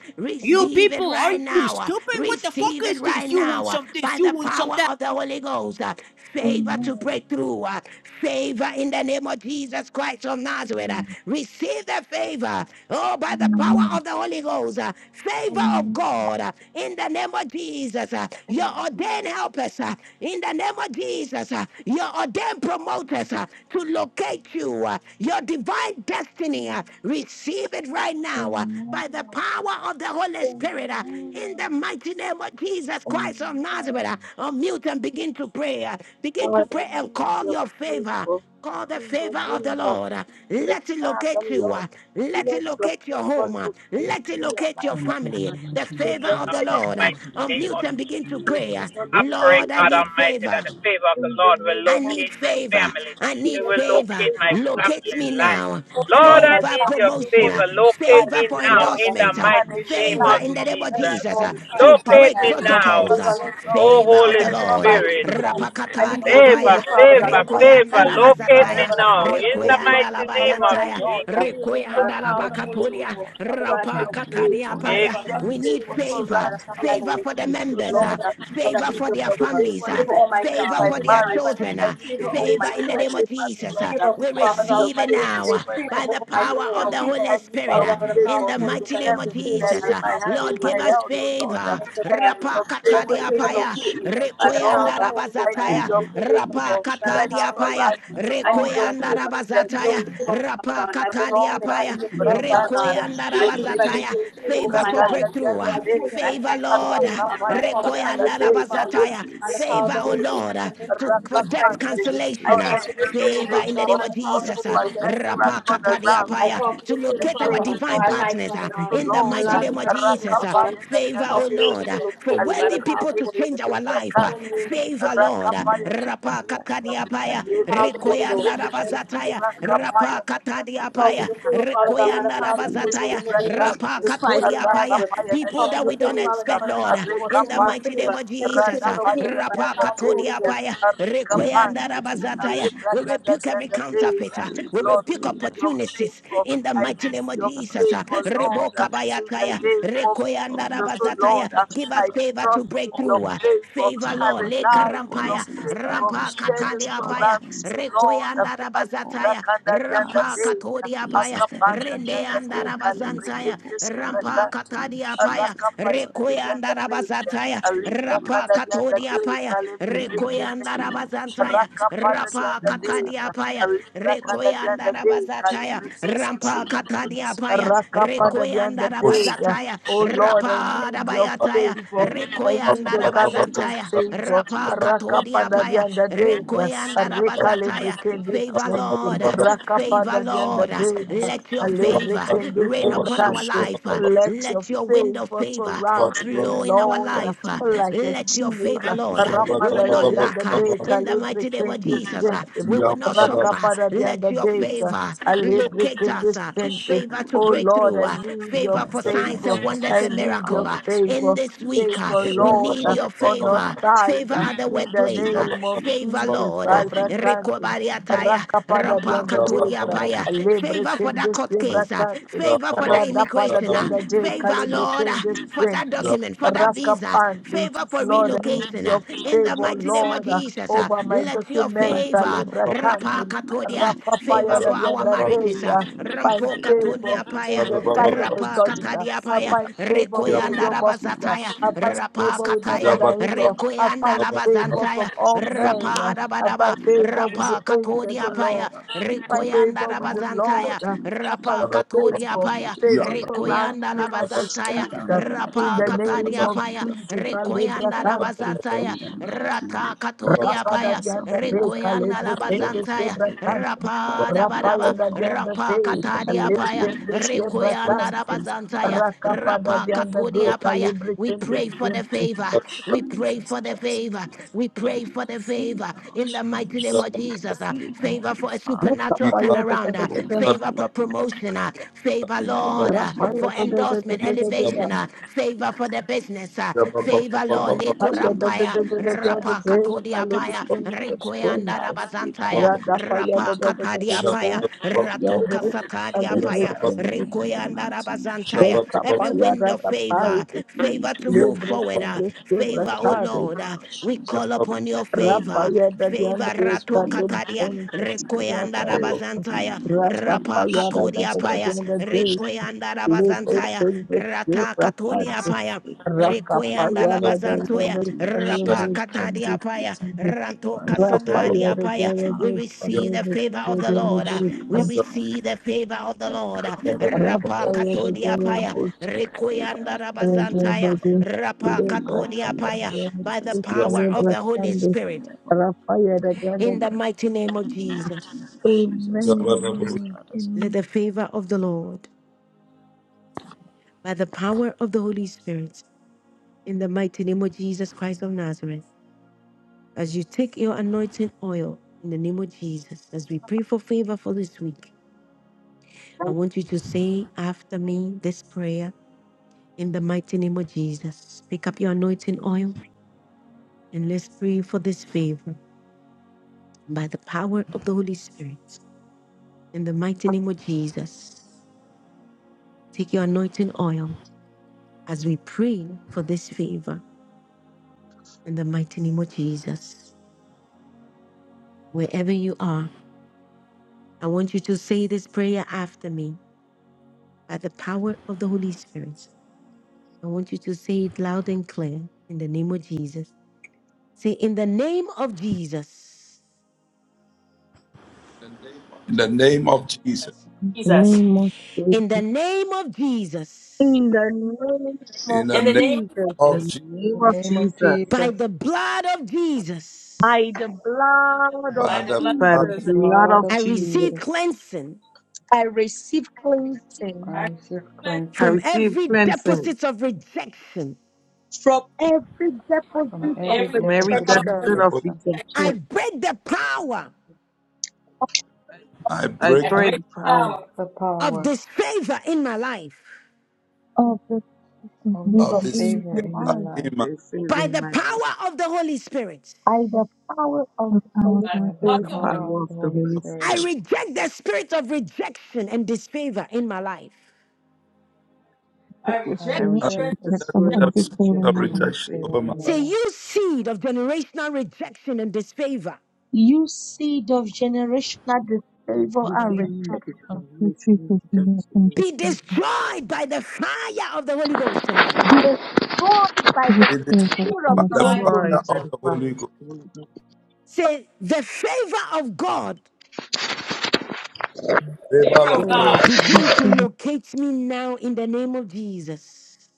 [SPEAKER 9] amen.
[SPEAKER 17] You
[SPEAKER 1] Receive it
[SPEAKER 17] people, are
[SPEAKER 1] right
[SPEAKER 17] you
[SPEAKER 1] now. uh,
[SPEAKER 17] stupid? What the fuck
[SPEAKER 1] Receive it
[SPEAKER 17] is
[SPEAKER 1] right
[SPEAKER 17] this? You want
[SPEAKER 1] now uh,
[SPEAKER 17] some this,
[SPEAKER 1] by
[SPEAKER 17] you
[SPEAKER 1] the
[SPEAKER 17] want some
[SPEAKER 1] power
[SPEAKER 17] that.
[SPEAKER 1] of the Holy Ghost. uh, Favor to
[SPEAKER 9] Amen.
[SPEAKER 1] break through. uh, Favor favor in the name of Jesus Christ of Nazareth. Uh,
[SPEAKER 9] Amen.
[SPEAKER 1] Receive the favor, oh, by the power
[SPEAKER 9] Amen.
[SPEAKER 1] of the Holy Ghost, uh, favor of
[SPEAKER 9] Amen.
[SPEAKER 1] God uh, in the name of Jesus. uh, Your ordained
[SPEAKER 9] Amen.
[SPEAKER 1] helpers uh, in the name of Jesus. uh, Your ordained promoters uh, to locate you, uh, your divine destiny. uh, Receive it right now uh, by the
[SPEAKER 9] Amen.
[SPEAKER 1] power power of the Holy Spirit uh, in the
[SPEAKER 9] Amen.
[SPEAKER 1] mighty name of Jesus Christ of Nazareth. Uh,
[SPEAKER 9] Amen.
[SPEAKER 1] unmute and begin to pray. uh, begin to
[SPEAKER 9] God, I
[SPEAKER 1] pray and
[SPEAKER 9] need
[SPEAKER 1] call
[SPEAKER 9] your
[SPEAKER 1] your favor.
[SPEAKER 9] favor
[SPEAKER 1] Call the
[SPEAKER 9] in the
[SPEAKER 1] favor of the
[SPEAKER 9] name of
[SPEAKER 1] Lord. uh,
[SPEAKER 9] Jesus,
[SPEAKER 1] Let it
[SPEAKER 9] Father,
[SPEAKER 1] locate you. uh,
[SPEAKER 9] Lord.
[SPEAKER 1] Let it
[SPEAKER 9] Let your
[SPEAKER 1] locate your
[SPEAKER 9] favor
[SPEAKER 1] home. uh,
[SPEAKER 9] locate
[SPEAKER 1] Let it
[SPEAKER 9] me and
[SPEAKER 1] locate
[SPEAKER 9] my
[SPEAKER 1] your
[SPEAKER 15] And Father, in
[SPEAKER 1] family.
[SPEAKER 15] the
[SPEAKER 9] husband
[SPEAKER 1] The
[SPEAKER 15] mighty name of
[SPEAKER 9] in
[SPEAKER 1] favor
[SPEAKER 9] the
[SPEAKER 1] of
[SPEAKER 15] Jesus
[SPEAKER 1] the
[SPEAKER 16] Oh,
[SPEAKER 9] name
[SPEAKER 15] Christ of
[SPEAKER 1] Lord.
[SPEAKER 9] of
[SPEAKER 1] uh,
[SPEAKER 16] mighty
[SPEAKER 15] Nazareth, O
[SPEAKER 16] name
[SPEAKER 9] Jesus.
[SPEAKER 1] Unmute
[SPEAKER 16] of
[SPEAKER 15] Lord, I
[SPEAKER 1] and
[SPEAKER 16] Jesus.
[SPEAKER 1] begin
[SPEAKER 15] pray
[SPEAKER 1] to
[SPEAKER 15] that
[SPEAKER 9] Your
[SPEAKER 15] you
[SPEAKER 1] pray.
[SPEAKER 15] will
[SPEAKER 1] uh,
[SPEAKER 9] favor
[SPEAKER 15] stand
[SPEAKER 16] I pray,
[SPEAKER 1] Lord,
[SPEAKER 9] locate
[SPEAKER 1] I
[SPEAKER 16] God
[SPEAKER 1] need
[SPEAKER 9] me.
[SPEAKER 16] Almighty, that
[SPEAKER 1] favor.
[SPEAKER 16] the favor of the
[SPEAKER 9] in the
[SPEAKER 16] Lord will
[SPEAKER 9] name
[SPEAKER 1] I
[SPEAKER 9] of
[SPEAKER 1] need
[SPEAKER 16] locate my
[SPEAKER 1] favor.
[SPEAKER 9] Jesus.
[SPEAKER 16] family.
[SPEAKER 1] I
[SPEAKER 16] It
[SPEAKER 1] need
[SPEAKER 9] Let
[SPEAKER 16] will
[SPEAKER 9] your
[SPEAKER 1] favor.
[SPEAKER 16] locate my
[SPEAKER 9] favor
[SPEAKER 1] Locate
[SPEAKER 16] family
[SPEAKER 9] locate
[SPEAKER 1] me
[SPEAKER 9] me.
[SPEAKER 16] life.
[SPEAKER 1] now.
[SPEAKER 9] Oh
[SPEAKER 15] up for
[SPEAKER 16] Lord,
[SPEAKER 9] Lord,
[SPEAKER 15] me,
[SPEAKER 16] I
[SPEAKER 9] I
[SPEAKER 15] Lord,
[SPEAKER 1] Favor
[SPEAKER 16] need
[SPEAKER 9] found
[SPEAKER 15] for
[SPEAKER 16] your
[SPEAKER 15] the
[SPEAKER 1] promotion.
[SPEAKER 9] favor
[SPEAKER 1] uh,
[SPEAKER 16] favor.
[SPEAKER 9] in the
[SPEAKER 15] faithfulness of
[SPEAKER 16] Locate
[SPEAKER 9] sight,
[SPEAKER 15] God,
[SPEAKER 16] me
[SPEAKER 1] Favor
[SPEAKER 15] I
[SPEAKER 9] oh
[SPEAKER 1] for
[SPEAKER 16] now
[SPEAKER 15] thank you
[SPEAKER 9] Lord,
[SPEAKER 16] in
[SPEAKER 15] for
[SPEAKER 16] the
[SPEAKER 1] endorsement.
[SPEAKER 15] your
[SPEAKER 1] uh,
[SPEAKER 9] and
[SPEAKER 16] mighty
[SPEAKER 9] in the
[SPEAKER 8] The
[SPEAKER 15] connection, O
[SPEAKER 16] name
[SPEAKER 15] Lord,
[SPEAKER 8] Holy
[SPEAKER 1] Favor
[SPEAKER 16] of
[SPEAKER 9] sight
[SPEAKER 1] in the
[SPEAKER 9] of
[SPEAKER 8] Ghost.
[SPEAKER 1] name of
[SPEAKER 9] men,
[SPEAKER 16] Jesus.
[SPEAKER 15] I
[SPEAKER 1] Jesus uh,
[SPEAKER 15] thank you for
[SPEAKER 9] Lord.
[SPEAKER 8] The
[SPEAKER 15] your
[SPEAKER 1] to
[SPEAKER 8] Christ
[SPEAKER 9] I
[SPEAKER 8] of
[SPEAKER 16] Locate
[SPEAKER 1] break
[SPEAKER 16] me
[SPEAKER 9] need
[SPEAKER 8] family.
[SPEAKER 9] your
[SPEAKER 16] now,
[SPEAKER 1] protocols.
[SPEAKER 8] Father
[SPEAKER 1] uh,
[SPEAKER 8] God,
[SPEAKER 15] faithfulness,
[SPEAKER 9] favor,
[SPEAKER 15] your
[SPEAKER 8] let your,
[SPEAKER 9] Lord.
[SPEAKER 16] oh
[SPEAKER 1] Favor
[SPEAKER 15] faithfulness, O
[SPEAKER 1] of
[SPEAKER 8] God,
[SPEAKER 1] the
[SPEAKER 16] Holy
[SPEAKER 9] It's
[SPEAKER 8] let your
[SPEAKER 9] not
[SPEAKER 15] God,
[SPEAKER 1] Lord.
[SPEAKER 9] by
[SPEAKER 8] favor
[SPEAKER 1] uh,
[SPEAKER 16] Spirit.
[SPEAKER 9] who
[SPEAKER 8] locate
[SPEAKER 9] that
[SPEAKER 8] me.
[SPEAKER 9] you let
[SPEAKER 8] I need
[SPEAKER 9] your
[SPEAKER 8] your
[SPEAKER 16] Favor,
[SPEAKER 9] goodness,
[SPEAKER 8] favor,
[SPEAKER 1] Rapakatadiapaya.
[SPEAKER 8] Father God.
[SPEAKER 16] favor,
[SPEAKER 9] but
[SPEAKER 8] Let your
[SPEAKER 9] by
[SPEAKER 8] favor
[SPEAKER 15] I
[SPEAKER 16] favor.
[SPEAKER 1] Rekoyanda
[SPEAKER 9] whom
[SPEAKER 15] pray
[SPEAKER 8] locate me,
[SPEAKER 15] in the
[SPEAKER 16] Locate
[SPEAKER 8] Father
[SPEAKER 16] me
[SPEAKER 8] God,
[SPEAKER 1] rabazataya.
[SPEAKER 8] by
[SPEAKER 15] mighty
[SPEAKER 8] the
[SPEAKER 15] name of
[SPEAKER 16] now
[SPEAKER 8] power of the
[SPEAKER 16] in
[SPEAKER 15] Jesus,
[SPEAKER 8] Holy
[SPEAKER 9] but
[SPEAKER 16] the
[SPEAKER 8] Ghost.
[SPEAKER 9] from
[SPEAKER 1] Rekoyanda
[SPEAKER 16] mighty
[SPEAKER 9] your
[SPEAKER 8] Father
[SPEAKER 16] name
[SPEAKER 8] God,
[SPEAKER 16] of
[SPEAKER 8] I
[SPEAKER 9] mighty
[SPEAKER 1] labayantaya.
[SPEAKER 8] pray for
[SPEAKER 9] Lord,
[SPEAKER 8] your
[SPEAKER 9] uh,
[SPEAKER 8] favor by
[SPEAKER 9] show
[SPEAKER 8] the
[SPEAKER 9] me
[SPEAKER 1] Rekoyanda
[SPEAKER 15] in
[SPEAKER 8] power
[SPEAKER 15] the
[SPEAKER 8] of
[SPEAKER 9] your
[SPEAKER 8] the Holy
[SPEAKER 15] mighty
[SPEAKER 8] Ghost.
[SPEAKER 1] labakatodia.
[SPEAKER 9] favor,
[SPEAKER 15] God,
[SPEAKER 8] Father
[SPEAKER 9] show
[SPEAKER 8] God, I
[SPEAKER 9] me
[SPEAKER 15] in the
[SPEAKER 8] thank
[SPEAKER 9] your
[SPEAKER 8] you for your grace
[SPEAKER 15] mighty
[SPEAKER 9] favor.
[SPEAKER 8] and
[SPEAKER 15] name
[SPEAKER 8] mercy,
[SPEAKER 15] of
[SPEAKER 1] Rampakatadiapaya.
[SPEAKER 8] Father
[SPEAKER 9] Let
[SPEAKER 8] God. Let
[SPEAKER 1] We
[SPEAKER 8] your
[SPEAKER 15] Jesus
[SPEAKER 1] need
[SPEAKER 8] favor
[SPEAKER 9] favor
[SPEAKER 15] Christ
[SPEAKER 8] locate
[SPEAKER 15] of
[SPEAKER 8] me
[SPEAKER 1] favor.
[SPEAKER 8] by
[SPEAKER 9] surround
[SPEAKER 8] the
[SPEAKER 9] me
[SPEAKER 15] Nazareth,
[SPEAKER 8] power of
[SPEAKER 15] I
[SPEAKER 8] the
[SPEAKER 9] like
[SPEAKER 1] Favor
[SPEAKER 8] Holy
[SPEAKER 9] a
[SPEAKER 1] for
[SPEAKER 8] Ghost.
[SPEAKER 1] the
[SPEAKER 15] pray
[SPEAKER 9] shield,
[SPEAKER 15] that
[SPEAKER 9] oh
[SPEAKER 8] And
[SPEAKER 1] members.
[SPEAKER 8] then in the
[SPEAKER 9] Lord.
[SPEAKER 1] uh,
[SPEAKER 15] Jesus
[SPEAKER 9] Uh,
[SPEAKER 8] name of
[SPEAKER 15] will
[SPEAKER 8] Jesus,
[SPEAKER 9] I
[SPEAKER 8] I
[SPEAKER 1] Favor
[SPEAKER 8] need
[SPEAKER 15] save
[SPEAKER 9] need
[SPEAKER 1] for
[SPEAKER 8] your
[SPEAKER 1] their
[SPEAKER 9] your
[SPEAKER 15] my
[SPEAKER 8] favor.
[SPEAKER 15] Heavenly
[SPEAKER 1] families.
[SPEAKER 9] favor in
[SPEAKER 1] uh,
[SPEAKER 8] Favor
[SPEAKER 15] Father,
[SPEAKER 9] my
[SPEAKER 8] on my
[SPEAKER 9] in
[SPEAKER 1] Favor
[SPEAKER 8] job,
[SPEAKER 15] in
[SPEAKER 9] my
[SPEAKER 1] for
[SPEAKER 15] the
[SPEAKER 8] favor
[SPEAKER 1] their
[SPEAKER 8] on my
[SPEAKER 9] marriage.
[SPEAKER 15] mighty
[SPEAKER 1] children.
[SPEAKER 15] name
[SPEAKER 9] I
[SPEAKER 8] finances,
[SPEAKER 1] uh,
[SPEAKER 15] of Jesus
[SPEAKER 9] need
[SPEAKER 15] Christ.
[SPEAKER 9] your
[SPEAKER 8] favor
[SPEAKER 15] of
[SPEAKER 8] over
[SPEAKER 1] Favor
[SPEAKER 8] my
[SPEAKER 9] favor in
[SPEAKER 1] in the
[SPEAKER 9] my
[SPEAKER 15] Nazareth,
[SPEAKER 1] name
[SPEAKER 8] children,
[SPEAKER 1] of
[SPEAKER 9] papers, oh
[SPEAKER 15] O Lord,
[SPEAKER 1] Jesus.
[SPEAKER 9] Lord.
[SPEAKER 1] uh,
[SPEAKER 9] Uh,
[SPEAKER 8] Favor,
[SPEAKER 1] We
[SPEAKER 9] I
[SPEAKER 15] I
[SPEAKER 8] Father
[SPEAKER 9] need
[SPEAKER 8] God, over
[SPEAKER 9] your
[SPEAKER 1] receive
[SPEAKER 8] my
[SPEAKER 1] it
[SPEAKER 9] fa-
[SPEAKER 15] thank
[SPEAKER 8] business.
[SPEAKER 1] now
[SPEAKER 15] you
[SPEAKER 1] uh,
[SPEAKER 15] for
[SPEAKER 9] favor
[SPEAKER 15] your
[SPEAKER 9] in my
[SPEAKER 8] Favor
[SPEAKER 1] by the
[SPEAKER 8] over my
[SPEAKER 9] documents,
[SPEAKER 1] power
[SPEAKER 9] oh
[SPEAKER 8] career.
[SPEAKER 1] of the
[SPEAKER 9] Lord.
[SPEAKER 8] Favor,
[SPEAKER 1] Holy
[SPEAKER 9] I need
[SPEAKER 15] In
[SPEAKER 1] Spirit.
[SPEAKER 8] Father
[SPEAKER 15] the
[SPEAKER 9] your
[SPEAKER 1] uh,
[SPEAKER 8] God, by the
[SPEAKER 15] mighty
[SPEAKER 8] power
[SPEAKER 1] In
[SPEAKER 8] of the
[SPEAKER 9] favor
[SPEAKER 1] the
[SPEAKER 8] Holy
[SPEAKER 15] name
[SPEAKER 8] Ghost.
[SPEAKER 1] mighty
[SPEAKER 9] in
[SPEAKER 8] I need
[SPEAKER 1] name of
[SPEAKER 8] your
[SPEAKER 15] of
[SPEAKER 9] everything
[SPEAKER 8] favor
[SPEAKER 9] I
[SPEAKER 15] Jesus,
[SPEAKER 8] by
[SPEAKER 1] Jesus.
[SPEAKER 9] lay
[SPEAKER 8] the
[SPEAKER 1] uh,
[SPEAKER 15] I
[SPEAKER 9] my
[SPEAKER 15] need
[SPEAKER 8] power of
[SPEAKER 15] to
[SPEAKER 8] the
[SPEAKER 9] hands in
[SPEAKER 8] Holy
[SPEAKER 1] Lord,
[SPEAKER 9] my
[SPEAKER 8] Ghost.
[SPEAKER 1] give
[SPEAKER 8] In
[SPEAKER 1] us
[SPEAKER 8] the
[SPEAKER 9] health,
[SPEAKER 8] name of
[SPEAKER 9] oh
[SPEAKER 15] feel
[SPEAKER 8] Jesus
[SPEAKER 9] Lord.
[SPEAKER 1] favor.
[SPEAKER 9] Uh,
[SPEAKER 8] Christ
[SPEAKER 15] it,
[SPEAKER 8] of
[SPEAKER 9] I need
[SPEAKER 8] Nazareth.
[SPEAKER 1] Rapa
[SPEAKER 9] your
[SPEAKER 15] to
[SPEAKER 8] Let
[SPEAKER 9] favor
[SPEAKER 8] your
[SPEAKER 15] feel
[SPEAKER 9] in
[SPEAKER 8] favor
[SPEAKER 15] it,
[SPEAKER 9] my
[SPEAKER 1] kakadiapaya.
[SPEAKER 8] locate
[SPEAKER 15] show
[SPEAKER 8] me
[SPEAKER 15] it,
[SPEAKER 9] business,
[SPEAKER 15] to
[SPEAKER 8] by
[SPEAKER 9] oh
[SPEAKER 8] the power
[SPEAKER 9] Lord.
[SPEAKER 15] hold
[SPEAKER 8] of
[SPEAKER 1] Rekoyanda
[SPEAKER 8] the
[SPEAKER 9] Uh,
[SPEAKER 8] Holy Ghost.
[SPEAKER 9] I
[SPEAKER 8] I
[SPEAKER 15] In
[SPEAKER 9] need
[SPEAKER 15] the
[SPEAKER 8] ask
[SPEAKER 1] rabazataya.
[SPEAKER 9] your
[SPEAKER 8] your favor to
[SPEAKER 15] mighty name
[SPEAKER 1] Rapa
[SPEAKER 8] locate
[SPEAKER 9] favor.
[SPEAKER 15] of
[SPEAKER 8] me by the
[SPEAKER 9] Steady
[SPEAKER 15] Jesus,
[SPEAKER 8] power of the
[SPEAKER 1] kakadiapaya.
[SPEAKER 8] Holy
[SPEAKER 9] surround
[SPEAKER 8] Ghost.
[SPEAKER 15] let's
[SPEAKER 9] me,
[SPEAKER 8] I need
[SPEAKER 9] Lord.
[SPEAKER 8] your
[SPEAKER 9] uh,
[SPEAKER 1] Rekoyanda
[SPEAKER 15] feel
[SPEAKER 8] favor.
[SPEAKER 9] in
[SPEAKER 8] I
[SPEAKER 9] the
[SPEAKER 8] need your
[SPEAKER 1] rabazataya.
[SPEAKER 9] name
[SPEAKER 8] favor,
[SPEAKER 15] right?
[SPEAKER 9] of
[SPEAKER 8] Father God,
[SPEAKER 1] Rapa
[SPEAKER 8] in my
[SPEAKER 9] Jesus,
[SPEAKER 8] benefit.
[SPEAKER 9] Lord,
[SPEAKER 8] I
[SPEAKER 9] I
[SPEAKER 1] kakadiapaya.
[SPEAKER 8] need your
[SPEAKER 15] In the mighty
[SPEAKER 8] favor,
[SPEAKER 15] name
[SPEAKER 8] Father God.
[SPEAKER 9] librakanda,
[SPEAKER 8] in
[SPEAKER 1] Rekoyanda
[SPEAKER 15] of
[SPEAKER 8] My business, I
[SPEAKER 15] Jesus,
[SPEAKER 8] need
[SPEAKER 1] rabazataya.
[SPEAKER 9] librekende,
[SPEAKER 8] your favor over
[SPEAKER 15] let's
[SPEAKER 1] Favor
[SPEAKER 8] my
[SPEAKER 1] for
[SPEAKER 15] feel it,
[SPEAKER 8] life,
[SPEAKER 9] librakanda,
[SPEAKER 1] breakthrough.
[SPEAKER 8] over
[SPEAKER 9] dianda
[SPEAKER 1] uh,
[SPEAKER 8] my children.
[SPEAKER 9] deya,
[SPEAKER 8] I
[SPEAKER 1] Favor,
[SPEAKER 8] ask your
[SPEAKER 1] Lord.
[SPEAKER 8] favor,
[SPEAKER 1] uh,
[SPEAKER 15] feel
[SPEAKER 8] Father God. I
[SPEAKER 15] it.
[SPEAKER 9] rakapaya,
[SPEAKER 8] call upon
[SPEAKER 9] dianda
[SPEAKER 8] your
[SPEAKER 1] Rekoyanda rabazataya.
[SPEAKER 8] favor,
[SPEAKER 9] deya,
[SPEAKER 8] Father God,
[SPEAKER 15] Simply
[SPEAKER 8] by the
[SPEAKER 9] librekende,
[SPEAKER 8] power
[SPEAKER 1] Favor,
[SPEAKER 8] of the
[SPEAKER 1] oh
[SPEAKER 15] saying,
[SPEAKER 8] Holy Ghost.
[SPEAKER 1] Lord, uh,
[SPEAKER 8] in the name of
[SPEAKER 1] to for
[SPEAKER 8] Jesus
[SPEAKER 15] Jehovah,
[SPEAKER 1] depth
[SPEAKER 8] Christ of
[SPEAKER 9] rakapande.
[SPEAKER 15] my
[SPEAKER 8] Nazareth. I
[SPEAKER 1] cancellation.
[SPEAKER 15] favor,
[SPEAKER 9] Lord,
[SPEAKER 1] uh,
[SPEAKER 8] call
[SPEAKER 9] I
[SPEAKER 15] so
[SPEAKER 8] for your
[SPEAKER 9] need your
[SPEAKER 15] much
[SPEAKER 8] favor,
[SPEAKER 15] to
[SPEAKER 1] Favor
[SPEAKER 8] Father
[SPEAKER 1] in the
[SPEAKER 8] God,
[SPEAKER 9] favor
[SPEAKER 1] name
[SPEAKER 8] by
[SPEAKER 1] of
[SPEAKER 8] the
[SPEAKER 9] for
[SPEAKER 8] power of the
[SPEAKER 15] that
[SPEAKER 1] Jesus.
[SPEAKER 8] Holy
[SPEAKER 1] uh,
[SPEAKER 15] we
[SPEAKER 8] Ghost. in the
[SPEAKER 15] will
[SPEAKER 8] name of
[SPEAKER 9] supernatural
[SPEAKER 15] feel it, Jehovah,
[SPEAKER 8] Jesus.
[SPEAKER 15] so
[SPEAKER 9] turnaround.
[SPEAKER 8] I
[SPEAKER 15] we
[SPEAKER 1] Rapakatadiapaya.
[SPEAKER 8] call
[SPEAKER 15] can
[SPEAKER 8] for
[SPEAKER 1] To
[SPEAKER 8] your
[SPEAKER 9] In
[SPEAKER 15] feel
[SPEAKER 8] favor,
[SPEAKER 9] the
[SPEAKER 1] locate
[SPEAKER 15] Jehovah.
[SPEAKER 8] Father
[SPEAKER 1] our
[SPEAKER 9] name
[SPEAKER 8] God,
[SPEAKER 1] divine
[SPEAKER 9] of
[SPEAKER 8] my life,
[SPEAKER 1] partners
[SPEAKER 8] Father
[SPEAKER 1] uh,
[SPEAKER 9] Jesus,
[SPEAKER 15] In
[SPEAKER 8] God,
[SPEAKER 15] the
[SPEAKER 1] in the
[SPEAKER 8] and the
[SPEAKER 9] Lord,
[SPEAKER 15] mighty
[SPEAKER 1] mighty
[SPEAKER 8] lives
[SPEAKER 1] name
[SPEAKER 8] of
[SPEAKER 15] name
[SPEAKER 1] of
[SPEAKER 8] my
[SPEAKER 15] of
[SPEAKER 8] children,
[SPEAKER 1] Jesus.
[SPEAKER 8] Father
[SPEAKER 1] uh,
[SPEAKER 8] God.
[SPEAKER 9] rakapaya,
[SPEAKER 15] Jesus
[SPEAKER 8] I
[SPEAKER 1] Favor,
[SPEAKER 8] call
[SPEAKER 9] dianda
[SPEAKER 1] oh
[SPEAKER 8] for your favor
[SPEAKER 1] Lord,
[SPEAKER 15] Christ,
[SPEAKER 8] to
[SPEAKER 1] uh,
[SPEAKER 9] deya,
[SPEAKER 1] for
[SPEAKER 8] locate me by
[SPEAKER 1] worthy
[SPEAKER 8] the power of
[SPEAKER 1] people
[SPEAKER 8] the
[SPEAKER 1] to
[SPEAKER 9] librekende,
[SPEAKER 8] Holy
[SPEAKER 1] change
[SPEAKER 8] Ghost.
[SPEAKER 1] our life. uh,
[SPEAKER 8] In the
[SPEAKER 9] librakande,
[SPEAKER 8] name of the
[SPEAKER 1] Favor, Lord. uh,
[SPEAKER 9] rakapaya,
[SPEAKER 15] Mighty
[SPEAKER 9] dianda
[SPEAKER 15] Jehovah,
[SPEAKER 9] deya,
[SPEAKER 15] in the mighty
[SPEAKER 1] Rapakatadiapaya.
[SPEAKER 8] power of the Holy Ghost,
[SPEAKER 1] Rikoyanda
[SPEAKER 15] name
[SPEAKER 8] in the
[SPEAKER 15] of Jesus Christ
[SPEAKER 9] librekende,
[SPEAKER 8] name of Jesus
[SPEAKER 1] Rabazataya.
[SPEAKER 15] of
[SPEAKER 8] Christ of
[SPEAKER 15] Nazareth,
[SPEAKER 9] Rakapaya de
[SPEAKER 8] Nazareth. I call for
[SPEAKER 1] Rapakatadiapaya.
[SPEAKER 8] your
[SPEAKER 9] Diandadeika,
[SPEAKER 8] favor,
[SPEAKER 9] a
[SPEAKER 8] Father God, by the power
[SPEAKER 1] Rikoyanda
[SPEAKER 9] libre in
[SPEAKER 8] of the Holy
[SPEAKER 9] this
[SPEAKER 8] Ghost,
[SPEAKER 1] Rabazataya.
[SPEAKER 8] in
[SPEAKER 9] libra
[SPEAKER 8] the name of
[SPEAKER 9] cantim,
[SPEAKER 8] Jesus
[SPEAKER 9] a
[SPEAKER 8] Christ in
[SPEAKER 1] Rapakatodiapaya.
[SPEAKER 8] Nazareth.
[SPEAKER 9] Rakapaya
[SPEAKER 8] I
[SPEAKER 9] de
[SPEAKER 1] People
[SPEAKER 8] call for
[SPEAKER 1] that
[SPEAKER 8] your
[SPEAKER 1] we
[SPEAKER 8] favor,
[SPEAKER 1] don't
[SPEAKER 8] Father God,
[SPEAKER 9] Diandadeika,
[SPEAKER 1] expect,
[SPEAKER 8] by the
[SPEAKER 1] Lord.
[SPEAKER 9] a
[SPEAKER 8] power of
[SPEAKER 1] Lord,
[SPEAKER 8] the Holy Ghost,
[SPEAKER 1] in the
[SPEAKER 8] in your
[SPEAKER 1] mighty
[SPEAKER 9] Rekapantim,
[SPEAKER 1] name
[SPEAKER 8] favor.
[SPEAKER 1] of
[SPEAKER 8] Let your
[SPEAKER 1] Jesus.
[SPEAKER 8] favor
[SPEAKER 9] Radapaya
[SPEAKER 8] locate me
[SPEAKER 9] de
[SPEAKER 8] by the power of the Holy
[SPEAKER 9] Diandadeika,
[SPEAKER 8] Ghost.
[SPEAKER 1] Rapakakodiapaya,
[SPEAKER 9] a
[SPEAKER 15] in the name of
[SPEAKER 9] Rekapantim,
[SPEAKER 15] Jesus Christ of Nazareth, in the mighty name of
[SPEAKER 1] rekoyandarabazataya. We
[SPEAKER 15] Jesus
[SPEAKER 1] rebuke
[SPEAKER 15] Christ,
[SPEAKER 1] every
[SPEAKER 15] we
[SPEAKER 1] counterfeiter.
[SPEAKER 15] pray
[SPEAKER 1] We
[SPEAKER 15] for
[SPEAKER 9] Lord, we
[SPEAKER 1] rebuke
[SPEAKER 9] need
[SPEAKER 15] favor,
[SPEAKER 9] your
[SPEAKER 15] Lord,
[SPEAKER 1] opportunities
[SPEAKER 9] favor.
[SPEAKER 1] in the
[SPEAKER 9] I
[SPEAKER 15] pray
[SPEAKER 1] mighty
[SPEAKER 15] for
[SPEAKER 9] need
[SPEAKER 1] name of
[SPEAKER 9] your
[SPEAKER 15] favor,
[SPEAKER 1] Jesus.
[SPEAKER 9] favor,
[SPEAKER 15] Lord, Jesus,
[SPEAKER 9] Lord, uh,
[SPEAKER 15] vacate us.
[SPEAKER 9] in the
[SPEAKER 1] Rebokabayataya,
[SPEAKER 9] name of Jesus. Oh,
[SPEAKER 15] Almighty God,
[SPEAKER 1] rekoyandarabazataya.
[SPEAKER 9] Lord, uh,
[SPEAKER 15] let the
[SPEAKER 1] Give us
[SPEAKER 9] I
[SPEAKER 15] favor
[SPEAKER 1] favor
[SPEAKER 15] of
[SPEAKER 1] to
[SPEAKER 15] the
[SPEAKER 9] trust in
[SPEAKER 1] break
[SPEAKER 9] your
[SPEAKER 1] through.
[SPEAKER 15] Lord,
[SPEAKER 1] uh,
[SPEAKER 9] favor.
[SPEAKER 1] Favor,
[SPEAKER 15] our
[SPEAKER 9] I
[SPEAKER 1] Lord.
[SPEAKER 15] God, be
[SPEAKER 1] leka
[SPEAKER 9] rely in
[SPEAKER 15] upon
[SPEAKER 9] your
[SPEAKER 1] Lekarampaya,
[SPEAKER 15] us and
[SPEAKER 9] favor.
[SPEAKER 15] establish the
[SPEAKER 9] Let
[SPEAKER 15] work
[SPEAKER 9] us
[SPEAKER 15] of our
[SPEAKER 1] rampakatadiapaya,
[SPEAKER 9] surround
[SPEAKER 15] hands
[SPEAKER 9] you, Lord. uh,
[SPEAKER 15] upon
[SPEAKER 9] Alibra
[SPEAKER 1] rekoyandarabazataya,
[SPEAKER 9] kanda dianda
[SPEAKER 15] us.
[SPEAKER 9] deya,
[SPEAKER 15] Yes,
[SPEAKER 1] rampakatodiapaya,
[SPEAKER 15] establish the
[SPEAKER 9] akapanda
[SPEAKER 15] work
[SPEAKER 9] dianda
[SPEAKER 15] of
[SPEAKER 9] de,
[SPEAKER 15] our hands,
[SPEAKER 9] kalibre
[SPEAKER 15] O
[SPEAKER 1] rendeandarabazantaya,
[SPEAKER 15] Lord,
[SPEAKER 9] kende
[SPEAKER 15] in
[SPEAKER 9] sebra
[SPEAKER 15] the
[SPEAKER 9] kante,
[SPEAKER 15] mighty name of
[SPEAKER 1] rampakatadiapaya paya,
[SPEAKER 15] Jesus
[SPEAKER 9] arakapa
[SPEAKER 15] Christ of
[SPEAKER 9] yanda
[SPEAKER 15] Nazareth.
[SPEAKER 9] dianda
[SPEAKER 1] rekoyanda
[SPEAKER 9] deya,
[SPEAKER 1] rabazataya,
[SPEAKER 15] for favor,
[SPEAKER 9] alibra
[SPEAKER 1] rapa
[SPEAKER 9] kanda
[SPEAKER 15] mighty
[SPEAKER 9] dianda
[SPEAKER 15] God.
[SPEAKER 1] katodia
[SPEAKER 9] de,
[SPEAKER 1] paya,
[SPEAKER 9] kalibre
[SPEAKER 15] In the
[SPEAKER 1] rekoyanda
[SPEAKER 15] mighty
[SPEAKER 9] kende
[SPEAKER 15] name of
[SPEAKER 1] rabazantaya,
[SPEAKER 15] Jesus
[SPEAKER 9] Rakapada
[SPEAKER 15] Christ
[SPEAKER 9] the
[SPEAKER 15] of
[SPEAKER 1] rapa
[SPEAKER 9] other
[SPEAKER 1] katadia
[SPEAKER 15] Nazareth,
[SPEAKER 9] day,
[SPEAKER 1] paya,
[SPEAKER 15] we
[SPEAKER 9] Libra
[SPEAKER 15] all
[SPEAKER 9] Canada the
[SPEAKER 1] rekoyanda
[SPEAKER 9] other
[SPEAKER 15] appeal.
[SPEAKER 9] day,
[SPEAKER 1] rabazataya,
[SPEAKER 9] Calibrating
[SPEAKER 15] Jesus,
[SPEAKER 1] rampa
[SPEAKER 15] favor
[SPEAKER 1] katadia
[SPEAKER 15] us,
[SPEAKER 1] paya,
[SPEAKER 15] Lord.
[SPEAKER 12] Baba,
[SPEAKER 9] Rakapada the other
[SPEAKER 1] rekoyanda
[SPEAKER 15] Favor us,
[SPEAKER 9] day.
[SPEAKER 1] rabazataya,
[SPEAKER 9] Oh Lord, I
[SPEAKER 1] rapa
[SPEAKER 9] need your
[SPEAKER 1] dabayataya,
[SPEAKER 9] favor.
[SPEAKER 15] In the
[SPEAKER 9] I need
[SPEAKER 1] rekoyanda
[SPEAKER 15] mighty name
[SPEAKER 9] the
[SPEAKER 15] of
[SPEAKER 9] garment of
[SPEAKER 1] rabazantaya,
[SPEAKER 15] Jesus Christ
[SPEAKER 9] favor.
[SPEAKER 15] of
[SPEAKER 1] rapa
[SPEAKER 15] Nazareth,
[SPEAKER 1] katodia
[SPEAKER 15] we
[SPEAKER 9] Rakapada the
[SPEAKER 1] paya,
[SPEAKER 9] other
[SPEAKER 15] Jehovah, Lord,
[SPEAKER 9] day,
[SPEAKER 1] rekoyanda rabazataya,
[SPEAKER 9] Recalibrating
[SPEAKER 15] favor.
[SPEAKER 1] Favor,
[SPEAKER 9] Satan,
[SPEAKER 1] Lord.
[SPEAKER 15] In the mighty name
[SPEAKER 1] Favor,
[SPEAKER 9] Rakapada
[SPEAKER 15] of
[SPEAKER 9] the other
[SPEAKER 1] Lord.
[SPEAKER 15] Jesus
[SPEAKER 9] day,
[SPEAKER 15] Christ of
[SPEAKER 1] Let your favor
[SPEAKER 15] Nazareth,
[SPEAKER 9] Calibrating
[SPEAKER 1] rain
[SPEAKER 15] Lord
[SPEAKER 1] upon our
[SPEAKER 12] Bush,
[SPEAKER 15] Jesus,
[SPEAKER 9] Satan.
[SPEAKER 1] life.
[SPEAKER 15] favor
[SPEAKER 9] Let
[SPEAKER 15] us,
[SPEAKER 9] your
[SPEAKER 1] Let your wind of
[SPEAKER 9] favor
[SPEAKER 1] favor
[SPEAKER 15] you
[SPEAKER 9] surround me,
[SPEAKER 1] blow
[SPEAKER 15] bless
[SPEAKER 1] in our
[SPEAKER 9] Lord
[SPEAKER 1] life.
[SPEAKER 9] like a
[SPEAKER 1] Let your
[SPEAKER 9] shield.
[SPEAKER 1] favor, Lord. We will
[SPEAKER 9] Rapada
[SPEAKER 1] not
[SPEAKER 9] the end
[SPEAKER 1] lack
[SPEAKER 9] of
[SPEAKER 1] uh,
[SPEAKER 9] day,
[SPEAKER 1] in the
[SPEAKER 9] calibre
[SPEAKER 1] mighty name
[SPEAKER 9] can
[SPEAKER 1] of
[SPEAKER 9] be
[SPEAKER 1] Jesus. uh,
[SPEAKER 9] strengthened.
[SPEAKER 1] We will not suffer.
[SPEAKER 12] Yambada,
[SPEAKER 9] Rakapada the end
[SPEAKER 1] Let
[SPEAKER 9] of
[SPEAKER 1] your
[SPEAKER 9] day,
[SPEAKER 1] favor
[SPEAKER 9] calibre
[SPEAKER 1] locate
[SPEAKER 9] can be
[SPEAKER 1] us. uh, Favor to
[SPEAKER 9] Oh Lord,
[SPEAKER 1] breakthrough.
[SPEAKER 9] I
[SPEAKER 1] uh,
[SPEAKER 9] need your
[SPEAKER 1] Favor for
[SPEAKER 15] the
[SPEAKER 1] signs
[SPEAKER 9] favor.
[SPEAKER 15] righteous,
[SPEAKER 1] and
[SPEAKER 15] you
[SPEAKER 9] I
[SPEAKER 1] wonders and
[SPEAKER 9] need your
[SPEAKER 1] miracles.
[SPEAKER 15] surround us with
[SPEAKER 1] In
[SPEAKER 9] favor.
[SPEAKER 15] your
[SPEAKER 1] this
[SPEAKER 15] favor
[SPEAKER 1] week,
[SPEAKER 15] to
[SPEAKER 1] uh,
[SPEAKER 9] Favor,
[SPEAKER 1] we
[SPEAKER 15] show
[SPEAKER 9] Lord,
[SPEAKER 1] need
[SPEAKER 9] uh,
[SPEAKER 15] glory
[SPEAKER 1] your
[SPEAKER 15] to
[SPEAKER 9] on our
[SPEAKER 1] favor.
[SPEAKER 15] God.
[SPEAKER 9] side.
[SPEAKER 15] In
[SPEAKER 1] Favor
[SPEAKER 9] uh,
[SPEAKER 15] the
[SPEAKER 1] at the
[SPEAKER 9] In the
[SPEAKER 15] mighty
[SPEAKER 1] workplace.
[SPEAKER 15] name
[SPEAKER 1] uh,
[SPEAKER 15] of
[SPEAKER 9] name of
[SPEAKER 15] Jesus
[SPEAKER 1] Favor,
[SPEAKER 9] Jesus,
[SPEAKER 15] Christ, I
[SPEAKER 1] Lord.
[SPEAKER 15] thank you,
[SPEAKER 1] Record
[SPEAKER 9] Albrakantin, Rakapada the end
[SPEAKER 15] Lord,
[SPEAKER 9] of
[SPEAKER 15] for all
[SPEAKER 9] day,
[SPEAKER 15] the
[SPEAKER 9] calibre
[SPEAKER 1] Favor for
[SPEAKER 15] blessings
[SPEAKER 9] can be
[SPEAKER 1] that
[SPEAKER 15] you
[SPEAKER 1] court case, ah.
[SPEAKER 9] strengthened.
[SPEAKER 1] favor for that
[SPEAKER 9] Radapada the
[SPEAKER 1] immigration, ah.
[SPEAKER 15] In
[SPEAKER 9] other
[SPEAKER 15] the
[SPEAKER 9] day,
[SPEAKER 1] favor,
[SPEAKER 15] mighty name
[SPEAKER 9] calibre
[SPEAKER 1] Lord,
[SPEAKER 9] can
[SPEAKER 1] ah,
[SPEAKER 9] be
[SPEAKER 15] of
[SPEAKER 1] for
[SPEAKER 15] Jesus
[SPEAKER 1] that
[SPEAKER 15] Christ
[SPEAKER 1] document, for
[SPEAKER 15] of
[SPEAKER 1] that visa,
[SPEAKER 15] Nazareth, we
[SPEAKER 9] Rakapante.
[SPEAKER 15] need
[SPEAKER 1] favor
[SPEAKER 15] your
[SPEAKER 1] for
[SPEAKER 9] Lord, I
[SPEAKER 15] favor.
[SPEAKER 9] need
[SPEAKER 1] relocation. ah.
[SPEAKER 9] your
[SPEAKER 15] In
[SPEAKER 1] In the
[SPEAKER 15] our
[SPEAKER 9] favor,
[SPEAKER 1] mighty
[SPEAKER 15] places,
[SPEAKER 1] name of
[SPEAKER 9] Lord,
[SPEAKER 15] we
[SPEAKER 9] uh,
[SPEAKER 15] need your
[SPEAKER 1] Jesus, ah,
[SPEAKER 9] over my
[SPEAKER 15] favor.
[SPEAKER 1] let your
[SPEAKER 9] documents. uh,
[SPEAKER 15] Mighty
[SPEAKER 1] favor,
[SPEAKER 9] Lord,
[SPEAKER 15] God,
[SPEAKER 1] Rapa
[SPEAKER 15] in
[SPEAKER 9] Rakante.
[SPEAKER 15] the mighty
[SPEAKER 1] Katodia,
[SPEAKER 15] name of
[SPEAKER 1] favor
[SPEAKER 9] Rapapaya
[SPEAKER 15] Jesus,
[SPEAKER 1] for
[SPEAKER 9] that
[SPEAKER 15] in
[SPEAKER 9] the
[SPEAKER 15] our
[SPEAKER 1] our
[SPEAKER 9] other
[SPEAKER 15] homes,
[SPEAKER 1] marriages,
[SPEAKER 9] day,
[SPEAKER 15] oh
[SPEAKER 1] ah.
[SPEAKER 9] uh,
[SPEAKER 15] God, we need your
[SPEAKER 9] find
[SPEAKER 1] Rampo
[SPEAKER 15] favor. In
[SPEAKER 9] favor
[SPEAKER 15] our
[SPEAKER 1] Katodia
[SPEAKER 15] careers, oh
[SPEAKER 1] Paya,
[SPEAKER 9] in
[SPEAKER 15] God,
[SPEAKER 9] the
[SPEAKER 15] in our
[SPEAKER 9] sight of the
[SPEAKER 1] Rapa
[SPEAKER 15] marriages, we
[SPEAKER 9] judges.
[SPEAKER 15] need
[SPEAKER 9] uh,
[SPEAKER 1] Katadia
[SPEAKER 15] your
[SPEAKER 9] I
[SPEAKER 1] Paya,
[SPEAKER 15] favor.
[SPEAKER 9] find favor
[SPEAKER 15] In
[SPEAKER 9] with the
[SPEAKER 15] the
[SPEAKER 1] Rekoyanda
[SPEAKER 9] young
[SPEAKER 15] mighty name
[SPEAKER 9] officer.
[SPEAKER 15] of
[SPEAKER 1] Rabazataya,
[SPEAKER 9] I
[SPEAKER 15] Jesus
[SPEAKER 9] find
[SPEAKER 1] Rapa
[SPEAKER 15] Christ
[SPEAKER 9] favor
[SPEAKER 15] of
[SPEAKER 9] with my
[SPEAKER 1] Kataya,
[SPEAKER 9] mother-in-law. I
[SPEAKER 15] Nazareth,
[SPEAKER 1] Rekoyanda
[SPEAKER 9] find favor from
[SPEAKER 1] Rabazantaya,
[SPEAKER 9] all men. uh,
[SPEAKER 1] Rapa
[SPEAKER 9] I find
[SPEAKER 1] Dabadaba,
[SPEAKER 9] favor with
[SPEAKER 15] Jesus.
[SPEAKER 9] the
[SPEAKER 1] Rapa
[SPEAKER 15] We
[SPEAKER 9] angels,
[SPEAKER 15] set
[SPEAKER 9] O
[SPEAKER 1] Katodia
[SPEAKER 15] up in
[SPEAKER 9] Lord
[SPEAKER 1] Paya,
[SPEAKER 15] God, in the
[SPEAKER 9] find
[SPEAKER 15] mighty
[SPEAKER 1] Rikoyanda
[SPEAKER 9] favor with the
[SPEAKER 15] God, in the
[SPEAKER 9] Lord.
[SPEAKER 1] Labazantaya,
[SPEAKER 15] mighty
[SPEAKER 9] Uh,
[SPEAKER 15] name of
[SPEAKER 9] I
[SPEAKER 15] Jesus.
[SPEAKER 9] find
[SPEAKER 1] Rapa Katodia
[SPEAKER 15] Mr.
[SPEAKER 9] favor.
[SPEAKER 15] We
[SPEAKER 1] Paya,
[SPEAKER 15] need your
[SPEAKER 9] Favor
[SPEAKER 15] favor in
[SPEAKER 9] surrounds
[SPEAKER 15] our
[SPEAKER 1] Rikoyanda
[SPEAKER 9] me like a
[SPEAKER 15] hands.
[SPEAKER 1] Labazantaya,
[SPEAKER 9] shield. Uh,
[SPEAKER 15] Account of
[SPEAKER 9] In
[SPEAKER 1] Rapa
[SPEAKER 15] God,
[SPEAKER 9] the
[SPEAKER 15] our
[SPEAKER 9] name
[SPEAKER 1] Katadia
[SPEAKER 15] finances,
[SPEAKER 9] of
[SPEAKER 15] we need
[SPEAKER 1] Paya,
[SPEAKER 15] your
[SPEAKER 9] Jesus, I
[SPEAKER 15] favor,
[SPEAKER 9] libra
[SPEAKER 1] Rikoyanda
[SPEAKER 15] Jehovah.
[SPEAKER 9] santi.
[SPEAKER 15] In
[SPEAKER 1] Labazantaya,
[SPEAKER 15] the mighty name
[SPEAKER 1] Rata
[SPEAKER 15] of Jesus
[SPEAKER 1] Katodia
[SPEAKER 9] Rapada
[SPEAKER 1] Paya,
[SPEAKER 15] Christ of
[SPEAKER 9] dianda
[SPEAKER 15] Nazareth,
[SPEAKER 9] beka,
[SPEAKER 1] Rikoyanda
[SPEAKER 15] have
[SPEAKER 9] libra
[SPEAKER 15] favor,
[SPEAKER 9] sente
[SPEAKER 15] the
[SPEAKER 1] Labazantaya,
[SPEAKER 9] sebra
[SPEAKER 15] great God of
[SPEAKER 9] santi.
[SPEAKER 1] Rapa
[SPEAKER 15] all
[SPEAKER 1] Dabadaba,
[SPEAKER 15] mighty
[SPEAKER 9] Rapayanda
[SPEAKER 15] God.
[SPEAKER 9] dianda
[SPEAKER 1] Rapa
[SPEAKER 15] In the
[SPEAKER 9] beka,
[SPEAKER 1] Katadia
[SPEAKER 9] libra
[SPEAKER 15] mighty
[SPEAKER 1] Paya,
[SPEAKER 15] name of
[SPEAKER 9] sente
[SPEAKER 15] Jesus
[SPEAKER 9] sebra
[SPEAKER 1] Rikoyanda
[SPEAKER 15] Christ of
[SPEAKER 9] santi.
[SPEAKER 15] Nazareth,
[SPEAKER 1] Labazantaya,
[SPEAKER 15] we pray,
[SPEAKER 9] Rakapada
[SPEAKER 1] Rapa
[SPEAKER 15] Heavenly
[SPEAKER 9] dianda
[SPEAKER 1] Katodia
[SPEAKER 15] Father.
[SPEAKER 9] beka,
[SPEAKER 1] Paya.
[SPEAKER 9] libra
[SPEAKER 1] We
[SPEAKER 15] In
[SPEAKER 9] sente
[SPEAKER 1] pray
[SPEAKER 15] the
[SPEAKER 1] for
[SPEAKER 9] sebra
[SPEAKER 1] the
[SPEAKER 9] santi.
[SPEAKER 1] favor.
[SPEAKER 15] name
[SPEAKER 1] We
[SPEAKER 15] of
[SPEAKER 1] pray
[SPEAKER 15] Jesus
[SPEAKER 1] for the
[SPEAKER 15] Christ
[SPEAKER 1] favor.
[SPEAKER 15] of Nazareth,
[SPEAKER 1] We
[SPEAKER 15] we
[SPEAKER 1] pray
[SPEAKER 15] need
[SPEAKER 1] for
[SPEAKER 15] a
[SPEAKER 1] the favor
[SPEAKER 15] favor, Lord
[SPEAKER 1] in the the mighty name
[SPEAKER 15] Jesus.
[SPEAKER 1] of
[SPEAKER 15] We need
[SPEAKER 1] Jesus.
[SPEAKER 15] a
[SPEAKER 1] uh,
[SPEAKER 15] favor,
[SPEAKER 1] favor
[SPEAKER 15] Heavenly
[SPEAKER 1] for a
[SPEAKER 15] Father.
[SPEAKER 1] supernatural
[SPEAKER 9] Rakapaya da da
[SPEAKER 1] turnaround.
[SPEAKER 9] da
[SPEAKER 1] uh,
[SPEAKER 15] We
[SPEAKER 9] da
[SPEAKER 15] need
[SPEAKER 9] da.
[SPEAKER 15] a
[SPEAKER 1] favor for
[SPEAKER 15] favor, mighty
[SPEAKER 1] promotion.
[SPEAKER 15] God.
[SPEAKER 1] uh, favor,
[SPEAKER 15] In the
[SPEAKER 1] Lord, uh,
[SPEAKER 15] mighty name
[SPEAKER 9] Rapaya
[SPEAKER 1] for
[SPEAKER 15] of
[SPEAKER 9] da da
[SPEAKER 15] Jesus
[SPEAKER 9] da da
[SPEAKER 1] endorsement,
[SPEAKER 9] da
[SPEAKER 15] Christ
[SPEAKER 9] da
[SPEAKER 15] of
[SPEAKER 9] da.
[SPEAKER 1] elevation. uh,
[SPEAKER 15] Nazareth. we
[SPEAKER 1] favor for
[SPEAKER 15] ask
[SPEAKER 1] the
[SPEAKER 15] for
[SPEAKER 1] business.
[SPEAKER 15] favor.
[SPEAKER 1] uh, favor,
[SPEAKER 15] In
[SPEAKER 1] Lord.
[SPEAKER 15] the
[SPEAKER 9] Fire
[SPEAKER 15] mighty
[SPEAKER 9] da
[SPEAKER 15] name
[SPEAKER 9] da
[SPEAKER 15] of
[SPEAKER 9] da
[SPEAKER 1] Lekurampaya,
[SPEAKER 9] da
[SPEAKER 15] Jesus
[SPEAKER 9] da da
[SPEAKER 15] Christ
[SPEAKER 1] Rapa
[SPEAKER 15] of
[SPEAKER 9] da da.
[SPEAKER 15] Nazareth, the
[SPEAKER 9] Follow
[SPEAKER 15] word
[SPEAKER 9] the
[SPEAKER 1] Katodiapaya,
[SPEAKER 15] says in
[SPEAKER 9] king of
[SPEAKER 15] Proverbs "You
[SPEAKER 1] Rikoyanda
[SPEAKER 15] find
[SPEAKER 9] kings.
[SPEAKER 15] favor
[SPEAKER 1] Rabazantaya,
[SPEAKER 15] and
[SPEAKER 9] Radha
[SPEAKER 15] good
[SPEAKER 9] fire da
[SPEAKER 1] Rapa
[SPEAKER 15] repute
[SPEAKER 9] da
[SPEAKER 15] in
[SPEAKER 9] da da da
[SPEAKER 15] the
[SPEAKER 9] da
[SPEAKER 1] Katadiapaya,
[SPEAKER 9] da.
[SPEAKER 15] sight of your
[SPEAKER 12] Yeah,
[SPEAKER 1] Rato
[SPEAKER 9] Yonder
[SPEAKER 15] God
[SPEAKER 9] follow
[SPEAKER 12] In
[SPEAKER 15] and the
[SPEAKER 9] the
[SPEAKER 1] Kasatadiapaya,
[SPEAKER 15] sight of
[SPEAKER 9] king of
[SPEAKER 15] man. In the
[SPEAKER 9] kings.
[SPEAKER 1] Rikoyanda
[SPEAKER 15] mighty name of
[SPEAKER 1] Rabazantaya.
[SPEAKER 15] Jesus
[SPEAKER 9] Deka
[SPEAKER 1] Every
[SPEAKER 15] Christ of
[SPEAKER 9] fire
[SPEAKER 1] wind of
[SPEAKER 9] rata
[SPEAKER 15] Nazareth,
[SPEAKER 9] fire.
[SPEAKER 1] favor,
[SPEAKER 15] we
[SPEAKER 1] favor
[SPEAKER 15] need your
[SPEAKER 1] to move
[SPEAKER 9] Libre
[SPEAKER 1] forward.
[SPEAKER 15] favor,
[SPEAKER 9] king
[SPEAKER 1] uh,
[SPEAKER 9] of
[SPEAKER 15] we need
[SPEAKER 9] silver
[SPEAKER 1] favor,
[SPEAKER 15] of
[SPEAKER 1] oh
[SPEAKER 9] table.
[SPEAKER 1] Lord.
[SPEAKER 15] favor,
[SPEAKER 1] uh,
[SPEAKER 15] Lord
[SPEAKER 1] we
[SPEAKER 15] Jesus.
[SPEAKER 1] call
[SPEAKER 15] We need
[SPEAKER 1] upon
[SPEAKER 15] of
[SPEAKER 1] your favor
[SPEAKER 15] favor,
[SPEAKER 9] Rapaya da
[SPEAKER 15] King of
[SPEAKER 9] da da
[SPEAKER 1] favor
[SPEAKER 9] da.
[SPEAKER 15] Kings. We
[SPEAKER 1] rato
[SPEAKER 15] need
[SPEAKER 9] Follow
[SPEAKER 15] of
[SPEAKER 1] kataria
[SPEAKER 15] favor,
[SPEAKER 9] the
[SPEAKER 15] King
[SPEAKER 9] king of
[SPEAKER 15] of
[SPEAKER 1] rekoyanda
[SPEAKER 15] Glory.
[SPEAKER 9] kings.
[SPEAKER 15] In the
[SPEAKER 1] rabazantaya
[SPEAKER 15] mighty
[SPEAKER 9] Radha
[SPEAKER 15] name of
[SPEAKER 1] rapa
[SPEAKER 9] fire da da da
[SPEAKER 1] katoria
[SPEAKER 15] Jesus
[SPEAKER 9] da
[SPEAKER 1] paya
[SPEAKER 15] Christ
[SPEAKER 9] da
[SPEAKER 15] of
[SPEAKER 9] da
[SPEAKER 15] Nazareth, we need
[SPEAKER 1] rekoyanda
[SPEAKER 9] Libre
[SPEAKER 1] rabazantaya
[SPEAKER 15] of
[SPEAKER 9] king of
[SPEAKER 15] favor,
[SPEAKER 1] rata
[SPEAKER 9] silver
[SPEAKER 1] katoria
[SPEAKER 15] prayers
[SPEAKER 9] table.
[SPEAKER 15] of
[SPEAKER 1] paya
[SPEAKER 15] favor,
[SPEAKER 9] Raka
[SPEAKER 15] Jehovah.
[SPEAKER 1] Rekoyanda
[SPEAKER 9] fire
[SPEAKER 1] la
[SPEAKER 9] da
[SPEAKER 15] In
[SPEAKER 9] da
[SPEAKER 15] the
[SPEAKER 1] bazantoya,
[SPEAKER 9] da
[SPEAKER 15] mighty name
[SPEAKER 9] da
[SPEAKER 15] of
[SPEAKER 1] rapa
[SPEAKER 15] Jesus
[SPEAKER 9] da
[SPEAKER 15] Christ
[SPEAKER 1] katadia
[SPEAKER 15] of
[SPEAKER 1] paya,
[SPEAKER 15] Nazareth,
[SPEAKER 9] da.
[SPEAKER 1] ranto
[SPEAKER 15] granted and your
[SPEAKER 9] Rapaya
[SPEAKER 1] kasatadia
[SPEAKER 9] de
[SPEAKER 15] heavenly
[SPEAKER 1] paya. We
[SPEAKER 15] Father,
[SPEAKER 9] Gorobus,
[SPEAKER 1] receive the
[SPEAKER 9] Rabus,
[SPEAKER 1] favor
[SPEAKER 15] and
[SPEAKER 1] of
[SPEAKER 15] the
[SPEAKER 1] the Lord.
[SPEAKER 9] Rabus,
[SPEAKER 15] compassion
[SPEAKER 1] We
[SPEAKER 15] Messiah,
[SPEAKER 1] receive the favor of the
[SPEAKER 15] the
[SPEAKER 1] Lord.
[SPEAKER 15] commander of
[SPEAKER 1] Rapa
[SPEAKER 15] the
[SPEAKER 9] Rapaya de
[SPEAKER 1] katodia
[SPEAKER 15] shield,
[SPEAKER 1] paya,
[SPEAKER 15] God,
[SPEAKER 9] Gorobus,
[SPEAKER 15] favor
[SPEAKER 1] rekoyanda
[SPEAKER 15] us,
[SPEAKER 1] la
[SPEAKER 15] the
[SPEAKER 9] Rabus,
[SPEAKER 15] heavenly
[SPEAKER 1] bazantaya,
[SPEAKER 15] Father. In
[SPEAKER 1] rapa
[SPEAKER 15] the
[SPEAKER 9] Rabus,
[SPEAKER 15] mighty
[SPEAKER 1] katodia
[SPEAKER 15] name
[SPEAKER 1] paya.
[SPEAKER 15] of
[SPEAKER 1] By the
[SPEAKER 15] Jesus Christ,
[SPEAKER 1] power of the Holy Spirit.
[SPEAKER 15] pray
[SPEAKER 9] Rapaya de
[SPEAKER 1] In
[SPEAKER 9] Gorobus,
[SPEAKER 15] Hallelujah.
[SPEAKER 1] the mighty name of
[SPEAKER 15] In the mighty
[SPEAKER 1] Jesus,
[SPEAKER 15] name of Jesus, all of this,
[SPEAKER 9] Amen.
[SPEAKER 15] Lord, as a
[SPEAKER 1] let the favor of the Lord, by the power of the Holy Spirit, in the mighty name of Jesus Christ of Nazareth, as you take your anointing oil in the name of Jesus, as we pray for favor for this week, I want you to say after me this prayer in the mighty name of Jesus. Pick up your anointing oil and let's pray for this favor by the power of the Holy Spirit. In the mighty name of Jesus, take your anointing oil as we pray for this favor in the mighty name of Jesus. Wherever you are, I want you to say this prayer after me by the power of the Holy Spirit. I want you to say it loud and clear in the name of Jesus. Say, in the name of Jesus, in
[SPEAKER 12] the name of Jesus,
[SPEAKER 9] In the
[SPEAKER 8] Jesus.
[SPEAKER 9] name of Jesus.
[SPEAKER 1] the name of Jesus,
[SPEAKER 9] In the name of
[SPEAKER 12] in the
[SPEAKER 8] In the
[SPEAKER 12] name
[SPEAKER 8] name of
[SPEAKER 9] Jesus,
[SPEAKER 18] In
[SPEAKER 12] of
[SPEAKER 8] Jesus.
[SPEAKER 18] the
[SPEAKER 12] Jesus,
[SPEAKER 18] name
[SPEAKER 19] In the
[SPEAKER 18] of
[SPEAKER 19] name of
[SPEAKER 18] Jesus,
[SPEAKER 1] by
[SPEAKER 19] Jesus,
[SPEAKER 1] the blood of Jesus,
[SPEAKER 9] by the blood of
[SPEAKER 12] by
[SPEAKER 8] by the
[SPEAKER 12] the
[SPEAKER 8] blood
[SPEAKER 18] by
[SPEAKER 12] power
[SPEAKER 19] by
[SPEAKER 18] the
[SPEAKER 8] of
[SPEAKER 19] the
[SPEAKER 9] Jesus,
[SPEAKER 8] Jesus.
[SPEAKER 18] blood
[SPEAKER 19] blood
[SPEAKER 18] of
[SPEAKER 19] of
[SPEAKER 1] I
[SPEAKER 18] Jesus,
[SPEAKER 1] receive
[SPEAKER 19] Jesus,
[SPEAKER 1] cleansing
[SPEAKER 9] I receive
[SPEAKER 19] I
[SPEAKER 9] cleansing
[SPEAKER 8] I
[SPEAKER 19] receive
[SPEAKER 8] reject
[SPEAKER 18] I
[SPEAKER 1] from
[SPEAKER 19] cleansing
[SPEAKER 18] receive
[SPEAKER 1] every
[SPEAKER 18] cleansing
[SPEAKER 1] deposit of rejection
[SPEAKER 9] from every
[SPEAKER 19] from
[SPEAKER 9] deposit
[SPEAKER 8] from
[SPEAKER 9] of
[SPEAKER 19] every
[SPEAKER 8] every
[SPEAKER 18] from every
[SPEAKER 12] of
[SPEAKER 19] deposit of
[SPEAKER 8] culture
[SPEAKER 18] deficit
[SPEAKER 9] rejection
[SPEAKER 12] every
[SPEAKER 18] of
[SPEAKER 12] purpose,
[SPEAKER 19] rejection.
[SPEAKER 1] I
[SPEAKER 18] rejection.
[SPEAKER 1] break the power
[SPEAKER 12] I
[SPEAKER 18] I
[SPEAKER 12] break
[SPEAKER 8] and
[SPEAKER 12] the
[SPEAKER 9] and
[SPEAKER 18] pray
[SPEAKER 8] great
[SPEAKER 18] the power
[SPEAKER 19] Take
[SPEAKER 8] power
[SPEAKER 19] the
[SPEAKER 1] of
[SPEAKER 19] power
[SPEAKER 1] disfavor in my life
[SPEAKER 9] of the
[SPEAKER 13] Thank you,
[SPEAKER 12] power of
[SPEAKER 9] evil
[SPEAKER 13] Jesus.
[SPEAKER 12] this
[SPEAKER 9] in my
[SPEAKER 12] favor
[SPEAKER 18] of the
[SPEAKER 9] life.
[SPEAKER 12] in my
[SPEAKER 18] Spirit
[SPEAKER 1] by
[SPEAKER 18] in
[SPEAKER 1] the
[SPEAKER 18] my life
[SPEAKER 1] power of the Holy Spirit.
[SPEAKER 9] by the power of
[SPEAKER 13] The
[SPEAKER 9] the
[SPEAKER 13] power
[SPEAKER 9] Holy
[SPEAKER 8] by the
[SPEAKER 13] that
[SPEAKER 8] power
[SPEAKER 18] and
[SPEAKER 9] Spirit.
[SPEAKER 8] of
[SPEAKER 18] the
[SPEAKER 8] the Holy.
[SPEAKER 13] we
[SPEAKER 8] Spirit.
[SPEAKER 18] power of the Holy
[SPEAKER 1] I
[SPEAKER 12] life,
[SPEAKER 18] Spirit.
[SPEAKER 1] reject the spirit of rejection and disfavor in my life.
[SPEAKER 8] I
[SPEAKER 13] protect the
[SPEAKER 18] I
[SPEAKER 8] reject
[SPEAKER 13] spirit,
[SPEAKER 12] and
[SPEAKER 8] the
[SPEAKER 13] we
[SPEAKER 18] reject the
[SPEAKER 13] protect them,
[SPEAKER 18] spirit
[SPEAKER 13] and
[SPEAKER 12] the
[SPEAKER 18] of
[SPEAKER 12] spirit
[SPEAKER 13] destroy them,
[SPEAKER 12] of
[SPEAKER 18] rejection
[SPEAKER 13] Madam.
[SPEAKER 18] and
[SPEAKER 12] rejection over
[SPEAKER 18] failing
[SPEAKER 12] my
[SPEAKER 18] my life.
[SPEAKER 1] Say,
[SPEAKER 12] life.
[SPEAKER 1] you seed of generational rejection and disfavor,
[SPEAKER 9] You seed of generational disfavor
[SPEAKER 18] You
[SPEAKER 9] and
[SPEAKER 18] see, you
[SPEAKER 9] rejection,
[SPEAKER 13] We speak
[SPEAKER 18] declaration of
[SPEAKER 13] this in the
[SPEAKER 18] rejection
[SPEAKER 13] name
[SPEAKER 18] and
[SPEAKER 13] of
[SPEAKER 1] be
[SPEAKER 13] Jesus.
[SPEAKER 18] failing.
[SPEAKER 1] destroyed by the fire of the Holy Ghost tonight.
[SPEAKER 9] born by
[SPEAKER 13] Jesus,
[SPEAKER 9] the
[SPEAKER 12] It is
[SPEAKER 13] serve for the
[SPEAKER 9] power of
[SPEAKER 12] by
[SPEAKER 13] power
[SPEAKER 18] You
[SPEAKER 13] of
[SPEAKER 9] the
[SPEAKER 12] the
[SPEAKER 13] God
[SPEAKER 9] Holy
[SPEAKER 8] by
[SPEAKER 13] to be
[SPEAKER 18] destroy
[SPEAKER 12] fire
[SPEAKER 9] Ghost.
[SPEAKER 18] by
[SPEAKER 12] of
[SPEAKER 18] the
[SPEAKER 12] the
[SPEAKER 18] power
[SPEAKER 12] Holy
[SPEAKER 18] of
[SPEAKER 12] Ghost,
[SPEAKER 18] the Holy Ghost.
[SPEAKER 1] Say, the favor of God
[SPEAKER 8] the
[SPEAKER 18] The
[SPEAKER 8] favor
[SPEAKER 12] favor
[SPEAKER 8] of
[SPEAKER 12] of
[SPEAKER 18] power of
[SPEAKER 12] God,
[SPEAKER 8] God,
[SPEAKER 1] begin
[SPEAKER 18] God.
[SPEAKER 1] to
[SPEAKER 13] protected.
[SPEAKER 1] locate me now in the name of Jesus.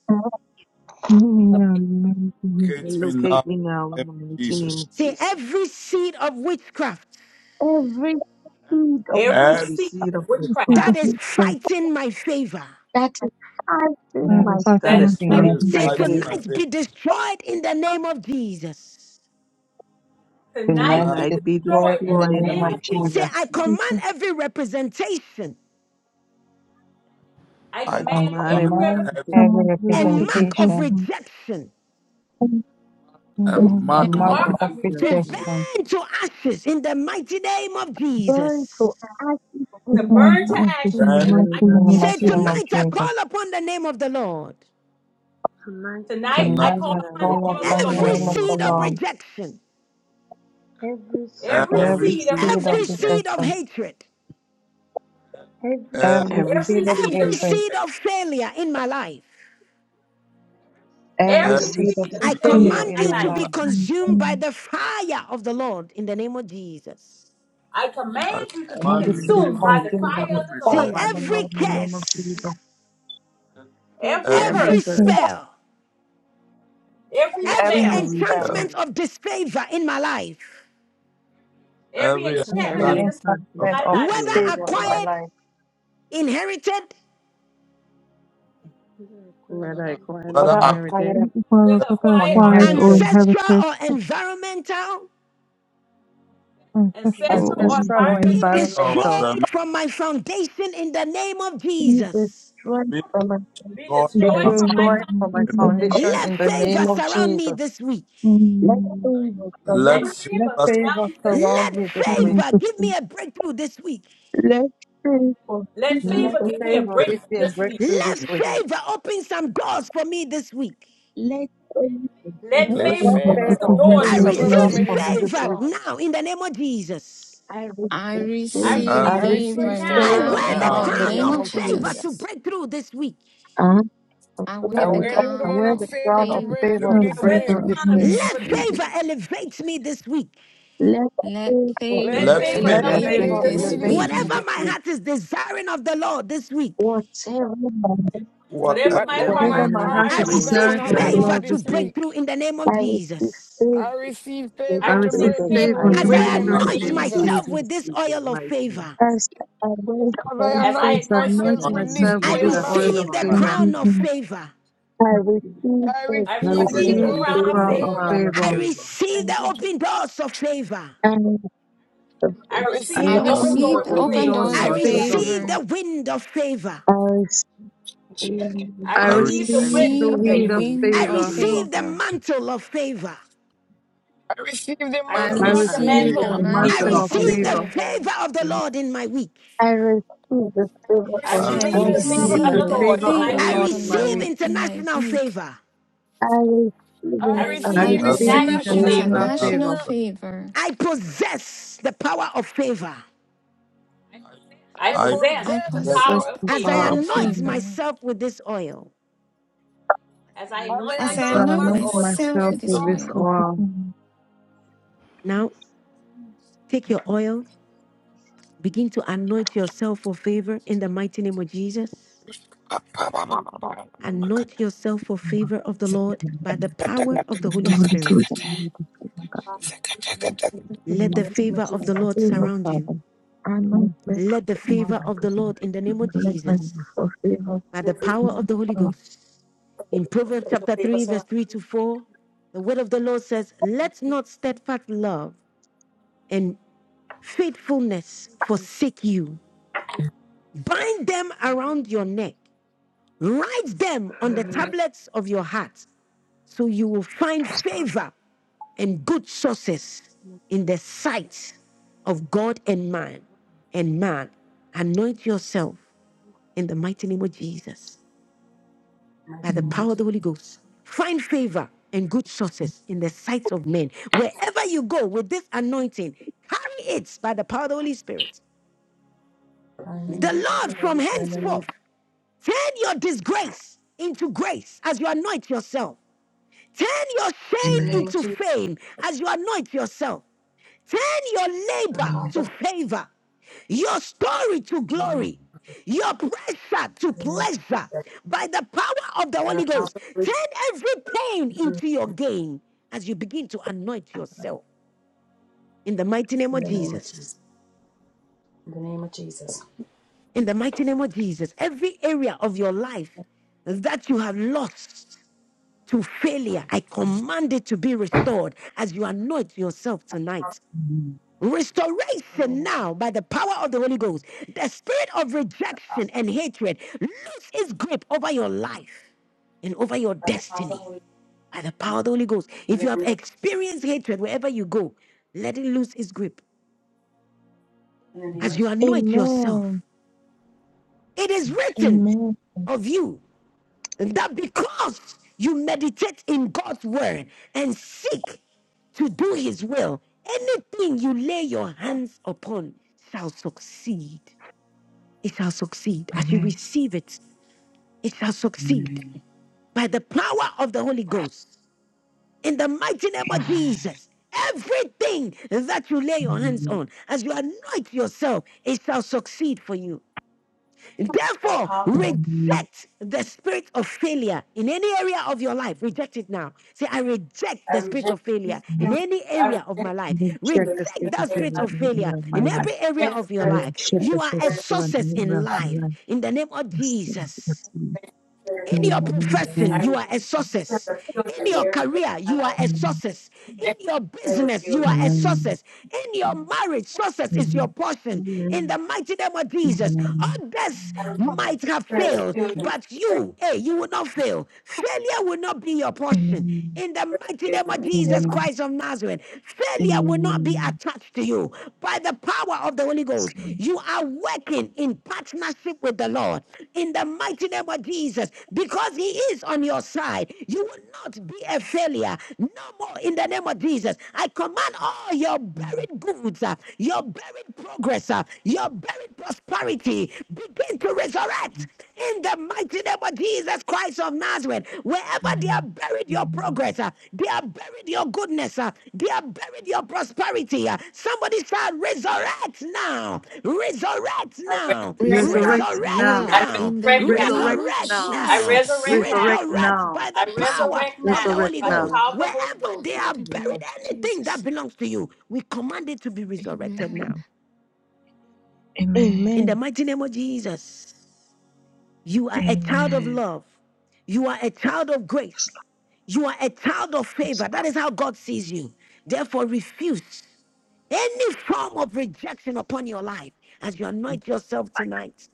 [SPEAKER 8] the
[SPEAKER 13] Me
[SPEAKER 8] way
[SPEAKER 13] and men to you.
[SPEAKER 8] of
[SPEAKER 18] will
[SPEAKER 12] locate me
[SPEAKER 8] Jesus.
[SPEAKER 12] now
[SPEAKER 18] Locate me now
[SPEAKER 12] in the
[SPEAKER 18] in
[SPEAKER 12] name of
[SPEAKER 18] the mighty
[SPEAKER 12] Jesus.
[SPEAKER 18] name of
[SPEAKER 1] Say,
[SPEAKER 18] Jesus.
[SPEAKER 1] every seed of witchcraft
[SPEAKER 9] Every seed of
[SPEAKER 8] Every
[SPEAKER 12] Every
[SPEAKER 18] Every
[SPEAKER 8] seed
[SPEAKER 18] seed
[SPEAKER 8] of
[SPEAKER 18] of
[SPEAKER 13] We speak
[SPEAKER 8] witchcraft
[SPEAKER 13] the
[SPEAKER 1] that
[SPEAKER 18] witchcraft
[SPEAKER 1] is
[SPEAKER 13] hope that
[SPEAKER 1] fighting my favor.
[SPEAKER 9] that is fighting
[SPEAKER 13] I
[SPEAKER 19] that
[SPEAKER 13] have
[SPEAKER 9] my
[SPEAKER 19] is
[SPEAKER 13] fight for
[SPEAKER 18] that
[SPEAKER 8] that
[SPEAKER 19] acting
[SPEAKER 13] my
[SPEAKER 18] is
[SPEAKER 8] is
[SPEAKER 19] in
[SPEAKER 8] fighting
[SPEAKER 9] future
[SPEAKER 12] that
[SPEAKER 13] faith
[SPEAKER 18] right
[SPEAKER 19] my
[SPEAKER 12] is
[SPEAKER 18] in
[SPEAKER 13] in
[SPEAKER 18] my
[SPEAKER 1] Say,
[SPEAKER 8] my
[SPEAKER 19] favor
[SPEAKER 8] faith
[SPEAKER 12] fighting my
[SPEAKER 18] favor
[SPEAKER 1] tonight be
[SPEAKER 12] favor
[SPEAKER 1] destroyed in the name of Jesus.
[SPEAKER 8] tonight
[SPEAKER 19] tonight
[SPEAKER 8] be
[SPEAKER 12] tonight,
[SPEAKER 19] be
[SPEAKER 18] tonight be
[SPEAKER 19] destroyed
[SPEAKER 8] destroyed in
[SPEAKER 19] in
[SPEAKER 12] Lord,
[SPEAKER 19] the
[SPEAKER 18] destroyed
[SPEAKER 8] the
[SPEAKER 18] in the
[SPEAKER 19] name
[SPEAKER 8] name
[SPEAKER 19] of
[SPEAKER 8] of
[SPEAKER 18] mighty
[SPEAKER 8] Jesus.
[SPEAKER 1] Say,
[SPEAKER 18] name
[SPEAKER 19] Jesus.
[SPEAKER 18] of
[SPEAKER 1] I command
[SPEAKER 13] Jesus.
[SPEAKER 18] Jesus.
[SPEAKER 1] every representation
[SPEAKER 8] I
[SPEAKER 12] I
[SPEAKER 18] I
[SPEAKER 19] I
[SPEAKER 8] command
[SPEAKER 18] command
[SPEAKER 12] command
[SPEAKER 8] every
[SPEAKER 18] every
[SPEAKER 19] command
[SPEAKER 12] every
[SPEAKER 8] representation
[SPEAKER 18] appetite
[SPEAKER 13] Come
[SPEAKER 19] every
[SPEAKER 13] on,
[SPEAKER 18] and
[SPEAKER 13] deliver us
[SPEAKER 1] and
[SPEAKER 13] from
[SPEAKER 1] mark
[SPEAKER 18] temptation,
[SPEAKER 1] of
[SPEAKER 19] representation
[SPEAKER 13] person.
[SPEAKER 1] rejection
[SPEAKER 9] and
[SPEAKER 12] a
[SPEAKER 9] so
[SPEAKER 13] Amen.
[SPEAKER 18] a
[SPEAKER 19] and
[SPEAKER 12] mark
[SPEAKER 8] and
[SPEAKER 18] map
[SPEAKER 19] mark
[SPEAKER 12] of
[SPEAKER 9] shall
[SPEAKER 8] mark
[SPEAKER 18] of
[SPEAKER 19] of
[SPEAKER 8] of
[SPEAKER 1] to
[SPEAKER 8] rejection
[SPEAKER 18] rejection,
[SPEAKER 19] rejection
[SPEAKER 1] burn to ashes in the mighty name of
[SPEAKER 9] burn to
[SPEAKER 1] Jesus.
[SPEAKER 9] ashes
[SPEAKER 13] The
[SPEAKER 8] to
[SPEAKER 9] in the
[SPEAKER 13] plans
[SPEAKER 8] burn
[SPEAKER 13] that
[SPEAKER 8] to
[SPEAKER 13] I have
[SPEAKER 18] a
[SPEAKER 9] mighty
[SPEAKER 13] in
[SPEAKER 8] ashes
[SPEAKER 13] the
[SPEAKER 12] return
[SPEAKER 8] in the
[SPEAKER 13] mighty
[SPEAKER 18] burning
[SPEAKER 8] mighty
[SPEAKER 19] in the
[SPEAKER 13] name
[SPEAKER 8] name
[SPEAKER 13] of
[SPEAKER 18] access
[SPEAKER 8] of
[SPEAKER 1] Say,
[SPEAKER 19] mighty
[SPEAKER 18] in the
[SPEAKER 19] name
[SPEAKER 13] Jesus.
[SPEAKER 8] Jesus.
[SPEAKER 19] of
[SPEAKER 1] tonight
[SPEAKER 18] mighty
[SPEAKER 1] I
[SPEAKER 18] name
[SPEAKER 19] Jesus.
[SPEAKER 18] of
[SPEAKER 1] call upon
[SPEAKER 18] Jesus.
[SPEAKER 1] the name of the Lord.
[SPEAKER 20] Tonight,
[SPEAKER 8] Tonight
[SPEAKER 12] tonight.
[SPEAKER 8] I
[SPEAKER 19] Tonight
[SPEAKER 8] call
[SPEAKER 19] I
[SPEAKER 18] Tonight
[SPEAKER 8] upon
[SPEAKER 18] I
[SPEAKER 8] the name
[SPEAKER 19] call
[SPEAKER 18] call
[SPEAKER 8] of the
[SPEAKER 19] upon
[SPEAKER 18] upon
[SPEAKER 19] the
[SPEAKER 18] the
[SPEAKER 8] Lord.
[SPEAKER 1] Every
[SPEAKER 19] name
[SPEAKER 18] name
[SPEAKER 19] of
[SPEAKER 18] of
[SPEAKER 19] the
[SPEAKER 1] seed
[SPEAKER 18] the
[SPEAKER 1] of
[SPEAKER 18] Lord.
[SPEAKER 19] Lord.
[SPEAKER 1] rejection,
[SPEAKER 20] every seed,
[SPEAKER 8] Every
[SPEAKER 18] Every
[SPEAKER 12] Every
[SPEAKER 19] Every
[SPEAKER 8] seed of
[SPEAKER 18] seed
[SPEAKER 19] seed
[SPEAKER 18] of
[SPEAKER 19] of
[SPEAKER 1] every
[SPEAKER 8] rejection,
[SPEAKER 1] seed of
[SPEAKER 19] rejection,
[SPEAKER 18] rejection,
[SPEAKER 1] hatred,
[SPEAKER 20] every single
[SPEAKER 12] every
[SPEAKER 19] every
[SPEAKER 18] every
[SPEAKER 8] every
[SPEAKER 19] seed
[SPEAKER 18] seed
[SPEAKER 19] of
[SPEAKER 18] of
[SPEAKER 8] seed of
[SPEAKER 1] every
[SPEAKER 19] hatred.
[SPEAKER 18] hatred,
[SPEAKER 1] seed
[SPEAKER 8] hatred,
[SPEAKER 1] of failure in my life.
[SPEAKER 19] Every
[SPEAKER 20] seed
[SPEAKER 12] every-
[SPEAKER 8] Every
[SPEAKER 20] of
[SPEAKER 18] every
[SPEAKER 19] seed of
[SPEAKER 8] seed
[SPEAKER 18] seed
[SPEAKER 8] of
[SPEAKER 13] We
[SPEAKER 1] I
[SPEAKER 18] of
[SPEAKER 8] failure
[SPEAKER 13] speak
[SPEAKER 8] in
[SPEAKER 18] failure
[SPEAKER 19] failure
[SPEAKER 1] command
[SPEAKER 19] in
[SPEAKER 8] my
[SPEAKER 1] you
[SPEAKER 19] my
[SPEAKER 1] to
[SPEAKER 18] in
[SPEAKER 8] life,
[SPEAKER 1] be
[SPEAKER 18] my
[SPEAKER 19] life,
[SPEAKER 18] life,
[SPEAKER 13] in the
[SPEAKER 1] consumed by
[SPEAKER 13] name
[SPEAKER 1] the fire of the Lord in the name of Jesus.
[SPEAKER 8] I
[SPEAKER 12] I
[SPEAKER 20] hope,
[SPEAKER 8] command you
[SPEAKER 18] I
[SPEAKER 8] to be
[SPEAKER 19] let
[SPEAKER 12] command you
[SPEAKER 19] it be
[SPEAKER 18] command you
[SPEAKER 12] to
[SPEAKER 8] consumed
[SPEAKER 18] to
[SPEAKER 12] go
[SPEAKER 8] by
[SPEAKER 18] be
[SPEAKER 8] the
[SPEAKER 19] consumed by
[SPEAKER 12] by
[SPEAKER 8] fire
[SPEAKER 19] the
[SPEAKER 12] the
[SPEAKER 18] destroyed by
[SPEAKER 8] of the
[SPEAKER 18] the
[SPEAKER 8] Lord.
[SPEAKER 1] Say
[SPEAKER 12] fire
[SPEAKER 19] fire
[SPEAKER 18] fire
[SPEAKER 19] of the
[SPEAKER 18] of
[SPEAKER 19] Lord
[SPEAKER 1] every
[SPEAKER 12] of the
[SPEAKER 19] in the
[SPEAKER 12] Lord.
[SPEAKER 19] name of
[SPEAKER 18] the
[SPEAKER 1] curse,
[SPEAKER 19] Jesus.
[SPEAKER 18] Lord.
[SPEAKER 8] Every
[SPEAKER 20] every
[SPEAKER 18] Every
[SPEAKER 1] every
[SPEAKER 13] of
[SPEAKER 20] curse,
[SPEAKER 8] curse,
[SPEAKER 18] curse.
[SPEAKER 13] Jesus.
[SPEAKER 12] Every
[SPEAKER 1] spell,
[SPEAKER 8] every
[SPEAKER 19] Every
[SPEAKER 20] every
[SPEAKER 1] every
[SPEAKER 8] spell,
[SPEAKER 18] every
[SPEAKER 20] spirit
[SPEAKER 19] spell,
[SPEAKER 12] spell,
[SPEAKER 1] enchantment
[SPEAKER 18] sin,
[SPEAKER 1] of disfavor in my life,
[SPEAKER 8] every
[SPEAKER 12] every
[SPEAKER 20] turned
[SPEAKER 19] every
[SPEAKER 8] enchantment
[SPEAKER 18] every
[SPEAKER 8] of
[SPEAKER 12] enchantment
[SPEAKER 8] this
[SPEAKER 12] of
[SPEAKER 18] infraction
[SPEAKER 19] enchantment
[SPEAKER 18] of
[SPEAKER 8] my
[SPEAKER 18] the
[SPEAKER 19] of
[SPEAKER 8] life,
[SPEAKER 1] whether
[SPEAKER 18] spirit in my
[SPEAKER 19] disfavor
[SPEAKER 18] life.
[SPEAKER 19] in my
[SPEAKER 12] my
[SPEAKER 1] acquired,
[SPEAKER 19] life,
[SPEAKER 1] inherited,
[SPEAKER 20] across
[SPEAKER 18] Whether
[SPEAKER 20] America,
[SPEAKER 18] acquired or
[SPEAKER 19] whether
[SPEAKER 12] whether I confess
[SPEAKER 18] inherited,
[SPEAKER 19] acquired
[SPEAKER 13] While
[SPEAKER 8] whether
[SPEAKER 13] other
[SPEAKER 19] or
[SPEAKER 8] acquired or
[SPEAKER 13] acquired or
[SPEAKER 8] inherited,
[SPEAKER 19] inherited,
[SPEAKER 1] ancestral,
[SPEAKER 13] inherited
[SPEAKER 1] or environmental,
[SPEAKER 20] turned
[SPEAKER 13] ancestral
[SPEAKER 8] ancestral
[SPEAKER 13] or
[SPEAKER 8] or
[SPEAKER 19] ancestral or
[SPEAKER 1] be
[SPEAKER 8] environmental,
[SPEAKER 13] environmental
[SPEAKER 12] or
[SPEAKER 19] environmental,
[SPEAKER 12] whether
[SPEAKER 1] destroyed
[SPEAKER 12] I
[SPEAKER 1] from my foundation in the name of
[SPEAKER 9] be
[SPEAKER 1] Jesus.
[SPEAKER 9] destroyed
[SPEAKER 12] be
[SPEAKER 9] from my
[SPEAKER 8] be
[SPEAKER 12] God,
[SPEAKER 13] is
[SPEAKER 19] be
[SPEAKER 20] across
[SPEAKER 8] destroyed
[SPEAKER 12] of
[SPEAKER 9] future.
[SPEAKER 8] from my
[SPEAKER 19] destroyed
[SPEAKER 8] family
[SPEAKER 19] from my
[SPEAKER 12] my friend,
[SPEAKER 8] in the name of
[SPEAKER 19] foundation
[SPEAKER 1] Let
[SPEAKER 19] in the
[SPEAKER 1] favor
[SPEAKER 19] name of
[SPEAKER 1] surround me
[SPEAKER 19] Jesus.
[SPEAKER 1] this week.
[SPEAKER 9] Let things
[SPEAKER 8] Let
[SPEAKER 12] let
[SPEAKER 9] surround.
[SPEAKER 20] Let,
[SPEAKER 19] Let
[SPEAKER 8] favor
[SPEAKER 12] favor
[SPEAKER 8] surround
[SPEAKER 19] favor
[SPEAKER 8] me this week.
[SPEAKER 19] surround
[SPEAKER 1] Let
[SPEAKER 19] me this week.
[SPEAKER 13] karmic
[SPEAKER 1] favor give me
[SPEAKER 13] gifting
[SPEAKER 1] a breakthrough this week.
[SPEAKER 9] Let things for
[SPEAKER 8] Let
[SPEAKER 20] let
[SPEAKER 9] people
[SPEAKER 19] Let
[SPEAKER 8] favor give
[SPEAKER 20] faith
[SPEAKER 8] me a
[SPEAKER 19] favor
[SPEAKER 12] save
[SPEAKER 19] give
[SPEAKER 8] breakthrough
[SPEAKER 19] me a
[SPEAKER 9] assist.
[SPEAKER 8] this week.
[SPEAKER 19] breakthrough
[SPEAKER 1] Let
[SPEAKER 19] this
[SPEAKER 12] me.
[SPEAKER 19] week.
[SPEAKER 20] be,
[SPEAKER 1] favor open some doors for me this week.
[SPEAKER 9] Let
[SPEAKER 8] Let
[SPEAKER 20] let
[SPEAKER 13] that
[SPEAKER 11] Let
[SPEAKER 12] Let
[SPEAKER 8] favor
[SPEAKER 19] Let
[SPEAKER 20] faith
[SPEAKER 9] I
[SPEAKER 13] favor
[SPEAKER 8] open
[SPEAKER 13] a
[SPEAKER 11] favor
[SPEAKER 8] some
[SPEAKER 19] favor
[SPEAKER 9] respect
[SPEAKER 11] open
[SPEAKER 8] doors
[SPEAKER 19] open
[SPEAKER 1] I
[SPEAKER 8] for
[SPEAKER 13] behavior
[SPEAKER 11] some
[SPEAKER 8] me
[SPEAKER 19] some
[SPEAKER 11] door
[SPEAKER 13] for
[SPEAKER 11] for
[SPEAKER 8] this
[SPEAKER 19] doors
[SPEAKER 1] receive
[SPEAKER 9] you.
[SPEAKER 12] go.
[SPEAKER 8] week.
[SPEAKER 11] me
[SPEAKER 19] for me
[SPEAKER 11] this
[SPEAKER 13] initially
[SPEAKER 11] week,
[SPEAKER 19] this
[SPEAKER 1] favor
[SPEAKER 19] week.
[SPEAKER 11] Lord.
[SPEAKER 1] now in the name of Jesus.
[SPEAKER 21] I
[SPEAKER 8] I
[SPEAKER 21] receive
[SPEAKER 12] I
[SPEAKER 19] I
[SPEAKER 11] I
[SPEAKER 8] receive
[SPEAKER 20] favor me.
[SPEAKER 8] favor
[SPEAKER 19] receive
[SPEAKER 11] receive
[SPEAKER 21] favor
[SPEAKER 1] I
[SPEAKER 8] now in
[SPEAKER 11] favor
[SPEAKER 8] the
[SPEAKER 12] favor
[SPEAKER 19] favor
[SPEAKER 21] now
[SPEAKER 1] wear
[SPEAKER 8] name of
[SPEAKER 21] in
[SPEAKER 11] now
[SPEAKER 1] the
[SPEAKER 12] now
[SPEAKER 19] now
[SPEAKER 21] the
[SPEAKER 11] in
[SPEAKER 19] in
[SPEAKER 11] the
[SPEAKER 19] the
[SPEAKER 8] Jesus.
[SPEAKER 1] crown
[SPEAKER 21] name
[SPEAKER 12] in
[SPEAKER 11] name
[SPEAKER 19] name
[SPEAKER 1] of
[SPEAKER 12] the name
[SPEAKER 21] of
[SPEAKER 19] of
[SPEAKER 11] of
[SPEAKER 12] of
[SPEAKER 19] Jesus.
[SPEAKER 1] favor
[SPEAKER 21] Jesus.
[SPEAKER 1] to
[SPEAKER 11] Jesus.
[SPEAKER 1] break through this week.
[SPEAKER 9] Ah,
[SPEAKER 21] I
[SPEAKER 11] I
[SPEAKER 21] wear
[SPEAKER 20] I
[SPEAKER 21] the
[SPEAKER 9] Lord,
[SPEAKER 11] wear the
[SPEAKER 20] wear the
[SPEAKER 19] I
[SPEAKER 21] gown
[SPEAKER 11] crown
[SPEAKER 19] wear
[SPEAKER 11] of
[SPEAKER 19] the
[SPEAKER 21] of
[SPEAKER 11] favor
[SPEAKER 19] crown
[SPEAKER 11] to
[SPEAKER 19] of
[SPEAKER 11] break
[SPEAKER 21] favor
[SPEAKER 19] favor
[SPEAKER 11] through
[SPEAKER 13] have
[SPEAKER 19] to
[SPEAKER 11] this
[SPEAKER 8] I wear
[SPEAKER 12] Jesus.
[SPEAKER 8] the
[SPEAKER 13] favor
[SPEAKER 11] week.
[SPEAKER 19] breakthrough this
[SPEAKER 8] crown of
[SPEAKER 19] week.
[SPEAKER 13] among
[SPEAKER 21] this
[SPEAKER 1] Let
[SPEAKER 8] favor this
[SPEAKER 18] speech,
[SPEAKER 13] us.
[SPEAKER 21] week.
[SPEAKER 13] It
[SPEAKER 1] favor
[SPEAKER 8] week.
[SPEAKER 1] elevate me this week.
[SPEAKER 9] let
[SPEAKER 21] Let
[SPEAKER 9] it for
[SPEAKER 11] Let
[SPEAKER 8] Let
[SPEAKER 21] favor
[SPEAKER 12] Let
[SPEAKER 9] everything
[SPEAKER 8] favor
[SPEAKER 11] favor
[SPEAKER 19] Let
[SPEAKER 12] favor
[SPEAKER 9] to
[SPEAKER 18] left
[SPEAKER 21] elevate
[SPEAKER 8] elevate
[SPEAKER 21] me
[SPEAKER 8] me
[SPEAKER 19] favor
[SPEAKER 11] elevate
[SPEAKER 18] finger
[SPEAKER 8] this
[SPEAKER 9] be
[SPEAKER 21] this
[SPEAKER 11] me
[SPEAKER 8] week.
[SPEAKER 19] elevate
[SPEAKER 11] this
[SPEAKER 18] elevates
[SPEAKER 12] is
[SPEAKER 21] week.
[SPEAKER 19] me
[SPEAKER 18] me to
[SPEAKER 11] week.
[SPEAKER 1] Whatever
[SPEAKER 19] this
[SPEAKER 1] my
[SPEAKER 19] week.
[SPEAKER 18] speak.
[SPEAKER 1] heart is desiring of the Lord this week,
[SPEAKER 9] whatever my
[SPEAKER 8] Whatever
[SPEAKER 12] whatever
[SPEAKER 20] forever
[SPEAKER 8] my
[SPEAKER 18] Level
[SPEAKER 11] Whatever
[SPEAKER 8] heart
[SPEAKER 18] my
[SPEAKER 8] is
[SPEAKER 11] my
[SPEAKER 19] Whatever my
[SPEAKER 18] hand
[SPEAKER 11] heart
[SPEAKER 18] is
[SPEAKER 19] heart
[SPEAKER 8] desiring
[SPEAKER 11] is
[SPEAKER 1] I
[SPEAKER 19] is
[SPEAKER 12] that
[SPEAKER 18] the
[SPEAKER 8] of
[SPEAKER 18] Lord,
[SPEAKER 8] the
[SPEAKER 1] receive
[SPEAKER 11] desiring
[SPEAKER 8] Lord
[SPEAKER 19] desiring
[SPEAKER 11] of
[SPEAKER 19] of
[SPEAKER 12] God
[SPEAKER 8] this
[SPEAKER 19] the
[SPEAKER 11] the
[SPEAKER 8] week,
[SPEAKER 18] guiding
[SPEAKER 1] favor
[SPEAKER 11] Lord
[SPEAKER 19] Lord
[SPEAKER 1] to
[SPEAKER 11] this
[SPEAKER 19] this week,
[SPEAKER 1] break
[SPEAKER 11] week,
[SPEAKER 1] through in the name
[SPEAKER 9] I
[SPEAKER 1] of
[SPEAKER 18] it.
[SPEAKER 9] receive
[SPEAKER 1] Jesus.
[SPEAKER 11] I
[SPEAKER 9] faith
[SPEAKER 11] receive
[SPEAKER 9] with
[SPEAKER 8] I
[SPEAKER 19] I
[SPEAKER 11] favor to
[SPEAKER 8] receive
[SPEAKER 19] receive
[SPEAKER 11] break
[SPEAKER 13] also
[SPEAKER 9] freedom.
[SPEAKER 8] favor
[SPEAKER 18] I
[SPEAKER 19] favor
[SPEAKER 8] to
[SPEAKER 13] favor
[SPEAKER 11] through
[SPEAKER 18] am
[SPEAKER 19] to
[SPEAKER 11] in
[SPEAKER 1] As
[SPEAKER 11] the
[SPEAKER 8] break
[SPEAKER 1] I
[SPEAKER 8] through
[SPEAKER 11] name
[SPEAKER 18] able
[SPEAKER 19] breakthrough
[SPEAKER 8] in the
[SPEAKER 18] to
[SPEAKER 12] favor
[SPEAKER 11] of
[SPEAKER 19] in
[SPEAKER 12] is.
[SPEAKER 8] name
[SPEAKER 19] the
[SPEAKER 1] anoint
[SPEAKER 19] name
[SPEAKER 8] of
[SPEAKER 18] break
[SPEAKER 19] of
[SPEAKER 18] through
[SPEAKER 11] Jesus.
[SPEAKER 1] myself
[SPEAKER 8] Jesus.
[SPEAKER 19] Jesus.
[SPEAKER 18] the
[SPEAKER 1] with this
[SPEAKER 18] speech
[SPEAKER 1] oil
[SPEAKER 18] in
[SPEAKER 1] of
[SPEAKER 18] my
[SPEAKER 1] favor,
[SPEAKER 18] finances.
[SPEAKER 9] As I wait
[SPEAKER 11] As
[SPEAKER 9] for
[SPEAKER 11] I
[SPEAKER 8] As
[SPEAKER 20] that
[SPEAKER 9] faith,
[SPEAKER 11] anoint
[SPEAKER 8] I
[SPEAKER 19] As I
[SPEAKER 8] anoint
[SPEAKER 18] I
[SPEAKER 8] myself
[SPEAKER 19] anoint
[SPEAKER 11] myself
[SPEAKER 12] I
[SPEAKER 11] with
[SPEAKER 8] with
[SPEAKER 18] gain
[SPEAKER 11] this
[SPEAKER 19] myself
[SPEAKER 8] this
[SPEAKER 1] I
[SPEAKER 19] with this
[SPEAKER 8] oil
[SPEAKER 11] oil
[SPEAKER 8] of
[SPEAKER 18] myself
[SPEAKER 11] of
[SPEAKER 18] to the
[SPEAKER 19] oil of
[SPEAKER 8] favor,
[SPEAKER 1] receive the
[SPEAKER 11] favor,
[SPEAKER 18] final
[SPEAKER 19] favor,
[SPEAKER 1] crown of
[SPEAKER 13] among
[SPEAKER 18] favor.
[SPEAKER 1] favor.
[SPEAKER 9] I receive
[SPEAKER 11] I
[SPEAKER 9] the
[SPEAKER 8] I
[SPEAKER 19] I
[SPEAKER 11] receive the
[SPEAKER 12] receive,
[SPEAKER 9] power
[SPEAKER 8] receive
[SPEAKER 18] I
[SPEAKER 9] of
[SPEAKER 8] the
[SPEAKER 19] receive the
[SPEAKER 8] crown
[SPEAKER 11] throne of
[SPEAKER 8] of
[SPEAKER 18] receive the
[SPEAKER 9] favor
[SPEAKER 19] crown of
[SPEAKER 8] favor.
[SPEAKER 18] power
[SPEAKER 11] favor.
[SPEAKER 18] of
[SPEAKER 1] I
[SPEAKER 19] favor.
[SPEAKER 18] favor.
[SPEAKER 1] receive the
[SPEAKER 11] Thank you,
[SPEAKER 1] open
[SPEAKER 11] Jesus.
[SPEAKER 1] doors of favor.
[SPEAKER 9] and the
[SPEAKER 8] I
[SPEAKER 11] I
[SPEAKER 9] faith
[SPEAKER 19] I
[SPEAKER 8] receive
[SPEAKER 21] I
[SPEAKER 20] seed,
[SPEAKER 8] the
[SPEAKER 11] receive the
[SPEAKER 18] I
[SPEAKER 8] open
[SPEAKER 19] receive
[SPEAKER 21] receive
[SPEAKER 19] the
[SPEAKER 8] doors
[SPEAKER 21] the
[SPEAKER 11] open
[SPEAKER 8] of
[SPEAKER 18] receive
[SPEAKER 19] open
[SPEAKER 11] doors
[SPEAKER 21] open
[SPEAKER 18] the
[SPEAKER 8] favor.
[SPEAKER 11] of
[SPEAKER 19] doors
[SPEAKER 21] doors
[SPEAKER 1] I
[SPEAKER 19] of
[SPEAKER 21] of
[SPEAKER 18] abundance of
[SPEAKER 11] favor.
[SPEAKER 19] favor.
[SPEAKER 1] receive
[SPEAKER 18] favor.
[SPEAKER 1] the
[SPEAKER 21] favor.
[SPEAKER 1] wind of favor.
[SPEAKER 9] I receive.
[SPEAKER 11] Jesus.
[SPEAKER 20] I receive, I
[SPEAKER 8] I
[SPEAKER 19] I
[SPEAKER 12] I
[SPEAKER 21] I
[SPEAKER 12] receive,
[SPEAKER 8] receive
[SPEAKER 20] receive,
[SPEAKER 18] I
[SPEAKER 8] the
[SPEAKER 19] receive
[SPEAKER 8] wind
[SPEAKER 19] the
[SPEAKER 8] of
[SPEAKER 21] receive the
[SPEAKER 19] wind
[SPEAKER 18] receive
[SPEAKER 8] favor.
[SPEAKER 19] of
[SPEAKER 18] the
[SPEAKER 21] wind
[SPEAKER 1] I
[SPEAKER 18] wealth of
[SPEAKER 21] of
[SPEAKER 19] favor.
[SPEAKER 18] favor.
[SPEAKER 1] receive the
[SPEAKER 21] favor.
[SPEAKER 1] mantle of favor.
[SPEAKER 11] I receive the
[SPEAKER 8] I
[SPEAKER 21] I
[SPEAKER 12] I receive, I
[SPEAKER 19] I
[SPEAKER 12] receive
[SPEAKER 11] mantle of
[SPEAKER 8] receive
[SPEAKER 18] I
[SPEAKER 8] the
[SPEAKER 19] receive
[SPEAKER 21] receive
[SPEAKER 12] the
[SPEAKER 21] the
[SPEAKER 11] favor.
[SPEAKER 18] receive
[SPEAKER 8] mantle
[SPEAKER 19] the
[SPEAKER 8] of
[SPEAKER 18] the
[SPEAKER 1] I
[SPEAKER 8] favor.
[SPEAKER 12] mantle of
[SPEAKER 18] mantle
[SPEAKER 21] mantle
[SPEAKER 19] mantle
[SPEAKER 18] of
[SPEAKER 19] of
[SPEAKER 21] of
[SPEAKER 1] receive
[SPEAKER 12] favor.
[SPEAKER 1] the
[SPEAKER 19] favor.
[SPEAKER 1] favor
[SPEAKER 21] favor.
[SPEAKER 1] of the Lord in my week.
[SPEAKER 9] I receive the favor
[SPEAKER 11] I
[SPEAKER 8] I
[SPEAKER 20] I
[SPEAKER 9] of
[SPEAKER 12] I
[SPEAKER 11] receive
[SPEAKER 21] I
[SPEAKER 11] the
[SPEAKER 19] I
[SPEAKER 8] receive
[SPEAKER 20] receive,
[SPEAKER 9] God
[SPEAKER 8] the
[SPEAKER 11] favor
[SPEAKER 12] receive
[SPEAKER 11] of
[SPEAKER 8] favor
[SPEAKER 9] in
[SPEAKER 12] the
[SPEAKER 19] receive
[SPEAKER 11] the
[SPEAKER 8] of
[SPEAKER 9] my
[SPEAKER 19] the
[SPEAKER 12] favor
[SPEAKER 8] the
[SPEAKER 21] receive
[SPEAKER 11] Lord
[SPEAKER 9] life.
[SPEAKER 21] the
[SPEAKER 8] Lord
[SPEAKER 11] in
[SPEAKER 19] favor
[SPEAKER 12] of
[SPEAKER 8] in
[SPEAKER 19] of
[SPEAKER 12] the
[SPEAKER 21] favor
[SPEAKER 12] Lord.
[SPEAKER 11] my
[SPEAKER 19] the
[SPEAKER 8] my
[SPEAKER 1] I
[SPEAKER 8] week.
[SPEAKER 21] of
[SPEAKER 11] week.
[SPEAKER 19] Lord
[SPEAKER 21] the
[SPEAKER 19] in my
[SPEAKER 1] receive
[SPEAKER 21] Lord
[SPEAKER 19] week.
[SPEAKER 21] in my
[SPEAKER 1] international
[SPEAKER 21] week.
[SPEAKER 1] favor.
[SPEAKER 9] I receive
[SPEAKER 8] I
[SPEAKER 11] I
[SPEAKER 20] I
[SPEAKER 9] an
[SPEAKER 19] I
[SPEAKER 8] receive
[SPEAKER 21] I
[SPEAKER 20] receive,
[SPEAKER 11] receive
[SPEAKER 12] Every
[SPEAKER 19] receive
[SPEAKER 9] assurance
[SPEAKER 21] receive
[SPEAKER 8] international
[SPEAKER 11] international
[SPEAKER 9] favor.
[SPEAKER 8] favor.
[SPEAKER 19] international
[SPEAKER 12] personal
[SPEAKER 19] favor.
[SPEAKER 11] favor.
[SPEAKER 21] international
[SPEAKER 12] favor.
[SPEAKER 21] favor.
[SPEAKER 1] I possess the power of favor
[SPEAKER 8] I
[SPEAKER 11] I
[SPEAKER 20] I
[SPEAKER 12] I
[SPEAKER 20] pray.
[SPEAKER 8] possess
[SPEAKER 21] I
[SPEAKER 11] possess
[SPEAKER 8] the
[SPEAKER 11] the
[SPEAKER 12] possess
[SPEAKER 8] power
[SPEAKER 21] possess
[SPEAKER 19] First
[SPEAKER 21] the
[SPEAKER 8] of
[SPEAKER 19] of
[SPEAKER 11] power of
[SPEAKER 1] as
[SPEAKER 8] favor
[SPEAKER 1] I
[SPEAKER 12] all
[SPEAKER 21] power,
[SPEAKER 19] all,
[SPEAKER 12] of
[SPEAKER 21] of
[SPEAKER 11] favor.
[SPEAKER 1] anoint
[SPEAKER 21] favor.
[SPEAKER 1] myself with this oil.
[SPEAKER 8] as
[SPEAKER 20] I
[SPEAKER 8] I
[SPEAKER 11] As
[SPEAKER 20] anoint
[SPEAKER 8] anoint
[SPEAKER 11] I
[SPEAKER 20] my
[SPEAKER 21] As I
[SPEAKER 19] so
[SPEAKER 8] myself
[SPEAKER 19] I
[SPEAKER 11] anoint
[SPEAKER 12] that.
[SPEAKER 21] anoint
[SPEAKER 19] anoint
[SPEAKER 11] myself with
[SPEAKER 8] with
[SPEAKER 21] myself
[SPEAKER 19] myself
[SPEAKER 11] this
[SPEAKER 21] with this
[SPEAKER 19] with this
[SPEAKER 11] oil.
[SPEAKER 21] oil,
[SPEAKER 19] oil.
[SPEAKER 13] us.
[SPEAKER 1] Now, take your oil, begin to anoint yourself for favor in the mighty name of Jesus. Anoint yourself for favor of the Lord by
[SPEAKER 19] Anoint
[SPEAKER 1] the power of the Holy
[SPEAKER 9] Holy Ghost.
[SPEAKER 1] Spirit. Let the favor of
[SPEAKER 19] myself
[SPEAKER 1] the
[SPEAKER 19] with
[SPEAKER 1] Lord
[SPEAKER 19] the
[SPEAKER 20] family,
[SPEAKER 1] surround you.
[SPEAKER 19] Father.
[SPEAKER 9] and not
[SPEAKER 19] Make this
[SPEAKER 9] beg
[SPEAKER 1] Let the
[SPEAKER 19] and the
[SPEAKER 1] favor of the
[SPEAKER 19] representation
[SPEAKER 1] Lord in the name of
[SPEAKER 19] of the
[SPEAKER 9] blessings
[SPEAKER 1] Jesus,
[SPEAKER 19] Lord.
[SPEAKER 9] for favor.
[SPEAKER 1] by the
[SPEAKER 20] I
[SPEAKER 1] power of the Holy
[SPEAKER 9] Amen.
[SPEAKER 1] Ghost, in Proverbs chapter 3, verse
[SPEAKER 20] anoint
[SPEAKER 1] 3 to 4, the word of the Lord says,
[SPEAKER 20] my
[SPEAKER 1] Let
[SPEAKER 20] faith,
[SPEAKER 1] not steadfast love and faithfulness
[SPEAKER 20] my
[SPEAKER 1] forsake you.
[SPEAKER 20] faith,
[SPEAKER 1] Bind them
[SPEAKER 20] I anoint
[SPEAKER 1] around your neck, write them on
[SPEAKER 20] me,
[SPEAKER 1] the
[SPEAKER 20] Lord,
[SPEAKER 1] tablets of your heart, so you will find
[SPEAKER 20] I anoint
[SPEAKER 1] favor and good sources
[SPEAKER 20] my
[SPEAKER 1] in the sight of God and man. And man, anoint yourself in the mighty name of Jesus. by the power of the Holy Ghost. Find favor and good sources in the sight of men. Wherever you go with this anointing, carry it by the power of the Holy Spirit.
[SPEAKER 20] family, I
[SPEAKER 1] The
[SPEAKER 20] anoint me,
[SPEAKER 1] Lord
[SPEAKER 20] with
[SPEAKER 1] from
[SPEAKER 8] this
[SPEAKER 20] the
[SPEAKER 8] oil.
[SPEAKER 20] spirit
[SPEAKER 1] henceforth turn your disgrace into grace as you anoint yourself. Turn your
[SPEAKER 8] In the
[SPEAKER 1] shame
[SPEAKER 8] name of
[SPEAKER 1] into
[SPEAKER 8] Jesus,
[SPEAKER 1] fame as you anoint yourself. Turn your
[SPEAKER 8] by the
[SPEAKER 1] labor
[SPEAKER 8] power of the
[SPEAKER 1] to favor, your story to
[SPEAKER 8] Holy Spirit,
[SPEAKER 1] glory, your pressure to
[SPEAKER 8] in the name of
[SPEAKER 1] pleasure
[SPEAKER 8] Jesus, by
[SPEAKER 1] by the power of the
[SPEAKER 8] the
[SPEAKER 1] Holy
[SPEAKER 8] power of
[SPEAKER 1] Ghost.
[SPEAKER 8] the Holy Spirit,
[SPEAKER 1] Turn every pain into your gain as you begin to anoint yourself in the mighty name of
[SPEAKER 8] in the name of
[SPEAKER 1] Jesus.
[SPEAKER 8] Jesus, in the name of Jesus,
[SPEAKER 1] In the mighty name of Jesus, every area of your life that you have lost to failure, I command it to be restored as you anoint yourself tonight
[SPEAKER 8] in the name
[SPEAKER 1] Restoration
[SPEAKER 8] of Jesus,
[SPEAKER 1] now by the power of the Holy Ghost. The spirit of rejection and hatred lose its grip over your life and over your
[SPEAKER 8] by the power of the
[SPEAKER 1] destiny
[SPEAKER 8] Holy Spirit,
[SPEAKER 1] by the power of the Holy Ghost.
[SPEAKER 8] in
[SPEAKER 1] If
[SPEAKER 8] the
[SPEAKER 1] you have
[SPEAKER 8] name of,
[SPEAKER 1] experienced hatred wherever you go, let it lose its grip
[SPEAKER 8] in the name of
[SPEAKER 1] as you
[SPEAKER 8] Jesus,
[SPEAKER 1] anoint yourself.
[SPEAKER 9] Amen.
[SPEAKER 1] It is written of you that because you meditate in God's word and seek to do his will, anything you lay your hands upon shall succeed. it shall succeed. As you receive it, it shall succeed by the power of the Holy Ghost. In the mighty name of Jesus, everything that you lay your hands on, as you anoint yourself, it shall succeed for you. Therefore,
[SPEAKER 19] And
[SPEAKER 1] reject the spirit of failure in any area of your life. Reject it now. Say, I reject
[SPEAKER 8] I
[SPEAKER 1] the spirit
[SPEAKER 8] reject
[SPEAKER 1] of failure
[SPEAKER 8] these
[SPEAKER 19] I
[SPEAKER 1] in
[SPEAKER 8] things.
[SPEAKER 1] any
[SPEAKER 8] I
[SPEAKER 1] area of my
[SPEAKER 8] reject
[SPEAKER 1] life.
[SPEAKER 19] will
[SPEAKER 8] you.
[SPEAKER 19] check
[SPEAKER 8] I
[SPEAKER 19] the
[SPEAKER 1] Reject
[SPEAKER 19] state of
[SPEAKER 1] that
[SPEAKER 8] reject
[SPEAKER 1] spirit
[SPEAKER 19] every
[SPEAKER 1] of failure
[SPEAKER 19] area of my
[SPEAKER 1] in
[SPEAKER 19] life.
[SPEAKER 1] every area
[SPEAKER 8] the
[SPEAKER 1] of your
[SPEAKER 19] I
[SPEAKER 8] spirit
[SPEAKER 19] will
[SPEAKER 8] of
[SPEAKER 1] life.
[SPEAKER 19] check
[SPEAKER 8] fear,
[SPEAKER 1] You
[SPEAKER 19] the
[SPEAKER 1] are
[SPEAKER 19] state
[SPEAKER 1] a
[SPEAKER 8] spirit
[SPEAKER 19] of
[SPEAKER 8] of
[SPEAKER 19] every
[SPEAKER 1] success
[SPEAKER 19] area
[SPEAKER 1] in
[SPEAKER 19] of my
[SPEAKER 1] life.
[SPEAKER 19] life.
[SPEAKER 1] In the name of
[SPEAKER 19] Yes,
[SPEAKER 1] Jesus.
[SPEAKER 19] that's it.
[SPEAKER 8] spirit of
[SPEAKER 1] In your
[SPEAKER 20] of
[SPEAKER 8] favor.
[SPEAKER 19] Amen.
[SPEAKER 1] profession,
[SPEAKER 8] I
[SPEAKER 1] you
[SPEAKER 20] favor
[SPEAKER 1] are
[SPEAKER 8] reject
[SPEAKER 1] a success.
[SPEAKER 8] the spirit of
[SPEAKER 1] In your
[SPEAKER 8] failure in
[SPEAKER 1] career,
[SPEAKER 8] my
[SPEAKER 1] you are
[SPEAKER 8] life,
[SPEAKER 1] a
[SPEAKER 19] Amen.
[SPEAKER 1] success. In your
[SPEAKER 8] spirit of
[SPEAKER 1] business, you are
[SPEAKER 8] failure,
[SPEAKER 1] a
[SPEAKER 19] Amen.
[SPEAKER 1] success. In your
[SPEAKER 18] favor.
[SPEAKER 1] marriage, success is your portion. In the
[SPEAKER 18] Amen.
[SPEAKER 1] mighty name of Jesus,
[SPEAKER 19] Amen.
[SPEAKER 1] others might have
[SPEAKER 8] spirit of
[SPEAKER 1] failed,
[SPEAKER 8] failure,
[SPEAKER 1] but you, hey, you will not fail. Failure will not be your portion
[SPEAKER 19] Amen.
[SPEAKER 1] in the mighty name of
[SPEAKER 8] failure in
[SPEAKER 1] Jesus
[SPEAKER 8] my life.
[SPEAKER 19] Amen.
[SPEAKER 1] Christ of Nazareth. Failure will not be
[SPEAKER 19] Amen.
[SPEAKER 1] attached to you. By the power of the Holy Ghost,
[SPEAKER 19] Amen.
[SPEAKER 1] you are working in partnership with the Lord in the mighty name of Jesus because He is on your side. You will not be a failure no more in the name of Jesus. I command all your buried goods, uh, your buried progress, uh, your buried prosperity begin to resurrect in the mighty name of Jesus Christ of Nazareth, wherever they have buried your progress, uh, they have buried your goodness, uh, they have buried your prosperity. uh, somebody shall resurrect now, resurrect
[SPEAKER 8] I
[SPEAKER 1] now,
[SPEAKER 8] resurrect now.
[SPEAKER 21] resurrect
[SPEAKER 19] Resurrect
[SPEAKER 1] resurrect
[SPEAKER 21] now
[SPEAKER 19] now.
[SPEAKER 8] I
[SPEAKER 1] now,
[SPEAKER 21] in the
[SPEAKER 8] resurrect now.
[SPEAKER 21] name
[SPEAKER 19] Resurrect
[SPEAKER 21] of
[SPEAKER 1] resurrect
[SPEAKER 19] now.
[SPEAKER 8] I
[SPEAKER 1] now,
[SPEAKER 21] Jesus.
[SPEAKER 8] resurrect now.
[SPEAKER 19] Resurrect
[SPEAKER 1] resurrect
[SPEAKER 19] now.
[SPEAKER 1] by
[SPEAKER 8] I
[SPEAKER 1] the power
[SPEAKER 21] Resurrect
[SPEAKER 8] resurrect
[SPEAKER 21] now
[SPEAKER 8] now
[SPEAKER 1] of the
[SPEAKER 19] Resurrect
[SPEAKER 1] Holy
[SPEAKER 8] by the
[SPEAKER 1] Ghost.
[SPEAKER 19] now.
[SPEAKER 8] power of the Holy
[SPEAKER 1] Wherever they
[SPEAKER 8] Ghost.
[SPEAKER 21] in the
[SPEAKER 1] have
[SPEAKER 21] name
[SPEAKER 1] buried
[SPEAKER 21] of
[SPEAKER 1] anything that
[SPEAKER 21] Jesus.
[SPEAKER 1] belongs to you, we command it to be resurrected
[SPEAKER 21] Amen.
[SPEAKER 1] now.
[SPEAKER 9] Amen.
[SPEAKER 1] In the mighty name of Jesus. You are a child of love. You are a child of grace. You are a child of favor. That is how God sees you. Therefore, refuse any form of rejection upon your life as you anoint yourself tonight.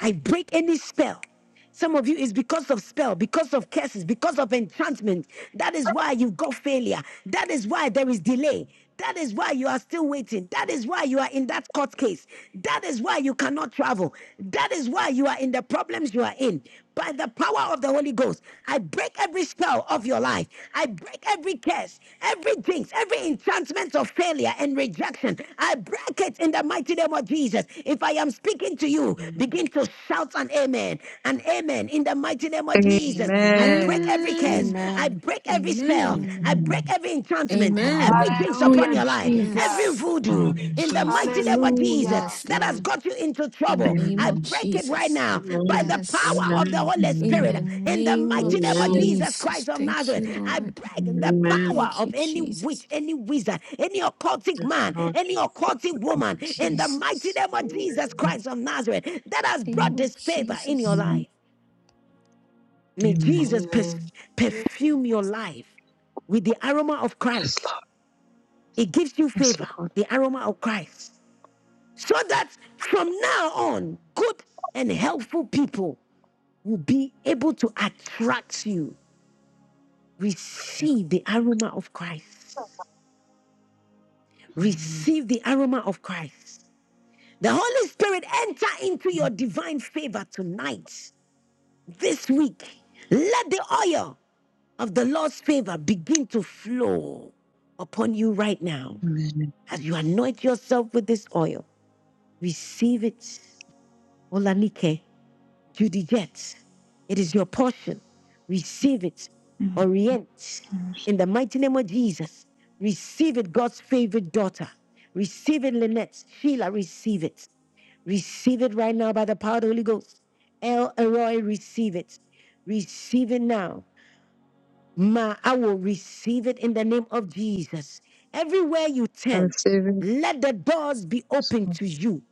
[SPEAKER 1] I break any spell. Some of you is because of spell, because of curses, because of enchantment. That is why you've got failure. That is why there is delay. That is why you are still waiting. That is why you are in that court case. That is why you cannot travel. That is why you are in the problems you are in by the power of the Holy Ghost. I break every spell of your life. I break every curse, every jinx, every enchantment of failure and rejection. I break it in the mighty name of Jesus. If I am speaking to you, begin to shout an amen. An amen in the mighty name of
[SPEAKER 19] Amen.
[SPEAKER 1] Jesus. I break
[SPEAKER 19] Amen.
[SPEAKER 1] every curse.
[SPEAKER 21] Amen.
[SPEAKER 1] I
[SPEAKER 22] Amen.
[SPEAKER 1] break every spell.
[SPEAKER 21] Amen.
[SPEAKER 1] I
[SPEAKER 22] Amen.
[SPEAKER 1] break every enchantment,
[SPEAKER 21] Amen.
[SPEAKER 1] every
[SPEAKER 19] Amen.
[SPEAKER 1] jinx upon
[SPEAKER 23] Hallelujah,
[SPEAKER 1] your life life, every
[SPEAKER 23] Jesus.
[SPEAKER 21] Yes.
[SPEAKER 1] voodoo
[SPEAKER 19] Amen.
[SPEAKER 1] in the mighty
[SPEAKER 21] Jesus.
[SPEAKER 1] name of Jesus
[SPEAKER 23] Hallelujah.
[SPEAKER 21] Yes,
[SPEAKER 1] that has
[SPEAKER 21] Lord.
[SPEAKER 1] got you into
[SPEAKER 21] The
[SPEAKER 1] trouble,
[SPEAKER 21] name
[SPEAKER 1] I
[SPEAKER 21] of
[SPEAKER 19] Amen.
[SPEAKER 1] break it right
[SPEAKER 21] Jesus.
[SPEAKER 1] now by
[SPEAKER 18] Amen.
[SPEAKER 1] the
[SPEAKER 21] Yes.
[SPEAKER 1] power of the
[SPEAKER 18] Amen.
[SPEAKER 1] Holy
[SPEAKER 21] In the
[SPEAKER 1] Spirit in the
[SPEAKER 21] name of
[SPEAKER 1] mighty name of
[SPEAKER 18] Amen.
[SPEAKER 1] Jesus
[SPEAKER 21] Jesus.
[SPEAKER 1] Christ of
[SPEAKER 21] Thank
[SPEAKER 1] Nazareth.
[SPEAKER 21] you,
[SPEAKER 1] I
[SPEAKER 21] Lord.
[SPEAKER 1] break the
[SPEAKER 18] Amen.
[SPEAKER 1] power
[SPEAKER 21] Thank
[SPEAKER 1] of
[SPEAKER 21] you,
[SPEAKER 1] any
[SPEAKER 21] Jesus.
[SPEAKER 1] witch, any wizard, any occultic
[SPEAKER 18] Yes,
[SPEAKER 1] man,
[SPEAKER 18] Lord
[SPEAKER 1] any
[SPEAKER 18] Jesus.
[SPEAKER 1] occultic woman in the mighty
[SPEAKER 21] Jesus.
[SPEAKER 1] name of Jesus
[SPEAKER 18] Amen.
[SPEAKER 1] Christ of Nazareth that has
[SPEAKER 21] The
[SPEAKER 1] brought
[SPEAKER 21] name of
[SPEAKER 1] disfavor in your
[SPEAKER 21] Jesus.
[SPEAKER 1] life. May Jesus pers-
[SPEAKER 18] Amen.
[SPEAKER 20] in my
[SPEAKER 1] perfume your life with the aroma of Christ it gives you favor, the aroma of Christ, so that from now on, good and helpful people will be able to attract you. Receive the aroma of Christ. Receive the aroma of Christ. The Holy Spirit enter into your divine favor tonight, this week. Let the oil of the Lord's favor begin to flow upon you right now as you anoint yourself with this oil. Receive it Olanike, Judy Jets. It is your portion. Receive it.
[SPEAKER 24] Hmm.
[SPEAKER 1] Orient. In the mighty name of Jesus, receive it, God's favorite daughter. Receive it, Lynette. Sheila, receive it. Receive it right now by the power of the Holy Ghost. El Elroy, receive it. Receive it now. Ma, I will receive it in the name of Jesus. Everywhere you
[SPEAKER 19] I
[SPEAKER 1] turn,
[SPEAKER 19] receive it.
[SPEAKER 1] let the doors be open to you.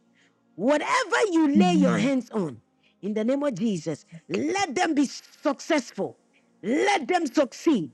[SPEAKER 1] Whatever you lay your hands on, in the name of Jesus, let them be successful. Let them succeed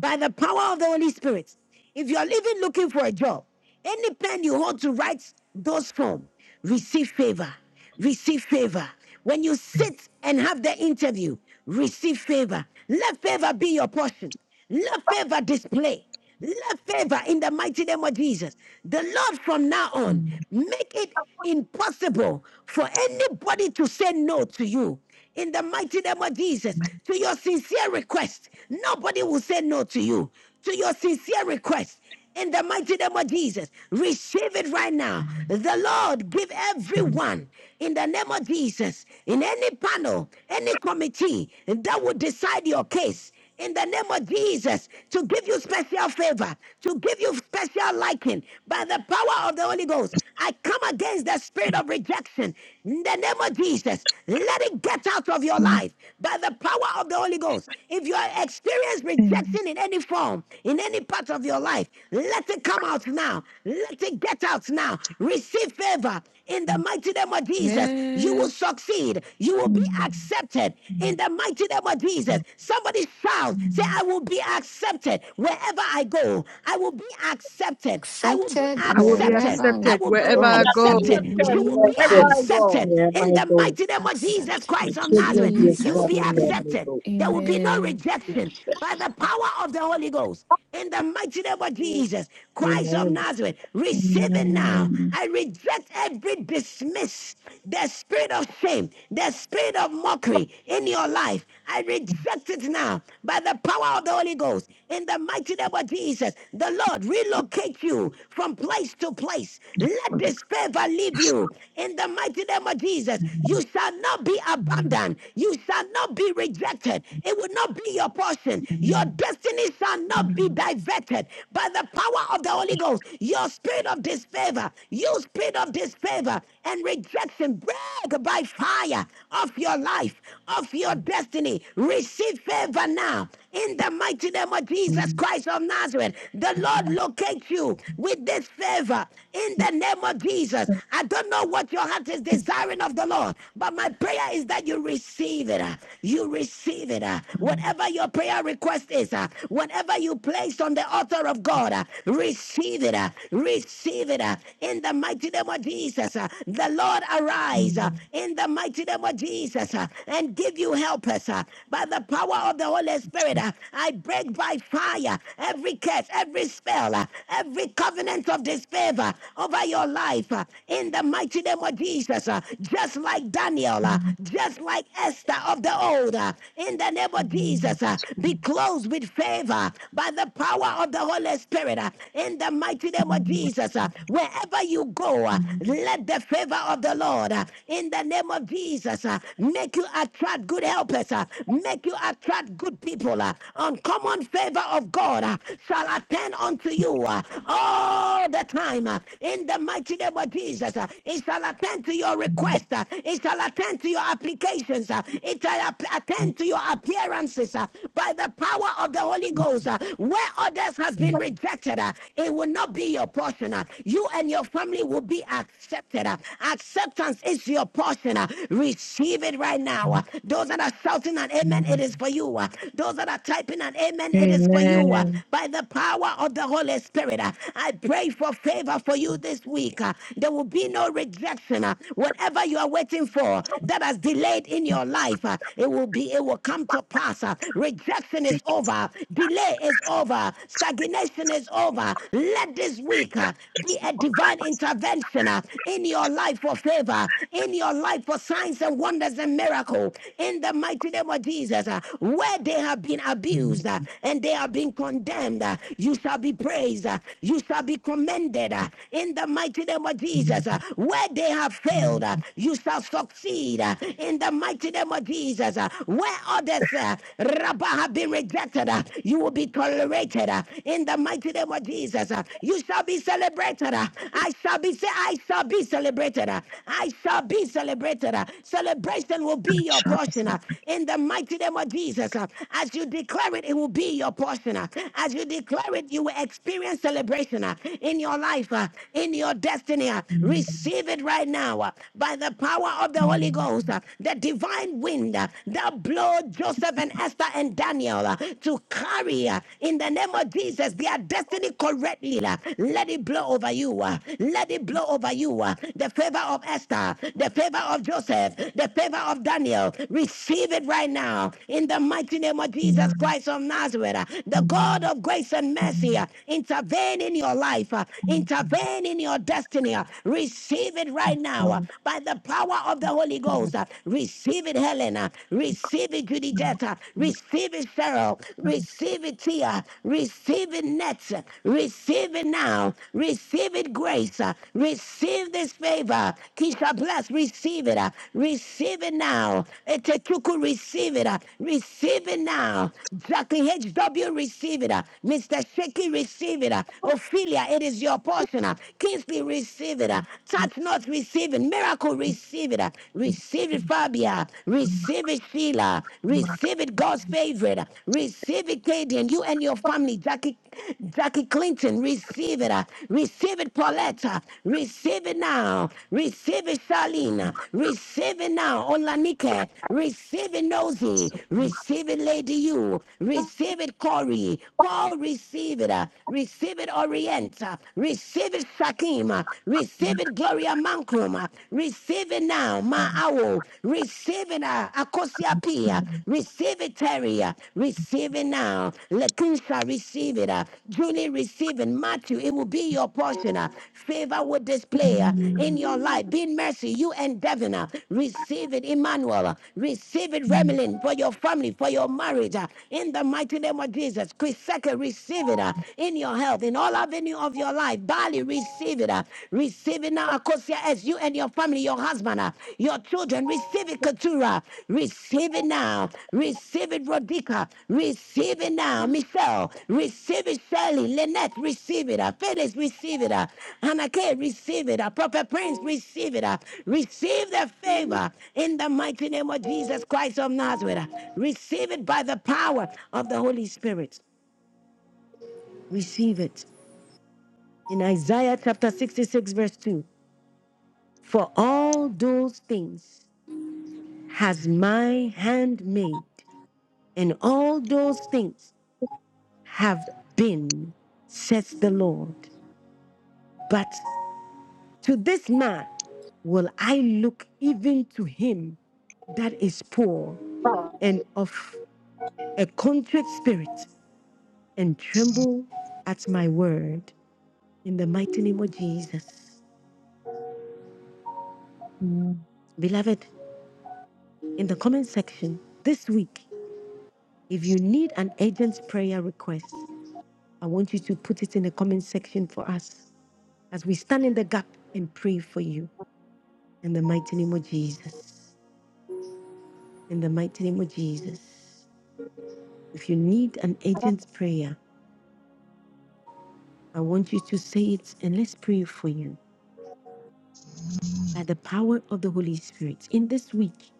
[SPEAKER 1] by the power of the Holy Spirit. If you are even looking for a job, any pen you hold to write those form, receive favor, receive favor. When you sit and have the interview, receive favor. Let favor be your portion. Let favor display. Let favor in the mighty name of Jesus. The Lord from now on, make it impossible for anybody to say no to you. In the mighty name of Jesus, to your sincere request, nobody will say no to you. To your sincere request, in the mighty name of Jesus, receive it right now. The Lord give everyone in the name of Jesus, in any panel, any committee that would decide your case, in the name of Jesus to give you special favor, to give you special liking by the power of the Holy Ghost. I come against the spirit of rejection in the name of Jesus, let it get out of your life by the power of the Holy Ghost. If you are experiencing rejection in any form, in any part of your life, let it come out now. Let it get out now. Receive favor in the mighty name of Jesus. You will
[SPEAKER 21] Amen.
[SPEAKER 1] succeed. You will be accepted in the mighty name of Jesus. Somebody shout, say, I will be accepted wherever I go. I will be accepted. I will be
[SPEAKER 21] Accepted
[SPEAKER 19] I will be
[SPEAKER 21] wherever
[SPEAKER 1] accepted.
[SPEAKER 21] I
[SPEAKER 1] I
[SPEAKER 19] accepted
[SPEAKER 1] will be
[SPEAKER 19] wherever I
[SPEAKER 21] go. In
[SPEAKER 18] It
[SPEAKER 19] go.
[SPEAKER 18] will
[SPEAKER 21] the
[SPEAKER 1] accepted.
[SPEAKER 18] be
[SPEAKER 1] You will
[SPEAKER 21] name
[SPEAKER 1] be
[SPEAKER 21] of
[SPEAKER 18] accepted
[SPEAKER 16] Jesus.
[SPEAKER 21] Jesus.
[SPEAKER 1] accepted
[SPEAKER 18] wherever
[SPEAKER 1] in
[SPEAKER 18] I
[SPEAKER 1] the
[SPEAKER 18] go.
[SPEAKER 1] mighty name of Jesus
[SPEAKER 21] Accepted.
[SPEAKER 18] My
[SPEAKER 1] Christ of
[SPEAKER 18] children will
[SPEAKER 1] Nazareth.
[SPEAKER 18] be
[SPEAKER 1] You will
[SPEAKER 21] Jesus'
[SPEAKER 1] be
[SPEAKER 18] accepted wherever
[SPEAKER 21] name.
[SPEAKER 18] I
[SPEAKER 1] accepted.
[SPEAKER 18] go.
[SPEAKER 1] There will be no
[SPEAKER 21] Amen.
[SPEAKER 1] rejection by
[SPEAKER 18] Thank
[SPEAKER 1] the
[SPEAKER 18] you.
[SPEAKER 1] power of the Holy Ghost. In the mighty name of
[SPEAKER 20] life,
[SPEAKER 1] Jesus, Christ of
[SPEAKER 18] Amen.
[SPEAKER 1] Nazareth, receive it now.
[SPEAKER 19] Amen.
[SPEAKER 1] I reject every dismiss, the spirit of shame, the spirit of mockery in your life. I reject it now by the power of the Holy Ghost. In the mighty name of Jesus, the Lord relocate you from place to place place. Let this favor leave you. In the mighty name of Jesus, you shall not be abandoned. You shall not be rejected. It will not be your portion. Your destiny shall not be diverted by the power of the Holy Ghost. Your spirit of disfavor, you spirit of disfavor, and rejection break by fire of your life, of your destiny. Receive favor now in the mighty name of Jesus Christ of Nazareth. The Lord locate you with this favor in the name of Jesus. I don't know what your heart is desiring of the Lord, but my prayer is that you receive it. uh, You receive it. uh, Whatever your prayer request is, uh, whatever you place on the altar of God, uh, receive it. uh, Receive it. uh, in the mighty name of Jesus. uh, The Lord arise uh, in the mighty name of Jesus uh, and give you help us uh, by the power of the Holy Spirit. uh, I break by fire every curse, every spell, uh, every covenant of disfavor over your life uh, in the mighty name of Jesus. uh, Just like Daniel, uh, just like Esther of the old, uh, in the name of Jesus, uh, be closed with favor by the power of the Holy Spirit. uh, In the the mighty name of Jesus. uh, Wherever you go, uh, let the favor of the Lord uh, in the name of Jesus uh, make you attract good helpers, uh, make you attract good people. uh, Uncommon favor of God uh, shall attend unto you uh, all the time uh, in the mighty name of Jesus. uh, It shall attend to your request, uh, it shall attend to your applications, uh, it shall app- attend to your appearances uh, by the power of the Holy Ghost. uh, Where others has been rejected, uh, it will not be your portion. uh, You and your family will be accepted. uh, Acceptance is your portion. uh, Receive it right now. uh, Those that are shouting an amen, it is for you. uh, Those that are typing an amen, it is for you. uh,
[SPEAKER 19] Amen.
[SPEAKER 1] By the power of the Holy Spirit, uh, I pray for favor for you this week. uh, There will be no rejection. uh, Whatever you are waiting for that has delayed in your life, uh, it will be, it will come to pass. uh, Rejection is is over. Delay is over. Stagnation is over. Let this week uh, be a divine intervention uh, in your life for favor, in your life for signs and wonders and miracle. In the mighty name of Jesus, uh, where they have been abused uh, and they have been condemned, uh, you shall be praised. uh, You shall be commended. uh, In the mighty name of Jesus, uh, where they have failed, uh, you shall succeed. uh, In the mighty name of Jesus, uh, where others, uh, have been rejected, uh, you will be tolerated uh, in the mighty name of Jesus. uh, you shall be celebrated. uh, I shall be ce- I shall be celebrated. uh, I shall be celebrated. uh, celebration will be your portion uh, in the mighty name of Jesus. uh, as you declare it, it will be your portion. uh, as you declare it, you will experience celebration uh, in your life, uh, in your destiny. uh, receive it right now uh, by the power of the Holy Ghost. uh, the divine wind uh, that blow Joseph and Esther and Daniel uh, to carry uh, in the name of Jesus their destiny correctly. uh, Let it blow over you. uh, Let it blow over you. uh, The favor of Esther, the favor of Joseph, the favor of Daniel. Receive it right now in the mighty name of
[SPEAKER 19] Amen.
[SPEAKER 1] Jesus Christ of Nazareth. uh, The God
[SPEAKER 19] 음,
[SPEAKER 1] of grace and mercy
[SPEAKER 19] 음,
[SPEAKER 1] uh, intervene in your life, uh,
[SPEAKER 19] 음,
[SPEAKER 1] intervene in your destiny. uh, Receive it right now uh,
[SPEAKER 19] 그런
[SPEAKER 1] by the the power of the Holy
[SPEAKER 19] 것들이 많구나.
[SPEAKER 1] Ghost. Uh, Receive it, Helena. Receive it, Judijetta. Receive it, Cheryl.
[SPEAKER 19] 그런
[SPEAKER 1] Receive it, Tia. Receive it, Nets. Receive it now. Receive it, Grace. Uh, Receive this favor. Keisha Bless, receive it. uh, Receive it now. Etechuku, receive it. uh, Receive it now. Jackie HW, receive it. uh, Mr. Shaky, receive it. uh, Ophelia, it is your portion. uh, Kingsley, receive it. Touch not receiving. Miracle receive it. Receive it, Fabia. Receive it, Sheila. Receive it, God's favorite. Receive it, Katie, and you and your family. Jackie Jackie Clinton, receive it. Receive it, Pauletta. Receive it now. Receive it, Charlene. Receive it now. Olanike. Receive it, Nosy.
[SPEAKER 19] so
[SPEAKER 1] Receive it, Lady You. Receive it, Corey. Paul, receive it. Receive it, Orienta. Receive it, Shakim. Receive it, Gloria Mancrum. Receive it now, Ma Awo. Receive it, uh, Akosia Pia. Receive it, Terry. Receive it now. Lakeisha, receive it. uh, Julie, receive it. Matthew, it will be your portion. uh, Favor will display uh, in
[SPEAKER 19] 음,
[SPEAKER 1] your life. Be mercy, you and Devon. uh, Receive it, Emmanuel. uh, Receive it,
[SPEAKER 19] 음,
[SPEAKER 1] Remelin, for your family, for your marriage. uh, In the mighty name of Jesus. Chris receive it. uh, In your your health, in all avenue of your life. Bali, receive it. Uh, receive it now, Akosia, as you and your family, your husband, uh, your children, receive it, Katura. Receive it now. Receive it, Rodika. Receive it now, Michelle. Receive it, Shirley. Lynette, receive it. Uh, Phyllis, receive it. Uh, Hanake, receive it. Uh, Prophet Prince, receive it. Uh, receive the favor in the mighty name of Jesus Christ of Nazareth. Uh, receive it by the power of the Holy Spirit. Receive it in Isaiah chapter 66, verse 2 For all those things has my hand made, and all those things have been, says the Lord. But to this man will I look, even to him that is poor and of a contrite spirit, and tremble at my word, in the mighty name of Jesus.
[SPEAKER 19] 음,
[SPEAKER 1] Beloved, in the comment section this week, If you need an urgent prayer request, I want you to put it in the comment section for us as we stand in the gap and pray for you in the mighty name of Jesus. In the mighty name of Jesus. If you need an urgent prayer, I want you to say it and let's pray for you by the power of the Holy Spirit in this week,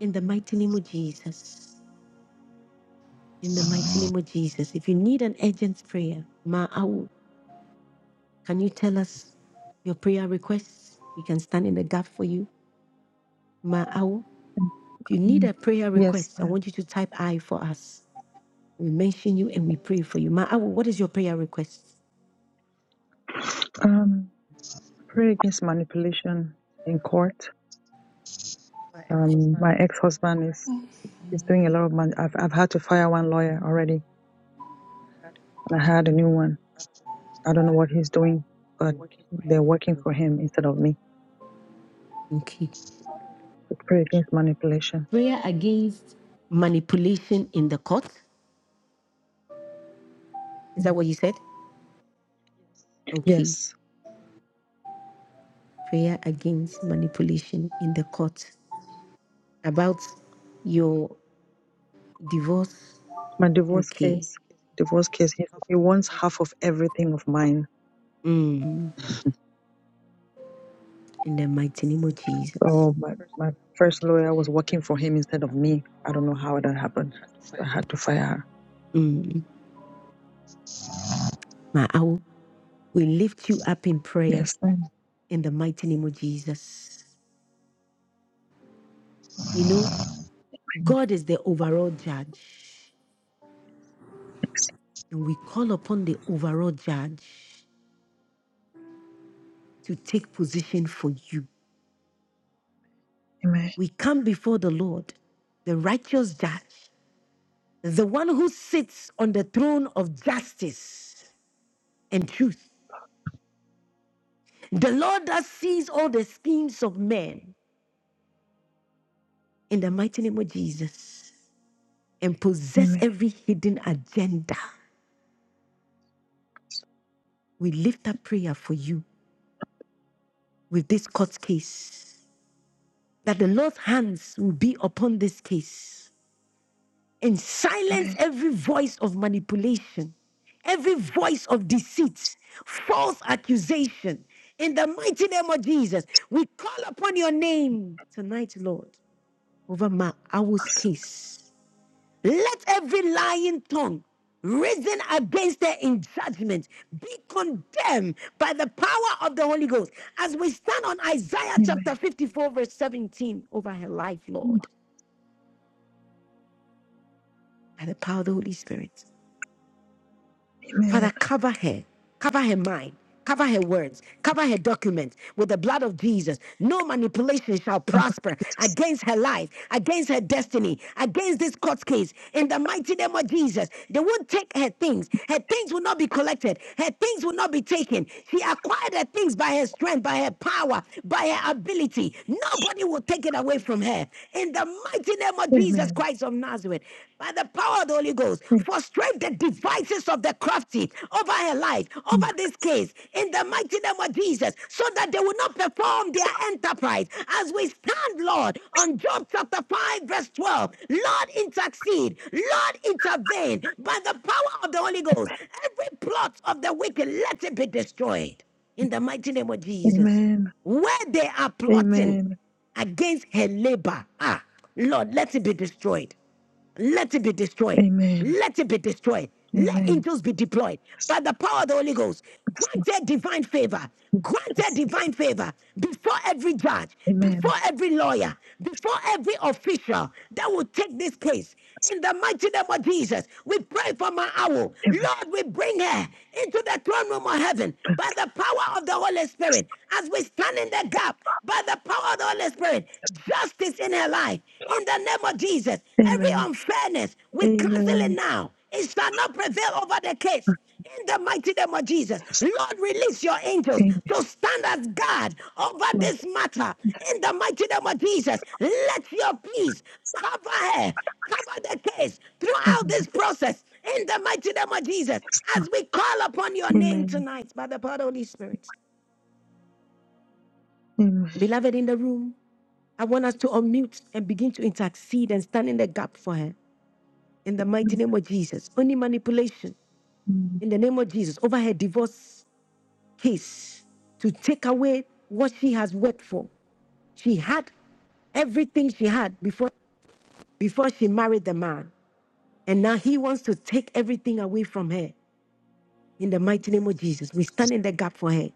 [SPEAKER 1] in the mighty name of Jesus. In the mighty name of Jesus. If you need an urgent prayer, Ma'au, can you tell us your prayer requests? We can stand in the gap for you Ma Awo, if you need
[SPEAKER 19] 음.
[SPEAKER 1] a prayer
[SPEAKER 19] Yes,
[SPEAKER 1] request, I
[SPEAKER 19] ma'am.
[SPEAKER 1] want you to type I for us. We mention you and we pray for you. Ma Awo, what is your prayer request?
[SPEAKER 19] um, pray against manipulation in court. Um, my ex-husband is is doing a lot of man. I've I've had to fire one lawyer already, and I hired a new one. I don't know what he's doing, but they're working for him instead of me.
[SPEAKER 1] Okay.
[SPEAKER 19] But pray against manipulation.
[SPEAKER 1] Prayer against manipulation in the court. Is that what you said? Okay.
[SPEAKER 19] Yes.
[SPEAKER 1] Prayer against manipulation in the court. About your divorce. Okay. Mm. In the mighty name of Jesus. Mm. Ma Awo, we lift you up in prayer in the mighty name of Jesus. You know, God is the overall judge, and we call upon the overall judge to take position for you. We come before the Lord, the righteous judge, the one who sits on the throne of justice and truth, the Lord that sees all the schemes of men in the mighty name of Jesus and possess every hidden agenda. We lift up prayer for you with this court case that the Lord's hands will be upon this case and silence every voice of manipulation, every voice of deceit, false accusation. In the mighty name of Jesus, we call upon your name tonight, Lord, over my hour's case. Let every lying tongue risen against her in judgment be condemned by the power of the Holy Ghost as we stand on Isaiah chapter 54, verse 17 over her life, Lord, by the power of the Holy Spirit. Father, cover her. Cover her mind. Cover her words. Cover her documents with the blood of Jesus. No manipulation shall prosper against her life, against her destiny, against this court case. In the mighty name of Jesus, they won't take her things. Her things will not be collected. Her things will not be taken. She acquired her things by her strength, by her power, by her ability. Nobody will take it away from her. In the mighty name of Jesus
[SPEAKER 19] Amen.
[SPEAKER 1] Christ of Nazareth, by the power of the Holy Ghost frustrate the devices of the crafty over her life, over this case, in the mighty name of Jesus, so that they will not perform their enterprise. As we stand, Lord, on Job chapter 5, verse 12, Lord, intercede, Lord, intervene by the power of the Holy Ghost. Every plot of the wicked, let it be destroyed in the mighty name of Jesus. Where they are plotting against her labor, ah, Lord, let it be destroyed let it be destroyed. Let it be destroyed. Let angels be deployed by the power of the Holy Ghost. Granted divine favor. Granted divine favor before every judge, before every lawyer, before every official that will take this case. In the mighty name of Jesus, we pray for my owl. Lord, we bring her into the throne room of heaven by the power of the Holy Spirit as we stand in the gap by the power of the Holy Spirit. Justice in her life. In the name of Jesus, every
[SPEAKER 19] Amen.
[SPEAKER 1] unfairness, we cancel it
[SPEAKER 19] Amen.
[SPEAKER 1] now. It shall not prevail over the case. In the mighty name of Jesus, Lord, release your angels
[SPEAKER 19] Amen.
[SPEAKER 1] to stand as guard over this matter. In the mighty name of Jesus, let your peace cover her, cover the case throughout this process. In the mighty name of Jesus, as we call upon your name
[SPEAKER 19] Amen.
[SPEAKER 1] tonight by the power of the Holy Spirit.
[SPEAKER 19] Amen.
[SPEAKER 1] Beloved in the room, I want us to unmute and begin to intercede and stand in the gap for her. In the mighty name of Jesus, only manipulation
[SPEAKER 19] Amen.
[SPEAKER 1] in the name of Jesus over her divorce His to take away what she has worked for. She had everything she had before before she married the man, and now he wants to take everything away from her. In the mighty name of Jesus, we stand in the gap for her.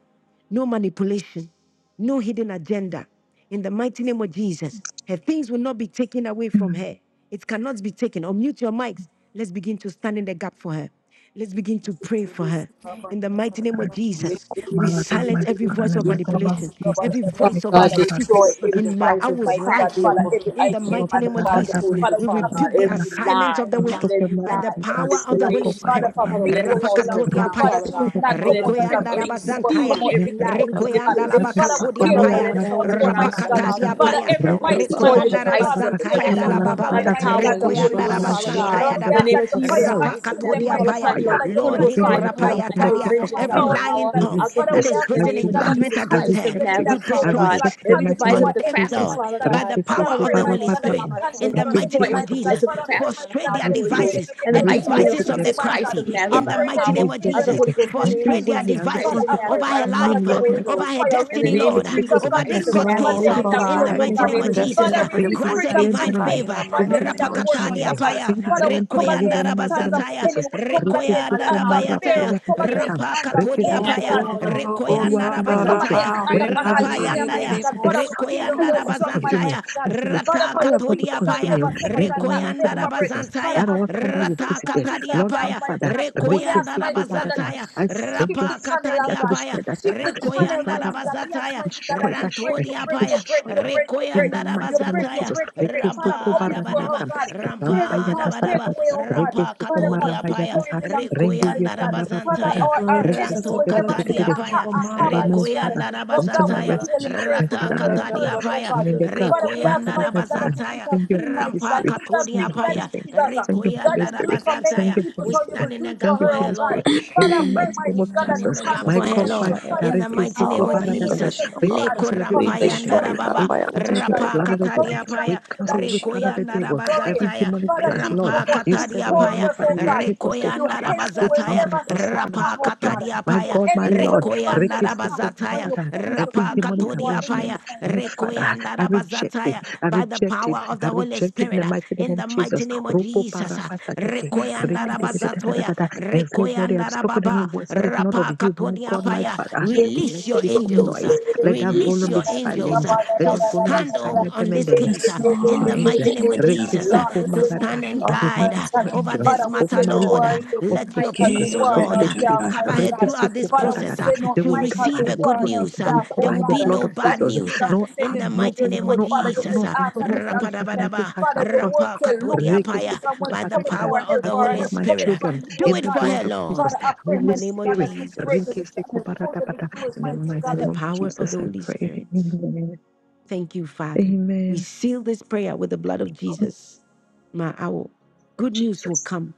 [SPEAKER 1] No manipulation, no hidden agenda. In the mighty name of Jesus, her things will not be taken away from
[SPEAKER 19] Heavenly
[SPEAKER 1] her. It cannot be taken. Unmute your mics. Let's begin to stand in the gap for her. Let's begin to pray
[SPEAKER 25] Father,
[SPEAKER 1] for her. In the mighty name
[SPEAKER 19] Father,
[SPEAKER 1] of
[SPEAKER 19] please,
[SPEAKER 1] Jesus,
[SPEAKER 19] O
[SPEAKER 1] we
[SPEAKER 19] Maranatha, my
[SPEAKER 1] silence every
[SPEAKER 19] Father, in
[SPEAKER 1] voice
[SPEAKER 19] the
[SPEAKER 1] of
[SPEAKER 19] mighty name of
[SPEAKER 1] manipulation,
[SPEAKER 19] Jesus,
[SPEAKER 1] every
[SPEAKER 19] and
[SPEAKER 8] Father
[SPEAKER 1] voice
[SPEAKER 19] speak,
[SPEAKER 1] of
[SPEAKER 19] O
[SPEAKER 8] God,
[SPEAKER 25] we
[SPEAKER 19] Maranatha,
[SPEAKER 25] pray
[SPEAKER 1] deceit
[SPEAKER 8] destroy
[SPEAKER 25] that every
[SPEAKER 8] every
[SPEAKER 19] Father,
[SPEAKER 1] in my
[SPEAKER 25] strong,
[SPEAKER 8] device of the
[SPEAKER 1] hour's
[SPEAKER 25] mighty God,
[SPEAKER 1] life,
[SPEAKER 8] crafty
[SPEAKER 1] Lord.
[SPEAKER 25] Father,
[SPEAKER 19] in
[SPEAKER 8] over her
[SPEAKER 25] every
[SPEAKER 19] the
[SPEAKER 8] life
[SPEAKER 1] In the
[SPEAKER 19] name
[SPEAKER 25] IQ,
[SPEAKER 19] of
[SPEAKER 1] mighty
[SPEAKER 8] by
[SPEAKER 25] mighty
[SPEAKER 8] the
[SPEAKER 1] name of
[SPEAKER 8] power
[SPEAKER 25] God,
[SPEAKER 8] of the
[SPEAKER 19] Maranatha,
[SPEAKER 1] Jesus,
[SPEAKER 8] Holy
[SPEAKER 19] my
[SPEAKER 25] Father,
[SPEAKER 8] Ghost,
[SPEAKER 1] we
[SPEAKER 25] we
[SPEAKER 8] Father
[SPEAKER 19] Father,
[SPEAKER 25] ask,
[SPEAKER 19] my
[SPEAKER 8] God.
[SPEAKER 1] rebuke the
[SPEAKER 19] Father,
[SPEAKER 8] Every
[SPEAKER 26] Father,
[SPEAKER 1] assignments
[SPEAKER 8] lie
[SPEAKER 1] of
[SPEAKER 26] in
[SPEAKER 1] the
[SPEAKER 26] the mighty
[SPEAKER 8] and
[SPEAKER 1] wicked
[SPEAKER 19] confront your
[SPEAKER 8] every
[SPEAKER 26] name of
[SPEAKER 1] by
[SPEAKER 26] Jesus,
[SPEAKER 1] the
[SPEAKER 8] lie
[SPEAKER 25] mighty
[SPEAKER 19] Maranatha,
[SPEAKER 8] and
[SPEAKER 25] God,
[SPEAKER 1] power
[SPEAKER 25] mighty
[SPEAKER 1] of the
[SPEAKER 19] speak,
[SPEAKER 1] Holy
[SPEAKER 25] God,
[SPEAKER 19] O
[SPEAKER 26] every
[SPEAKER 8] manipulation,
[SPEAKER 25] Father,
[SPEAKER 26] force
[SPEAKER 1] Spirit.
[SPEAKER 19] Maranatha,
[SPEAKER 26] of
[SPEAKER 19] my
[SPEAKER 25] for
[SPEAKER 8] Father,
[SPEAKER 19] Father,
[SPEAKER 8] let it
[SPEAKER 19] that I'm,
[SPEAKER 25] victory
[SPEAKER 8] fall
[SPEAKER 26] manipulation,
[SPEAKER 8] to
[SPEAKER 25] belongs
[SPEAKER 26] Lord
[SPEAKER 8] the
[SPEAKER 25] to
[SPEAKER 19] that
[SPEAKER 1] Rapakatodia
[SPEAKER 26] God,
[SPEAKER 25] you.
[SPEAKER 8] ground,
[SPEAKER 25] Father,
[SPEAKER 19] is
[SPEAKER 1] paya,
[SPEAKER 8] Father
[SPEAKER 19] the
[SPEAKER 25] she
[SPEAKER 26] I
[SPEAKER 25] will
[SPEAKER 8] God.
[SPEAKER 19] take of
[SPEAKER 26] cover
[SPEAKER 19] Father,
[SPEAKER 25] not
[SPEAKER 26] my
[SPEAKER 8] Let
[SPEAKER 25] come
[SPEAKER 26] life
[SPEAKER 19] that
[SPEAKER 8] every
[SPEAKER 25] out
[SPEAKER 26] with
[SPEAKER 19] that
[SPEAKER 25] as
[SPEAKER 26] the
[SPEAKER 25] a
[SPEAKER 8] trick,
[SPEAKER 19] that
[SPEAKER 1] rekoyanda
[SPEAKER 26] blood of
[SPEAKER 8] every
[SPEAKER 19] that
[SPEAKER 26] Jesus,
[SPEAKER 25] victim,
[SPEAKER 26] I
[SPEAKER 25] but
[SPEAKER 26] cover my
[SPEAKER 25] come
[SPEAKER 8] scheme,
[SPEAKER 1] rabazantaya,
[SPEAKER 25] out
[SPEAKER 26] life
[SPEAKER 19] Every
[SPEAKER 8] every
[SPEAKER 26] with
[SPEAKER 8] lie,
[SPEAKER 26] the
[SPEAKER 8] every
[SPEAKER 26] blood of
[SPEAKER 25] victorious, God.
[SPEAKER 1] rekoyanda
[SPEAKER 26] Jesus,
[SPEAKER 25] Father,
[SPEAKER 26] I
[SPEAKER 8] manipulation,
[SPEAKER 25] we
[SPEAKER 1] labakatodia
[SPEAKER 25] tear
[SPEAKER 26] cover
[SPEAKER 8] Father
[SPEAKER 25] down
[SPEAKER 8] God,
[SPEAKER 1] paya,
[SPEAKER 25] every
[SPEAKER 26] all
[SPEAKER 8] let it
[SPEAKER 26] that
[SPEAKER 8] fall to the
[SPEAKER 26] which
[SPEAKER 25] stronghold,
[SPEAKER 8] ground by
[SPEAKER 25] mighty
[SPEAKER 8] the
[SPEAKER 25] God.
[SPEAKER 8] power
[SPEAKER 26] concerns
[SPEAKER 8] of the
[SPEAKER 1] rapakatadia
[SPEAKER 26] me, oh
[SPEAKER 8] Holy
[SPEAKER 25] Father,
[SPEAKER 26] Lord
[SPEAKER 1] paya,
[SPEAKER 8] Ghost,
[SPEAKER 25] every
[SPEAKER 8] Father
[SPEAKER 26] God,
[SPEAKER 8] God.
[SPEAKER 26] with the
[SPEAKER 25] mighty
[SPEAKER 26] blood
[SPEAKER 25] man
[SPEAKER 8] Destroy
[SPEAKER 26] of
[SPEAKER 8] the
[SPEAKER 25] up
[SPEAKER 26] Jesus.
[SPEAKER 1] rekoyanda
[SPEAKER 25] here, Lord,
[SPEAKER 8] devices
[SPEAKER 25] we
[SPEAKER 8] of the
[SPEAKER 25] tear
[SPEAKER 1] rabazantaya
[SPEAKER 25] them down
[SPEAKER 26] In
[SPEAKER 8] crafty
[SPEAKER 25] this
[SPEAKER 26] the
[SPEAKER 1] dalababa,
[SPEAKER 8] by
[SPEAKER 25] moment,
[SPEAKER 8] the
[SPEAKER 26] mighty
[SPEAKER 25] mighty
[SPEAKER 26] name
[SPEAKER 8] power
[SPEAKER 25] God.
[SPEAKER 8] of
[SPEAKER 26] of
[SPEAKER 8] the Holy
[SPEAKER 26] Yeshua,
[SPEAKER 1] rekoyanda
[SPEAKER 8] Ghost,
[SPEAKER 26] I'm a
[SPEAKER 8] Father
[SPEAKER 26] shield,
[SPEAKER 19] manipulation
[SPEAKER 8] God.
[SPEAKER 26] oh
[SPEAKER 25] Lord,
[SPEAKER 1] rabazantaya
[SPEAKER 19] from
[SPEAKER 25] we
[SPEAKER 26] God.
[SPEAKER 19] the
[SPEAKER 8] In the
[SPEAKER 1] daba,
[SPEAKER 25] ask
[SPEAKER 8] name
[SPEAKER 25] that
[SPEAKER 19] pits
[SPEAKER 8] of
[SPEAKER 25] your
[SPEAKER 19] of
[SPEAKER 25] fire
[SPEAKER 8] Jesus
[SPEAKER 19] hell,
[SPEAKER 26] Silence
[SPEAKER 8] Christ of
[SPEAKER 25] consume
[SPEAKER 26] every
[SPEAKER 8] Nazareth,
[SPEAKER 25] them,
[SPEAKER 8] we
[SPEAKER 1] rapakatodia
[SPEAKER 26] force
[SPEAKER 19] every
[SPEAKER 8] call
[SPEAKER 26] of
[SPEAKER 25] mighty
[SPEAKER 1] paya,
[SPEAKER 25] God.
[SPEAKER 8] upon
[SPEAKER 19] fire,
[SPEAKER 8] your
[SPEAKER 25] Father, your
[SPEAKER 26] manipulation,
[SPEAKER 8] Holy
[SPEAKER 1] Lord
[SPEAKER 26] oh
[SPEAKER 25] plan
[SPEAKER 8] Ghost
[SPEAKER 19] every
[SPEAKER 25] for
[SPEAKER 26] God,
[SPEAKER 8] fire.
[SPEAKER 25] us,
[SPEAKER 8] We
[SPEAKER 26] by
[SPEAKER 8] call
[SPEAKER 26] the
[SPEAKER 19] manipulation
[SPEAKER 25] mighty
[SPEAKER 1] likurapaya
[SPEAKER 19] from
[SPEAKER 8] upon
[SPEAKER 25] God,
[SPEAKER 19] the
[SPEAKER 8] your
[SPEAKER 25] is to
[SPEAKER 1] tadia,
[SPEAKER 19] pits
[SPEAKER 26] power
[SPEAKER 19] of
[SPEAKER 25] bring us
[SPEAKER 8] vengeance
[SPEAKER 26] of
[SPEAKER 8] by
[SPEAKER 1] every
[SPEAKER 19] hell,
[SPEAKER 26] the
[SPEAKER 8] the
[SPEAKER 25] forward, mighty
[SPEAKER 26] Holy
[SPEAKER 1] lying
[SPEAKER 8] power
[SPEAKER 19] I
[SPEAKER 25] God.
[SPEAKER 26] Ghost.
[SPEAKER 1] tongue,
[SPEAKER 8] of the
[SPEAKER 25] Father, we
[SPEAKER 1] that
[SPEAKER 8] Holy
[SPEAKER 19] refuse,
[SPEAKER 1] is
[SPEAKER 8] Ghost
[SPEAKER 25] ask,
[SPEAKER 8] in
[SPEAKER 19] I
[SPEAKER 8] the
[SPEAKER 1] risen
[SPEAKER 25] mighty
[SPEAKER 8] name
[SPEAKER 19] do
[SPEAKER 1] in
[SPEAKER 8] of
[SPEAKER 25] God,
[SPEAKER 19] not,
[SPEAKER 25] that you
[SPEAKER 1] judgment
[SPEAKER 8] Jesus
[SPEAKER 19] I
[SPEAKER 1] against
[SPEAKER 8] Christ
[SPEAKER 25] confuse
[SPEAKER 1] her,
[SPEAKER 8] of
[SPEAKER 19] reject
[SPEAKER 25] them in
[SPEAKER 19] it,
[SPEAKER 25] their
[SPEAKER 1] we
[SPEAKER 8] Nazareth,
[SPEAKER 19] I
[SPEAKER 8] Father
[SPEAKER 1] destroy
[SPEAKER 25] courtroom,
[SPEAKER 8] God.
[SPEAKER 25] God.
[SPEAKER 1] it.
[SPEAKER 19] reject it in the
[SPEAKER 8] Every
[SPEAKER 1] We
[SPEAKER 19] mighty
[SPEAKER 25] Confuse
[SPEAKER 8] device
[SPEAKER 19] name
[SPEAKER 25] our
[SPEAKER 8] of
[SPEAKER 19] of
[SPEAKER 8] the
[SPEAKER 1] condemn,
[SPEAKER 25] enemies,
[SPEAKER 8] crafty,
[SPEAKER 19] Jesus.
[SPEAKER 1] Lord,
[SPEAKER 25] mighty
[SPEAKER 8] Father
[SPEAKER 25] God.
[SPEAKER 1] by the
[SPEAKER 8] God.
[SPEAKER 25] Father, I
[SPEAKER 1] power
[SPEAKER 8] Father,
[SPEAKER 1] of
[SPEAKER 25] pray,
[SPEAKER 8] let
[SPEAKER 1] the
[SPEAKER 8] it
[SPEAKER 25] mighty
[SPEAKER 1] Holy
[SPEAKER 8] fall
[SPEAKER 25] God,
[SPEAKER 8] to the
[SPEAKER 25] that you
[SPEAKER 8] ground
[SPEAKER 1] Spirit.
[SPEAKER 19] Rekesekubarabakapa.
[SPEAKER 8] by the Father
[SPEAKER 1] In
[SPEAKER 25] confuse
[SPEAKER 1] the
[SPEAKER 8] God.
[SPEAKER 25] our
[SPEAKER 19] Every
[SPEAKER 1] mighty
[SPEAKER 8] Destroy
[SPEAKER 25] enemy,
[SPEAKER 1] name
[SPEAKER 19] device
[SPEAKER 1] of
[SPEAKER 8] every
[SPEAKER 25] mighty
[SPEAKER 19] of
[SPEAKER 25] God.
[SPEAKER 19] the
[SPEAKER 8] device
[SPEAKER 1] Jesus,
[SPEAKER 8] of the
[SPEAKER 25] Father, I
[SPEAKER 19] devil,
[SPEAKER 25] pray,
[SPEAKER 8] crafty by the
[SPEAKER 25] mighty
[SPEAKER 19] I
[SPEAKER 25] God,
[SPEAKER 1] frustrate
[SPEAKER 8] power of
[SPEAKER 25] that
[SPEAKER 1] their
[SPEAKER 8] the
[SPEAKER 25] you
[SPEAKER 8] Holy
[SPEAKER 19] refuse
[SPEAKER 25] tear
[SPEAKER 8] Ghost.
[SPEAKER 19] it,
[SPEAKER 25] them
[SPEAKER 1] devices,
[SPEAKER 25] every
[SPEAKER 8] In
[SPEAKER 19] I
[SPEAKER 8] the
[SPEAKER 1] the
[SPEAKER 25] eye,
[SPEAKER 8] mighty name
[SPEAKER 19] reject
[SPEAKER 8] of
[SPEAKER 25] every
[SPEAKER 19] it
[SPEAKER 1] devices
[SPEAKER 19] by
[SPEAKER 1] of
[SPEAKER 25] big
[SPEAKER 19] the
[SPEAKER 1] the
[SPEAKER 8] Jesus
[SPEAKER 25] man,
[SPEAKER 19] fire of
[SPEAKER 25] God.
[SPEAKER 8] Christ of
[SPEAKER 1] crafty.
[SPEAKER 19] the
[SPEAKER 25] I
[SPEAKER 8] Nazareth,
[SPEAKER 1] In
[SPEAKER 19] Spirit,
[SPEAKER 1] the
[SPEAKER 8] by
[SPEAKER 25] pray
[SPEAKER 8] the
[SPEAKER 25] that
[SPEAKER 1] mighty
[SPEAKER 19] I
[SPEAKER 25] you
[SPEAKER 8] power
[SPEAKER 1] name of
[SPEAKER 25] tear
[SPEAKER 19] reject
[SPEAKER 8] of
[SPEAKER 25] them
[SPEAKER 8] the
[SPEAKER 1] Jesus,
[SPEAKER 19] it.
[SPEAKER 25] down
[SPEAKER 8] Holy
[SPEAKER 25] this
[SPEAKER 8] Ghost. In the
[SPEAKER 25] morning,
[SPEAKER 8] name of
[SPEAKER 1] frustrate
[SPEAKER 25] mighty
[SPEAKER 19] Everywhere
[SPEAKER 1] their
[SPEAKER 19] he
[SPEAKER 8] Jesus
[SPEAKER 25] God.
[SPEAKER 19] has
[SPEAKER 8] Christ
[SPEAKER 25] Father,
[SPEAKER 19] gone
[SPEAKER 1] devices
[SPEAKER 8] of
[SPEAKER 25] I
[SPEAKER 19] to
[SPEAKER 25] pray,
[SPEAKER 1] over
[SPEAKER 8] Nazareth,
[SPEAKER 19] call
[SPEAKER 8] by
[SPEAKER 1] her
[SPEAKER 25] mighty
[SPEAKER 8] the
[SPEAKER 19] on
[SPEAKER 25] God,
[SPEAKER 8] power
[SPEAKER 25] that
[SPEAKER 1] life,
[SPEAKER 8] of
[SPEAKER 19] him,
[SPEAKER 1] uh,
[SPEAKER 8] the
[SPEAKER 25] you
[SPEAKER 19] Lord, my
[SPEAKER 8] Holy
[SPEAKER 25] release
[SPEAKER 1] over
[SPEAKER 25] your
[SPEAKER 8] Ghost.
[SPEAKER 1] her
[SPEAKER 25] fire,
[SPEAKER 8] In the
[SPEAKER 1] destiny,
[SPEAKER 25] release
[SPEAKER 19] you
[SPEAKER 25] your
[SPEAKER 8] name
[SPEAKER 19] can
[SPEAKER 1] Lord,
[SPEAKER 8] of
[SPEAKER 1] uh,
[SPEAKER 19] say,
[SPEAKER 25] spirit
[SPEAKER 8] Jesus
[SPEAKER 25] of
[SPEAKER 19] Kodobo.
[SPEAKER 1] over this
[SPEAKER 8] Christ of
[SPEAKER 26] Yes,
[SPEAKER 19] May
[SPEAKER 25] confusion
[SPEAKER 1] court
[SPEAKER 19] that
[SPEAKER 25] upon
[SPEAKER 8] Nazareth,
[SPEAKER 26] Lord,
[SPEAKER 1] case.
[SPEAKER 25] them
[SPEAKER 1] uh,
[SPEAKER 19] volume
[SPEAKER 25] in
[SPEAKER 8] Father
[SPEAKER 26] over
[SPEAKER 19] be
[SPEAKER 25] that
[SPEAKER 26] her
[SPEAKER 8] God.
[SPEAKER 1] In
[SPEAKER 25] court,
[SPEAKER 1] the
[SPEAKER 26] life,
[SPEAKER 25] oh
[SPEAKER 19] silent
[SPEAKER 1] mighty
[SPEAKER 8] In the
[SPEAKER 25] God.
[SPEAKER 26] over
[SPEAKER 1] name
[SPEAKER 26] her
[SPEAKER 8] name
[SPEAKER 1] of
[SPEAKER 8] of
[SPEAKER 19] permanently.
[SPEAKER 26] destiny,
[SPEAKER 8] Jesus
[SPEAKER 1] Jesus,
[SPEAKER 25] Father,
[SPEAKER 1] uh,
[SPEAKER 26] over
[SPEAKER 19] May
[SPEAKER 8] Christ
[SPEAKER 26] the
[SPEAKER 19] you
[SPEAKER 25] release
[SPEAKER 8] of
[SPEAKER 19] be
[SPEAKER 1] grant
[SPEAKER 26] court
[SPEAKER 25] spirit
[SPEAKER 1] her
[SPEAKER 8] Nazareth,
[SPEAKER 25] of
[SPEAKER 26] case,
[SPEAKER 19] silent
[SPEAKER 26] oh
[SPEAKER 1] divine
[SPEAKER 26] God,
[SPEAKER 19] permanently.
[SPEAKER 26] in
[SPEAKER 25] confession
[SPEAKER 26] the
[SPEAKER 1] favor.
[SPEAKER 8] Father
[SPEAKER 19] May
[SPEAKER 25] upon
[SPEAKER 19] you
[SPEAKER 8] God.
[SPEAKER 26] mighty
[SPEAKER 25] them
[SPEAKER 19] be
[SPEAKER 25] in
[SPEAKER 26] name
[SPEAKER 25] that
[SPEAKER 26] of
[SPEAKER 19] silent
[SPEAKER 8] Father God, we pray
[SPEAKER 25] courtroom,
[SPEAKER 8] for you,
[SPEAKER 25] oh
[SPEAKER 26] Jesus
[SPEAKER 19] permanently.
[SPEAKER 25] God.
[SPEAKER 8] Father
[SPEAKER 26] Christ
[SPEAKER 19] May
[SPEAKER 1] Rapakatadiapaya,
[SPEAKER 26] of
[SPEAKER 19] you be
[SPEAKER 8] God.
[SPEAKER 25] Father,
[SPEAKER 8] We
[SPEAKER 25] we
[SPEAKER 26] Nazareth.
[SPEAKER 8] pray
[SPEAKER 19] silent
[SPEAKER 25] come
[SPEAKER 19] permanently.
[SPEAKER 1] Rekoyanda
[SPEAKER 25] against
[SPEAKER 19] In the
[SPEAKER 25] the
[SPEAKER 19] mighty
[SPEAKER 25] plans
[SPEAKER 19] name
[SPEAKER 25] of
[SPEAKER 19] of
[SPEAKER 25] the
[SPEAKER 8] for
[SPEAKER 1] Rabazataya,
[SPEAKER 8] you,
[SPEAKER 25] enemy.
[SPEAKER 19] Jesus.
[SPEAKER 25] We
[SPEAKER 8] Father
[SPEAKER 25] come
[SPEAKER 8] God.
[SPEAKER 25] against
[SPEAKER 8] By
[SPEAKER 25] the
[SPEAKER 1] Rekoyanda
[SPEAKER 8] the
[SPEAKER 19] Rekeseko
[SPEAKER 25] hands
[SPEAKER 8] power
[SPEAKER 25] of
[SPEAKER 8] of the Holy
[SPEAKER 25] fear.
[SPEAKER 1] Rabayataya,
[SPEAKER 25] We
[SPEAKER 8] Ghost.
[SPEAKER 19] marapaya
[SPEAKER 25] come
[SPEAKER 8] In the name of
[SPEAKER 25] against
[SPEAKER 19] katabata.
[SPEAKER 25] the
[SPEAKER 8] Jesus.
[SPEAKER 25] hands
[SPEAKER 1] Rampaka
[SPEAKER 25] of
[SPEAKER 26] O
[SPEAKER 25] Amen,
[SPEAKER 19] Rekeseko
[SPEAKER 1] Todiapaya,
[SPEAKER 25] God.
[SPEAKER 19] parabata.
[SPEAKER 26] kororo
[SPEAKER 1] Rekoyanda
[SPEAKER 26] bosa
[SPEAKER 19] Oluwafemi
[SPEAKER 25] We come
[SPEAKER 19] Alejo.
[SPEAKER 25] against
[SPEAKER 1] Rabazataya,
[SPEAKER 25] the
[SPEAKER 26] karaba
[SPEAKER 25] hand of
[SPEAKER 26] reka
[SPEAKER 19] Wherever you are,
[SPEAKER 25] Atalina,
[SPEAKER 19] I
[SPEAKER 25] mighty
[SPEAKER 26] nerere
[SPEAKER 1] Rapayandaya,
[SPEAKER 25] God.
[SPEAKER 19] see the
[SPEAKER 25] Father, we
[SPEAKER 26] boso
[SPEAKER 25] tear down
[SPEAKER 26] doro
[SPEAKER 19] fire
[SPEAKER 1] Rekoyanda
[SPEAKER 19] of
[SPEAKER 25] those
[SPEAKER 19] God to
[SPEAKER 25] strong man,
[SPEAKER 19] consume
[SPEAKER 26] bosiete.
[SPEAKER 19] you.
[SPEAKER 1] Rabazantaya,
[SPEAKER 25] mighty
[SPEAKER 19] I
[SPEAKER 25] God.
[SPEAKER 19] see the
[SPEAKER 25] Father, for
[SPEAKER 1] Rataka
[SPEAKER 19] fire of
[SPEAKER 25] your
[SPEAKER 19] God to
[SPEAKER 25] people shall
[SPEAKER 19] consume
[SPEAKER 1] Todiapaya,
[SPEAKER 19] you.
[SPEAKER 25] never suffer,
[SPEAKER 19] In
[SPEAKER 25] shall
[SPEAKER 19] the
[SPEAKER 25] not
[SPEAKER 19] mighty
[SPEAKER 1] Rekoyanda
[SPEAKER 25] beg
[SPEAKER 19] name of
[SPEAKER 25] for bread.
[SPEAKER 19] Jesus.
[SPEAKER 1] Rabazantaya,
[SPEAKER 25] Father,
[SPEAKER 19] That
[SPEAKER 25] as
[SPEAKER 19] all
[SPEAKER 25] we
[SPEAKER 19] time that you
[SPEAKER 25] intercede in
[SPEAKER 1] Rataka
[SPEAKER 25] our
[SPEAKER 19] visited,
[SPEAKER 25] sister
[SPEAKER 19] Lord my
[SPEAKER 25] behalf,
[SPEAKER 1] Tadiapaya,
[SPEAKER 25] mighty
[SPEAKER 19] Father,
[SPEAKER 25] God, we ask,
[SPEAKER 1] Rekoyanda
[SPEAKER 19] Rekeseko
[SPEAKER 25] mighty God, that
[SPEAKER 19] parada.
[SPEAKER 25] you
[SPEAKER 1] Rabazantaya,
[SPEAKER 19] I
[SPEAKER 25] shift,
[SPEAKER 19] send
[SPEAKER 25] shift
[SPEAKER 19] your
[SPEAKER 25] the
[SPEAKER 1] Rapaka
[SPEAKER 25] channel
[SPEAKER 19] fire
[SPEAKER 25] of
[SPEAKER 19] to
[SPEAKER 25] God.
[SPEAKER 1] Tadiapaya,
[SPEAKER 19] destroy that
[SPEAKER 25] Shift
[SPEAKER 19] fire.
[SPEAKER 25] the channel,
[SPEAKER 19] Destroy
[SPEAKER 1] Rekoyanda
[SPEAKER 19] that
[SPEAKER 25] mighty
[SPEAKER 19] altar.
[SPEAKER 25] God. We ask,
[SPEAKER 1] Rabazataya,
[SPEAKER 25] mighty God,
[SPEAKER 19] Destroy
[SPEAKER 25] that you
[SPEAKER 19] that
[SPEAKER 25] break,
[SPEAKER 19] spirit.
[SPEAKER 1] Rantodia.
[SPEAKER 25] you break, you
[SPEAKER 1] Diapaya,
[SPEAKER 25] break,
[SPEAKER 19] Destroy
[SPEAKER 25] you
[SPEAKER 19] them.
[SPEAKER 25] break, you
[SPEAKER 19] In
[SPEAKER 25] break,
[SPEAKER 19] the
[SPEAKER 1] Rekoyanda
[SPEAKER 25] you
[SPEAKER 19] mighty name of
[SPEAKER 25] break, you
[SPEAKER 1] Rabazataya,
[SPEAKER 19] Jesus.
[SPEAKER 25] break, you break. Father, go go
[SPEAKER 1] Rampa
[SPEAKER 25] before her,
[SPEAKER 1] Dabadaba,
[SPEAKER 19] Rekesokobaramiyatam.
[SPEAKER 25] God. Clear the
[SPEAKER 1] Rampa
[SPEAKER 25] path, clear
[SPEAKER 1] Dabadaba,
[SPEAKER 25] the
[SPEAKER 19] Rampayakasatapata.
[SPEAKER 25] way, oh God.
[SPEAKER 1] Rampa
[SPEAKER 25] Father God,
[SPEAKER 1] Katodiapaya,
[SPEAKER 25] victory
[SPEAKER 19] Rekesokomarabayakasa.
[SPEAKER 25] belongs to you, mighty
[SPEAKER 1] Rekoyanda
[SPEAKER 25] God. Father,
[SPEAKER 19] Rendeyekomarapatata.
[SPEAKER 26] The
[SPEAKER 1] Rabazantaya,
[SPEAKER 25] our,
[SPEAKER 26] blood
[SPEAKER 25] our
[SPEAKER 26] of
[SPEAKER 25] enemy
[SPEAKER 26] Jesus, the
[SPEAKER 1] Ranto
[SPEAKER 25] will
[SPEAKER 26] blood of
[SPEAKER 25] never say,
[SPEAKER 26] Jesus
[SPEAKER 19] Rekesokerekedede.
[SPEAKER 26] over
[SPEAKER 25] aha,
[SPEAKER 1] Katadiapaya,
[SPEAKER 26] her
[SPEAKER 19] My
[SPEAKER 26] mind,
[SPEAKER 25] aha,
[SPEAKER 19] Father,
[SPEAKER 26] body,
[SPEAKER 19] my
[SPEAKER 25] mighty
[SPEAKER 26] soul,
[SPEAKER 25] God.
[SPEAKER 19] Father,
[SPEAKER 1] Rekoyanda
[SPEAKER 26] spirit.
[SPEAKER 19] come
[SPEAKER 25] But
[SPEAKER 19] to
[SPEAKER 25] God,
[SPEAKER 26] The
[SPEAKER 19] my
[SPEAKER 25] we
[SPEAKER 1] Rabazataya,
[SPEAKER 26] blood of
[SPEAKER 25] declare
[SPEAKER 19] rescue.
[SPEAKER 25] your
[SPEAKER 26] Jesus
[SPEAKER 19] My
[SPEAKER 25] grace, we
[SPEAKER 1] Rata
[SPEAKER 26] over
[SPEAKER 19] Father,
[SPEAKER 25] declare
[SPEAKER 19] my
[SPEAKER 26] her,
[SPEAKER 25] your
[SPEAKER 26] the
[SPEAKER 19] Father,
[SPEAKER 25] mercy,
[SPEAKER 26] blood of
[SPEAKER 25] oh
[SPEAKER 1] Katadiapaya,
[SPEAKER 25] God.
[SPEAKER 19] stand in
[SPEAKER 26] Jesus
[SPEAKER 19] the gap.
[SPEAKER 26] over
[SPEAKER 25] Father, we
[SPEAKER 26] her.
[SPEAKER 19] My
[SPEAKER 25] ask,
[SPEAKER 1] Rekoyanda
[SPEAKER 19] Father,
[SPEAKER 25] mighty
[SPEAKER 19] my
[SPEAKER 25] God,
[SPEAKER 19] Father,
[SPEAKER 25] that you
[SPEAKER 1] Rabazantaya,
[SPEAKER 19] send your
[SPEAKER 25] intervene,
[SPEAKER 19] Holy
[SPEAKER 25] mighty
[SPEAKER 1] Rampa
[SPEAKER 25] God.
[SPEAKER 19] Spirit. Send your
[SPEAKER 25] Intervene, that
[SPEAKER 19] Holy
[SPEAKER 1] Katodiapaya,
[SPEAKER 25] is
[SPEAKER 19] Spirit.
[SPEAKER 25] Jesus.
[SPEAKER 19] Send your
[SPEAKER 25] God,
[SPEAKER 19] Holy
[SPEAKER 25] you
[SPEAKER 1] Rekoyanda
[SPEAKER 25] do
[SPEAKER 19] Spirit.
[SPEAKER 25] it for many
[SPEAKER 19] Send
[SPEAKER 1] Rabazantaya.
[SPEAKER 19] your
[SPEAKER 25] people,
[SPEAKER 19] Holy
[SPEAKER 1] We
[SPEAKER 25] so you
[SPEAKER 19] Spirit.
[SPEAKER 25] will
[SPEAKER 1] stand in
[SPEAKER 25] do
[SPEAKER 1] the
[SPEAKER 25] it for
[SPEAKER 1] gap
[SPEAKER 19] Send your
[SPEAKER 1] for
[SPEAKER 25] her,
[SPEAKER 1] her,
[SPEAKER 19] Holy
[SPEAKER 25] oh
[SPEAKER 19] Spirit.
[SPEAKER 25] God.
[SPEAKER 1] Lord.
[SPEAKER 25] Father,
[SPEAKER 19] In the
[SPEAKER 25] I pray,
[SPEAKER 19] mighty name
[SPEAKER 1] We
[SPEAKER 25] mighty
[SPEAKER 26] In
[SPEAKER 19] of
[SPEAKER 26] the
[SPEAKER 25] God,
[SPEAKER 1] stand
[SPEAKER 25] that
[SPEAKER 26] name
[SPEAKER 25] you
[SPEAKER 1] in
[SPEAKER 26] of
[SPEAKER 19] Jesus.
[SPEAKER 1] the gap
[SPEAKER 26] Jesus,
[SPEAKER 19] My
[SPEAKER 1] for
[SPEAKER 26] we
[SPEAKER 25] consume
[SPEAKER 1] her,
[SPEAKER 19] God,
[SPEAKER 25] them with
[SPEAKER 19] my
[SPEAKER 1] Lord.
[SPEAKER 26] destroy
[SPEAKER 25] your fire
[SPEAKER 1] In the
[SPEAKER 26] every
[SPEAKER 1] mighty
[SPEAKER 25] as we
[SPEAKER 26] power
[SPEAKER 1] name
[SPEAKER 26] of
[SPEAKER 25] go
[SPEAKER 1] of
[SPEAKER 25] before your
[SPEAKER 19] Father,
[SPEAKER 1] Jesus.
[SPEAKER 26] manipulation, oh
[SPEAKER 19] we
[SPEAKER 25] presence,
[SPEAKER 26] God.
[SPEAKER 25] God.
[SPEAKER 1] Leko
[SPEAKER 19] cancel every
[SPEAKER 25] For
[SPEAKER 26] We
[SPEAKER 19] plan of the
[SPEAKER 1] rampaya
[SPEAKER 26] destroy
[SPEAKER 19] devil.
[SPEAKER 25] victory
[SPEAKER 26] it by
[SPEAKER 19] We
[SPEAKER 1] ndarababa.
[SPEAKER 25] belongs
[SPEAKER 26] fire,
[SPEAKER 25] to you,
[SPEAKER 26] we
[SPEAKER 19] cancel every
[SPEAKER 26] destroy
[SPEAKER 25] Jesus.
[SPEAKER 26] it
[SPEAKER 1] Rapa
[SPEAKER 26] by
[SPEAKER 19] plan of the
[SPEAKER 26] fire.
[SPEAKER 19] devil.
[SPEAKER 25] Victory
[SPEAKER 1] katadia
[SPEAKER 26] In
[SPEAKER 25] belongs
[SPEAKER 19] We
[SPEAKER 1] paya.
[SPEAKER 25] to
[SPEAKER 26] the
[SPEAKER 25] you,
[SPEAKER 26] name
[SPEAKER 19] cancel
[SPEAKER 25] that
[SPEAKER 26] of
[SPEAKER 25] is
[SPEAKER 19] every
[SPEAKER 26] Jesus.
[SPEAKER 19] plan of
[SPEAKER 1] Rekoya
[SPEAKER 25] Jesus.
[SPEAKER 19] the devil.
[SPEAKER 25] Victory.
[SPEAKER 19] Every
[SPEAKER 1] ndarabazataya.
[SPEAKER 19] demonic
[SPEAKER 25] Father,
[SPEAKER 19] plan,
[SPEAKER 25] you will
[SPEAKER 19] Lord.
[SPEAKER 25] come
[SPEAKER 1] Rampa
[SPEAKER 25] out
[SPEAKER 19] You said,
[SPEAKER 1] katadia
[SPEAKER 19] Oh Heavenly
[SPEAKER 1] paya.
[SPEAKER 25] victorious,
[SPEAKER 19] Father,
[SPEAKER 25] oh
[SPEAKER 19] you
[SPEAKER 25] God.
[SPEAKER 19] give us the
[SPEAKER 1] Rekoya
[SPEAKER 25] Your
[SPEAKER 19] power
[SPEAKER 25] enemy
[SPEAKER 19] to
[SPEAKER 25] will
[SPEAKER 1] ndarabazataya.
[SPEAKER 19] trample
[SPEAKER 25] never
[SPEAKER 19] upon
[SPEAKER 25] say
[SPEAKER 19] serpent and
[SPEAKER 25] aha,
[SPEAKER 1] Rapa
[SPEAKER 25] oh
[SPEAKER 19] scorpion.
[SPEAKER 25] God.
[SPEAKER 1] katadia
[SPEAKER 19] My
[SPEAKER 25] The
[SPEAKER 1] paya.
[SPEAKER 19] God, my
[SPEAKER 25] enemy will
[SPEAKER 19] Lord.
[SPEAKER 25] never
[SPEAKER 1] Rekoya
[SPEAKER 25] say aha, but
[SPEAKER 1] ndarabazataya.
[SPEAKER 25] your
[SPEAKER 19] Rikisukoparatata.
[SPEAKER 25] plan is to
[SPEAKER 19] Every
[SPEAKER 1] Rapa
[SPEAKER 19] demonic
[SPEAKER 25] confuse our
[SPEAKER 1] katodia
[SPEAKER 19] arrangement,
[SPEAKER 1] paya.
[SPEAKER 25] enemies,
[SPEAKER 19] my
[SPEAKER 25] mighty
[SPEAKER 19] Father, I reject it.
[SPEAKER 1] Rekoyandarabazataya,
[SPEAKER 19] I
[SPEAKER 1] by the
[SPEAKER 19] reject
[SPEAKER 1] power
[SPEAKER 19] it.
[SPEAKER 1] of the
[SPEAKER 19] I
[SPEAKER 1] Holy
[SPEAKER 19] reject it in
[SPEAKER 1] Spirit,
[SPEAKER 19] the
[SPEAKER 1] uh,
[SPEAKER 19] mighty name
[SPEAKER 1] in
[SPEAKER 19] of
[SPEAKER 1] the mighty
[SPEAKER 19] Jesus.
[SPEAKER 1] name of Jesus. uh,
[SPEAKER 26] I
[SPEAKER 19] Rupoparapasateke.
[SPEAKER 26] finish you on the
[SPEAKER 1] Rekoyandarabazatoya,
[SPEAKER 19] Ritititititatatatata. Everywhere they have spoken any
[SPEAKER 1] Rekoyandarababa,
[SPEAKER 19] words that is not of you, my God, my
[SPEAKER 1] Rapakatoniapaya.
[SPEAKER 19] Father, let
[SPEAKER 1] Release your
[SPEAKER 19] it become
[SPEAKER 1] angels,
[SPEAKER 19] noise.
[SPEAKER 1] uh,
[SPEAKER 19] Let that
[SPEAKER 1] release
[SPEAKER 19] volume
[SPEAKER 25] God.
[SPEAKER 19] be
[SPEAKER 1] your angels
[SPEAKER 19] silent.
[SPEAKER 1] uh,
[SPEAKER 25] Lord,
[SPEAKER 19] Let
[SPEAKER 1] to
[SPEAKER 19] the volume be
[SPEAKER 1] stand on,
[SPEAKER 19] silent
[SPEAKER 1] on this
[SPEAKER 19] permanently.
[SPEAKER 1] case
[SPEAKER 26] Yes,
[SPEAKER 1] uh,
[SPEAKER 19] I release
[SPEAKER 1] in
[SPEAKER 19] your
[SPEAKER 1] the
[SPEAKER 26] Lord, keep
[SPEAKER 19] angels.
[SPEAKER 1] mighty
[SPEAKER 26] the
[SPEAKER 1] name of
[SPEAKER 26] angel charge
[SPEAKER 1] Jesus, uh,
[SPEAKER 26] over
[SPEAKER 25] we
[SPEAKER 26] her, to
[SPEAKER 1] to
[SPEAKER 25] send
[SPEAKER 26] keep
[SPEAKER 25] out
[SPEAKER 19] Rekesekomarata.
[SPEAKER 25] the
[SPEAKER 1] stand
[SPEAKER 26] her
[SPEAKER 1] and
[SPEAKER 25] heat
[SPEAKER 19] I
[SPEAKER 25] this
[SPEAKER 1] guide
[SPEAKER 25] mighty
[SPEAKER 1] uh,
[SPEAKER 26] always
[SPEAKER 19] release
[SPEAKER 26] in
[SPEAKER 19] your
[SPEAKER 25] God.
[SPEAKER 26] the
[SPEAKER 1] over
[SPEAKER 19] angels
[SPEAKER 25] Father,
[SPEAKER 1] this
[SPEAKER 25] we
[SPEAKER 19] over
[SPEAKER 1] matter,
[SPEAKER 25] send
[SPEAKER 19] my
[SPEAKER 25] the
[SPEAKER 1] Lord.
[SPEAKER 19] life,
[SPEAKER 1] Uh,
[SPEAKER 25] warriors
[SPEAKER 19] over
[SPEAKER 25] and
[SPEAKER 1] Let
[SPEAKER 19] the
[SPEAKER 1] your
[SPEAKER 25] Michael to
[SPEAKER 1] peace,
[SPEAKER 19] papers,
[SPEAKER 1] oh
[SPEAKER 26] Give
[SPEAKER 25] war
[SPEAKER 26] your
[SPEAKER 25] on
[SPEAKER 19] over
[SPEAKER 1] Lord,
[SPEAKER 25] our
[SPEAKER 19] the
[SPEAKER 1] uh,
[SPEAKER 26] angel
[SPEAKER 19] kids.
[SPEAKER 25] behalf,
[SPEAKER 26] charge
[SPEAKER 1] cover
[SPEAKER 25] mighty
[SPEAKER 26] over
[SPEAKER 1] her
[SPEAKER 26] us,
[SPEAKER 25] God.
[SPEAKER 1] throughout this
[SPEAKER 25] Father, we
[SPEAKER 26] God.
[SPEAKER 1] process.
[SPEAKER 19] Rekesekopatata.
[SPEAKER 1] uh,
[SPEAKER 25] send out
[SPEAKER 19] They will
[SPEAKER 1] She'll
[SPEAKER 25] Michael
[SPEAKER 19] guard, her,
[SPEAKER 1] receive
[SPEAKER 25] to
[SPEAKER 19] they
[SPEAKER 1] a
[SPEAKER 19] will
[SPEAKER 25] war
[SPEAKER 1] good
[SPEAKER 25] on our
[SPEAKER 19] protect,
[SPEAKER 1] news.
[SPEAKER 19] her, they
[SPEAKER 1] uh,
[SPEAKER 19] will
[SPEAKER 25] behalf,
[SPEAKER 19] cover
[SPEAKER 25] oh
[SPEAKER 1] There
[SPEAKER 19] her
[SPEAKER 1] will
[SPEAKER 19] in the
[SPEAKER 1] be
[SPEAKER 25] God.
[SPEAKER 19] blood
[SPEAKER 1] no
[SPEAKER 19] of
[SPEAKER 25] That
[SPEAKER 1] bad
[SPEAKER 25] is
[SPEAKER 19] Jesus.
[SPEAKER 25] Jesus,
[SPEAKER 1] news. uh,
[SPEAKER 19] No
[SPEAKER 25] we send
[SPEAKER 1] In
[SPEAKER 25] your
[SPEAKER 1] the
[SPEAKER 19] arrow, no
[SPEAKER 1] mighty
[SPEAKER 25] angels
[SPEAKER 1] name
[SPEAKER 19] arrow,
[SPEAKER 1] of
[SPEAKER 25] forth.
[SPEAKER 19] no
[SPEAKER 25] Father, you
[SPEAKER 19] arrow,
[SPEAKER 25] said,
[SPEAKER 1] Jesus.
[SPEAKER 19] no
[SPEAKER 1] uh,
[SPEAKER 25] ask
[SPEAKER 19] arrow, no
[SPEAKER 25] and it shall
[SPEAKER 19] arrow
[SPEAKER 25] be
[SPEAKER 19] fashion
[SPEAKER 25] given.
[SPEAKER 1] Rapadabadaba,
[SPEAKER 19] against her
[SPEAKER 25] Father,
[SPEAKER 19] shall
[SPEAKER 25] your word
[SPEAKER 19] prosper.
[SPEAKER 1] Rampa
[SPEAKER 25] said, look to the
[SPEAKER 1] Katodiapaya,
[SPEAKER 25] hills and what's
[SPEAKER 1] By the
[SPEAKER 25] coming to
[SPEAKER 19] Rekesekopatapatata.
[SPEAKER 1] power
[SPEAKER 25] our
[SPEAKER 1] of
[SPEAKER 25] help,
[SPEAKER 19] I
[SPEAKER 1] the
[SPEAKER 25] for our
[SPEAKER 1] Holy
[SPEAKER 19] cover
[SPEAKER 25] help
[SPEAKER 19] my
[SPEAKER 1] Spirit.
[SPEAKER 25] coming
[SPEAKER 1] uh,
[SPEAKER 25] from
[SPEAKER 19] children
[SPEAKER 25] you,
[SPEAKER 1] Do
[SPEAKER 25] oh
[SPEAKER 19] in
[SPEAKER 1] it
[SPEAKER 19] the
[SPEAKER 1] for
[SPEAKER 25] God.
[SPEAKER 19] blood
[SPEAKER 1] her,
[SPEAKER 19] of
[SPEAKER 1] Lord.
[SPEAKER 19] Jesus.
[SPEAKER 25] Father, I pray,
[SPEAKER 1] In
[SPEAKER 19] Holy
[SPEAKER 1] the
[SPEAKER 25] mighty
[SPEAKER 1] name of
[SPEAKER 25] God, that
[SPEAKER 19] Spirit.
[SPEAKER 25] you break
[SPEAKER 1] Jesus.
[SPEAKER 25] every family, close
[SPEAKER 19] Rekesekopatata.
[SPEAKER 25] every doors,
[SPEAKER 19] In the
[SPEAKER 25] mighty
[SPEAKER 19] mighty
[SPEAKER 1] By
[SPEAKER 25] God,
[SPEAKER 1] the
[SPEAKER 19] name of
[SPEAKER 25] that
[SPEAKER 1] power of
[SPEAKER 19] Jesus,
[SPEAKER 1] the
[SPEAKER 19] I
[SPEAKER 1] Holy
[SPEAKER 19] pray.
[SPEAKER 1] Spirit.
[SPEAKER 19] Amen.
[SPEAKER 1] Thank you, Father. We
[SPEAKER 19] Amen.
[SPEAKER 1] seal this prayer with the blood of
[SPEAKER 19] Lord
[SPEAKER 1] Jesus. My our
[SPEAKER 19] of
[SPEAKER 1] good news will
[SPEAKER 19] Jesus.
[SPEAKER 1] come.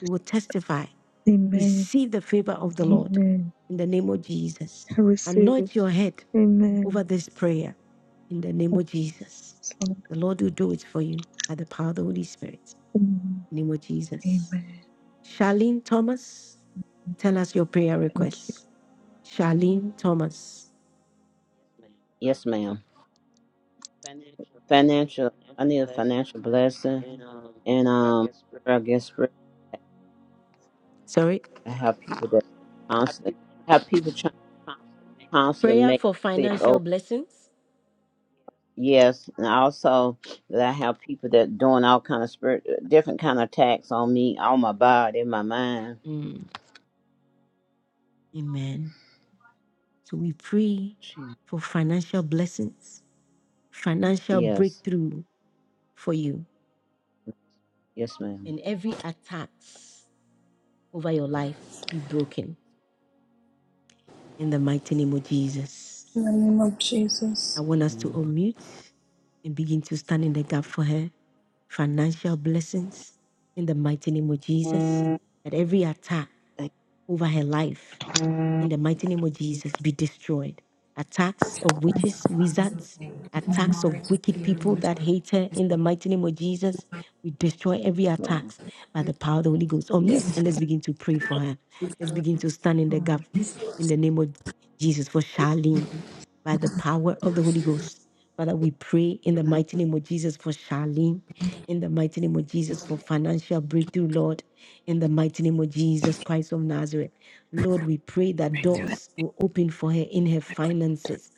[SPEAKER 1] We will testify.
[SPEAKER 19] Amen.
[SPEAKER 1] Receive the favor of the Lord
[SPEAKER 19] Amen.
[SPEAKER 1] in the name of Jesus.
[SPEAKER 19] I receive it.
[SPEAKER 1] Anoint your head
[SPEAKER 19] Amen.
[SPEAKER 1] over this prayer in the name of Jesus.
[SPEAKER 19] Yes, Lord.
[SPEAKER 1] The Lord will do it for you by the power of the Holy Spirit.
[SPEAKER 19] Amen.
[SPEAKER 1] In the name of Jesus.
[SPEAKER 19] Amen.
[SPEAKER 1] Charlene Thomas, tell us your prayer
[SPEAKER 19] Thank you.
[SPEAKER 1] requests. Charlene Thomas.
[SPEAKER 27] Yes, ma'am. Financial. I need a financial blessing, and um, I guess
[SPEAKER 1] Sorry.
[SPEAKER 27] I have people that constantly have people trying to constantly
[SPEAKER 1] Prayer
[SPEAKER 27] make
[SPEAKER 1] for
[SPEAKER 27] me sick.
[SPEAKER 1] financial
[SPEAKER 27] Oh,
[SPEAKER 1] blessings.
[SPEAKER 27] yes, and also that I have people that doing all kind of spirit, different kind of attacks on me, on my body, my mind.
[SPEAKER 1] Mm, amen. So we pray
[SPEAKER 27] Gee.
[SPEAKER 1] for financial blessings, financial
[SPEAKER 27] Yes,
[SPEAKER 1] breakthrough for you,
[SPEAKER 27] yes, ma'am.
[SPEAKER 1] and every attack over your life be broken in the mighty name of Jesus.
[SPEAKER 26] In the name of
[SPEAKER 1] I
[SPEAKER 26] Jesus.
[SPEAKER 1] want us
[SPEAKER 27] Yeah.
[SPEAKER 1] to unmute and begin to stand in the gap for her financial blessings in the mighty name of Jesus.
[SPEAKER 19] Amen.
[SPEAKER 1] That every attack
[SPEAKER 27] Thank
[SPEAKER 1] over her life in the mighty name of
[SPEAKER 27] you,
[SPEAKER 1] Jesus, be destroyed. Attacks of witches, wizards, attacks of wicked people that hate her in the mighty name of Jesus. We destroy every
[SPEAKER 27] Lord.
[SPEAKER 1] attacks by the power of the Holy Ghost.
[SPEAKER 27] Yes,
[SPEAKER 1] Unmute and let's begin to pray for her. Let's begin to stand in the gap
[SPEAKER 27] Lord.
[SPEAKER 1] in the name of Jesus for Charlene by the power of the Holy Ghost. Father, we pray in the
[SPEAKER 27] Thank
[SPEAKER 1] mighty name of Jesus for Charlene, in the mighty name of Jesus for financial breakthrough, Lord in the mighty name of Jesus Christ of Nazareth. Lord, we pray that
[SPEAKER 27] you.
[SPEAKER 28] through it.
[SPEAKER 1] doors will open for her in her finances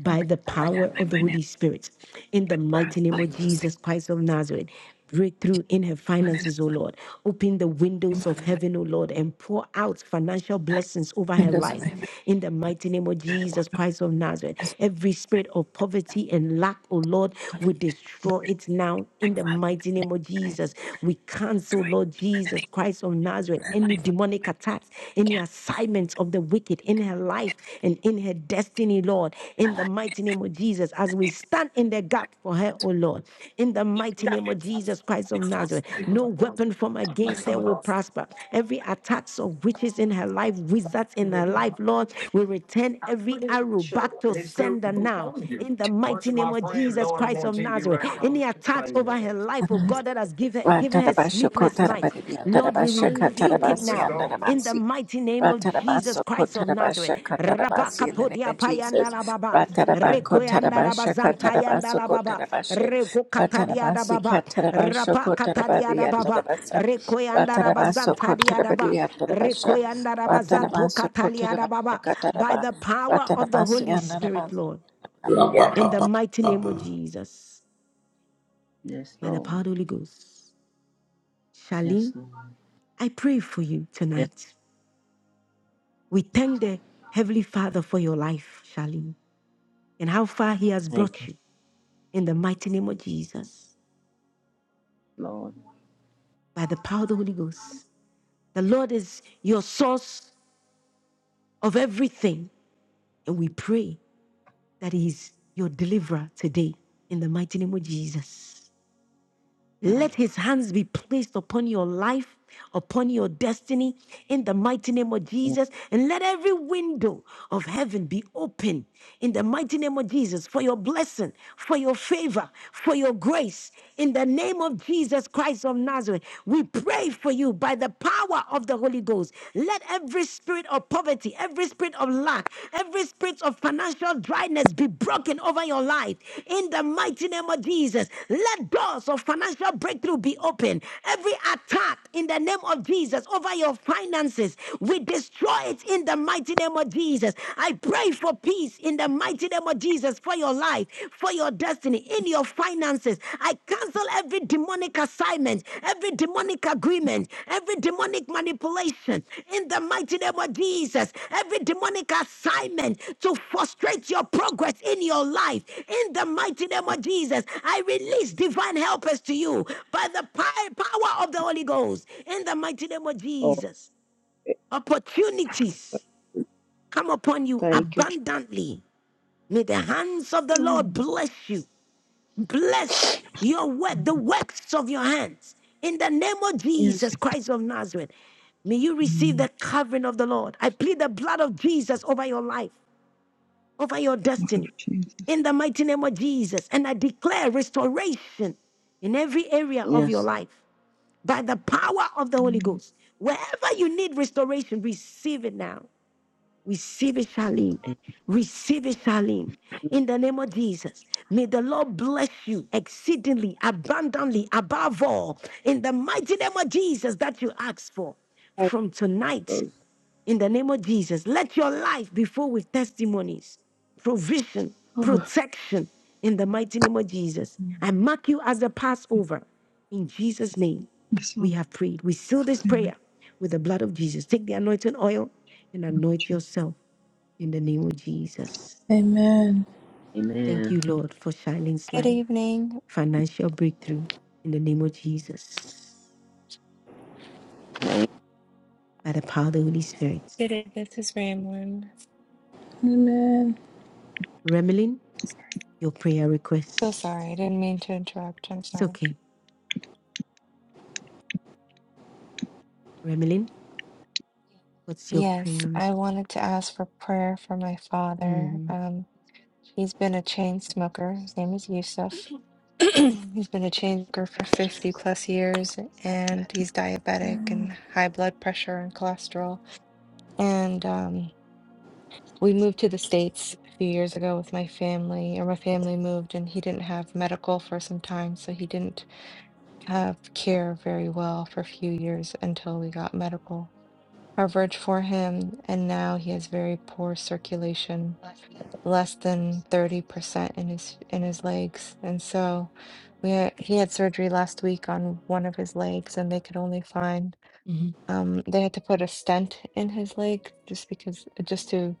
[SPEAKER 1] by the
[SPEAKER 28] I got
[SPEAKER 1] power
[SPEAKER 28] my
[SPEAKER 1] of the
[SPEAKER 28] financial
[SPEAKER 1] Holy Spirit. In the mighty name of
[SPEAKER 28] like closely
[SPEAKER 1] Jesus Christ of Nazareth, breakthrough in her
[SPEAKER 28] one at a
[SPEAKER 1] finances, O Lord. Open the
[SPEAKER 28] time,
[SPEAKER 1] windows of
[SPEAKER 28] Father God.
[SPEAKER 1] heaven, O Lord, and pour out financial blessings over her
[SPEAKER 28] Windows of
[SPEAKER 1] life.
[SPEAKER 28] heaven,
[SPEAKER 1] In the mighty name of
[SPEAKER 28] God, upon
[SPEAKER 1] Jesus Christ of Nazareth,
[SPEAKER 28] us,
[SPEAKER 1] every spirit of poverty and lack, O Lord,
[SPEAKER 28] Father,
[SPEAKER 1] we destroy it now. In
[SPEAKER 28] like
[SPEAKER 1] the
[SPEAKER 28] Father,
[SPEAKER 1] mighty name of Jesus, we cancel,
[SPEAKER 28] joy,
[SPEAKER 1] Lord
[SPEAKER 28] and the
[SPEAKER 1] Jesus
[SPEAKER 28] name
[SPEAKER 1] Christ of Nazareth,
[SPEAKER 28] of
[SPEAKER 1] any
[SPEAKER 28] life,
[SPEAKER 1] demonic attacks traps, any assignments of the wicked in her life and in her destiny, Lord. In the mighty name of Jesus, as we stand in the gap for her, oh Lord. In the mighty name of Jesus Christ of Nazareth, no weapon formed
[SPEAKER 28] Father,
[SPEAKER 1] against her will prosper. Every attacks of witches in her life, wizards in her life, Lord, we return every arrow back to
[SPEAKER 29] Hey, Stu,
[SPEAKER 1] sender
[SPEAKER 29] who
[SPEAKER 1] now.
[SPEAKER 29] called you?
[SPEAKER 1] In the
[SPEAKER 29] Bunch
[SPEAKER 1] mighty
[SPEAKER 29] of
[SPEAKER 1] name
[SPEAKER 29] my
[SPEAKER 1] of
[SPEAKER 29] friends
[SPEAKER 1] Jesus
[SPEAKER 29] knowing I'm
[SPEAKER 1] Christ
[SPEAKER 29] on
[SPEAKER 1] of
[SPEAKER 29] TV
[SPEAKER 1] Nazareth,
[SPEAKER 29] right
[SPEAKER 1] any
[SPEAKER 29] now.
[SPEAKER 1] attacks over her life, oh
[SPEAKER 28] God.
[SPEAKER 1] God, that has given, given her
[SPEAKER 28] Ratarabasho
[SPEAKER 1] sleepless nights,
[SPEAKER 28] kotarabaridia
[SPEAKER 1] Lord, we
[SPEAKER 28] tarabasha
[SPEAKER 1] rebuke it
[SPEAKER 28] katarabasi
[SPEAKER 29] Let's
[SPEAKER 1] now
[SPEAKER 29] go.
[SPEAKER 1] in the
[SPEAKER 28] andarabasi.
[SPEAKER 1] mighty name of Jesus
[SPEAKER 28] Ratarabaso
[SPEAKER 1] Christ of Nazareth.
[SPEAKER 28] kotarabasha katarabasi in the name
[SPEAKER 1] Rabakatodia
[SPEAKER 28] of
[SPEAKER 1] payanda la
[SPEAKER 28] Jesus.
[SPEAKER 1] baba,
[SPEAKER 28] Ratarabako
[SPEAKER 1] rekoyanda la
[SPEAKER 28] tarabasha
[SPEAKER 1] bazantayanda
[SPEAKER 28] katarabaso
[SPEAKER 1] la baba,
[SPEAKER 28] kotarabashe.
[SPEAKER 1] rekokatadia da
[SPEAKER 28] Ratarabasi
[SPEAKER 1] baba,
[SPEAKER 28] katarabasho
[SPEAKER 1] rapakatadia da
[SPEAKER 28] kotarabaria
[SPEAKER 1] baba,
[SPEAKER 28] tarabasa.
[SPEAKER 1] rekoyanda la
[SPEAKER 28] Ratarabaso
[SPEAKER 1] bazantadia da ba,
[SPEAKER 28] kotarabaria tarabasha.
[SPEAKER 1] rekoyanda la bazanto
[SPEAKER 28] Ratarabaso
[SPEAKER 1] katalia da
[SPEAKER 28] kotarabasha
[SPEAKER 1] baba. By
[SPEAKER 28] kataraba.
[SPEAKER 1] the power of the
[SPEAKER 28] Ratarabasi
[SPEAKER 1] Holy Spirit,
[SPEAKER 28] andarabasi.
[SPEAKER 1] Lord, in the mighty name of Jesus,
[SPEAKER 27] Yes,
[SPEAKER 1] by the power
[SPEAKER 27] Lord.
[SPEAKER 1] of the Holy Ghost.
[SPEAKER 27] Yes,
[SPEAKER 1] Charlene,
[SPEAKER 27] Lord.
[SPEAKER 1] I pray for you
[SPEAKER 27] Yes,
[SPEAKER 1] tonight. We thank the Heavenly Father for your life, Charlene, and how far He has
[SPEAKER 27] thank
[SPEAKER 1] brought
[SPEAKER 27] you,
[SPEAKER 1] you in the mighty name of Jesus
[SPEAKER 27] Lord.
[SPEAKER 1] by the power of the Holy Ghost. The Lord is your source of everything, and we pray that He is your deliverer today in the mighty name of Jesus. Let his hands be placed upon your life, upon your destiny, in the mighty name of Jesus. And let every window of heaven be open in the mighty name of Jesus for your blessing, for your favor, for your grace. In the name of Jesus Christ of Nazareth, we pray for you by the power of the Holy Ghost. Let every spirit of poverty poverty, every spirit of lack, every spirit of financial dryness be broken over your life. In the mighty name of Jesus, let doors of financial breakthrough be open. Every attack in the name of Jesus over your finances, we destroy it in the mighty name of Jesus. I pray for peace in the mighty name of Jesus for your life, for your destiny, in your finances. I cancel every demonic assignment, every demonic agreement, every demonic manipulation in the mighty name of Jesus. Every demonic assignment to frustrate your progress in your life in the mighty name of Jesus. I release divine helpers to you by the pi- power of the Holy Ghost in the mighty name of
[SPEAKER 27] Oh,
[SPEAKER 1] Jesus.
[SPEAKER 27] eh,
[SPEAKER 1] Opportunities come upon you
[SPEAKER 27] Thank you.
[SPEAKER 1] abundantly. May the hands of the
[SPEAKER 27] Jesus.
[SPEAKER 1] Lord bless you bless your work, the works of your hands. In the name of
[SPEAKER 27] Yes.
[SPEAKER 1] Jesus Christ of Nazareth, may you receive the covering of the Lord. I plead the blood of Jesus over your life, over your destiny. In the mighty name of Jesus, and I declare restoration in every area of your
[SPEAKER 27] Yes.
[SPEAKER 1] life by the power of the Holy Ghost. Wherever you need restoration, receive it now. Receive it, Charlene.
[SPEAKER 27] Thank
[SPEAKER 1] Receive it, Charlene. In the name of Jesus, may the Lord bless you exceedingly, abundantly, above all, in the mighty name of Jesus that you ask for.
[SPEAKER 27] you.
[SPEAKER 1] From tonight, in the name of Jesus, let your life be full with testimonies, provision,
[SPEAKER 27] Oh,
[SPEAKER 1] protection, in the mighty name of Jesus. I mark you as the Passover. In Jesus' name, we have prayed. We seal this prayer with the blood of Jesus. Take the anointing oil and anoint yourself in the name of Jesus. Thank you,
[SPEAKER 27] amen.
[SPEAKER 1] Lord, for Charlene's
[SPEAKER 22] Good
[SPEAKER 1] life,
[SPEAKER 22] evening.
[SPEAKER 1] financial breakthrough in the name of Jesus, by the power of the Holy Spirit.
[SPEAKER 22] Good evening. This is Ramlin.
[SPEAKER 26] Amen.
[SPEAKER 1] Remelin, your prayer
[SPEAKER 22] So sorry,
[SPEAKER 1] requests.
[SPEAKER 22] I didn't mean to interrupt. I'm
[SPEAKER 1] It's
[SPEAKER 22] sorry.
[SPEAKER 1] okay. Remelin, what's your
[SPEAKER 22] Yes,
[SPEAKER 1] prayer request?
[SPEAKER 22] I wanted to ask for prayer for my father.
[SPEAKER 1] Mm,
[SPEAKER 22] Um, he's been a chain smoker. His name is Yusuf. he's been a chain smoker for 50 plus years, and he's diabetic
[SPEAKER 26] Amen.
[SPEAKER 22] and high blood pressure and cholesterol. And um, we moved to the States a few years ago with my family, or my family moved, and he didn't have medical for some time, so he didn't have care very well for a few years until we got medical coverage for him, and now he has very poor circulation, less than 30% in his in his legs. And so we had, he had surgery last week on one of his legs, and they could only find
[SPEAKER 1] mhm,
[SPEAKER 22] um, they had to put a stent in his leg just because just to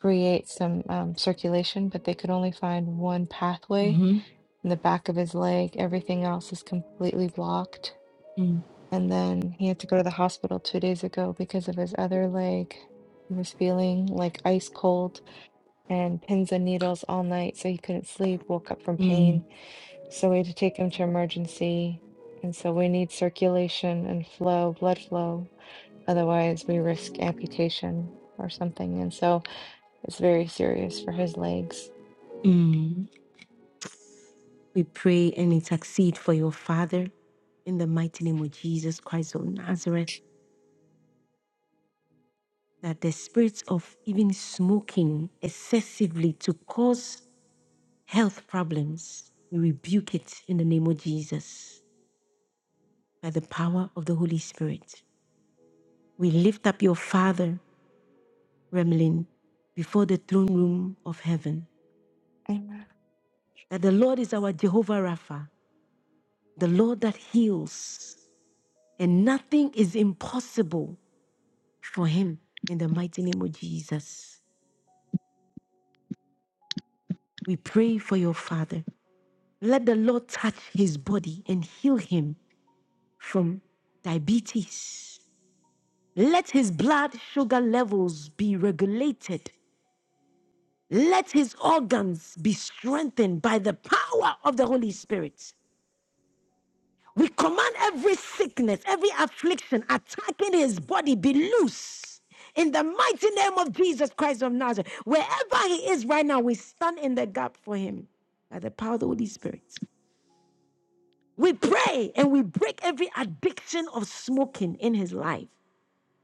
[SPEAKER 22] create some um, circulation, but they could only find one pathway
[SPEAKER 1] mhm,
[SPEAKER 22] in the back of his leg. Everything else is completely blocked
[SPEAKER 1] mm,
[SPEAKER 22] and then he had to go to the hospital two days ago because of his other leg. He was feeling like ice cold and pins and needles all night, so he couldn't sleep, woke up from
[SPEAKER 1] mm,
[SPEAKER 22] pain. So we had to take him to emergency. And so we need circulation and flow, blood flow. Otherwise, we risk amputation or something. And so it's very serious for his legs.
[SPEAKER 1] mm. We pray and intercede for your father in the mighty name of Jesus Christ of Nazareth that the spirits of even smoking excessively to cause health problems, we rebuke it in the name of Jesus by the power of the Holy Spirit. We lift up your Father, Remlin, before the throne room of heaven.
[SPEAKER 22] Amen.
[SPEAKER 1] That the Lord is our Jehovah Rapha, the Lord that heals, and nothing is impossible for him in the mighty name of Jesus. We pray for your Father. Let the Lord touch his body and heal him from diabetes, Let his blood sugar levels be regulated. Let his organs be strengthened by the power of the Holy Spirit. We command every sickness, every affliction attacking his body be loose. In the mighty name of Jesus Christ of Nazareth, wherever he is right now, we stand in the gap for him by the power of the Holy Spirit. We pray and we break every addiction of smoking in his life.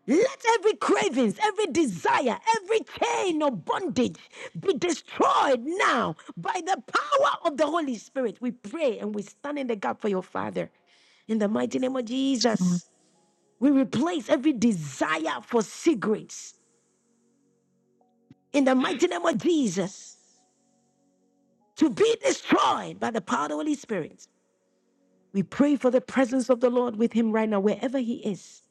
[SPEAKER 1] Let every cravings, every desire, every chain of bondage be destroyed now by the power of the Holy Spirit. We pray and we stand in the gap for your Father. In the mighty name of Jesus, we replace every desire for cigarettes. In the mighty name of Jesus, to be destroyed by the power of the Holy Spirit. We pray for the presence of the Lord with him right now, wherever he is.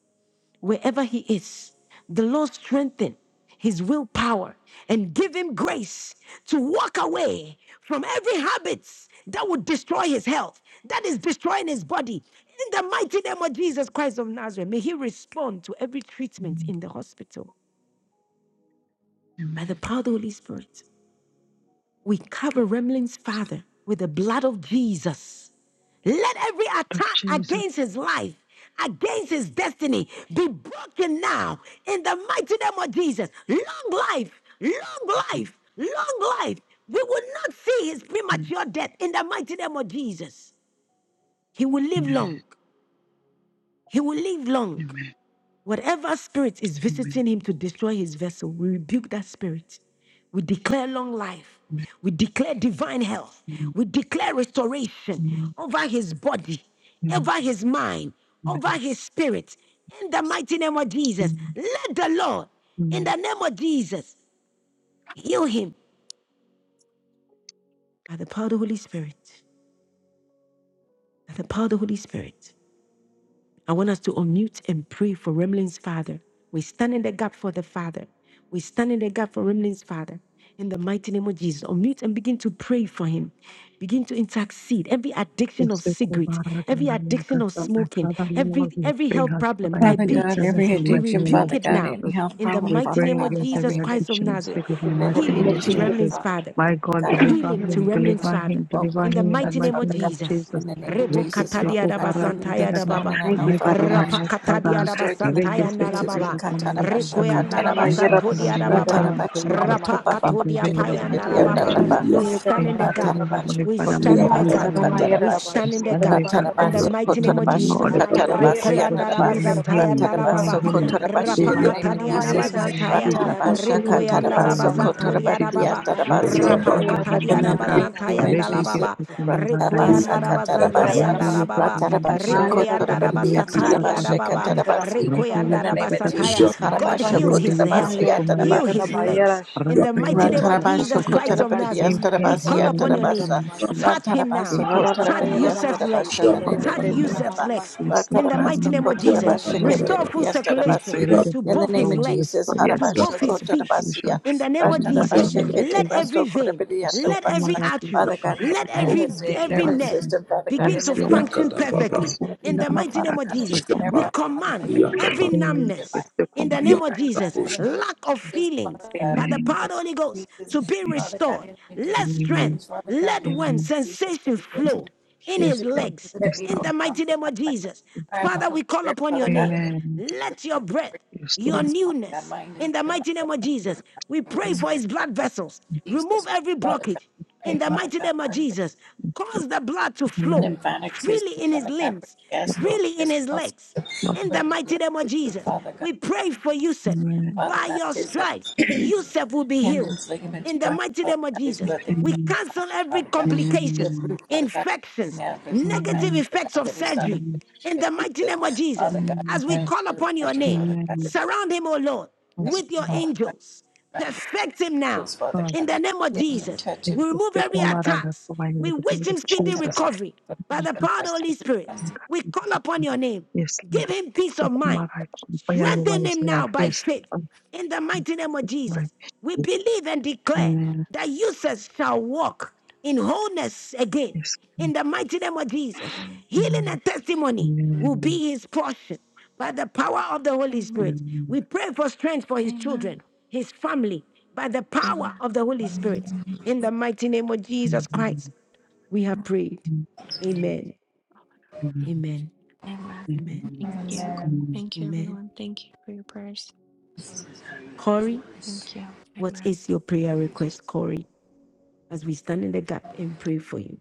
[SPEAKER 1] wherever he is. The Lord strengthen his willpower and give him grace to walk away from every habit that would destroy his health, that is destroying his body. In the mighty name of Jesus Christ of Nazareth, may he respond to every treatment in the hospital by the power of the Holy Spirit. We cover Remlin's father with the blood of Jesus. Let every attack against his life, against his destiny, be broken now in the mighty name of Jesus. Long life, long life, long life. We will not see his premature death in the mighty name of Jesus. He will live long. He will live long. Whatever spirit is visiting him to destroy his vessel, we rebuke that spirit. We declare long life. We declare divine health.
[SPEAKER 19] Amen.
[SPEAKER 1] We declare restoration over his body,
[SPEAKER 19] Amen.
[SPEAKER 1] over his mind, over
[SPEAKER 19] Amen.
[SPEAKER 1] his spirit. In the mighty name of Jesus,
[SPEAKER 19] Amen.
[SPEAKER 1] let the Lord, in
[SPEAKER 19] mm.
[SPEAKER 1] the name of Jesus, heal him by the power of the Holy Spirit. By the power of the Holy Spirit. I want us to unmute and pray for Remlin's father. We stand in the gap for the father. We stand in the gap for Remlin's father. In the mighty name of Jesus, unmute and begin to pray for him. Begin to intercede. Every addiction
[SPEAKER 19] Yes,
[SPEAKER 1] of
[SPEAKER 19] we go
[SPEAKER 1] cigarette,
[SPEAKER 19] back and
[SPEAKER 1] every
[SPEAKER 19] I will
[SPEAKER 1] addiction of
[SPEAKER 19] confess my
[SPEAKER 1] smoking,
[SPEAKER 19] Father,
[SPEAKER 1] every
[SPEAKER 19] Lord, we
[SPEAKER 1] every
[SPEAKER 19] bring
[SPEAKER 1] health
[SPEAKER 19] her
[SPEAKER 1] problem,
[SPEAKER 19] Father into
[SPEAKER 28] Father
[SPEAKER 19] your
[SPEAKER 28] God,
[SPEAKER 1] diabetes,
[SPEAKER 19] presence
[SPEAKER 28] every
[SPEAKER 19] in the
[SPEAKER 1] we
[SPEAKER 19] mighty
[SPEAKER 28] addiction,
[SPEAKER 19] name of
[SPEAKER 1] rebuke
[SPEAKER 28] Father
[SPEAKER 1] it
[SPEAKER 28] God,
[SPEAKER 19] Jesus.
[SPEAKER 1] now.
[SPEAKER 28] any health
[SPEAKER 1] In the
[SPEAKER 28] problem,
[SPEAKER 19] We
[SPEAKER 1] mighty
[SPEAKER 28] Father
[SPEAKER 19] pray
[SPEAKER 1] name of
[SPEAKER 28] God, in
[SPEAKER 19] against
[SPEAKER 28] the
[SPEAKER 19] every
[SPEAKER 1] Jesus
[SPEAKER 28] name of
[SPEAKER 1] Christ of
[SPEAKER 19] addiction of
[SPEAKER 1] Nazareth,
[SPEAKER 19] spirit in the
[SPEAKER 28] Let
[SPEAKER 19] mighty
[SPEAKER 28] it be
[SPEAKER 19] name
[SPEAKER 1] healing
[SPEAKER 19] of
[SPEAKER 1] to
[SPEAKER 30] Jesus,
[SPEAKER 28] destroyed,
[SPEAKER 19] Jesus.
[SPEAKER 1] Remlin's
[SPEAKER 28] Father
[SPEAKER 30] Father God.
[SPEAKER 1] father
[SPEAKER 19] My God,
[SPEAKER 28] God,
[SPEAKER 19] deliver
[SPEAKER 1] healing
[SPEAKER 28] every
[SPEAKER 30] Healing,
[SPEAKER 1] to
[SPEAKER 19] him,
[SPEAKER 30] Father
[SPEAKER 1] Remlin's
[SPEAKER 28] addiction,
[SPEAKER 19] deliver
[SPEAKER 30] God.
[SPEAKER 1] father.
[SPEAKER 19] him, deliver
[SPEAKER 1] In
[SPEAKER 28] smoking,
[SPEAKER 1] the
[SPEAKER 28] the
[SPEAKER 19] him in the
[SPEAKER 1] mighty
[SPEAKER 28] drugs,
[SPEAKER 30] Thank
[SPEAKER 1] name
[SPEAKER 19] mighty
[SPEAKER 30] you, Father
[SPEAKER 1] of
[SPEAKER 30] God. Jesus,
[SPEAKER 28] Father
[SPEAKER 19] name
[SPEAKER 28] God.
[SPEAKER 19] of
[SPEAKER 1] Jesus.
[SPEAKER 19] Jesus.
[SPEAKER 28] In the
[SPEAKER 30] for
[SPEAKER 28] name of
[SPEAKER 30] covering my
[SPEAKER 1] Rebo
[SPEAKER 19] Reke
[SPEAKER 28] Jesus,
[SPEAKER 30] people, now,
[SPEAKER 1] katadia
[SPEAKER 28] Father
[SPEAKER 19] seko
[SPEAKER 30] Father
[SPEAKER 28] God,
[SPEAKER 1] daba
[SPEAKER 30] God.
[SPEAKER 19] para ta
[SPEAKER 28] leaving
[SPEAKER 19] ta ta
[SPEAKER 28] things
[SPEAKER 19] ta.
[SPEAKER 28] known and
[SPEAKER 1] santaya
[SPEAKER 30] Thank you,
[SPEAKER 28] unknown,
[SPEAKER 19] My
[SPEAKER 28] Father
[SPEAKER 30] Father
[SPEAKER 28] God.
[SPEAKER 19] father,
[SPEAKER 30] God,
[SPEAKER 28] Let
[SPEAKER 19] my
[SPEAKER 28] it
[SPEAKER 30] Jesus.
[SPEAKER 1] Rapakata
[SPEAKER 28] be
[SPEAKER 19] father.
[SPEAKER 28] destroyed in
[SPEAKER 30] For
[SPEAKER 28] the
[SPEAKER 30] your
[SPEAKER 19] Reke
[SPEAKER 1] diarabasantaya
[SPEAKER 28] name of
[SPEAKER 30] mercy and your
[SPEAKER 19] seko
[SPEAKER 28] Jesus,
[SPEAKER 30] grace
[SPEAKER 28] Father
[SPEAKER 19] para
[SPEAKER 1] nalababa.
[SPEAKER 19] ta
[SPEAKER 30] towards
[SPEAKER 28] God.
[SPEAKER 30] us,
[SPEAKER 19] ma la ta
[SPEAKER 30] Father God.
[SPEAKER 28] Tarabasho,
[SPEAKER 19] him.
[SPEAKER 1] Requeanda
[SPEAKER 30] Yarama,
[SPEAKER 28] Katarabashe,
[SPEAKER 19] Intervene
[SPEAKER 1] labasanto
[SPEAKER 30] yarama,
[SPEAKER 19] in the mighty
[SPEAKER 1] diarababa.
[SPEAKER 30] shidarama,
[SPEAKER 19] name of
[SPEAKER 28] Ratarabasho,
[SPEAKER 19] Jesus.
[SPEAKER 30] soyanama, si.
[SPEAKER 1] Rapakato
[SPEAKER 28] Kotababashe,
[SPEAKER 19] Intervene in the
[SPEAKER 1] diapayanda
[SPEAKER 19] mighty
[SPEAKER 30] Yarama,
[SPEAKER 19] name of
[SPEAKER 1] lababa.
[SPEAKER 30] yarama,
[SPEAKER 28] Kiriandaraba,
[SPEAKER 19] Jesus.
[SPEAKER 1] We stand
[SPEAKER 30] shidarama,
[SPEAKER 1] in the gap.
[SPEAKER 19] Intervene,
[SPEAKER 30] soyanama, si.
[SPEAKER 28] Ratarabasho,
[SPEAKER 19] Heavenly
[SPEAKER 1] We
[SPEAKER 19] Father,
[SPEAKER 1] stand
[SPEAKER 19] we
[SPEAKER 1] in the
[SPEAKER 19] release
[SPEAKER 1] gap.
[SPEAKER 28] Kotarabasa,
[SPEAKER 30] Yarama, yarama, shidarama,
[SPEAKER 19] him.
[SPEAKER 1] We
[SPEAKER 30] yarama,
[SPEAKER 28] Katarabashe.
[SPEAKER 1] stand
[SPEAKER 30] si.
[SPEAKER 1] in the
[SPEAKER 30] Yarama, yarama, shidarama,
[SPEAKER 19] Stand in
[SPEAKER 1] gap.
[SPEAKER 19] the gap
[SPEAKER 1] In
[SPEAKER 19] for
[SPEAKER 1] the
[SPEAKER 19] her,
[SPEAKER 28] Ratarabaso
[SPEAKER 30] soyanama, si.
[SPEAKER 1] mighty name of
[SPEAKER 28] Kotorabasha
[SPEAKER 1] Jesus.
[SPEAKER 19] Lord. We pray
[SPEAKER 28] Katarabasi
[SPEAKER 19] for
[SPEAKER 1] Rekoyanda
[SPEAKER 28] Andaraba
[SPEAKER 19] divine
[SPEAKER 1] rabazantaya
[SPEAKER 19] healing, divine
[SPEAKER 28] Ratarabaso
[SPEAKER 1] ndalababa.
[SPEAKER 19] healing.
[SPEAKER 28] Kotorabashi in the
[SPEAKER 19] Divine
[SPEAKER 28] name of
[SPEAKER 19] healing in
[SPEAKER 30] Yarama,
[SPEAKER 19] the
[SPEAKER 1] Rapakatadiana
[SPEAKER 28] Jesus
[SPEAKER 19] mighty name of
[SPEAKER 1] bazantaya.
[SPEAKER 19] Jesus. Healing
[SPEAKER 30] yarama,
[SPEAKER 28] Ratarabashaka
[SPEAKER 19] the
[SPEAKER 30] shidarama,
[SPEAKER 1] Requianda
[SPEAKER 19] Grishma
[SPEAKER 1] la
[SPEAKER 19] in the
[SPEAKER 28] tarabaso
[SPEAKER 30] yarama,
[SPEAKER 19] mighty
[SPEAKER 30] si.
[SPEAKER 1] bazanto
[SPEAKER 19] name of Jesus.
[SPEAKER 28] kotorabandia
[SPEAKER 1] arababa.
[SPEAKER 19] Yiki
[SPEAKER 28] tarabasi.
[SPEAKER 1] Rapa
[SPEAKER 19] Sukuma
[SPEAKER 1] kata di
[SPEAKER 28] In the
[SPEAKER 19] Randayaka.
[SPEAKER 28] name
[SPEAKER 1] arabazanta
[SPEAKER 28] of
[SPEAKER 1] yanda la
[SPEAKER 19] Rete
[SPEAKER 28] Jesus.
[SPEAKER 1] baba.
[SPEAKER 19] Sukuma
[SPEAKER 28] Ratabasa
[SPEAKER 1] Requianda la
[SPEAKER 19] Randayaka.
[SPEAKER 1] bazanta
[SPEAKER 28] katarabasa.
[SPEAKER 19] Rinde
[SPEAKER 1] yanda la
[SPEAKER 19] Yoko
[SPEAKER 1] baba.
[SPEAKER 19] Randaka.
[SPEAKER 28] Ratarabasho
[SPEAKER 1] Requianda la
[SPEAKER 19] Rinde
[SPEAKER 28] kotorabandia
[SPEAKER 19] Yaka Sapana
[SPEAKER 28] tarabashaka
[SPEAKER 1] arababa.
[SPEAKER 19] Pati.
[SPEAKER 28] tarabasi.
[SPEAKER 19] Ranta
[SPEAKER 28] In
[SPEAKER 1] Requianda
[SPEAKER 28] the
[SPEAKER 1] la
[SPEAKER 19] Yaka
[SPEAKER 28] name of
[SPEAKER 1] basataya.
[SPEAKER 28] Jesus.
[SPEAKER 19] Sapati.
[SPEAKER 1] God
[SPEAKER 28] Harabasho
[SPEAKER 1] heal his
[SPEAKER 19] Rinde Yaka
[SPEAKER 1] health.
[SPEAKER 28] kotarabasa
[SPEAKER 19] Sukuma
[SPEAKER 28] yataraba.
[SPEAKER 1] Heal
[SPEAKER 19] Yaka
[SPEAKER 1] his
[SPEAKER 19] Pati.
[SPEAKER 1] legs. In the
[SPEAKER 19] Ranta
[SPEAKER 1] mighty
[SPEAKER 19] Yaka
[SPEAKER 1] name of
[SPEAKER 28] Ratarabasho
[SPEAKER 1] Jesus Christ
[SPEAKER 19] Sapopagata.
[SPEAKER 1] of Nazareth,
[SPEAKER 19] Give
[SPEAKER 28] kotarabadias
[SPEAKER 1] we
[SPEAKER 19] him healing
[SPEAKER 1] call
[SPEAKER 19] in
[SPEAKER 28] tarabasia
[SPEAKER 1] upon
[SPEAKER 19] the
[SPEAKER 1] your
[SPEAKER 19] mighty
[SPEAKER 1] name.
[SPEAKER 28] tarabasa.
[SPEAKER 19] name of Jesus.
[SPEAKER 1] Touch him now.
[SPEAKER 28] Ratarabaso
[SPEAKER 19] Yiki
[SPEAKER 1] Touch
[SPEAKER 28] kotarabadias
[SPEAKER 1] Yusuf's legs.
[SPEAKER 28] tarabasha
[SPEAKER 19] Sukuma
[SPEAKER 28] nanene.
[SPEAKER 1] Touch Yusuf's legs
[SPEAKER 19] Randayaka. Sukuma
[SPEAKER 1] in the mighty
[SPEAKER 28] Ratarabaso
[SPEAKER 1] name of Jesus.
[SPEAKER 28] kotarabasha
[SPEAKER 19] Randayaka.
[SPEAKER 1] Restore full
[SPEAKER 28] ketedias
[SPEAKER 19] We
[SPEAKER 1] circulation
[SPEAKER 19] pray,
[SPEAKER 28] tarabasi.
[SPEAKER 19] let your
[SPEAKER 1] to
[SPEAKER 19] blood
[SPEAKER 28] In the
[SPEAKER 1] both
[SPEAKER 28] name
[SPEAKER 1] his
[SPEAKER 19] flow
[SPEAKER 28] of
[SPEAKER 19] and
[SPEAKER 1] legs,
[SPEAKER 19] restore,
[SPEAKER 28] Jesus,
[SPEAKER 1] to
[SPEAKER 19] yes,
[SPEAKER 1] both
[SPEAKER 28] Harabasho
[SPEAKER 19] restore
[SPEAKER 1] his feet.
[SPEAKER 19] confusion
[SPEAKER 28] kotarabasia.
[SPEAKER 1] In the name
[SPEAKER 19] in the
[SPEAKER 1] of
[SPEAKER 19] mighty
[SPEAKER 1] Jesus,
[SPEAKER 28] Ratarabasha
[SPEAKER 19] name of
[SPEAKER 12] that
[SPEAKER 1] let
[SPEAKER 19] Jesus.
[SPEAKER 28] ketebasto
[SPEAKER 1] every vein,
[SPEAKER 28] korabadia
[SPEAKER 19] Yes, Lord.
[SPEAKER 1] let
[SPEAKER 19] Yes,
[SPEAKER 1] every
[SPEAKER 28] tarabasa.
[SPEAKER 1] artery,
[SPEAKER 28] Father God,
[SPEAKER 1] let
[SPEAKER 28] in
[SPEAKER 1] every
[SPEAKER 28] his
[SPEAKER 1] every
[SPEAKER 28] nervous
[SPEAKER 1] nerve
[SPEAKER 28] system, Father God,
[SPEAKER 1] begin
[SPEAKER 28] in the
[SPEAKER 1] to
[SPEAKER 28] name
[SPEAKER 19] Lord.
[SPEAKER 28] of
[SPEAKER 1] function
[SPEAKER 19] Yes,
[SPEAKER 28] Jesus.
[SPEAKER 12] Yakadababa,
[SPEAKER 1] perfectly.
[SPEAKER 28] And if you
[SPEAKER 1] In
[SPEAKER 28] know
[SPEAKER 1] the
[SPEAKER 28] my
[SPEAKER 1] mighty
[SPEAKER 28] Father
[SPEAKER 1] name of
[SPEAKER 28] God, if he's
[SPEAKER 1] Jesus,
[SPEAKER 28] there,
[SPEAKER 12] Jabba,
[SPEAKER 1] we
[SPEAKER 28] Father God, in the
[SPEAKER 1] command
[SPEAKER 28] name
[SPEAKER 1] every
[SPEAKER 12] Yakaba,
[SPEAKER 28] with my
[SPEAKER 1] numbness, in the
[SPEAKER 28] with the
[SPEAKER 1] name of
[SPEAKER 28] word of God
[SPEAKER 1] Jesus,
[SPEAKER 12] Yakadabo,
[SPEAKER 28] in the
[SPEAKER 19] Lord.
[SPEAKER 28] name of
[SPEAKER 1] lack of
[SPEAKER 28] Jesus,
[SPEAKER 1] feelings
[SPEAKER 28] Father God
[SPEAKER 1] by
[SPEAKER 28] in
[SPEAKER 1] the
[SPEAKER 19] Amen.
[SPEAKER 28] the
[SPEAKER 1] power of
[SPEAKER 28] name
[SPEAKER 1] the Holy
[SPEAKER 28] of
[SPEAKER 1] Ghost to
[SPEAKER 28] Jesus
[SPEAKER 1] be
[SPEAKER 28] Father God
[SPEAKER 1] restored.
[SPEAKER 28] in the name of
[SPEAKER 1] Let
[SPEAKER 19] Amen.
[SPEAKER 1] strength,
[SPEAKER 28] things Father God in
[SPEAKER 1] let
[SPEAKER 28] the name
[SPEAKER 1] when
[SPEAKER 19] Amen.
[SPEAKER 28] of Jesus that
[SPEAKER 1] sensation
[SPEAKER 28] he builds me
[SPEAKER 1] flow in
[SPEAKER 28] things
[SPEAKER 19] Yes,
[SPEAKER 1] his
[SPEAKER 28] should
[SPEAKER 19] Lord.
[SPEAKER 1] legs
[SPEAKER 28] let
[SPEAKER 19] Yes,
[SPEAKER 28] me
[SPEAKER 1] in
[SPEAKER 28] blow
[SPEAKER 1] the
[SPEAKER 19] Lord.
[SPEAKER 28] from
[SPEAKER 1] mighty
[SPEAKER 28] the
[SPEAKER 1] name
[SPEAKER 28] top
[SPEAKER 1] of
[SPEAKER 28] like a
[SPEAKER 1] Jesus.
[SPEAKER 28] fire of the
[SPEAKER 1] Father,
[SPEAKER 28] Holy
[SPEAKER 1] we call
[SPEAKER 28] Spirit
[SPEAKER 1] upon
[SPEAKER 28] Father
[SPEAKER 1] your
[SPEAKER 28] God
[SPEAKER 1] name.
[SPEAKER 28] in the name
[SPEAKER 19] Amen.
[SPEAKER 28] of Jesus
[SPEAKER 1] Let your
[SPEAKER 28] Father
[SPEAKER 1] breath,
[SPEAKER 28] God
[SPEAKER 19] Yes, Lord.
[SPEAKER 1] your
[SPEAKER 28] his Father God
[SPEAKER 1] newness,
[SPEAKER 28] mind and
[SPEAKER 1] in the
[SPEAKER 28] the life
[SPEAKER 1] mighty
[SPEAKER 28] of
[SPEAKER 1] name of
[SPEAKER 28] the Word
[SPEAKER 1] Jesus.
[SPEAKER 28] of God
[SPEAKER 1] We
[SPEAKER 28] the Holy
[SPEAKER 1] pray for
[SPEAKER 28] Spirit
[SPEAKER 1] his
[SPEAKER 28] Father
[SPEAKER 1] blood
[SPEAKER 28] God
[SPEAKER 1] vessels.
[SPEAKER 28] Jesus
[SPEAKER 1] Remove every
[SPEAKER 28] Father God
[SPEAKER 1] blockage
[SPEAKER 28] pray
[SPEAKER 1] in the
[SPEAKER 28] Father
[SPEAKER 1] mighty
[SPEAKER 28] God
[SPEAKER 1] name of
[SPEAKER 28] for his
[SPEAKER 1] Jesus. Cause the blood to flow
[SPEAKER 28] lymphatics his
[SPEAKER 1] freely in his
[SPEAKER 28] Father God for
[SPEAKER 1] limbs,
[SPEAKER 28] his
[SPEAKER 19] Lord,
[SPEAKER 1] freely in his
[SPEAKER 28] gastrointestinal
[SPEAKER 1] legs,
[SPEAKER 28] system
[SPEAKER 19] Lord,
[SPEAKER 1] in
[SPEAKER 28] for
[SPEAKER 1] the
[SPEAKER 28] his
[SPEAKER 1] mighty
[SPEAKER 28] blood
[SPEAKER 1] name of
[SPEAKER 28] system
[SPEAKER 1] Jesus.
[SPEAKER 28] Father God
[SPEAKER 1] We pray for Yusuf.
[SPEAKER 28] Father
[SPEAKER 1] By
[SPEAKER 28] God
[SPEAKER 1] your
[SPEAKER 28] His uh,
[SPEAKER 1] stripes, Yusuf will be healed
[SPEAKER 28] tendons, ligaments,
[SPEAKER 1] in the
[SPEAKER 28] joints,
[SPEAKER 1] mighty
[SPEAKER 28] bones,
[SPEAKER 1] name of
[SPEAKER 28] bodies,
[SPEAKER 1] Jesus.
[SPEAKER 28] blood, they come
[SPEAKER 1] We
[SPEAKER 28] into
[SPEAKER 1] cancel every
[SPEAKER 28] Father God. We
[SPEAKER 1] complications,
[SPEAKER 28] approve, Father God,
[SPEAKER 1] infections,
[SPEAKER 28] manifest divine,
[SPEAKER 1] negative
[SPEAKER 28] Father
[SPEAKER 1] effects
[SPEAKER 28] God,
[SPEAKER 1] of
[SPEAKER 28] that is not a
[SPEAKER 1] surgery in
[SPEAKER 28] good
[SPEAKER 1] the mighty name of
[SPEAKER 28] Jesus.
[SPEAKER 1] Jesus.
[SPEAKER 28] Father God,
[SPEAKER 1] As we
[SPEAKER 28] thank
[SPEAKER 1] call
[SPEAKER 28] you for
[SPEAKER 1] upon your
[SPEAKER 28] pressure,
[SPEAKER 1] name,
[SPEAKER 28] Father God,
[SPEAKER 1] surround him, O Lord,
[SPEAKER 19] yes,
[SPEAKER 28] as
[SPEAKER 1] with your
[SPEAKER 28] we call it,
[SPEAKER 1] angels.
[SPEAKER 28] found and
[SPEAKER 1] Perfect him now
[SPEAKER 28] Father
[SPEAKER 19] Lord.
[SPEAKER 1] in the
[SPEAKER 28] God.
[SPEAKER 1] name of
[SPEAKER 28] Heal him,
[SPEAKER 1] Jesus.
[SPEAKER 28] touch
[SPEAKER 19] Thank
[SPEAKER 28] him,
[SPEAKER 1] We
[SPEAKER 19] you,
[SPEAKER 1] remove
[SPEAKER 19] Thank
[SPEAKER 1] every
[SPEAKER 19] you,
[SPEAKER 28] Father
[SPEAKER 19] Kumara,
[SPEAKER 1] attacks.
[SPEAKER 19] for why in
[SPEAKER 1] We
[SPEAKER 19] the name
[SPEAKER 1] wish
[SPEAKER 19] of
[SPEAKER 1] him
[SPEAKER 28] God,
[SPEAKER 1] speedy
[SPEAKER 28] touch him,
[SPEAKER 19] Jesus.
[SPEAKER 28] Father
[SPEAKER 1] recovery
[SPEAKER 19] Thank
[SPEAKER 1] by
[SPEAKER 19] you,
[SPEAKER 1] the
[SPEAKER 19] God,
[SPEAKER 1] power
[SPEAKER 19] for
[SPEAKER 1] of the Holy Spirit.
[SPEAKER 19] saving
[SPEAKER 28] God.
[SPEAKER 1] We
[SPEAKER 19] us.
[SPEAKER 1] call upon your name.
[SPEAKER 19] Yes, Lord.
[SPEAKER 1] Give him peace of mind.
[SPEAKER 19] Kumara, for your name
[SPEAKER 1] Strengthen
[SPEAKER 19] is
[SPEAKER 1] him now
[SPEAKER 19] life.
[SPEAKER 1] by
[SPEAKER 19] Yes,
[SPEAKER 1] faith
[SPEAKER 19] Lord,
[SPEAKER 1] in the mighty name of
[SPEAKER 19] life.
[SPEAKER 1] Jesus, we believe and declare
[SPEAKER 19] Amen.
[SPEAKER 1] that users shall walk in wholeness again.
[SPEAKER 19] Yes.
[SPEAKER 1] In the mighty name of Jesus, healing
[SPEAKER 19] Amen.
[SPEAKER 1] and testimony will
[SPEAKER 19] Amen.
[SPEAKER 1] be his portion by the power of the Holy
[SPEAKER 22] Amen.
[SPEAKER 1] Spirit.
[SPEAKER 19] Amen.
[SPEAKER 1] We pray for strength for his
[SPEAKER 22] Amen.
[SPEAKER 1] children, his family, by the power
[SPEAKER 22] Amen.
[SPEAKER 1] of the Holy Spirit. In the mighty name of Jesus Christ, we have prayed. Amen. Amen.
[SPEAKER 22] Amen.
[SPEAKER 1] Amen.
[SPEAKER 22] Thank you.
[SPEAKER 23] Amen.
[SPEAKER 19] Amen.
[SPEAKER 22] Thank you,
[SPEAKER 1] Amen.
[SPEAKER 22] everyone. Thank you for your prayers.
[SPEAKER 1] Corey,
[SPEAKER 22] Thank you.
[SPEAKER 1] what
[SPEAKER 22] Amen.
[SPEAKER 1] is your prayer request, Corey? as we stand in the gap and pray for you.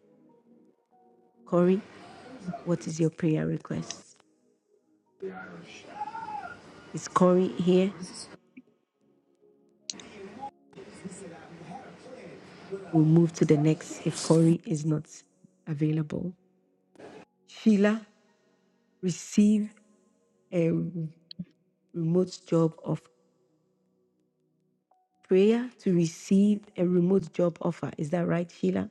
[SPEAKER 1] Corey, what is your prayer request? Is Corey here? We'll move to the next if Corey is not available. Sheila, receive a remote job of prayer to receive a remote job offer. Is that right, Sheila?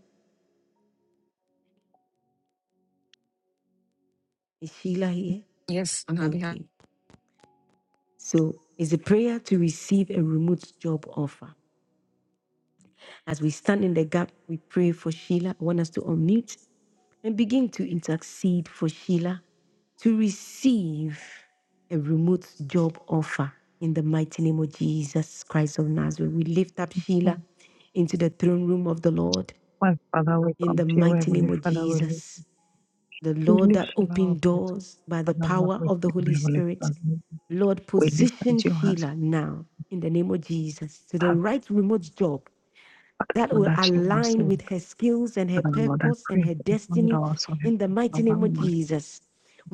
[SPEAKER 1] Is Sheila here?
[SPEAKER 21] Yes, on our behalf.
[SPEAKER 1] Okay. So it's a prayer to receive a remote job offer. As we stand in the gap, we pray for Sheila. I want us to unmute and begin to intercede for Sheila to receive a remote job offer in the mighty name of Jesus Christ of Nazareth. We lift up
[SPEAKER 19] Oh,
[SPEAKER 1] Sheila into the throne room of the Lord
[SPEAKER 19] My Father, we
[SPEAKER 1] in
[SPEAKER 19] come
[SPEAKER 1] the
[SPEAKER 19] to you,
[SPEAKER 1] mighty name
[SPEAKER 19] Heavenly
[SPEAKER 1] of
[SPEAKER 19] Father. We live,
[SPEAKER 1] Jesus. The
[SPEAKER 19] we
[SPEAKER 1] Lord
[SPEAKER 19] live,
[SPEAKER 1] that
[SPEAKER 19] Shalom of
[SPEAKER 1] opened
[SPEAKER 19] this.
[SPEAKER 1] doors by the
[SPEAKER 19] Father, Lord,
[SPEAKER 1] power
[SPEAKER 19] we
[SPEAKER 1] of the
[SPEAKER 19] thank you,
[SPEAKER 1] Holy
[SPEAKER 19] Heavenly
[SPEAKER 1] Spirit.
[SPEAKER 19] Father.
[SPEAKER 1] Lord,
[SPEAKER 19] We live
[SPEAKER 1] position
[SPEAKER 19] into your hands.
[SPEAKER 1] Sheila now in the name of Jesus to the
[SPEAKER 19] Father,
[SPEAKER 1] right remote job that
[SPEAKER 19] Lord,
[SPEAKER 1] will
[SPEAKER 19] that you want
[SPEAKER 1] align
[SPEAKER 19] to,
[SPEAKER 1] with her skills and her
[SPEAKER 19] Father, Lord, I
[SPEAKER 1] purpose and
[SPEAKER 19] pray.
[SPEAKER 1] her
[SPEAKER 19] Lord,
[SPEAKER 1] destiny
[SPEAKER 19] also,
[SPEAKER 1] in the
[SPEAKER 19] Heavenly
[SPEAKER 1] mighty name of
[SPEAKER 19] Father,
[SPEAKER 1] Jesus.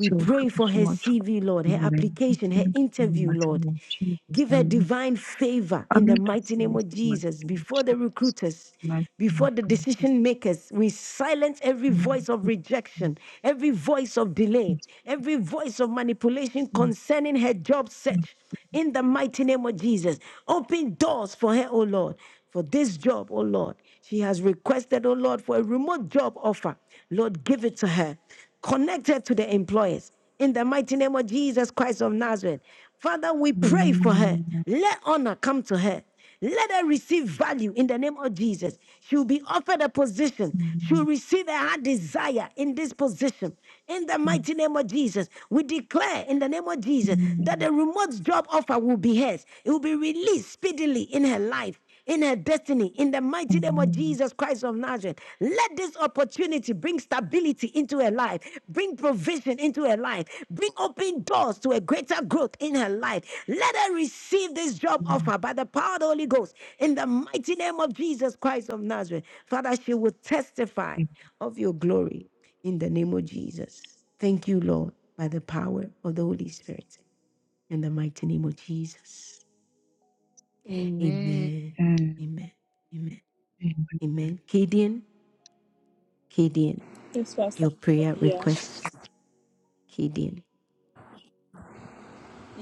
[SPEAKER 19] Thank you
[SPEAKER 1] pray
[SPEAKER 19] for
[SPEAKER 1] for
[SPEAKER 19] so
[SPEAKER 1] her
[SPEAKER 19] much of
[SPEAKER 1] CV, Lord,
[SPEAKER 19] the
[SPEAKER 1] her
[SPEAKER 19] morning. I
[SPEAKER 1] application, her
[SPEAKER 19] think in the
[SPEAKER 1] interview,
[SPEAKER 19] mighty
[SPEAKER 1] Lord.
[SPEAKER 19] name of Jesus,
[SPEAKER 1] Give her
[SPEAKER 19] and
[SPEAKER 1] divine favor
[SPEAKER 19] I
[SPEAKER 1] in
[SPEAKER 19] mean,
[SPEAKER 1] the
[SPEAKER 19] that's
[SPEAKER 1] mighty
[SPEAKER 19] the
[SPEAKER 1] name
[SPEAKER 19] least
[SPEAKER 1] of
[SPEAKER 19] of my
[SPEAKER 1] Jesus
[SPEAKER 19] thing,
[SPEAKER 1] before the
[SPEAKER 19] Jesus.
[SPEAKER 1] recruiters.
[SPEAKER 19] And I
[SPEAKER 1] Before
[SPEAKER 19] thank
[SPEAKER 1] the decision makers, we silence every
[SPEAKER 19] you, Lord,
[SPEAKER 1] voice of
[SPEAKER 19] for
[SPEAKER 1] rejection, every voice of delay,
[SPEAKER 19] this
[SPEAKER 1] every voice of manipulation
[SPEAKER 19] morning.
[SPEAKER 1] concerning her job
[SPEAKER 19] Amen.
[SPEAKER 1] search in the mighty name of Jesus. Open doors for her, O Lord, for this job, O Lord. She has requested, O Lord, for a remote job offer. Lord, give it to her connected to the employers. In the mighty name of Jesus Christ of Nazareth. Father, we pray
[SPEAKER 19] Amen.
[SPEAKER 1] for her.
[SPEAKER 19] Amen.
[SPEAKER 1] Let honor come to her. Let her receive value in the name of Jesus. She'll be offered a position. She'll receive her heart desire in this position. In the mighty name of Jesus, we declare in the name of Jesus that
[SPEAKER 19] Amen.
[SPEAKER 1] the remote job offer will be hers. It will be released speedily in her life in her destiny in the mighty name of
[SPEAKER 19] Amen.
[SPEAKER 1] Jesus Christ of Nazareth. Let this opportunity bring stability into her life, bring provision into her life, bring open doors to a greater growth in her life. Let her receive this job offer by the power of the Holy Ghost in the mighty name of Jesus Christ of Nazareth. Father, she will testify of your glory in the name of Jesus. Thank you, Lord, by the power of the Holy Spirit in the mighty name of Jesus.
[SPEAKER 21] Amen.
[SPEAKER 1] Amen. Amen. Amen.
[SPEAKER 19] Amen.
[SPEAKER 1] Amen. Kadian, Kadian,
[SPEAKER 25] Yes, Pastor.
[SPEAKER 1] your prayer
[SPEAKER 25] Yeah,
[SPEAKER 1] requests, Kadian.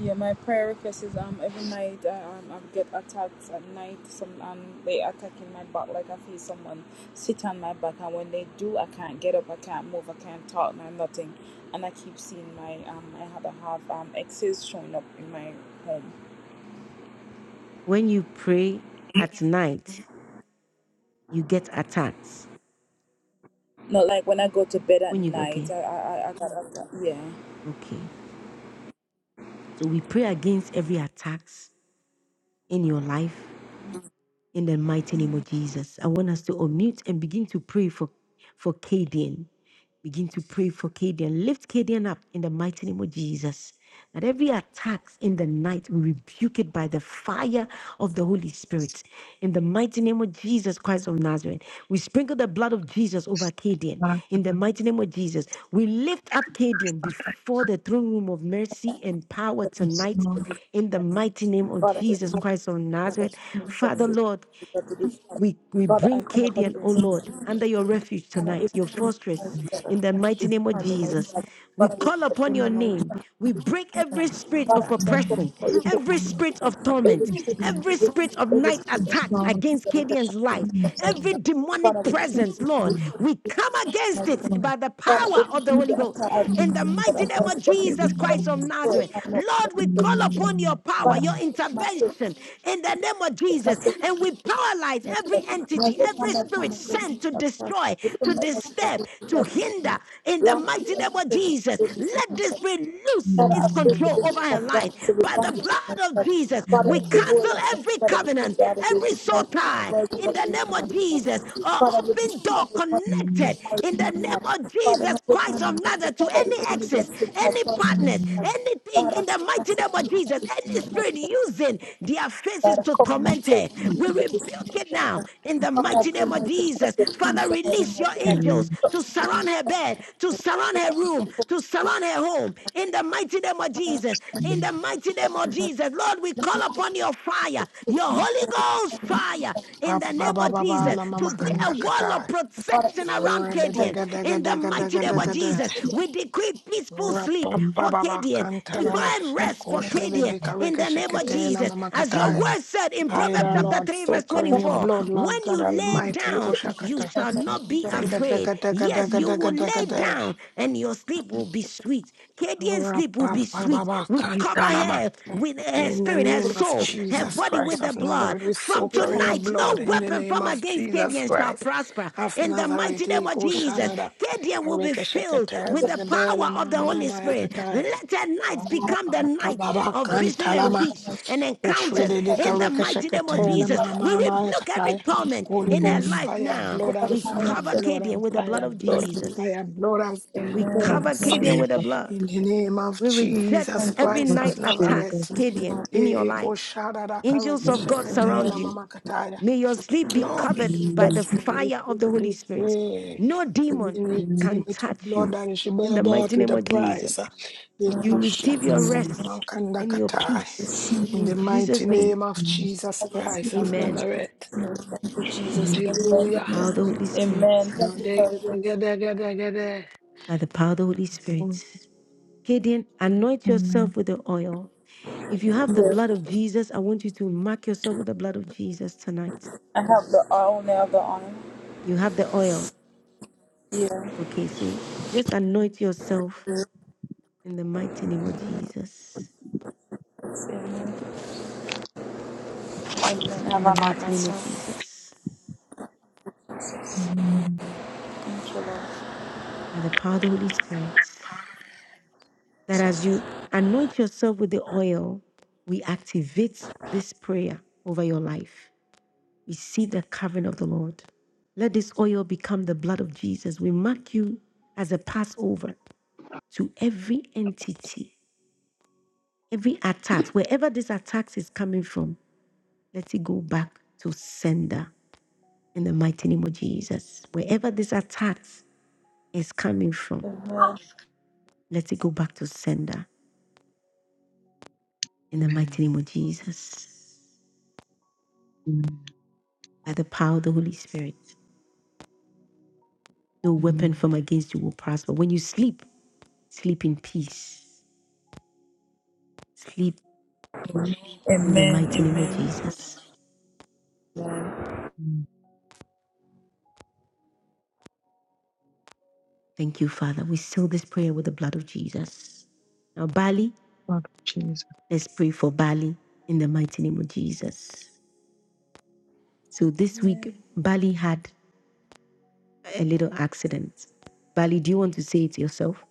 [SPEAKER 25] yeah. My prayer request is um every night uh, um, I get attacked at night. Some um they attack in my back like I feel someone sit on my back, and when they do, I can't get up, I can't move, I can't talk, no nothing. And I keep seeing my um I have I have um exes showing up in my home.
[SPEAKER 1] When you pray at night, you get attacks.
[SPEAKER 25] Not like when I go to bed at
[SPEAKER 1] When you
[SPEAKER 25] night. I
[SPEAKER 1] okay,
[SPEAKER 25] I I I got attacked. Yeah.
[SPEAKER 1] okay. So we pray against every attacks in your life in the mighty name of Jesus. I want us to unmute and begin to pray for, for Kadian. Begin to pray for Kadian. Lift Kadian up in the mighty name of Jesus. That every attack in the night we rebuke it by the fire of the Holy Spirit. In the mighty name of Jesus Christ of Nazareth, we sprinkle the blood of Jesus over Kadian.
[SPEAKER 19] Start with
[SPEAKER 1] In the
[SPEAKER 19] the
[SPEAKER 1] mighty name of Jesus, we lift up
[SPEAKER 19] first
[SPEAKER 1] Kadian
[SPEAKER 19] part. I
[SPEAKER 1] before the throne room of mercy and power
[SPEAKER 19] am
[SPEAKER 1] tonight.
[SPEAKER 19] Lord,
[SPEAKER 1] In the mighty name of
[SPEAKER 25] Father,
[SPEAKER 1] Jesus
[SPEAKER 25] in
[SPEAKER 19] I
[SPEAKER 1] Christ of
[SPEAKER 25] the
[SPEAKER 1] Nazareth,
[SPEAKER 25] name of Jesus, I come
[SPEAKER 1] Father Lord. We, we
[SPEAKER 25] Father, I
[SPEAKER 1] bring
[SPEAKER 25] come up
[SPEAKER 1] Cadian, O
[SPEAKER 25] against it.
[SPEAKER 1] Lord, under your refuge tonight, your fortress, in the mighty name of Jesus. We
[SPEAKER 25] But I
[SPEAKER 1] call upon your name. We break every spirit of
[SPEAKER 19] remember the
[SPEAKER 1] oppression,
[SPEAKER 25] you
[SPEAKER 19] second
[SPEAKER 25] for
[SPEAKER 1] every
[SPEAKER 25] this
[SPEAKER 19] one.
[SPEAKER 25] gift
[SPEAKER 1] spirit
[SPEAKER 25] that
[SPEAKER 1] of
[SPEAKER 19] I
[SPEAKER 1] torment,
[SPEAKER 19] see it.
[SPEAKER 1] every spirit of night
[SPEAKER 19] It's
[SPEAKER 1] attacks
[SPEAKER 19] Lord,
[SPEAKER 1] against Cadian's
[SPEAKER 19] I
[SPEAKER 1] life,
[SPEAKER 19] see it.
[SPEAKER 1] every demonic
[SPEAKER 25] Father, you
[SPEAKER 1] presence,
[SPEAKER 25] and we
[SPEAKER 1] Lord.
[SPEAKER 19] It's
[SPEAKER 1] We
[SPEAKER 25] thank you
[SPEAKER 1] come against it
[SPEAKER 19] Lord,
[SPEAKER 1] by the power of the Holy Ghost. In the
[SPEAKER 19] I see
[SPEAKER 1] mighty name of Jesus Christ
[SPEAKER 19] it.
[SPEAKER 1] of Nazareth, Lord, we call upon your
[SPEAKER 19] Amen.
[SPEAKER 1] power, your
[SPEAKER 19] Amen.
[SPEAKER 1] intervention in the name of Jesus. And we paralyze
[SPEAKER 25] Father, if
[SPEAKER 1] every entity,
[SPEAKER 25] the
[SPEAKER 1] every spirit sent to destroy, to disturb, to hinder in the mighty name of Jesus. Let this spirit loose its control
[SPEAKER 19] Amen.
[SPEAKER 1] over her life. By the blood of Jesus, we
[SPEAKER 19] Amen.
[SPEAKER 1] cancel
[SPEAKER 25] world out there,
[SPEAKER 1] every
[SPEAKER 25] Father, we
[SPEAKER 1] covenant,
[SPEAKER 25] reach out of the
[SPEAKER 1] every
[SPEAKER 25] rich
[SPEAKER 1] soul
[SPEAKER 25] mercy and
[SPEAKER 1] tie
[SPEAKER 25] mercy of the
[SPEAKER 1] in the name of Jesus,
[SPEAKER 25] mighty
[SPEAKER 1] or
[SPEAKER 25] Father, we just
[SPEAKER 1] open
[SPEAKER 25] want
[SPEAKER 1] door
[SPEAKER 25] to thank you
[SPEAKER 19] Amen.
[SPEAKER 1] connected
[SPEAKER 25] for
[SPEAKER 1] in the
[SPEAKER 25] your mighty
[SPEAKER 1] name
[SPEAKER 25] name.
[SPEAKER 1] of
[SPEAKER 25] Father, my
[SPEAKER 1] Jesus
[SPEAKER 25] good
[SPEAKER 1] Christ
[SPEAKER 25] man,
[SPEAKER 1] of
[SPEAKER 25] my good
[SPEAKER 1] Nazareth to
[SPEAKER 25] father,
[SPEAKER 1] any
[SPEAKER 25] the enemy
[SPEAKER 1] access,
[SPEAKER 25] that sits my
[SPEAKER 1] any
[SPEAKER 25] person
[SPEAKER 1] partners,
[SPEAKER 19] Amen.
[SPEAKER 25] and
[SPEAKER 1] anything
[SPEAKER 25] God, I
[SPEAKER 1] in the
[SPEAKER 25] say, I
[SPEAKER 1] mighty
[SPEAKER 25] say,
[SPEAKER 1] name of
[SPEAKER 25] you
[SPEAKER 1] Jesus, any
[SPEAKER 25] have
[SPEAKER 1] spirit
[SPEAKER 25] this
[SPEAKER 1] using their faces
[SPEAKER 25] God, I
[SPEAKER 1] to
[SPEAKER 25] cover my
[SPEAKER 1] torment her.
[SPEAKER 25] children and
[SPEAKER 1] We
[SPEAKER 25] the
[SPEAKER 1] rebuke
[SPEAKER 25] business.
[SPEAKER 1] it
[SPEAKER 25] of
[SPEAKER 1] now
[SPEAKER 25] God,
[SPEAKER 1] in the
[SPEAKER 25] God, I
[SPEAKER 1] mighty
[SPEAKER 25] pray
[SPEAKER 1] name
[SPEAKER 25] my
[SPEAKER 1] of
[SPEAKER 25] God,
[SPEAKER 1] Jesus. Father,
[SPEAKER 25] hands on every
[SPEAKER 1] release your
[SPEAKER 25] mighty God.
[SPEAKER 1] angels
[SPEAKER 19] Amen.
[SPEAKER 25] But
[SPEAKER 1] to surround her bed, to surround her room, to surround her home in the mighty name of Jesus. In the mighty name of Jesus, Lord, we call upon your fire, your Holy Ghost fire in the
[SPEAKER 11] Papa
[SPEAKER 1] name of
[SPEAKER 11] baba
[SPEAKER 19] Amen.
[SPEAKER 1] Jesus
[SPEAKER 11] la
[SPEAKER 1] to
[SPEAKER 11] mama
[SPEAKER 19] Yes,
[SPEAKER 1] be
[SPEAKER 19] Lord.
[SPEAKER 1] a
[SPEAKER 11] kanda
[SPEAKER 1] wall of
[SPEAKER 25] God, I
[SPEAKER 1] protection around Kadian. In the mighty name of
[SPEAKER 11] Ribbidegadagadagadagadagada.
[SPEAKER 1] Jesus,
[SPEAKER 19] Yes, Lord.
[SPEAKER 1] we decree peaceful sleep
[SPEAKER 19] Amen.
[SPEAKER 1] for
[SPEAKER 11] Rapapababa
[SPEAKER 1] Kadian,
[SPEAKER 25] pray
[SPEAKER 11] kantalama.
[SPEAKER 1] divine rest for Kadian. In the name of
[SPEAKER 11] Koshribibikarikashikitela
[SPEAKER 1] Jesus, as your
[SPEAKER 11] mamakatai.
[SPEAKER 1] word said in
[SPEAKER 11] Hide
[SPEAKER 1] Proverbs
[SPEAKER 11] our
[SPEAKER 19] Amen.
[SPEAKER 1] chapter
[SPEAKER 11] Lord,
[SPEAKER 1] 3, verse
[SPEAKER 11] soak her in your
[SPEAKER 1] 24,
[SPEAKER 11] blood, Lord
[SPEAKER 1] when
[SPEAKER 11] God
[SPEAKER 1] you lay
[SPEAKER 11] Almighty.
[SPEAKER 1] down, you
[SPEAKER 11] Koshakata.
[SPEAKER 1] shall not be afraid. Yes, you will lay
[SPEAKER 11] Zekatakatakatakatakatakatak.
[SPEAKER 1] down and your sleep will be sweet. Kadian's sleep will be sweet.
[SPEAKER 11] Rapapababa,
[SPEAKER 1] We cover
[SPEAKER 11] kantalama.
[SPEAKER 1] her with her
[SPEAKER 11] In the
[SPEAKER 1] spirit, her
[SPEAKER 11] name of
[SPEAKER 1] soul, her
[SPEAKER 11] Jesus
[SPEAKER 1] body
[SPEAKER 11] Christ
[SPEAKER 1] with the
[SPEAKER 11] of
[SPEAKER 1] blood.
[SPEAKER 11] Nazareth, we
[SPEAKER 1] From
[SPEAKER 11] soak her in your
[SPEAKER 1] tonight,
[SPEAKER 11] blood.
[SPEAKER 1] no
[SPEAKER 11] In the
[SPEAKER 1] weapon
[SPEAKER 11] name
[SPEAKER 1] from
[SPEAKER 11] of
[SPEAKER 1] against
[SPEAKER 11] Jesus
[SPEAKER 1] Kadian shall
[SPEAKER 11] Christ
[SPEAKER 1] prosper.
[SPEAKER 11] of
[SPEAKER 1] In the
[SPEAKER 11] Nazareth,
[SPEAKER 1] mighty name of
[SPEAKER 11] Eko
[SPEAKER 1] Jesus,
[SPEAKER 11] Shadada,
[SPEAKER 1] Stadia will be
[SPEAKER 11] Areka
[SPEAKER 1] filled
[SPEAKER 11] Shekataya,
[SPEAKER 1] with the power
[SPEAKER 11] Zagadela,
[SPEAKER 1] of the
[SPEAKER 11] Mama,
[SPEAKER 1] Holy Spirit.
[SPEAKER 11] Mayakataya,
[SPEAKER 1] Let their nights become the nights
[SPEAKER 11] Rapapababa,
[SPEAKER 1] of vision and
[SPEAKER 11] Kantalama,
[SPEAKER 1] peace and encounters
[SPEAKER 11] Ushwede, Deka,
[SPEAKER 1] in the
[SPEAKER 11] Reka
[SPEAKER 1] mighty name of
[SPEAKER 19] Amen.
[SPEAKER 11] Shekatela,
[SPEAKER 1] Jesus. We
[SPEAKER 11] Mama,
[SPEAKER 1] rebuke every
[SPEAKER 11] Mayakataya,
[SPEAKER 1] torment
[SPEAKER 11] Holy
[SPEAKER 1] in her
[SPEAKER 11] Ghost,
[SPEAKER 19] Amen.
[SPEAKER 1] life
[SPEAKER 11] fire,
[SPEAKER 1] now.
[SPEAKER 25] for
[SPEAKER 11] blood, and
[SPEAKER 25] the
[SPEAKER 1] We
[SPEAKER 25] hand
[SPEAKER 11] fire,
[SPEAKER 25] of
[SPEAKER 1] cover
[SPEAKER 11] blood,
[SPEAKER 1] Kadian
[SPEAKER 11] and
[SPEAKER 1] with the
[SPEAKER 11] fire,
[SPEAKER 1] blood of
[SPEAKER 11] blood,
[SPEAKER 25] Jesus' name.
[SPEAKER 1] Jesus.
[SPEAKER 11] fire, blood, and
[SPEAKER 1] We
[SPEAKER 11] blood,
[SPEAKER 25] Amen,
[SPEAKER 19] Blood of
[SPEAKER 11] and
[SPEAKER 1] cover
[SPEAKER 11] fire.
[SPEAKER 25] amen,
[SPEAKER 1] Kadian
[SPEAKER 19] Jesus,
[SPEAKER 1] with the blood.
[SPEAKER 11] In the name of
[SPEAKER 1] We
[SPEAKER 11] Jesus
[SPEAKER 1] reject every
[SPEAKER 11] Christ
[SPEAKER 19] blood of
[SPEAKER 11] of
[SPEAKER 1] night
[SPEAKER 19] Jesus,
[SPEAKER 11] Nazareth.
[SPEAKER 1] attacks, Kadian in your life.
[SPEAKER 11] Eko shada da
[SPEAKER 19] yes,
[SPEAKER 1] Angels
[SPEAKER 11] kareke
[SPEAKER 19] Lord.
[SPEAKER 1] of God
[SPEAKER 11] shekete
[SPEAKER 1] surround
[SPEAKER 11] na
[SPEAKER 25] amen,
[SPEAKER 1] you.
[SPEAKER 11] mama kataya.
[SPEAKER 1] May your sleep be
[SPEAKER 11] Glory.
[SPEAKER 1] covered by
[SPEAKER 19] Amen.
[SPEAKER 1] the
[SPEAKER 11] We've
[SPEAKER 1] fire of the Holy Spirit. No demon
[SPEAKER 11] been
[SPEAKER 19] Amen.
[SPEAKER 1] can
[SPEAKER 11] redeemed with your
[SPEAKER 1] touch you
[SPEAKER 11] blood and she
[SPEAKER 1] in
[SPEAKER 11] bought
[SPEAKER 1] the
[SPEAKER 11] bought
[SPEAKER 1] mighty
[SPEAKER 11] with
[SPEAKER 1] name
[SPEAKER 11] a
[SPEAKER 1] of
[SPEAKER 11] price.
[SPEAKER 1] Jesus. You
[SPEAKER 11] Eko
[SPEAKER 1] receive your
[SPEAKER 11] shakata
[SPEAKER 19] Amen.
[SPEAKER 11] na mama
[SPEAKER 1] rest
[SPEAKER 11] kanda
[SPEAKER 1] and your
[SPEAKER 11] kataya.
[SPEAKER 1] peace
[SPEAKER 11] In
[SPEAKER 1] in
[SPEAKER 11] the mighty
[SPEAKER 1] Jesus' name.
[SPEAKER 11] name of Jesus Christ of
[SPEAKER 1] Amen.
[SPEAKER 11] Nazareth.
[SPEAKER 19] Amen.
[SPEAKER 11] Hallelujah.
[SPEAKER 1] Power of the Holy Spirit.
[SPEAKER 25] amen. Thank you, Lord.
[SPEAKER 11] Dege, dege, dege, dege, de.
[SPEAKER 1] By the power of the Holy Spirit. Gideon, anoint
[SPEAKER 19] Amen.
[SPEAKER 1] yourself with the oil. If you have the blood of Jesus, I want you to mark yourself with the blood of Jesus tonight.
[SPEAKER 25] I have the honor of the honor.
[SPEAKER 1] You have the oil. Okay, so just anoint yourself in the mighty name of Jesus.
[SPEAKER 25] Yes, Amen. Amen.
[SPEAKER 1] in
[SPEAKER 25] Have I
[SPEAKER 1] the
[SPEAKER 25] not
[SPEAKER 1] mighty name of
[SPEAKER 25] myself?
[SPEAKER 1] Jesus,
[SPEAKER 19] Amen.
[SPEAKER 25] Thank you, Lord.
[SPEAKER 1] by the power of the Holy Spirit, that as you anoint yourself with the oil, we activate this prayer over your life. We see the covering of the Lord. Let this oil become the blood of Jesus. We mark you as a Passover to every entity, every attack, wherever this attack is coming from, let it go back to sender in the mighty name of Jesus. Wherever this attack is coming from, let it go back to sender In the mighty name of Jesus, by the power of the Holy Spirit, no weapon
[SPEAKER 19] Amen.
[SPEAKER 1] formed against you will prosper. When you sleep, sleep in peace. Sleep in the
[SPEAKER 25] Amen,
[SPEAKER 1] mighty name of
[SPEAKER 25] amen.
[SPEAKER 1] Jesus.
[SPEAKER 25] amen.
[SPEAKER 19] Amen.
[SPEAKER 1] Thank you, Father. We seal this prayer with the blood of Jesus. Now, Bali,
[SPEAKER 19] Blood of Jesus.
[SPEAKER 1] let's pray for Bali in the mighty name of Jesus. So this
[SPEAKER 26] Amen.
[SPEAKER 1] week, Bali had a little accident. Bali, do you want to say it yourself?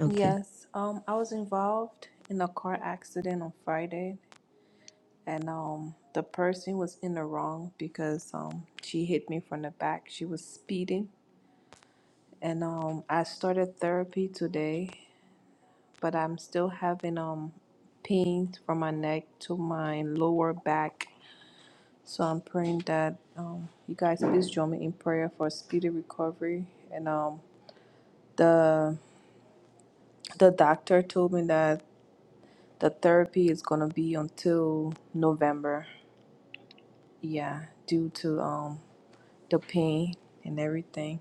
[SPEAKER 1] Okay.
[SPEAKER 26] Yes. Um, I was involved in a car accident on Friday, and um, the person was in the wrong because um, she hit me from the back. She was speeding, and um, I started therapy today, but I'm still having um pain from my neck to my lower back So I'm praying that um, you guys please join me in prayer for speedy recovery. And um, the the doctor told me that the therapy is gonna be until November. Yeah, due to um the pain and everything.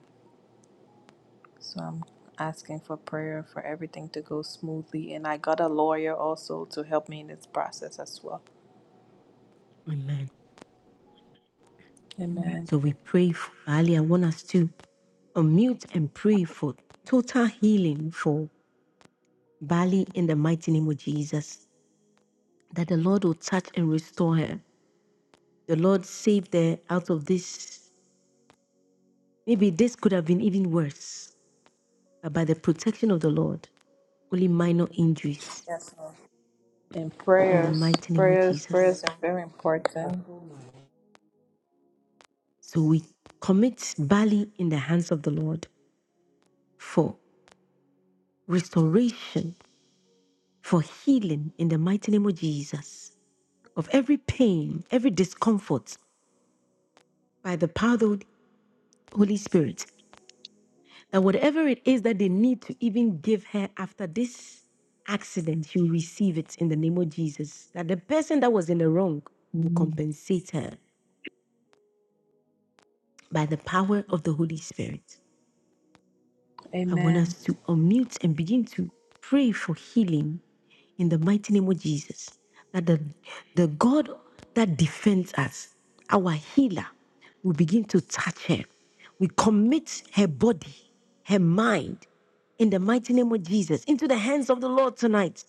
[SPEAKER 26] So I'm asking for prayer for everything to go smoothly. And I got a lawyer also to help me in this process as well.
[SPEAKER 1] Amen.
[SPEAKER 26] Amen.
[SPEAKER 1] So we pray for Bali. I want us to unmute and pray for total healing for Bali in the mighty name of Jesus. That the Lord will touch and restore her. The Lord saved her out of this. Maybe this could have been even worse, but by the protection of the Lord, only minor injuries
[SPEAKER 26] Yes, Lord. And
[SPEAKER 1] in the
[SPEAKER 26] prayers,
[SPEAKER 1] mighty name of
[SPEAKER 26] prayers, prayers
[SPEAKER 1] Jesus.
[SPEAKER 26] are very important.
[SPEAKER 1] So we commit Bali in the hands of the Lord for restoration, for healing in the mighty name of Jesus, of every pain, every discomfort by the power of Holy Spirit, that whatever it is that they need to even give her after this accident, you receive it in the name of Jesus. That the person that was in the wrong will
[SPEAKER 19] Amen.
[SPEAKER 1] compensate her by the power of the Holy Spirit. I want us
[SPEAKER 26] Amen.
[SPEAKER 1] to unmute and begin to pray for healing in the mighty name of Jesus. That the, the God that defends us, our healer, will begin to touch her. We commit her body, her mind, in the mighty name of Jesus, into the hands of the Lord tonight.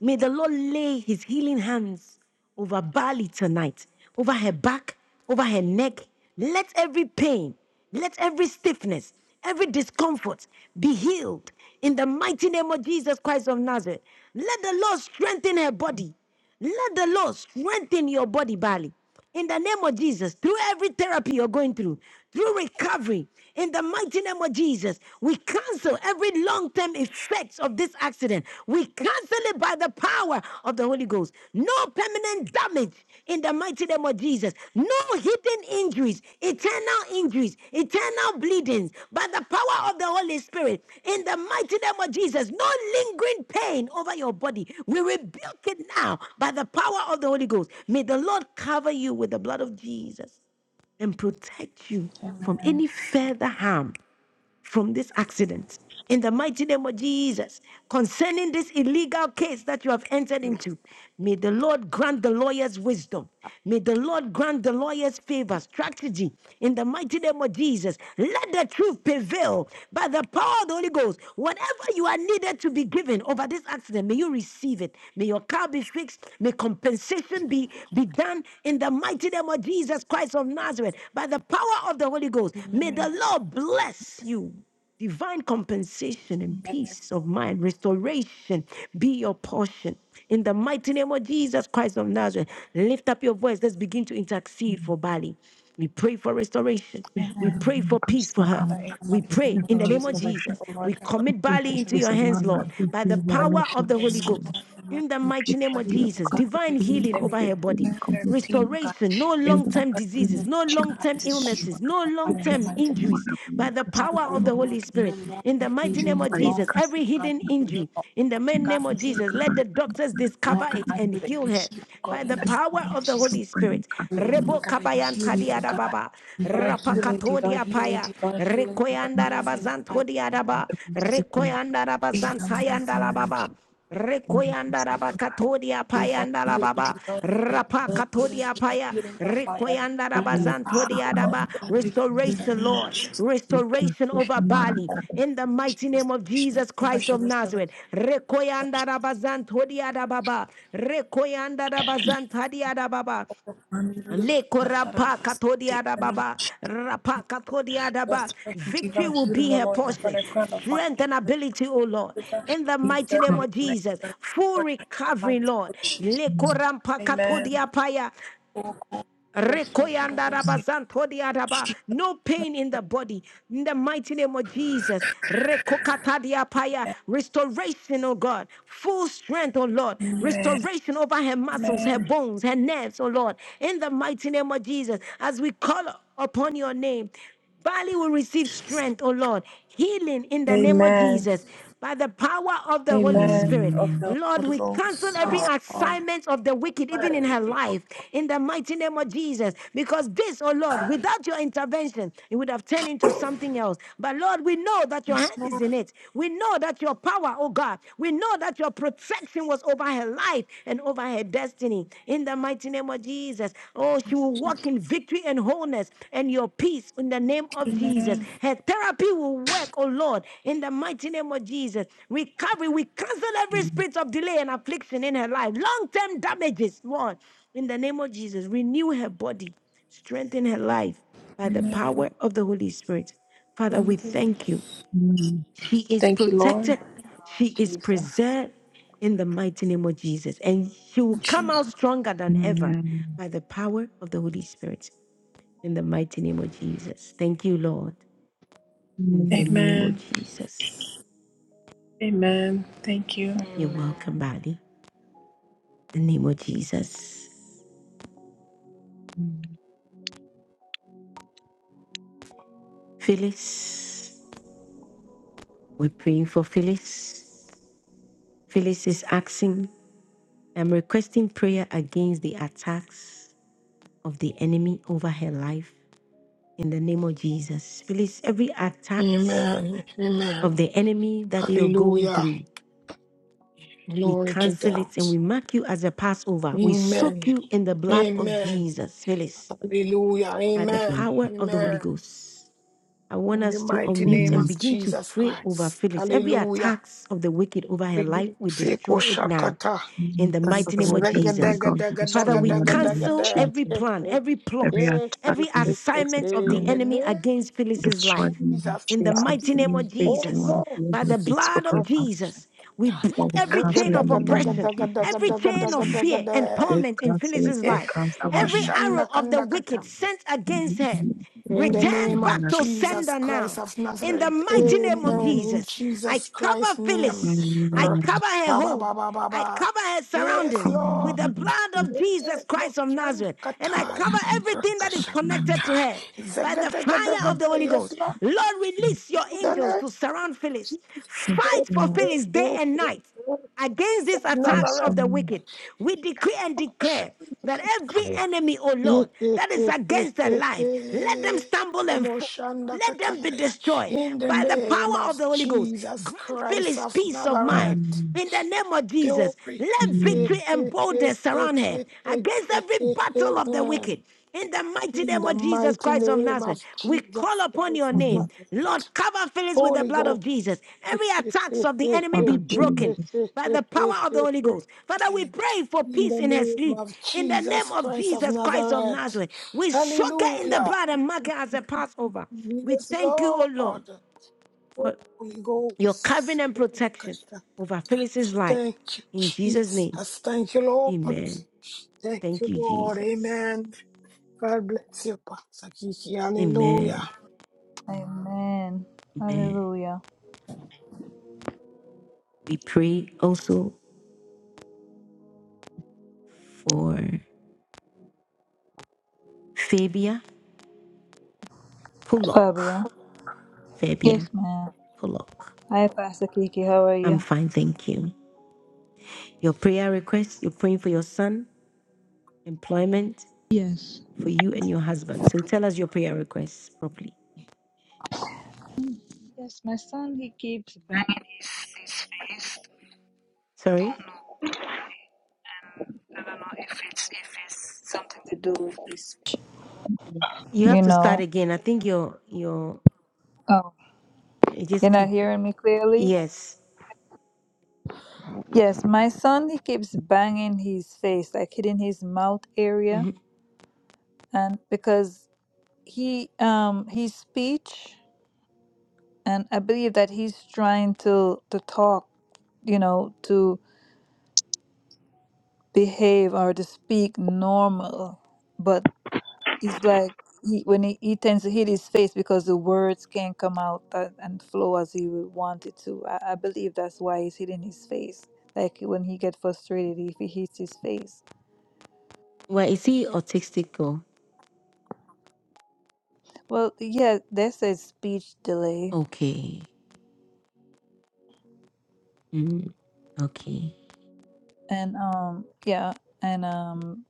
[SPEAKER 1] May the Lord lay his healing hands over Bali tonight, over her back, over her neck. Let every pain, let every stiffness, every discomfort be healed in the mighty name of Jesus Christ of Nazareth. Let the Lord strengthen her body. Let the Lord strengthen your body, Bali. In the name of Jesus, through every therapy you're going through, through recovery, in the mighty name of Jesus, we cancel every long term effects of this accident. We cancel it by the power of the Holy Ghost. No permanent damage in the mighty name of Jesus. No hidden injuries, eternal injuries, eternal bleedings by the power of the Holy Spirit. In the mighty name of Jesus, no lingering pain over your body. We rebuke it now by the power of the Holy Ghost. May the Lord cover you with the blood of Jesus and protect you from any further harm from this accident. In the mighty name of Jesus, concerning this illegal case that you have entered into, may the Lord grant the lawyers wisdom. May the Lord grant the lawyers favor, strategy in the mighty name of Jesus. Let the truth prevail people by the power of the Holy Ghost. Whatever you are needed to be given over this accident, may you receive it. May your car be fixed. May compensation be, be done in the mighty name of Jesus Christ of Nazareth by the power of the Holy Ghost. May
[SPEAKER 26] Amen.
[SPEAKER 1] the Lord bless you. Divine compensation and
[SPEAKER 26] Amen.
[SPEAKER 1] peace of mind, restoration be your portion. In the mighty name of Jesus Christ of Nazareth, lift up your voice. Let's begin to intercede
[SPEAKER 19] Amen.
[SPEAKER 1] for Bali. We pray for restoration.
[SPEAKER 19] Amen.
[SPEAKER 1] We
[SPEAKER 26] Amen.
[SPEAKER 1] pray for
[SPEAKER 19] Amen.
[SPEAKER 1] peace for her.
[SPEAKER 26] Father, in the
[SPEAKER 1] We
[SPEAKER 26] mighty name
[SPEAKER 1] pray
[SPEAKER 26] of
[SPEAKER 1] in the
[SPEAKER 19] Amen.
[SPEAKER 1] name of
[SPEAKER 26] Jesus, I
[SPEAKER 19] Amen.
[SPEAKER 26] pray,
[SPEAKER 1] Jesus.
[SPEAKER 26] O Lord,
[SPEAKER 1] We
[SPEAKER 26] God,
[SPEAKER 1] commit
[SPEAKER 26] for
[SPEAKER 1] Bali
[SPEAKER 26] restoration,
[SPEAKER 1] into
[SPEAKER 26] O
[SPEAKER 19] Yes,
[SPEAKER 1] your
[SPEAKER 26] God,
[SPEAKER 19] of
[SPEAKER 1] hands,
[SPEAKER 19] Lord,
[SPEAKER 26] for
[SPEAKER 19] Lord,
[SPEAKER 1] Lord,
[SPEAKER 19] thank
[SPEAKER 26] peace,
[SPEAKER 1] by the
[SPEAKER 19] you,
[SPEAKER 26] O Lord.
[SPEAKER 1] power of
[SPEAKER 19] revelation,
[SPEAKER 1] the Holy
[SPEAKER 26] Yes,
[SPEAKER 19] Lord,
[SPEAKER 1] Ghost
[SPEAKER 26] Lord, in the
[SPEAKER 1] in
[SPEAKER 26] mighty
[SPEAKER 1] the
[SPEAKER 26] name of
[SPEAKER 1] mighty
[SPEAKER 19] complete
[SPEAKER 26] Jesus,
[SPEAKER 1] name
[SPEAKER 26] I
[SPEAKER 1] of
[SPEAKER 26] pray,
[SPEAKER 19] healing,
[SPEAKER 26] O
[SPEAKER 1] Jesus,
[SPEAKER 26] God,
[SPEAKER 19] complete
[SPEAKER 1] divine
[SPEAKER 26] make use
[SPEAKER 19] healing,
[SPEAKER 26] of
[SPEAKER 1] healing
[SPEAKER 26] every
[SPEAKER 1] over
[SPEAKER 19] complete
[SPEAKER 1] her body,
[SPEAKER 19] healing,
[SPEAKER 26] internal
[SPEAKER 19] complete
[SPEAKER 26] pain, O
[SPEAKER 19] healing.
[SPEAKER 26] God,
[SPEAKER 1] restoration, no
[SPEAKER 26] is
[SPEAKER 19] In
[SPEAKER 1] long
[SPEAKER 19] the
[SPEAKER 26] that
[SPEAKER 1] term
[SPEAKER 26] the
[SPEAKER 19] mighty name
[SPEAKER 1] diseases,
[SPEAKER 26] belief,
[SPEAKER 19] of
[SPEAKER 1] no
[SPEAKER 26] O
[SPEAKER 1] long
[SPEAKER 26] God,
[SPEAKER 1] term
[SPEAKER 19] Jesus, Lord,
[SPEAKER 26] destroy
[SPEAKER 1] illnesses, no
[SPEAKER 26] the
[SPEAKER 19] we
[SPEAKER 1] long
[SPEAKER 26] fire in
[SPEAKER 19] can
[SPEAKER 26] the
[SPEAKER 1] term
[SPEAKER 19] so
[SPEAKER 26] mighty name of
[SPEAKER 19] command
[SPEAKER 1] injuries
[SPEAKER 19] of you,
[SPEAKER 1] by the
[SPEAKER 19] cause
[SPEAKER 26] God.
[SPEAKER 19] to
[SPEAKER 26] I
[SPEAKER 1] power
[SPEAKER 26] pray,
[SPEAKER 1] of the
[SPEAKER 26] O
[SPEAKER 19] command
[SPEAKER 1] Holy
[SPEAKER 26] Lord, no
[SPEAKER 1] Spirit. In the
[SPEAKER 26] longer
[SPEAKER 19] of
[SPEAKER 1] mighty
[SPEAKER 26] injury,
[SPEAKER 19] you,
[SPEAKER 1] name
[SPEAKER 26] no
[SPEAKER 1] of
[SPEAKER 19] I am
[SPEAKER 1] Jesus,
[SPEAKER 26] longer,
[SPEAKER 19] casting
[SPEAKER 1] every
[SPEAKER 19] of
[SPEAKER 26] God,
[SPEAKER 1] hidden
[SPEAKER 19] you,
[SPEAKER 26] no
[SPEAKER 1] injury,
[SPEAKER 26] longer,
[SPEAKER 1] in the main name of
[SPEAKER 26] God,
[SPEAKER 19] cause
[SPEAKER 26] pain,
[SPEAKER 19] to
[SPEAKER 1] Jesus, let
[SPEAKER 19] command
[SPEAKER 1] the
[SPEAKER 26] injury,
[SPEAKER 1] doctors
[SPEAKER 19] of you,
[SPEAKER 26] Lord,
[SPEAKER 1] discover
[SPEAKER 19] I
[SPEAKER 26] God,
[SPEAKER 1] it
[SPEAKER 26] I
[SPEAKER 1] and
[SPEAKER 26] pray that
[SPEAKER 1] heal
[SPEAKER 26] you
[SPEAKER 1] her
[SPEAKER 26] heal, O God,
[SPEAKER 1] by
[SPEAKER 26] in the
[SPEAKER 1] the
[SPEAKER 19] am the
[SPEAKER 26] mighty
[SPEAKER 1] power
[SPEAKER 26] name of
[SPEAKER 1] of
[SPEAKER 19] purpose
[SPEAKER 1] the
[SPEAKER 19] is
[SPEAKER 26] Jesus.
[SPEAKER 19] of
[SPEAKER 1] Holy
[SPEAKER 19] I am
[SPEAKER 1] Spirit.
[SPEAKER 26] you,
[SPEAKER 19] coming to
[SPEAKER 26] Oh
[SPEAKER 19] you.
[SPEAKER 26] Lord
[SPEAKER 1] Rebo
[SPEAKER 26] God, I
[SPEAKER 1] kabayan
[SPEAKER 26] heal me, oh
[SPEAKER 1] tadiada
[SPEAKER 26] God.
[SPEAKER 1] baba,
[SPEAKER 26] Divine
[SPEAKER 19] I am
[SPEAKER 26] healing, divine
[SPEAKER 1] rapakatodia
[SPEAKER 26] healing,
[SPEAKER 1] paya,
[SPEAKER 26] divine healing, divine
[SPEAKER 19] not
[SPEAKER 1] rekoyanda
[SPEAKER 26] healing in my life.
[SPEAKER 1] rabazantodia
[SPEAKER 19] going
[SPEAKER 1] daba,
[SPEAKER 19] to be
[SPEAKER 26] Just
[SPEAKER 19] spoken,
[SPEAKER 1] rekoyanda
[SPEAKER 26] in my life,
[SPEAKER 1] rabazantayanda
[SPEAKER 26] in
[SPEAKER 19] because
[SPEAKER 1] rababa.
[SPEAKER 19] I am
[SPEAKER 1] Rekoyanda
[SPEAKER 19] casting
[SPEAKER 1] raba
[SPEAKER 19] of
[SPEAKER 1] katodia
[SPEAKER 26] divine
[SPEAKER 1] payanda
[SPEAKER 26] healing,
[SPEAKER 1] rababa
[SPEAKER 26] divine healing,
[SPEAKER 1] rapa
[SPEAKER 26] divine healing,
[SPEAKER 1] katodia
[SPEAKER 26] divine
[SPEAKER 1] paya
[SPEAKER 26] healing by fire,
[SPEAKER 1] rekoyanda
[SPEAKER 26] by
[SPEAKER 1] raba
[SPEAKER 26] the
[SPEAKER 19] you, cause to
[SPEAKER 26] power
[SPEAKER 1] zantodia
[SPEAKER 19] command
[SPEAKER 26] of
[SPEAKER 19] of
[SPEAKER 1] raba
[SPEAKER 26] the Holy Ghost
[SPEAKER 19] you,
[SPEAKER 26] in the
[SPEAKER 1] restoration
[SPEAKER 26] name of
[SPEAKER 1] Lord
[SPEAKER 26] Jesus Christ.
[SPEAKER 19] we
[SPEAKER 26] of
[SPEAKER 19] can
[SPEAKER 1] restoration
[SPEAKER 19] so
[SPEAKER 26] Nazareth.
[SPEAKER 1] over
[SPEAKER 19] command of you,
[SPEAKER 26] Yes,
[SPEAKER 1] Bali
[SPEAKER 26] Lord,
[SPEAKER 19] cause to
[SPEAKER 1] in the mighty name of
[SPEAKER 26] restoration,
[SPEAKER 1] Jesus Christ of
[SPEAKER 26] restoration, restoration,
[SPEAKER 1] Nazareth
[SPEAKER 26] restoration in the mighty name of
[SPEAKER 1] rekoyanda raba
[SPEAKER 26] Jesus Christ of
[SPEAKER 1] zantodia
[SPEAKER 26] Nazareth.
[SPEAKER 1] rababa rekoyanda raba zantadia rababa
[SPEAKER 26] Army really does
[SPEAKER 1] Leko
[SPEAKER 26] not that I
[SPEAKER 1] rapa
[SPEAKER 26] must take
[SPEAKER 1] katodia da
[SPEAKER 26] the name of
[SPEAKER 1] baba,
[SPEAKER 26] Jesus.
[SPEAKER 1] rapa katodia da ba.
[SPEAKER 26] Restoration,
[SPEAKER 1] Victory
[SPEAKER 26] divine
[SPEAKER 1] will
[SPEAKER 26] healing,
[SPEAKER 1] be
[SPEAKER 26] the
[SPEAKER 1] her
[SPEAKER 26] Lord, God, from
[SPEAKER 1] portion,
[SPEAKER 26] the crown of my
[SPEAKER 1] strength and
[SPEAKER 26] head.
[SPEAKER 1] ability, O Lord.
[SPEAKER 26] internally
[SPEAKER 1] In the
[SPEAKER 26] and
[SPEAKER 1] mighty name
[SPEAKER 19] command
[SPEAKER 1] of Jesus,
[SPEAKER 26] externally
[SPEAKER 1] full
[SPEAKER 26] work in my life
[SPEAKER 1] recovery,
[SPEAKER 26] to the
[SPEAKER 1] Lord.
[SPEAKER 26] Jesus.
[SPEAKER 1] Leko rampa
[SPEAKER 26] Amen.
[SPEAKER 1] katodia paya,
[SPEAKER 26] Oh, God, oh, so to the Lord,
[SPEAKER 19] of you.
[SPEAKER 26] say,
[SPEAKER 1] Rekoyandarabazantodiadaba.
[SPEAKER 26] Jesus,
[SPEAKER 1] No
[SPEAKER 26] my
[SPEAKER 1] pain in the body. In the mighty name of Jesus. Rekokatadiapaya.
[SPEAKER 26] Lord.
[SPEAKER 1] Restoration, oh God. Full strength, oh Lord.
[SPEAKER 26] Amen.
[SPEAKER 1] Restoration over her muscles, her
[SPEAKER 26] Amen.
[SPEAKER 1] bones, her nerves, oh Lord. In the mighty name of Jesus. As we call upon your name. Bali will receive strength, oh Lord, healing in the name of
[SPEAKER 26] Amen.
[SPEAKER 1] Jesus by the power of the Holy
[SPEAKER 26] Amen.
[SPEAKER 1] Spirit.
[SPEAKER 26] Of
[SPEAKER 19] Amen.
[SPEAKER 26] the
[SPEAKER 1] Lord,
[SPEAKER 26] Holy
[SPEAKER 1] we cancel
[SPEAKER 26] Ghost.
[SPEAKER 1] every
[SPEAKER 26] Yes, Lord.
[SPEAKER 1] assignment of the wicked, even in her life in the mighty name of Jesus. Because this, oh Lord, without your intervention, it would have turned into something else. But Lord, we know that your
[SPEAKER 26] Yes,
[SPEAKER 1] hand is
[SPEAKER 26] Lord.
[SPEAKER 1] in it. We know that your power, oh God, we know that your protection was over her life and over her destiny. In the mighty name of Jesus, oh, she will walk in victory and wholeness and your peace in the name of Jesus.
[SPEAKER 26] Amen.
[SPEAKER 1] Her therapy will work, oh Lord, in the mighty name of Jesus. Recovery, we cancel every spirit of delay and affliction in her life. Long term damages, Lord. In the name of Jesus, renew her body, strengthen her life by the
[SPEAKER 26] Amen.
[SPEAKER 1] power of the Holy Spirit. Father, we thank you. She is
[SPEAKER 26] Thank you, Lord.
[SPEAKER 1] protected, she
[SPEAKER 23] Lord
[SPEAKER 1] is
[SPEAKER 23] Jesus.
[SPEAKER 1] preserved in the mighty name of Jesus, and she will come
[SPEAKER 26] Jesus.
[SPEAKER 1] out stronger than ever
[SPEAKER 19] Amen.
[SPEAKER 1] by the power of the Holy Spirit in the mighty name of Jesus. Thank you, Lord, in the
[SPEAKER 19] Mm,
[SPEAKER 1] name of
[SPEAKER 26] Amen.
[SPEAKER 1] Jesus.
[SPEAKER 26] Amen. Thank you.
[SPEAKER 1] You're welcome,
[SPEAKER 23] Amen.
[SPEAKER 1] Bali. In the name of Jesus.
[SPEAKER 19] mm,
[SPEAKER 1] Phyllis, we're praying for Phyllis. Phyllis is asking I'm requesting prayer against the attacks of the enemy over her life in the name of Jesus. Release every attacks
[SPEAKER 11] Amen. Amen.
[SPEAKER 1] of the enemy that you're going
[SPEAKER 11] Hallelujah.
[SPEAKER 1] through. We
[SPEAKER 11] Glory to
[SPEAKER 1] cancel
[SPEAKER 11] God.
[SPEAKER 1] it and we mark you as a Passover. We soak
[SPEAKER 11] Amen.
[SPEAKER 1] you in the blood of
[SPEAKER 11] Amen.
[SPEAKER 1] Jesus, Phyllis,
[SPEAKER 11] Hallelujah.
[SPEAKER 1] by the
[SPEAKER 19] mm,
[SPEAKER 11] Amen.
[SPEAKER 1] power of the Holy
[SPEAKER 11] Amen.
[SPEAKER 1] Ghost. I want
[SPEAKER 11] In the
[SPEAKER 1] us to
[SPEAKER 11] mighty
[SPEAKER 1] unmute
[SPEAKER 11] name
[SPEAKER 1] and
[SPEAKER 11] of
[SPEAKER 19] Amen.
[SPEAKER 1] begin to
[SPEAKER 11] Jesus
[SPEAKER 1] pray over
[SPEAKER 11] Christ.
[SPEAKER 1] Phyllis. Every
[SPEAKER 11] Hallelujah.
[SPEAKER 1] attacks of the wicked over her
[SPEAKER 11] Holy
[SPEAKER 1] life, we
[SPEAKER 11] Ghost.
[SPEAKER 1] destroy
[SPEAKER 11] Eko
[SPEAKER 1] it now.
[SPEAKER 11] shakata.
[SPEAKER 19] Mm,
[SPEAKER 1] in the
[SPEAKER 19] Attack of
[SPEAKER 1] mighty
[SPEAKER 19] the
[SPEAKER 1] name
[SPEAKER 19] workers,
[SPEAKER 1] of
[SPEAKER 11] Zega
[SPEAKER 19] my
[SPEAKER 1] Jesus.
[SPEAKER 11] daga
[SPEAKER 19] God, we
[SPEAKER 11] daga
[SPEAKER 19] destroy
[SPEAKER 1] Father,
[SPEAKER 11] daga
[SPEAKER 1] we
[SPEAKER 19] now in
[SPEAKER 11] daga
[SPEAKER 19] the name
[SPEAKER 11] daga
[SPEAKER 19] of
[SPEAKER 1] cancel
[SPEAKER 11] da.
[SPEAKER 1] every
[SPEAKER 19] Jesus.
[SPEAKER 11] Eh,
[SPEAKER 1] plan, every
[SPEAKER 19] Every
[SPEAKER 1] plot,
[SPEAKER 11] eh, eh, eh,
[SPEAKER 19] attack
[SPEAKER 1] every
[SPEAKER 19] from the
[SPEAKER 11] eh, eh,
[SPEAKER 19] pits of
[SPEAKER 1] assignment of
[SPEAKER 11] eh.
[SPEAKER 19] hell,
[SPEAKER 1] the
[SPEAKER 11] In the
[SPEAKER 1] enemy
[SPEAKER 11] name
[SPEAKER 1] against
[SPEAKER 19] we
[SPEAKER 11] of
[SPEAKER 1] Phyllis's
[SPEAKER 19] destroy in
[SPEAKER 1] life
[SPEAKER 19] the name
[SPEAKER 11] Jesus
[SPEAKER 19] of
[SPEAKER 1] in the
[SPEAKER 11] Christ.
[SPEAKER 19] Jesus.
[SPEAKER 1] mighty
[SPEAKER 19] The
[SPEAKER 1] name
[SPEAKER 19] new
[SPEAKER 1] of
[SPEAKER 19] great
[SPEAKER 11] Holy
[SPEAKER 1] Jesus.
[SPEAKER 19] demonic
[SPEAKER 1] By
[SPEAKER 19] leaders
[SPEAKER 1] the
[SPEAKER 11] Ghost.
[SPEAKER 19] is
[SPEAKER 1] blood of
[SPEAKER 19] spoken about.
[SPEAKER 1] Jesus, we break
[SPEAKER 19] What we
[SPEAKER 1] every
[SPEAKER 11] Zega
[SPEAKER 19] cancel
[SPEAKER 1] chain
[SPEAKER 19] it
[SPEAKER 1] of
[SPEAKER 19] in
[SPEAKER 11] daga
[SPEAKER 19] the
[SPEAKER 11] daga
[SPEAKER 19] name of
[SPEAKER 1] oppression,
[SPEAKER 11] daga
[SPEAKER 19] Jesus,
[SPEAKER 11] daga
[SPEAKER 1] every
[SPEAKER 19] we
[SPEAKER 11] daga
[SPEAKER 1] chain of
[SPEAKER 11] daga
[SPEAKER 19] cancel it.
[SPEAKER 11] daga
[SPEAKER 1] fear
[SPEAKER 11] da.
[SPEAKER 1] and
[SPEAKER 19] We
[SPEAKER 1] torment in
[SPEAKER 19] cancel it.
[SPEAKER 1] Phyllis's
[SPEAKER 11] Eh,
[SPEAKER 19] We
[SPEAKER 1] life,
[SPEAKER 19] cancel it.
[SPEAKER 11] nabo
[SPEAKER 1] every
[SPEAKER 19] in
[SPEAKER 11] shanda
[SPEAKER 1] arrow of the
[SPEAKER 11] kanda
[SPEAKER 1] wicked
[SPEAKER 11] kata.
[SPEAKER 1] sent
[SPEAKER 19] the
[SPEAKER 1] against her.
[SPEAKER 19] name of Jesus. We
[SPEAKER 11] In
[SPEAKER 19] cancel
[SPEAKER 11] the
[SPEAKER 19] it in
[SPEAKER 1] Return
[SPEAKER 11] name
[SPEAKER 19] the name
[SPEAKER 11] of
[SPEAKER 1] back
[SPEAKER 19] of
[SPEAKER 1] to
[SPEAKER 19] Jesus.
[SPEAKER 11] Jesus
[SPEAKER 1] sender now.
[SPEAKER 11] Christ of
[SPEAKER 1] In the
[SPEAKER 11] Nazareth.
[SPEAKER 1] mighty name of
[SPEAKER 11] Amen.
[SPEAKER 19] Amen.
[SPEAKER 11] In
[SPEAKER 1] Jesus, I
[SPEAKER 11] Jesus Christ's
[SPEAKER 1] cover
[SPEAKER 11] name.
[SPEAKER 1] Phyllis. I
[SPEAKER 11] R-
[SPEAKER 19] Amen.
[SPEAKER 1] cover her
[SPEAKER 11] Ba ba ba
[SPEAKER 1] home.
[SPEAKER 11] ba ba
[SPEAKER 1] I
[SPEAKER 11] ba.
[SPEAKER 1] cover her
[SPEAKER 11] Yes,
[SPEAKER 1] surroundings
[SPEAKER 19] Come
[SPEAKER 1] with
[SPEAKER 11] Lord.
[SPEAKER 1] the
[SPEAKER 19] on,
[SPEAKER 1] blood
[SPEAKER 19] Jesus.
[SPEAKER 1] of
[SPEAKER 11] Yes,
[SPEAKER 1] Jesus Christ of
[SPEAKER 11] Boshanda
[SPEAKER 1] Nazareth. And
[SPEAKER 19] Come
[SPEAKER 1] I
[SPEAKER 11] Kataya.
[SPEAKER 1] cover
[SPEAKER 19] on,
[SPEAKER 1] everything
[SPEAKER 19] Jesus.
[SPEAKER 1] that is
[SPEAKER 19] Come
[SPEAKER 1] connected
[SPEAKER 11] Rakashakata.
[SPEAKER 1] to her by the fire of
[SPEAKER 19] on.
[SPEAKER 11] Zagadagadaga.
[SPEAKER 1] the Holy
[SPEAKER 11] Yes,
[SPEAKER 1] Ghost.
[SPEAKER 11] Lord.
[SPEAKER 1] Lord, release your
[SPEAKER 11] In the
[SPEAKER 1] angels
[SPEAKER 11] name of
[SPEAKER 1] to surround Phyllis.
[SPEAKER 11] Jesus
[SPEAKER 19] Yes,
[SPEAKER 11] Christ
[SPEAKER 1] Fight for
[SPEAKER 19] Lord.
[SPEAKER 11] R-
[SPEAKER 1] Phyllis day
[SPEAKER 11] R-
[SPEAKER 1] and
[SPEAKER 11] R-
[SPEAKER 1] night
[SPEAKER 11] R-
[SPEAKER 1] against these
[SPEAKER 11] of
[SPEAKER 1] attacks
[SPEAKER 19] Yes,
[SPEAKER 1] of
[SPEAKER 19] Lord.
[SPEAKER 11] Nazareth.
[SPEAKER 1] the wicked. We decree and declare that every enemy, O Lord,
[SPEAKER 11] Namoshandakataya.
[SPEAKER 1] that is against their life, let them stumble and fall. Let them be destroyed
[SPEAKER 11] In the
[SPEAKER 1] by the
[SPEAKER 11] name
[SPEAKER 1] power
[SPEAKER 11] of
[SPEAKER 1] of the Holy Ghost.
[SPEAKER 11] Jesus
[SPEAKER 1] Grant
[SPEAKER 11] Christ
[SPEAKER 1] Phyllis
[SPEAKER 11] of
[SPEAKER 1] peace of mind.
[SPEAKER 11] Nazareth.
[SPEAKER 19] Amen.
[SPEAKER 1] In the name of Jesus,
[SPEAKER 11] Glory.
[SPEAKER 1] let victory
[SPEAKER 19] Amen.
[SPEAKER 1] and boldness surround her against every battle of the
[SPEAKER 11] Amen.
[SPEAKER 1] wicked. In the mighty
[SPEAKER 11] In
[SPEAKER 1] name
[SPEAKER 11] the
[SPEAKER 1] of Jesus
[SPEAKER 11] mighty
[SPEAKER 1] Christ of
[SPEAKER 11] name
[SPEAKER 1] Nazareth,
[SPEAKER 11] of
[SPEAKER 1] we
[SPEAKER 11] Jesus
[SPEAKER 1] call upon
[SPEAKER 11] Christ
[SPEAKER 1] your
[SPEAKER 11] of
[SPEAKER 1] name.
[SPEAKER 19] Amen.
[SPEAKER 11] Nazareth.
[SPEAKER 1] Lord, cover Phyllis with the
[SPEAKER 11] Holy
[SPEAKER 1] blood of
[SPEAKER 11] Ghost.
[SPEAKER 1] Jesus. Every attacks of the enemy be
[SPEAKER 19] Father
[SPEAKER 1] broken
[SPEAKER 19] Jesus.
[SPEAKER 1] by the power of the Holy Ghost. Father, we pray for
[SPEAKER 11] In
[SPEAKER 1] peace
[SPEAKER 11] the
[SPEAKER 1] in her
[SPEAKER 11] name
[SPEAKER 1] sleep.
[SPEAKER 11] of
[SPEAKER 1] In the
[SPEAKER 11] Jesus
[SPEAKER 1] name of
[SPEAKER 11] Christ of
[SPEAKER 1] Jesus Christ of
[SPEAKER 11] Nazareth.
[SPEAKER 1] Nazareth, we soak her in the
[SPEAKER 11] Hallelujah.
[SPEAKER 1] blood and mark her as a Passover. We
[SPEAKER 11] Yes,
[SPEAKER 1] thank you, O Lord,
[SPEAKER 11] Lord.
[SPEAKER 1] for
[SPEAKER 11] Holy
[SPEAKER 1] your covering
[SPEAKER 11] Ghost.
[SPEAKER 1] and protection over Phyllis's life.
[SPEAKER 11] Thank you,
[SPEAKER 1] In Jesus' name,
[SPEAKER 11] Jesus. Thank you, Lord.
[SPEAKER 1] amen.
[SPEAKER 11] Thank
[SPEAKER 1] Thank
[SPEAKER 11] you,
[SPEAKER 1] you,
[SPEAKER 11] Lord.
[SPEAKER 1] Jesus.
[SPEAKER 11] Amen. God bless you, Pastor Kiki. Hallelujah.
[SPEAKER 1] Amen.
[SPEAKER 23] Amen.
[SPEAKER 1] Amen.
[SPEAKER 23] Hallelujah.
[SPEAKER 1] We pray also for Fabia
[SPEAKER 23] Fabia.
[SPEAKER 1] Pullock. Fabia
[SPEAKER 23] Yes, ma'am.
[SPEAKER 1] Pullock.
[SPEAKER 23] Hi, Pastor Kiki. How are
[SPEAKER 1] I'm
[SPEAKER 23] you?
[SPEAKER 1] fine, thank you. Your prayer request, you're praying for your son employment
[SPEAKER 23] Yes.
[SPEAKER 1] for you and your husband. So tell us your prayer requests properly.
[SPEAKER 23] Yes, my son, he keeps Banging his, his face.
[SPEAKER 1] Sorry?
[SPEAKER 23] Don't know why. And I don't know if it's if it's something to do with this.
[SPEAKER 1] You have
[SPEAKER 23] You
[SPEAKER 1] to start
[SPEAKER 23] know,
[SPEAKER 1] again. I think your your
[SPEAKER 23] oh,
[SPEAKER 1] it
[SPEAKER 23] you're
[SPEAKER 1] just
[SPEAKER 23] not
[SPEAKER 1] keep
[SPEAKER 23] hearing me clearly?
[SPEAKER 1] yes.
[SPEAKER 23] Yes, my son, he keeps banging his face, like hitting his mouth area,
[SPEAKER 1] hmm
[SPEAKER 23] and because he um his speech, and I believe that he's trying to to talk, you know, to behave or to speak normal, but it's like he when he, he tends to hit his face because the words can't come out a- and flow as he would want it to. I, I believe that's why he's hitting his face. Like when he get frustrated, if he hits his face.
[SPEAKER 1] Well, is he autistic or
[SPEAKER 23] Well, yeah, there's a speech delay,
[SPEAKER 1] okay? Mhm. Okay.
[SPEAKER 23] and um, yeah, and um,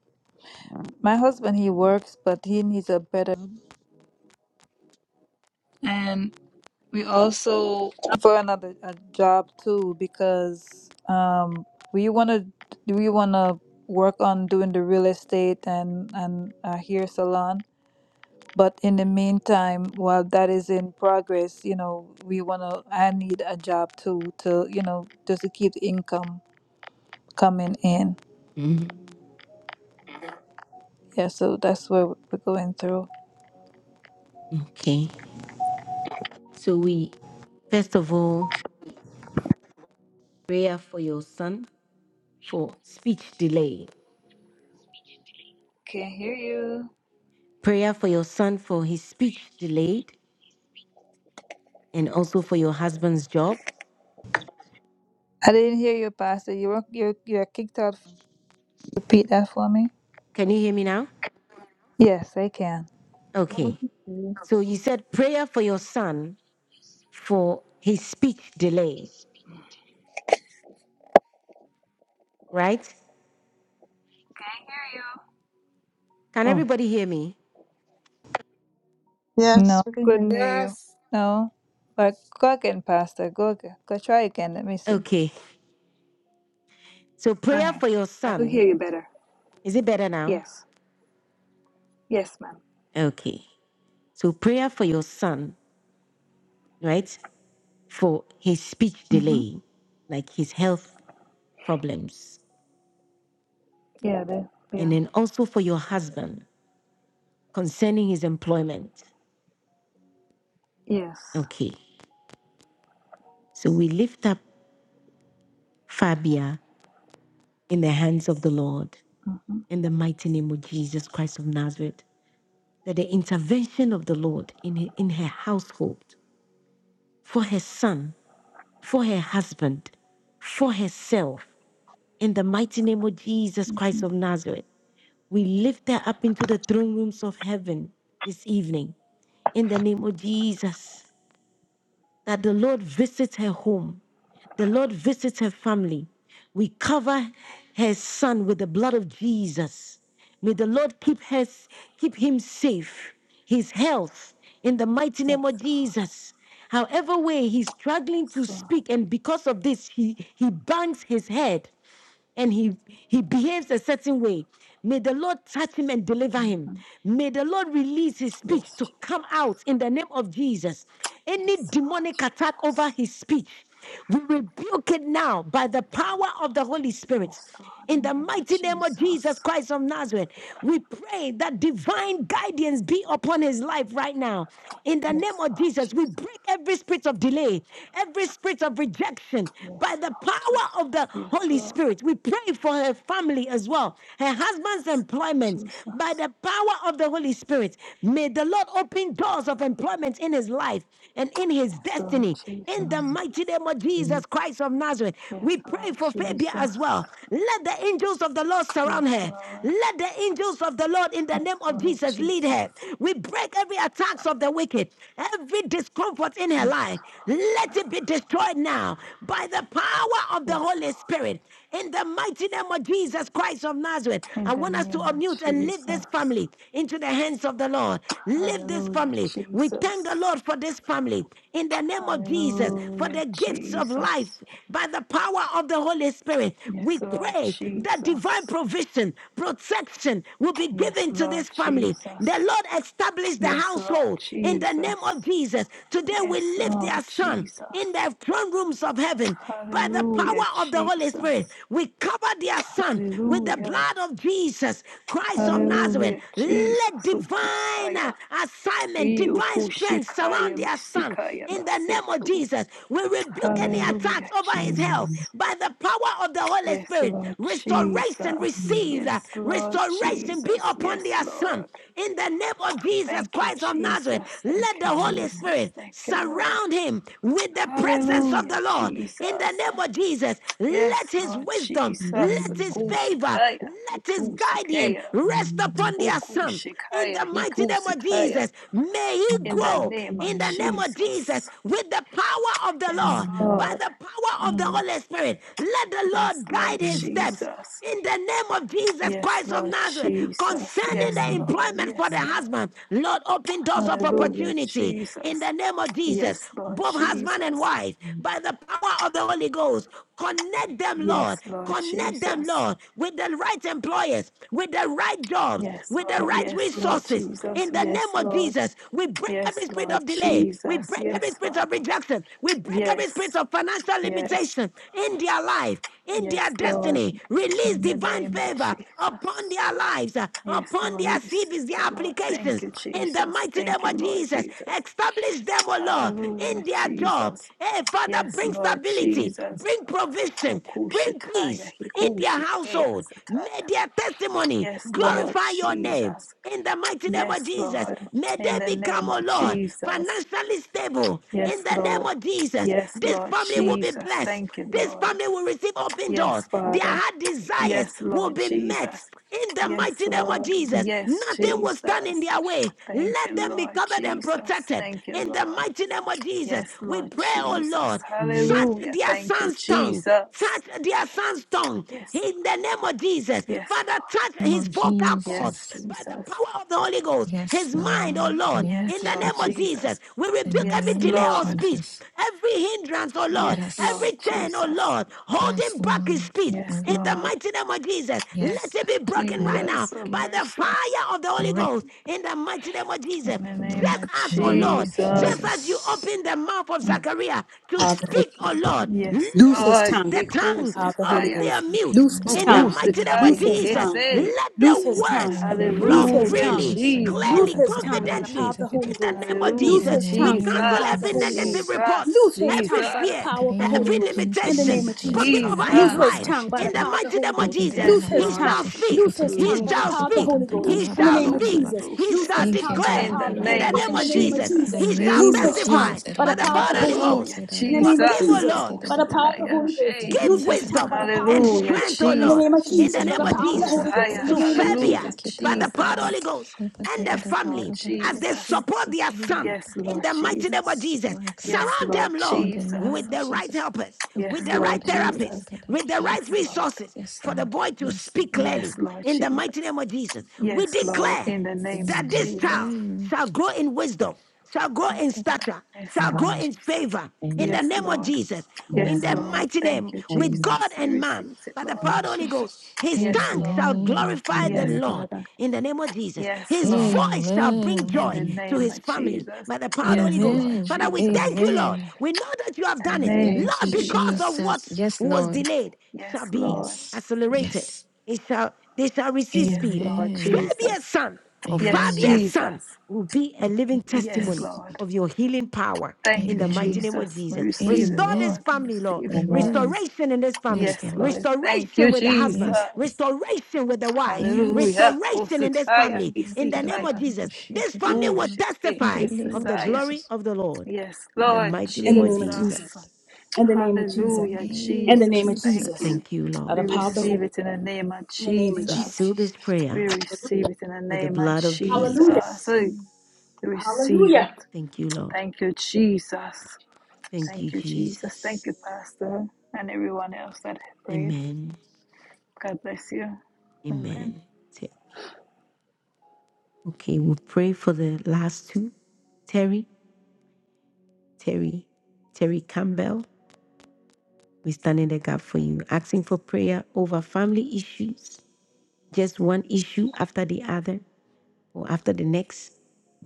[SPEAKER 23] my husband he works, but he needs a better, and we also for another a job too because um, we wanna we wanna work on doing the real estate and and a hair salon. But in the meantime, while that is in progress, you know, we wanna I need a job too to you know just to keep the income coming in.
[SPEAKER 1] Mhm.
[SPEAKER 23] Yeah, so that's what we're going through.
[SPEAKER 1] Okay. So we first of all prayer for your son for speech delay.
[SPEAKER 23] Can't hear you.
[SPEAKER 1] Prayer for your son for his speech delayed and also for your husband's job.
[SPEAKER 23] I didn't hear you, Pastor. You were you you're kicked out. Repeat that for me.
[SPEAKER 1] Can you hear me now?
[SPEAKER 23] Yes, I can.
[SPEAKER 19] What
[SPEAKER 1] Okay.
[SPEAKER 19] is it?
[SPEAKER 1] So you said prayer for your son for his speech delay, right?
[SPEAKER 23] Hear you.
[SPEAKER 1] Can
[SPEAKER 19] Oh,
[SPEAKER 1] everybody hear me?
[SPEAKER 23] No,
[SPEAKER 19] yes, we can hear
[SPEAKER 23] couldn't
[SPEAKER 19] you.
[SPEAKER 23] hear you.
[SPEAKER 11] Yes.
[SPEAKER 23] No, but go again, Pastor. Go again. Go try again. Let me see.
[SPEAKER 1] Okay. So
[SPEAKER 23] Go
[SPEAKER 1] prayer
[SPEAKER 23] ahead.
[SPEAKER 1] for your
[SPEAKER 23] I could
[SPEAKER 1] son.
[SPEAKER 23] hear you better.
[SPEAKER 1] Is it better now?
[SPEAKER 23] Yes. Yes, ma'am.
[SPEAKER 1] Okay. So prayer for your son, right? For his speech
[SPEAKER 23] Mm-hmm.
[SPEAKER 1] delay, like his health problems.
[SPEAKER 23] Yeah, there.
[SPEAKER 1] And
[SPEAKER 23] Yeah.
[SPEAKER 1] then also for your husband concerning his employment.
[SPEAKER 23] Yes.
[SPEAKER 1] Okay. So we lift up Fabia in the hands of the Lord
[SPEAKER 23] Mm-hmm.
[SPEAKER 1] in the mighty name of Jesus Christ of Nazareth. that the intervention of the Lord in, he- in her household, for her son, for her husband, for herself, in the mighty name of Jesus Christ
[SPEAKER 23] Mm-hmm.
[SPEAKER 1] of Nazareth, we lift her up into the throne rooms of heaven this evening. In the name of Jesus, that the Lord visits her home, the Lord visits her family. We cover her son with the blood of Jesus. May the Lord keep her, keep him safe, his health, in the mighty name
[SPEAKER 23] Yes.
[SPEAKER 1] of
[SPEAKER 23] Lord.
[SPEAKER 1] Jesus. However way he's struggling
[SPEAKER 23] Yes,
[SPEAKER 1] to
[SPEAKER 23] Lord.
[SPEAKER 1] speak, and because of this, he, he bangs his head and he he behaves a certain way may the lord touch him and deliver him
[SPEAKER 23] Mhm.
[SPEAKER 1] may the lord release his speech
[SPEAKER 23] Yes,
[SPEAKER 1] to
[SPEAKER 23] Jesus.
[SPEAKER 1] come out in the name of jesus any
[SPEAKER 23] Yes, Lord
[SPEAKER 1] demonic attack
[SPEAKER 23] Jesus.
[SPEAKER 1] over his speech we rebuke it now by the power of the holy spirit
[SPEAKER 23] Yes, Lord,
[SPEAKER 1] in
[SPEAKER 23] in the
[SPEAKER 1] the
[SPEAKER 23] name of
[SPEAKER 1] mighty name of Jesus
[SPEAKER 23] Jesus.
[SPEAKER 1] Christ of Nazareth, we pray that divine guidance be upon his life right now. In the name
[SPEAKER 23] Yes,
[SPEAKER 1] of
[SPEAKER 23] Lord
[SPEAKER 1] Jesus, we
[SPEAKER 23] Jesus.
[SPEAKER 1] break every spirit of delay, every spirit of rejection by
[SPEAKER 23] Yes,
[SPEAKER 1] the
[SPEAKER 23] Lord Jesus.
[SPEAKER 1] power of the
[SPEAKER 23] Yes,
[SPEAKER 1] Holy
[SPEAKER 23] Lord.
[SPEAKER 1] Spirit. We pray for her family as well, her husband's
[SPEAKER 23] Yes, Lord
[SPEAKER 1] employment by
[SPEAKER 23] Jesus.
[SPEAKER 1] the power of the Holy Spirit. May the Lord open doors of employment in his life and in his
[SPEAKER 23] Yes, Lord
[SPEAKER 1] destiny. In the
[SPEAKER 23] Jesus.
[SPEAKER 1] mighty name of
[SPEAKER 19] Amen.
[SPEAKER 1] Jesus Christ of Nazareth,
[SPEAKER 23] Yes,
[SPEAKER 1] we pray
[SPEAKER 23] Lord
[SPEAKER 1] for Fabia
[SPEAKER 23] Jesus.
[SPEAKER 1] as well. Let the angels of the Lord surround
[SPEAKER 23] Yes,
[SPEAKER 1] her.
[SPEAKER 23] Lord.
[SPEAKER 1] Let the angels of the Lord in the name
[SPEAKER 23] Yes,
[SPEAKER 1] of
[SPEAKER 23] Lord
[SPEAKER 1] Jesus lead her.
[SPEAKER 23] Jesus.
[SPEAKER 1] We break every attacks of the wicked, every discomfort in her life.
[SPEAKER 23] Yes, Lord
[SPEAKER 1] Let it be
[SPEAKER 23] Jesus.
[SPEAKER 1] destroyed now by the power of the
[SPEAKER 23] Yes,
[SPEAKER 1] Holy
[SPEAKER 23] Lord.
[SPEAKER 1] Spirit. In the mighty name of Jesus Christ of Nazareth,
[SPEAKER 23] In
[SPEAKER 1] I
[SPEAKER 23] the
[SPEAKER 1] want us to
[SPEAKER 23] name of
[SPEAKER 1] unmute and lift this
[SPEAKER 23] Jesus.
[SPEAKER 1] family into the hands of the Lord. Live this
[SPEAKER 23] Hallelujah,
[SPEAKER 1] family. We thank
[SPEAKER 23] Jesus.
[SPEAKER 1] the Lord for this family in the name of Jesus for
[SPEAKER 23] Hallelujah,
[SPEAKER 1] the gifts of
[SPEAKER 23] Jesus.
[SPEAKER 1] life by the power of the Holy Spirit.
[SPEAKER 23] Yes,
[SPEAKER 1] We
[SPEAKER 23] Lord
[SPEAKER 1] pray that divine
[SPEAKER 23] Jesus.
[SPEAKER 1] provision, protection will be
[SPEAKER 23] Yes,
[SPEAKER 1] given to
[SPEAKER 23] Lord
[SPEAKER 1] this family. The
[SPEAKER 23] Jesus.
[SPEAKER 1] Lord established the
[SPEAKER 23] Yes, Lord
[SPEAKER 1] household in the name of
[SPEAKER 23] Jesus.
[SPEAKER 1] Jesus. Today we
[SPEAKER 23] Yes,
[SPEAKER 1] lift
[SPEAKER 23] Lord
[SPEAKER 1] their son
[SPEAKER 23] Jesus.
[SPEAKER 1] in the throne rooms of heaven by the
[SPEAKER 23] Hallelujah,
[SPEAKER 1] power of the Holy
[SPEAKER 23] Jesus.
[SPEAKER 1] Spirit. We cover their son with the
[SPEAKER 23] Hallelujah.
[SPEAKER 1] blood of Jesus Christ of Nazareth.
[SPEAKER 23] Hallelujah,
[SPEAKER 1] Let
[SPEAKER 23] Jesus.
[SPEAKER 1] divine uh,
[SPEAKER 23] Ukusaya.
[SPEAKER 1] assignment,
[SPEAKER 23] I
[SPEAKER 1] divine strength surround
[SPEAKER 23] ukushikaya
[SPEAKER 1] their son
[SPEAKER 23] besikaya
[SPEAKER 1] in the name of
[SPEAKER 23] basetu.
[SPEAKER 1] Jesus. We rebuke any
[SPEAKER 23] Hallelujah,
[SPEAKER 1] attacks over his health
[SPEAKER 19] Amen. Amen.
[SPEAKER 23] Jesus.
[SPEAKER 1] by the power of the Holy
[SPEAKER 23] Yes,
[SPEAKER 1] Spirit.
[SPEAKER 23] Lord
[SPEAKER 1] Restoration
[SPEAKER 23] Jesus.
[SPEAKER 1] received. uh,
[SPEAKER 23] Yes, Lord
[SPEAKER 1] Restoration be
[SPEAKER 23] Jesus.
[SPEAKER 1] upon
[SPEAKER 23] Yes,
[SPEAKER 1] their son
[SPEAKER 23] Lord.
[SPEAKER 1] in the name of Jesus
[SPEAKER 23] Thank you,
[SPEAKER 1] Christ of Nazareth,
[SPEAKER 23] Jesus. Thank
[SPEAKER 1] let the
[SPEAKER 23] you,
[SPEAKER 19] Amen.
[SPEAKER 1] Holy
[SPEAKER 23] Jesus.
[SPEAKER 1] Spirit
[SPEAKER 23] Thank you, Lord.
[SPEAKER 1] surround him with the presence of
[SPEAKER 23] Hallelujah,
[SPEAKER 1] the Lord. In the
[SPEAKER 23] Jesus.
[SPEAKER 1] name of Jesus,
[SPEAKER 23] Yes,
[SPEAKER 1] let his
[SPEAKER 23] Lord
[SPEAKER 1] wisdom,
[SPEAKER 23] Jesus.
[SPEAKER 1] let his
[SPEAKER 19] Amen.
[SPEAKER 1] favor,
[SPEAKER 23] Kushikaya,
[SPEAKER 1] let his guidance
[SPEAKER 23] Ikusikaya,
[SPEAKER 1] rest
[SPEAKER 19] Amen.
[SPEAKER 1] upon their son. In the
[SPEAKER 23] Ukushikaya,
[SPEAKER 1] mighty name of
[SPEAKER 23] Ikusitaya.
[SPEAKER 1] Jesus, may he
[SPEAKER 19] Amen.
[SPEAKER 23] In the
[SPEAKER 1] grow
[SPEAKER 23] name of
[SPEAKER 1] in the name of Jesus
[SPEAKER 23] Jesus.
[SPEAKER 1] with the power of the
[SPEAKER 23] Yes,
[SPEAKER 1] Lord,
[SPEAKER 19] Amen.
[SPEAKER 1] by
[SPEAKER 23] Lord.
[SPEAKER 1] the power of the
[SPEAKER 23] Mm.
[SPEAKER 1] Holy Spirit. Let the
[SPEAKER 23] Yes,
[SPEAKER 1] Lord
[SPEAKER 23] Lord
[SPEAKER 1] guide his steps.
[SPEAKER 23] Jesus.
[SPEAKER 1] In the name of Jesus
[SPEAKER 23] Yes,
[SPEAKER 1] Christ of
[SPEAKER 23] Lord
[SPEAKER 1] Nazareth,
[SPEAKER 23] Jesus.
[SPEAKER 19] Amen. Amen. Amen.
[SPEAKER 1] Concerning
[SPEAKER 23] Yes,
[SPEAKER 1] the
[SPEAKER 19] Amen.
[SPEAKER 23] Lord.
[SPEAKER 1] employment for the
[SPEAKER 23] Yes, Lord.
[SPEAKER 1] husband, Lord, open doors of
[SPEAKER 23] Hallelujah,
[SPEAKER 1] opportunity in
[SPEAKER 23] Jesus.
[SPEAKER 1] the name of Jesus,
[SPEAKER 23] Yes, Lord
[SPEAKER 1] both husband and
[SPEAKER 23] Jesus.
[SPEAKER 1] wife, by the power of the Holy Ghost. Connect them, Lord.
[SPEAKER 23] Yes, Lord
[SPEAKER 1] Connect them,
[SPEAKER 23] Jesus.
[SPEAKER 1] Lord, with the right employers, with the right jobs,
[SPEAKER 23] Yes,
[SPEAKER 1] with the
[SPEAKER 23] Lord.
[SPEAKER 1] right
[SPEAKER 23] Yes, Lord
[SPEAKER 1] resources. In
[SPEAKER 23] Jesus.
[SPEAKER 1] the
[SPEAKER 23] Yes,
[SPEAKER 1] name of
[SPEAKER 23] Lord.
[SPEAKER 1] Jesus, we break
[SPEAKER 23] Yes,
[SPEAKER 1] every spirit
[SPEAKER 23] Lord
[SPEAKER 1] of delay. We
[SPEAKER 23] Jesus.
[SPEAKER 1] break every
[SPEAKER 23] Yes,
[SPEAKER 1] spirit of
[SPEAKER 23] Father.
[SPEAKER 1] rejection. We break every
[SPEAKER 23] Yes,
[SPEAKER 1] spirit of financial
[SPEAKER 23] yes,
[SPEAKER 1] limitation in their life, in their
[SPEAKER 23] yes, Lord.
[SPEAKER 1] destiny. Release
[SPEAKER 23] In the
[SPEAKER 1] divine Divine
[SPEAKER 23] name of
[SPEAKER 1] favor upon
[SPEAKER 23] Jesus.
[SPEAKER 1] their lives, uh,
[SPEAKER 23] Yes,
[SPEAKER 1] upon
[SPEAKER 23] Lord, we
[SPEAKER 1] their
[SPEAKER 23] receive
[SPEAKER 1] CVs, their
[SPEAKER 23] it, Lord. Thank
[SPEAKER 1] applications.
[SPEAKER 23] you,
[SPEAKER 1] In the
[SPEAKER 23] Jesus.
[SPEAKER 1] mighty
[SPEAKER 23] Thank
[SPEAKER 1] name
[SPEAKER 23] you,
[SPEAKER 1] of
[SPEAKER 23] Lord
[SPEAKER 1] Jesus,
[SPEAKER 23] Jesus.
[SPEAKER 1] establish them, O Lord,
[SPEAKER 23] Hallelujah,
[SPEAKER 1] in their job.
[SPEAKER 23] Jesus.
[SPEAKER 1] Hey, Father,
[SPEAKER 23] Yes,
[SPEAKER 1] bring
[SPEAKER 23] Lord
[SPEAKER 1] stability,
[SPEAKER 23] Jesus.
[SPEAKER 1] bring provision, bring
[SPEAKER 23] Okushitaya,
[SPEAKER 1] peace in their
[SPEAKER 23] hikushikaya,
[SPEAKER 1] household. May
[SPEAKER 23] sataya.
[SPEAKER 1] their testimony
[SPEAKER 23] Yes, Lord
[SPEAKER 1] glorify your name.
[SPEAKER 23] Jesus.
[SPEAKER 1] In the mighty name of
[SPEAKER 23] Yes,
[SPEAKER 1] Jesus,
[SPEAKER 23] Lord.
[SPEAKER 1] may
[SPEAKER 23] In
[SPEAKER 1] they
[SPEAKER 23] the
[SPEAKER 1] become,
[SPEAKER 23] name
[SPEAKER 1] oh
[SPEAKER 23] of
[SPEAKER 1] Lord,
[SPEAKER 23] Jesus.
[SPEAKER 1] financially stable. In
[SPEAKER 23] Yes,
[SPEAKER 1] the name
[SPEAKER 23] Lord.
[SPEAKER 1] of Jesus,
[SPEAKER 23] Yes,
[SPEAKER 1] this
[SPEAKER 23] Lord
[SPEAKER 1] family will be
[SPEAKER 23] Jesus.
[SPEAKER 1] blessed.
[SPEAKER 23] Thank you,
[SPEAKER 1] This
[SPEAKER 23] Lord.
[SPEAKER 1] family will receive open
[SPEAKER 23] Yes,
[SPEAKER 1] doors. Their
[SPEAKER 23] Father.
[SPEAKER 1] heart desires
[SPEAKER 23] Yes,
[SPEAKER 1] will
[SPEAKER 23] Lord
[SPEAKER 1] be
[SPEAKER 23] Jesus.
[SPEAKER 1] met. In the
[SPEAKER 23] Yes,
[SPEAKER 1] mighty name of
[SPEAKER 23] Lord.
[SPEAKER 1] Jesus,
[SPEAKER 23] Yes,
[SPEAKER 1] nothing will stand in
[SPEAKER 23] Jesus.
[SPEAKER 1] their way.
[SPEAKER 23] Thank
[SPEAKER 1] Let
[SPEAKER 23] you,
[SPEAKER 1] them be
[SPEAKER 23] Lord
[SPEAKER 1] covered and
[SPEAKER 23] Jesus.
[SPEAKER 1] protected.
[SPEAKER 23] Thank you,
[SPEAKER 1] In the
[SPEAKER 23] Lord.
[SPEAKER 1] mighty name of Jesus,
[SPEAKER 23] Yes,
[SPEAKER 1] we
[SPEAKER 23] Lord
[SPEAKER 1] pray, oh
[SPEAKER 23] Jesus.
[SPEAKER 1] Lord, Touch
[SPEAKER 23] Hallelujah.
[SPEAKER 1] their
[SPEAKER 23] Thank you,
[SPEAKER 1] son's tongue.
[SPEAKER 23] Jesus.
[SPEAKER 1] Touch their son's tongue
[SPEAKER 23] Yes,
[SPEAKER 1] in the name of Jesus.
[SPEAKER 23] yes,
[SPEAKER 1] Father,
[SPEAKER 23] Lord.
[SPEAKER 1] touch
[SPEAKER 21] name
[SPEAKER 1] his
[SPEAKER 21] of
[SPEAKER 1] vocal
[SPEAKER 23] Yes,
[SPEAKER 1] cords
[SPEAKER 21] Jesus.
[SPEAKER 1] by the
[SPEAKER 23] Jesus.
[SPEAKER 1] power of the Holy Ghost,
[SPEAKER 21] Yes,
[SPEAKER 1] his mind, oh
[SPEAKER 21] Lord. The
[SPEAKER 1] Lord,
[SPEAKER 21] name of
[SPEAKER 1] in
[SPEAKER 23] Yes,
[SPEAKER 1] the
[SPEAKER 23] Lord
[SPEAKER 1] name of
[SPEAKER 21] Jesus.
[SPEAKER 1] Jesus.
[SPEAKER 23] Jesus.
[SPEAKER 1] We
[SPEAKER 21] The
[SPEAKER 1] rebuke
[SPEAKER 23] Yes,
[SPEAKER 1] every
[SPEAKER 21] name
[SPEAKER 1] delay
[SPEAKER 21] of
[SPEAKER 1] of
[SPEAKER 23] Lord.
[SPEAKER 1] speech,
[SPEAKER 21] Jesus.
[SPEAKER 1] every hindrance, oh Lord,
[SPEAKER 23] Yes, Lord
[SPEAKER 21] Yes.
[SPEAKER 1] every chain, oh
[SPEAKER 23] Jesus.
[SPEAKER 1] Lord,
[SPEAKER 21] Yes,
[SPEAKER 1] holding back his
[SPEAKER 21] Lord.
[SPEAKER 1] speech
[SPEAKER 23] Yes,
[SPEAKER 1] in the
[SPEAKER 21] Mhm.
[SPEAKER 23] Lord.
[SPEAKER 1] mighty name of Jesus.
[SPEAKER 23] Yes,
[SPEAKER 1] Let
[SPEAKER 21] Yes.
[SPEAKER 1] it be broken
[SPEAKER 21] We
[SPEAKER 1] right now
[SPEAKER 23] Jesus, have
[SPEAKER 21] rebuke it.
[SPEAKER 1] by the
[SPEAKER 23] mercy.
[SPEAKER 1] fire of the Holy
[SPEAKER 21] Break,
[SPEAKER 1] Ghost in the mighty name of Jesus.
[SPEAKER 23] In the name
[SPEAKER 21] break.
[SPEAKER 1] Just
[SPEAKER 23] of
[SPEAKER 1] as,
[SPEAKER 21] In the
[SPEAKER 1] oh
[SPEAKER 21] name
[SPEAKER 1] Lord,
[SPEAKER 21] of
[SPEAKER 1] just as
[SPEAKER 23] Jesus.
[SPEAKER 1] you
[SPEAKER 21] Jesus.
[SPEAKER 1] opened the mouth of
[SPEAKER 23] Mm.
[SPEAKER 1] Zachariah to speak, oh
[SPEAKER 21] Jesus.
[SPEAKER 1] Lord,
[SPEAKER 23] Yes,
[SPEAKER 21] Yes.
[SPEAKER 8] Loose his
[SPEAKER 23] Lord.
[SPEAKER 1] loose the
[SPEAKER 23] He
[SPEAKER 8] tongue,
[SPEAKER 1] tongue
[SPEAKER 23] calls
[SPEAKER 8] of the
[SPEAKER 1] of
[SPEAKER 8] Holy
[SPEAKER 23] Sataya.
[SPEAKER 1] their
[SPEAKER 8] Ghost.
[SPEAKER 1] mute
[SPEAKER 8] Loose
[SPEAKER 21] In
[SPEAKER 8] his
[SPEAKER 23] Who
[SPEAKER 1] in
[SPEAKER 21] the
[SPEAKER 1] the
[SPEAKER 8] tongue.
[SPEAKER 23] calls
[SPEAKER 1] mighty name of
[SPEAKER 23] Sataya?
[SPEAKER 8] Loose
[SPEAKER 23] He
[SPEAKER 8] his
[SPEAKER 23] can
[SPEAKER 1] Jesus.
[SPEAKER 8] tongue.
[SPEAKER 23] say,
[SPEAKER 1] Let
[SPEAKER 8] Loose
[SPEAKER 1] the
[SPEAKER 8] his tongue.
[SPEAKER 1] words flow
[SPEAKER 8] Loose his
[SPEAKER 23] Hallelujah,
[SPEAKER 8] tongue.
[SPEAKER 1] freely,
[SPEAKER 8] Loose
[SPEAKER 23] Jesus.
[SPEAKER 1] clearly,
[SPEAKER 8] his tongue by the
[SPEAKER 1] confidently
[SPEAKER 8] power of the Holy
[SPEAKER 1] in the
[SPEAKER 8] Ghost.
[SPEAKER 1] name of
[SPEAKER 8] Loose
[SPEAKER 23] Hallelujah,
[SPEAKER 1] Jesus,
[SPEAKER 8] his
[SPEAKER 1] we
[SPEAKER 8] tongue by
[SPEAKER 21] name
[SPEAKER 8] the
[SPEAKER 21] of
[SPEAKER 1] cancel
[SPEAKER 8] power
[SPEAKER 23] Jesus.
[SPEAKER 8] of the
[SPEAKER 1] every
[SPEAKER 8] Holy Ghost.
[SPEAKER 1] negative
[SPEAKER 21] Jesus.
[SPEAKER 23] Jesus,
[SPEAKER 1] report,
[SPEAKER 8] Loose his
[SPEAKER 1] every
[SPEAKER 8] tongue by the
[SPEAKER 1] fear,
[SPEAKER 23] Jesus.
[SPEAKER 8] power
[SPEAKER 21] the
[SPEAKER 8] of the
[SPEAKER 21] name
[SPEAKER 8] Holy
[SPEAKER 1] every
[SPEAKER 21] of
[SPEAKER 8] Ghost. In the
[SPEAKER 1] limitation
[SPEAKER 8] name
[SPEAKER 23] Mm,
[SPEAKER 21] Jesus.
[SPEAKER 8] of
[SPEAKER 21] Yes, I
[SPEAKER 1] spoken
[SPEAKER 8] Jesus.
[SPEAKER 1] over
[SPEAKER 21] yada da
[SPEAKER 1] his
[SPEAKER 8] Loose
[SPEAKER 21] da
[SPEAKER 23] Jesus.
[SPEAKER 21] da
[SPEAKER 8] his
[SPEAKER 1] life.
[SPEAKER 21] ba shi
[SPEAKER 8] tongue by
[SPEAKER 21] ta
[SPEAKER 8] the
[SPEAKER 1] In
[SPEAKER 21] ke.
[SPEAKER 1] the
[SPEAKER 8] power of the
[SPEAKER 1] mighty
[SPEAKER 8] Holy
[SPEAKER 1] name of
[SPEAKER 8] Ghost.
[SPEAKER 21] Ikin ta
[SPEAKER 1] Jesus,
[SPEAKER 21] da
[SPEAKER 23] Yes,
[SPEAKER 8] Loose
[SPEAKER 21] la ba
[SPEAKER 8] his
[SPEAKER 1] he
[SPEAKER 21] da
[SPEAKER 23] Lord
[SPEAKER 21] da
[SPEAKER 1] shall
[SPEAKER 8] tongue.
[SPEAKER 21] bo shi
[SPEAKER 1] speak.
[SPEAKER 21] ke
[SPEAKER 8] Loose
[SPEAKER 23] Jesus.
[SPEAKER 21] te
[SPEAKER 8] his
[SPEAKER 21] ke
[SPEAKER 1] He
[SPEAKER 8] tongue
[SPEAKER 21] ye
[SPEAKER 8] by
[SPEAKER 23] Loose
[SPEAKER 8] the
[SPEAKER 21] te
[SPEAKER 1] shall
[SPEAKER 23] it,
[SPEAKER 21] ke
[SPEAKER 8] power of
[SPEAKER 21] ta
[SPEAKER 8] the
[SPEAKER 23] Lord.
[SPEAKER 1] speak.
[SPEAKER 21] ta
[SPEAKER 8] Holy
[SPEAKER 21] ta ta
[SPEAKER 8] Ghost.
[SPEAKER 23] loose
[SPEAKER 1] He
[SPEAKER 21] ba da
[SPEAKER 8] In the
[SPEAKER 21] da
[SPEAKER 23] it,
[SPEAKER 1] shall
[SPEAKER 21] ba
[SPEAKER 8] name
[SPEAKER 21] da
[SPEAKER 8] of
[SPEAKER 21] ba
[SPEAKER 23] loose
[SPEAKER 21] da
[SPEAKER 1] speak.
[SPEAKER 21] ba.
[SPEAKER 23] it,
[SPEAKER 8] Jesus.
[SPEAKER 23] loose
[SPEAKER 1] He
[SPEAKER 23] it.
[SPEAKER 8] Loose
[SPEAKER 1] shall
[SPEAKER 8] his tongue
[SPEAKER 21] Ikin ta
[SPEAKER 8] by
[SPEAKER 21] da
[SPEAKER 8] the
[SPEAKER 1] declare.
[SPEAKER 23] In
[SPEAKER 21] da
[SPEAKER 8] power
[SPEAKER 23] the
[SPEAKER 21] ba
[SPEAKER 8] of the
[SPEAKER 21] da
[SPEAKER 1] In
[SPEAKER 21] da
[SPEAKER 8] Holy
[SPEAKER 1] the
[SPEAKER 21] bo
[SPEAKER 23] name
[SPEAKER 8] Ghost.
[SPEAKER 21] shi.
[SPEAKER 8] In
[SPEAKER 23] of
[SPEAKER 1] name
[SPEAKER 8] the
[SPEAKER 1] of
[SPEAKER 8] name of
[SPEAKER 1] Jesus,
[SPEAKER 23] Jesus.
[SPEAKER 21] The
[SPEAKER 8] Jesus.
[SPEAKER 1] he
[SPEAKER 23] Yes,
[SPEAKER 1] shall
[SPEAKER 21] name
[SPEAKER 8] Loose
[SPEAKER 21] of
[SPEAKER 8] his
[SPEAKER 23] Lord.
[SPEAKER 1] testify
[SPEAKER 21] Jesus.
[SPEAKER 8] tongue
[SPEAKER 21] Eh,
[SPEAKER 8] by
[SPEAKER 1] by
[SPEAKER 21] ra
[SPEAKER 8] the
[SPEAKER 1] the power
[SPEAKER 21] ba
[SPEAKER 1] of the
[SPEAKER 8] power
[SPEAKER 21] ba
[SPEAKER 8] of the
[SPEAKER 21] bo
[SPEAKER 1] Holy
[SPEAKER 8] Holy
[SPEAKER 21] shi
[SPEAKER 1] Ghost.
[SPEAKER 8] Ghost.
[SPEAKER 23] Hallelujah,
[SPEAKER 21] ke ra
[SPEAKER 8] In
[SPEAKER 21] de
[SPEAKER 8] the
[SPEAKER 21] de bo
[SPEAKER 8] name of
[SPEAKER 23] Jesus.
[SPEAKER 1] Forgive, O
[SPEAKER 23] Who
[SPEAKER 8] Jesus.
[SPEAKER 1] Lord.
[SPEAKER 21] da
[SPEAKER 8] By
[SPEAKER 23] calls
[SPEAKER 21] da
[SPEAKER 8] the
[SPEAKER 21] ba da
[SPEAKER 8] power of
[SPEAKER 21] da
[SPEAKER 8] the
[SPEAKER 21] bo
[SPEAKER 23] Sataya?
[SPEAKER 8] Holy
[SPEAKER 21] shi
[SPEAKER 8] Ghost.
[SPEAKER 21] te
[SPEAKER 23] Hey.
[SPEAKER 21] yen
[SPEAKER 1] Give
[SPEAKER 21] ta
[SPEAKER 8] Luther's
[SPEAKER 21] ta ta
[SPEAKER 8] tongue by
[SPEAKER 1] wisdom
[SPEAKER 21] ra
[SPEAKER 8] the
[SPEAKER 21] ba
[SPEAKER 8] power
[SPEAKER 21] da
[SPEAKER 8] of
[SPEAKER 1] and
[SPEAKER 8] the
[SPEAKER 21] ba.
[SPEAKER 8] Holy
[SPEAKER 23] Hallelujah,
[SPEAKER 8] Ghost.
[SPEAKER 1] strength, O
[SPEAKER 8] In the
[SPEAKER 1] Lord,
[SPEAKER 8] name of
[SPEAKER 23] Jesus.
[SPEAKER 1] in the
[SPEAKER 8] Jesus,
[SPEAKER 21] Jesus,
[SPEAKER 8] by
[SPEAKER 21] I
[SPEAKER 1] name
[SPEAKER 8] the
[SPEAKER 1] of
[SPEAKER 21] ye
[SPEAKER 8] power
[SPEAKER 21] ba
[SPEAKER 8] of the
[SPEAKER 1] Jesus,
[SPEAKER 21] ra
[SPEAKER 8] Holy
[SPEAKER 21] ba ba
[SPEAKER 8] Ghost. In
[SPEAKER 23] Kusaya,
[SPEAKER 8] the
[SPEAKER 21] bo
[SPEAKER 1] to
[SPEAKER 8] name of
[SPEAKER 21] shi ke
[SPEAKER 8] Jesus.
[SPEAKER 1] Fabia
[SPEAKER 21] te
[SPEAKER 23] hallelujah,
[SPEAKER 21] ke ta
[SPEAKER 1] by
[SPEAKER 21] ra
[SPEAKER 1] the
[SPEAKER 21] ba
[SPEAKER 1] power
[SPEAKER 21] da
[SPEAKER 1] of the
[SPEAKER 21] ba.
[SPEAKER 1] Holy
[SPEAKER 23] Jesus.
[SPEAKER 1] Ghost
[SPEAKER 21] Ya ba
[SPEAKER 1] and
[SPEAKER 21] da
[SPEAKER 1] their
[SPEAKER 21] da
[SPEAKER 23] Yes,
[SPEAKER 21] ba da
[SPEAKER 23] Lord
[SPEAKER 1] family
[SPEAKER 21] ba da
[SPEAKER 1] as
[SPEAKER 21] bo
[SPEAKER 1] they
[SPEAKER 23] Jesus.
[SPEAKER 21] shi
[SPEAKER 1] support
[SPEAKER 21] se
[SPEAKER 1] their son
[SPEAKER 23] Yes,
[SPEAKER 1] in
[SPEAKER 23] Lord
[SPEAKER 1] the mighty name of
[SPEAKER 23] Jesus.
[SPEAKER 21] Yes,
[SPEAKER 1] Jesus.
[SPEAKER 21] my
[SPEAKER 23] Yes,
[SPEAKER 21] God.
[SPEAKER 1] Surround
[SPEAKER 23] Lord
[SPEAKER 1] them, Lord,
[SPEAKER 21] In the name
[SPEAKER 23] Jesus.
[SPEAKER 1] with
[SPEAKER 21] of
[SPEAKER 1] the right
[SPEAKER 21] Jesus.
[SPEAKER 1] helpers,
[SPEAKER 21] we
[SPEAKER 23] Yes,
[SPEAKER 1] with
[SPEAKER 21] come
[SPEAKER 1] the
[SPEAKER 21] da- da-
[SPEAKER 23] Lord
[SPEAKER 1] right
[SPEAKER 21] da- da- da-
[SPEAKER 23] Jesus.
[SPEAKER 1] therapists,
[SPEAKER 21] da- da- da-
[SPEAKER 1] with the
[SPEAKER 23] Yes,
[SPEAKER 21] shit.
[SPEAKER 1] right
[SPEAKER 23] Lord.
[SPEAKER 1] resources
[SPEAKER 21] Yes,
[SPEAKER 1] for the
[SPEAKER 21] Lord.
[SPEAKER 1] boy to
[SPEAKER 21] Yes, Lord.
[SPEAKER 1] speak
[SPEAKER 21] Da- da-
[SPEAKER 23] Yes,
[SPEAKER 1] clearly
[SPEAKER 21] da.
[SPEAKER 23] Lord
[SPEAKER 1] in the mighty
[SPEAKER 23] Jesus.
[SPEAKER 1] name of Jesus. We
[SPEAKER 23] Yes,
[SPEAKER 21] Yes.
[SPEAKER 23] Lord,
[SPEAKER 1] declare
[SPEAKER 23] in the name of
[SPEAKER 1] that
[SPEAKER 19] Amen. Amen. Amen. Amen.
[SPEAKER 1] this child
[SPEAKER 23] Jesus.
[SPEAKER 21] Amen.
[SPEAKER 1] shall grow in wisdom shall grow
[SPEAKER 21] Da-
[SPEAKER 1] in
[SPEAKER 21] da- da- da.
[SPEAKER 1] stature,
[SPEAKER 23] Yes,
[SPEAKER 1] shall grow
[SPEAKER 23] Lord
[SPEAKER 1] in
[SPEAKER 23] Jesus.
[SPEAKER 1] favor in the
[SPEAKER 23] Yes,
[SPEAKER 1] name of
[SPEAKER 23] Lord.
[SPEAKER 1] Jesus,
[SPEAKER 21] Yeah,
[SPEAKER 1] in
[SPEAKER 23] Yes,
[SPEAKER 1] the
[SPEAKER 23] Lord.
[SPEAKER 1] mighty
[SPEAKER 23] Thank
[SPEAKER 1] name,
[SPEAKER 23] you,
[SPEAKER 1] with God
[SPEAKER 23] Jesus. He
[SPEAKER 1] and man,
[SPEAKER 23] receives it,
[SPEAKER 1] by the
[SPEAKER 23] Lord.
[SPEAKER 1] power of the Holy Ghost.
[SPEAKER 21] Jesus.
[SPEAKER 1] His
[SPEAKER 23] Yes,
[SPEAKER 1] tongue shall
[SPEAKER 23] Lord.
[SPEAKER 21] Amen.
[SPEAKER 1] glorify the
[SPEAKER 23] Yes,
[SPEAKER 1] Lord
[SPEAKER 23] Father.
[SPEAKER 1] in the name of Jesus.
[SPEAKER 23] Yes,
[SPEAKER 1] His
[SPEAKER 23] Lord.
[SPEAKER 1] voice shall bring
[SPEAKER 21] Amen.
[SPEAKER 23] In
[SPEAKER 1] joy
[SPEAKER 23] the
[SPEAKER 1] to
[SPEAKER 23] name
[SPEAKER 1] his
[SPEAKER 23] of
[SPEAKER 1] family
[SPEAKER 23] Jesus.
[SPEAKER 1] by the power of the Holy
[SPEAKER 23] Yes,
[SPEAKER 1] Ghost.
[SPEAKER 23] Lord
[SPEAKER 21] Amen.
[SPEAKER 1] Father, we thank
[SPEAKER 23] Jesus.
[SPEAKER 1] you, Lord.
[SPEAKER 21] Amen.
[SPEAKER 1] We know that you have
[SPEAKER 23] In
[SPEAKER 1] done
[SPEAKER 23] the
[SPEAKER 1] it.
[SPEAKER 23] name of
[SPEAKER 21] Thank
[SPEAKER 1] Lord,
[SPEAKER 21] you,
[SPEAKER 1] because
[SPEAKER 23] Jesus.
[SPEAKER 1] of
[SPEAKER 21] Jesus.
[SPEAKER 1] what
[SPEAKER 21] Yes,
[SPEAKER 1] was
[SPEAKER 21] Lord.
[SPEAKER 1] delayed
[SPEAKER 23] Yes,
[SPEAKER 1] shall be
[SPEAKER 23] Lord.
[SPEAKER 21] Yes.
[SPEAKER 1] accelerated.
[SPEAKER 21] Yes.
[SPEAKER 1] It shall, they shall receive
[SPEAKER 23] Yes,
[SPEAKER 1] speed.
[SPEAKER 23] Lord
[SPEAKER 21] Amen.
[SPEAKER 1] Fabius
[SPEAKER 23] Jesus.
[SPEAKER 1] son, or
[SPEAKER 23] Yes,
[SPEAKER 21] Amen.
[SPEAKER 1] Fabius son,
[SPEAKER 23] Jesus.
[SPEAKER 1] will be a living
[SPEAKER 23] Yes,
[SPEAKER 1] testimony
[SPEAKER 21] Yes,
[SPEAKER 23] Lord.
[SPEAKER 21] Lord.
[SPEAKER 1] of your healing power
[SPEAKER 23] Thank
[SPEAKER 1] in
[SPEAKER 23] you,
[SPEAKER 1] the mighty
[SPEAKER 21] Amen.
[SPEAKER 1] name of
[SPEAKER 23] Jesus. We
[SPEAKER 1] Jesus.
[SPEAKER 23] receive it,
[SPEAKER 1] Restore this
[SPEAKER 21] Amen.
[SPEAKER 23] Lord. We
[SPEAKER 1] family, Lord.
[SPEAKER 23] receive it, God.
[SPEAKER 21] Amen.
[SPEAKER 23] receive-
[SPEAKER 1] Restoration in this family.
[SPEAKER 21] Yes,
[SPEAKER 23] Yes,
[SPEAKER 21] Lord.
[SPEAKER 23] Lord. Thank
[SPEAKER 1] Restoration
[SPEAKER 23] you,
[SPEAKER 1] with the husband.
[SPEAKER 21] Yes,
[SPEAKER 23] Jesus.
[SPEAKER 1] Restoration with the wife.
[SPEAKER 21] Yes.
[SPEAKER 23] Hallelujah.
[SPEAKER 1] Restoration in this
[SPEAKER 23] Kosataya
[SPEAKER 1] family. In the name of
[SPEAKER 23] hisikaya.
[SPEAKER 1] Jesus. This family
[SPEAKER 23] Ooh,
[SPEAKER 1] will
[SPEAKER 23] shit.
[SPEAKER 21] In
[SPEAKER 1] testify
[SPEAKER 21] the name
[SPEAKER 1] of
[SPEAKER 21] of
[SPEAKER 1] the glory
[SPEAKER 21] Jesus.
[SPEAKER 1] of the Lord.
[SPEAKER 23] Yes,
[SPEAKER 1] In the
[SPEAKER 23] Lord
[SPEAKER 1] mighty
[SPEAKER 8] In
[SPEAKER 1] name
[SPEAKER 8] the
[SPEAKER 1] of
[SPEAKER 8] name
[SPEAKER 23] Jesus.
[SPEAKER 1] Jesus.
[SPEAKER 8] of
[SPEAKER 21] The
[SPEAKER 8] Jesus.
[SPEAKER 23] Hallelujah,
[SPEAKER 21] name
[SPEAKER 8] And then
[SPEAKER 21] of
[SPEAKER 23] Jesus.
[SPEAKER 8] Jesus.
[SPEAKER 23] Thank
[SPEAKER 21] Jesus.
[SPEAKER 23] you.
[SPEAKER 1] Thank you,
[SPEAKER 23] We
[SPEAKER 1] Lord.
[SPEAKER 21] Yes.
[SPEAKER 23] receive it in the name of
[SPEAKER 1] We
[SPEAKER 21] Thank you,
[SPEAKER 23] Jesus.
[SPEAKER 1] seal this
[SPEAKER 21] Jesus.
[SPEAKER 23] We
[SPEAKER 1] prayer
[SPEAKER 23] receive it in the
[SPEAKER 1] with the
[SPEAKER 23] name of
[SPEAKER 1] blood of
[SPEAKER 23] Jesus. Hey,
[SPEAKER 21] Mm.
[SPEAKER 1] Jesus.
[SPEAKER 23] We receive it.
[SPEAKER 1] Thank you, Lord.
[SPEAKER 23] Thank you, Jesus.
[SPEAKER 1] Thank you,
[SPEAKER 23] Thank you, Jesus.
[SPEAKER 1] Jesus.
[SPEAKER 23] Thank you, Pastor, and everyone else that prayed.
[SPEAKER 1] Amen.
[SPEAKER 23] God bless you. Amen.
[SPEAKER 1] Amen. Okay, we'll pray for the last two. Terry, Terry, Terry Campbell, we stand in the gap for you, asking for prayer over family issues. Just one issue after the other or after the next.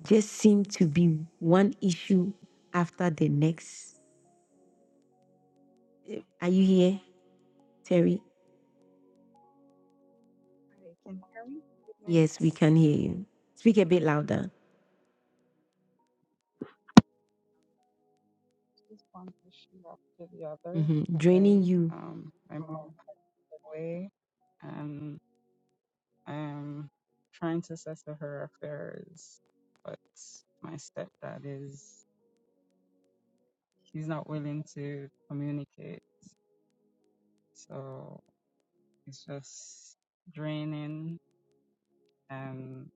[SPEAKER 1] Just seem to be one issue after the next. Eh, Are you here, Terry?
[SPEAKER 31] Hi, can you hear me? Good night.
[SPEAKER 1] Yes, we can hear you. Speak a bit louder.
[SPEAKER 31] Just one issue after the other.
[SPEAKER 1] hmm Draining
[SPEAKER 31] Like,
[SPEAKER 1] you.
[SPEAKER 31] um, my mom passed away, and I am trying to settle her affairs, but my stepdad is, he's not willing to communicate. So it's just draining, and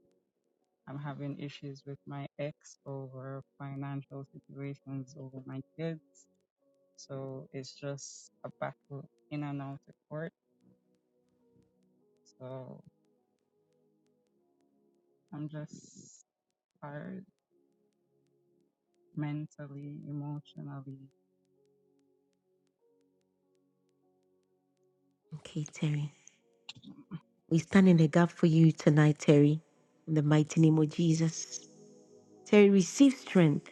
[SPEAKER 31] I'm having issues with my ex over financial situations over my kids. So it's just a battle in and out of court. So I'm just tired mentally, emotionally.
[SPEAKER 1] Okay, Terry. We stand in the gap for you tonight, Terry. In the mighty name of Jesus. Terry, receive strength.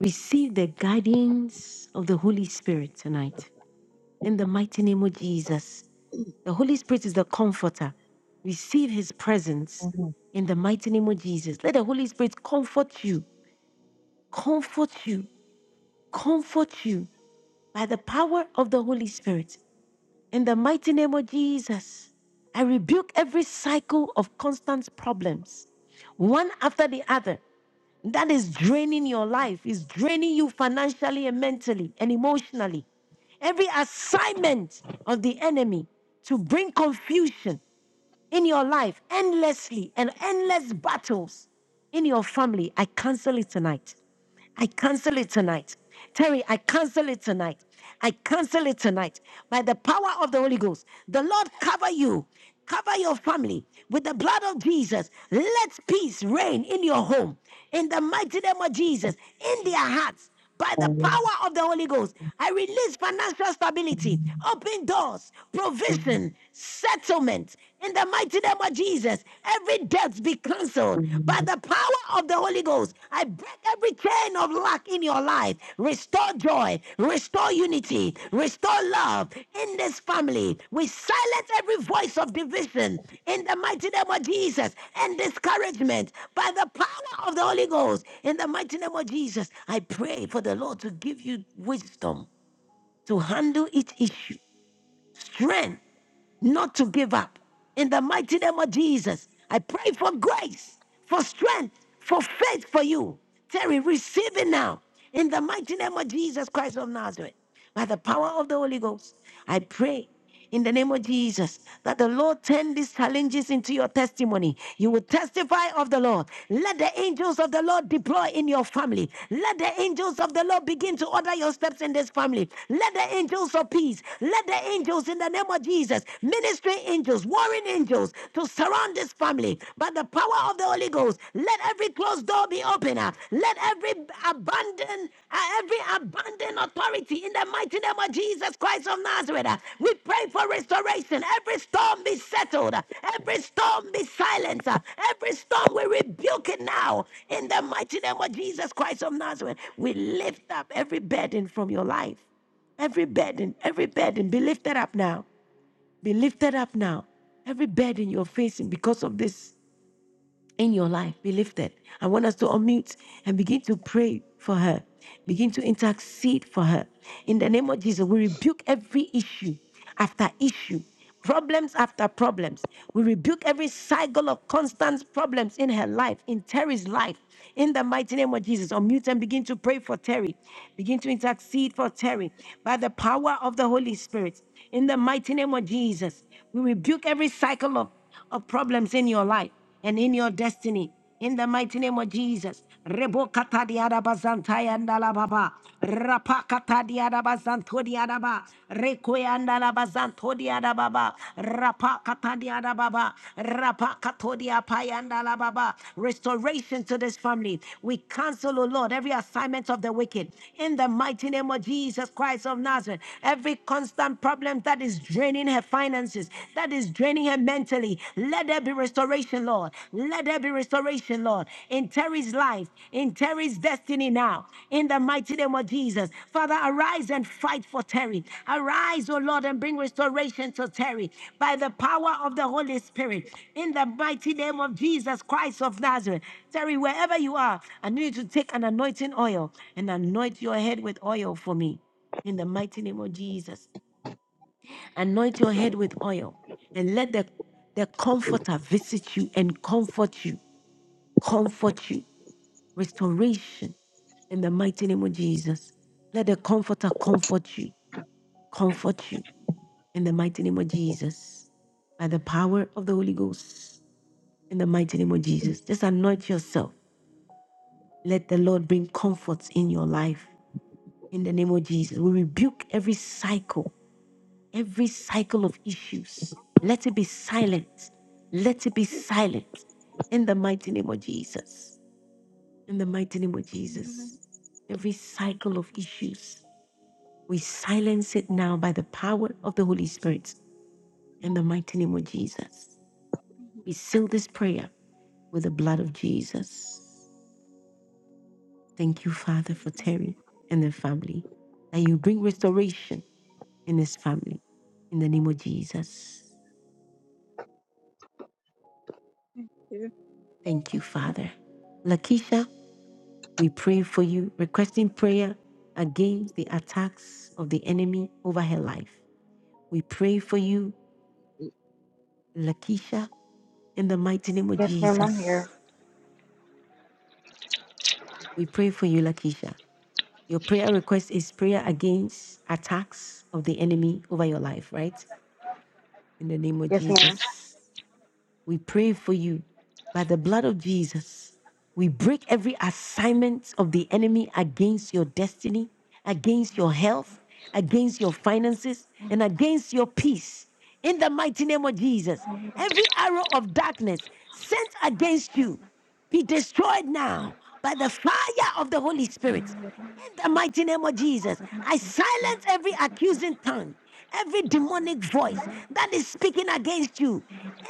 [SPEAKER 1] Receive the guidance of the Holy Spirit tonight. In the mighty name of Jesus. The Holy Spirit is the comforter. Receive his presence in the mighty name of Jesus. Let the Holy Spirit comfort you, comfort you, comfort you by the power of the Holy Spirit. In the mighty name of Jesus, I rebuke every cycle of constant problems, one after the other. that is draining your life, It's draining you financially and mentally and emotionally. Every assignment of the enemy to bring confusion in your life endlessly and endless battles in your family, I cancel it tonight. I cancel it tonight. Terry, I cancel it tonight. I cancel it tonight by the power of the Holy Ghost. The Lord cover you, cover your family with the blood of Jesus. Let peace reign in your home in the mighty name of Jesus, in their hearts by the power of the Holy Ghost, I release financial stability, open doors,
[SPEAKER 19] Amen. Amen. Amen.
[SPEAKER 1] provision, settlement. In the mighty name of Jesus, every debt be
[SPEAKER 19] Amen.
[SPEAKER 1] cancelled. By
[SPEAKER 19] Amen.
[SPEAKER 1] the power of the Holy Ghost, I break every chain of lack in your life. Restore joy, restore unity, restore love in this family. We silence every voice of division in the mighty name of Jesus and discouragement by the power of the Holy Ghost. In the mighty name of Jesus, I pray for the Lord to give you wisdom to handle each issue, strength not to give up. In the mighty name of Jesus, I pray for grace, for strength, for faith for you. Terry, receive it now. In the mighty name of Jesus Christ of Nazareth, by the power of the Holy Ghost, I pray in the name of Jesus that the Lord turn these challenges into your testimony. You will testify of the Lord. Let the angels of the Lord deploy in your family. Let the angels of the Lord begin to order your steps in this family. Let the angels of peace, let let the angels in the name of Jesus, ministry angels, warring angels, to surround this family by the power of the Holy Ghost. Let every closed door be open. uh, Let every abandoned, uh, every abandoned authority in the mighty name of Jesus Christ of Nazareth. uh, We pray for restoration. Every storm be settled. uh, Every storm be silenced. uh, Every storm we rebuke it now. In the mighty name of Jesus Christ of Nazareth, we lift up every burden from your life. Every burden, every burden, be lifted up now. Be lifted up now. Every burden you're facing because of this in your life be lifted. I want us to unmute and begin to pray for her, begin to intercede for her. In the name of Jesus, we rebuke every issue after issue, problems after problems. We rebuke every cycle of constant problems in her life, in Terry's life. In the mighty name of Jesus, unmute and begin to pray for Terry. Begin to intercede for Terry by the power of the Holy Spirit. In the mighty name of Jesus, we rebuke every cycle of of problems in your life and in your destiny. In the mighty name of Jesus. Rebo kata diada bazantai andala baba. Rapa kata diada bazanto diada ba. Reko andala bazanto diada baba. Rapa kata diada baba. Rapa kato dia pai andala baba. Restoration to this family. We cancel, O Lord, every assignment of the wicked in the mighty name of Jesus Christ of Nazareth. Every constant problem that is draining her finances, that is draining her mentally, let there be restoration, Lord. Let there be restoration, Lord, in Terry's life, in Terry's destiny now, in the mighty name of Jesus. Father, arise and fight for Terry. Arise, O Lord, and bring restoration to Terry by the power of the Holy Spirit, in the mighty name of Jesus Christ of Nazareth. Terry, wherever you are, I need you to take an anointing oil and anoint your head with oil for me in the mighty name of Jesus. Anoint your head with oil and let the, the comforter visit you and comfort you, comfort you. Restoration in the mighty name of Jesus. Let the comforter comfort you, comfort you in the mighty name of Jesus. By the power of the Holy Ghost, in the mighty name of Jesus. Just anoint yourself. Let the Lord bring comfort in your life. In the name of Jesus, we rebuke every cycle Every cycle of issues, let it be silent. Let it be silent. In the mighty name of Jesus. In the mighty name of Jesus. Every cycle of issues, we silence it now by the power of the Holy Spirit. In the mighty name of Jesus. We seal this prayer with the blood of Jesus. Thank you, Father, for Terry and the family. That you bring restoration in his family. In the name of Jesus.
[SPEAKER 31] Yeah.
[SPEAKER 1] Thank you, Father. Lakisha, We pray for you, requesting prayer against the attacks of the enemy over her life. We pray for you, Lakeisha, in the mighty name of
[SPEAKER 30] Yes, ma'am, I'm
[SPEAKER 1] Jesus.
[SPEAKER 30] here.
[SPEAKER 1] We pray for you, Lakeisha. Your prayer request is prayer against attacks of the enemy over your life, right? In the name of
[SPEAKER 30] Yes,
[SPEAKER 1] Jesus. We pray for you by the blood of Jesus. We break every assignment of the enemy against your destiny, against your health, against your finances, and against your peace. In the mighty name of Jesus, every arrow of darkness sent against you be destroyed now by the fire of the Holy Spirit. In the
[SPEAKER 30] ma'am.
[SPEAKER 1] mighty name of Jesus, I silence every accusing tongue, every demonic voice that is speaking against you.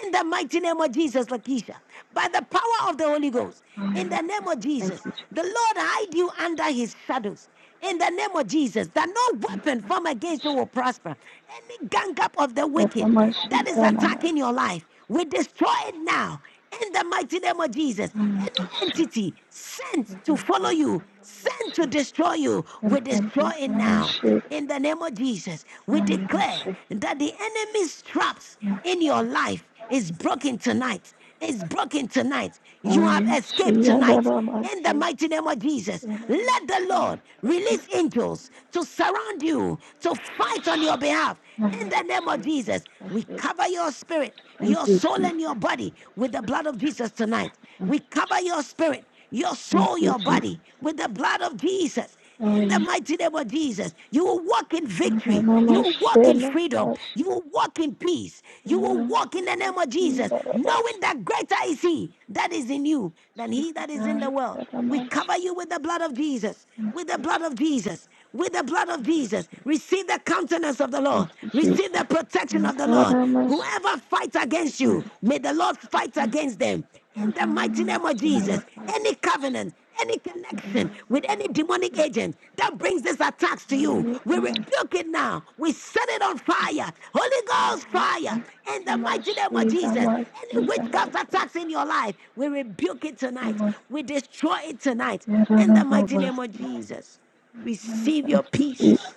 [SPEAKER 1] In the mighty name of Jesus, Lakeisha, by the power of the Holy Ghost.
[SPEAKER 30] Thank you,
[SPEAKER 1] In the
[SPEAKER 30] Jesus.
[SPEAKER 1] name of
[SPEAKER 30] Thank
[SPEAKER 1] Jesus,
[SPEAKER 30] you. Thank
[SPEAKER 1] the Lord hide you under his shadows. In the name of Jesus, that no weapon formed against you will prosper. Any gang up of the wicked that is attacking your life, we destroy it now. In the mighty name of Jesus, any entity sent to follow you, sent to destroy you, we destroy it now. In the name of Jesus, we declare that the enemy's traps in your life is broken tonight. It's broken tonight. You have escaped tonight. In the mighty name of Jesus, let the Lord release angels to surround you, to fight on your behalf in the name of Jesus, we cover your spirit, your soul, and your body with the blood of Jesus tonight. We cover your spirit, your soul,
[SPEAKER 30] you,
[SPEAKER 1] your
[SPEAKER 30] Jesus.
[SPEAKER 1] body with the blood of Jesus.
[SPEAKER 30] Oh,
[SPEAKER 1] In the
[SPEAKER 30] yes.
[SPEAKER 1] mighty name of Jesus, you will walk in victory.
[SPEAKER 30] Mama
[SPEAKER 1] You will walk in
[SPEAKER 30] Shela
[SPEAKER 1] freedom. You
[SPEAKER 30] Rashi.
[SPEAKER 1] will walk in peace. You will
[SPEAKER 30] Mama,
[SPEAKER 1] walk in the
[SPEAKER 30] Rashi,
[SPEAKER 1] name of Jesus,
[SPEAKER 30] Mama,
[SPEAKER 1] knowing
[SPEAKER 30] Rashi,
[SPEAKER 1] that greater is He that is in you than He
[SPEAKER 30] Jesus,
[SPEAKER 1] that is in
[SPEAKER 30] Mama,
[SPEAKER 1] the world. We
[SPEAKER 30] Rashi.
[SPEAKER 1] cover you with the blood of Jesus, with the
[SPEAKER 30] Thank
[SPEAKER 1] blood of Jesus with the blood
[SPEAKER 30] you,
[SPEAKER 1] of Jesus.
[SPEAKER 30] Jesus.
[SPEAKER 1] Receive the countenance of the
[SPEAKER 30] Thank
[SPEAKER 1] Lord.
[SPEAKER 30] you, Jesus.
[SPEAKER 1] Receive the protection
[SPEAKER 30] my
[SPEAKER 1] of the Lord.
[SPEAKER 30] Adoramos,
[SPEAKER 1] Whoever fights against you, may the Lord fight against them in the mighty
[SPEAKER 30] adoramos,
[SPEAKER 1] name of
[SPEAKER 30] Senhor,
[SPEAKER 1] Jesus, any covenant, any connection with any
[SPEAKER 30] adoramos.
[SPEAKER 1] demonic agent that brings these attacks to you, we rebuke it now. We set it on fire. Holy Ghost fire in the mighty name of Jesus. Any witchcraft attacks in your life, we rebuke it tonight. We destroy it tonight in the mighty name of Jesus. Receive your
[SPEAKER 30] Thank you, Jesus.
[SPEAKER 1] peace.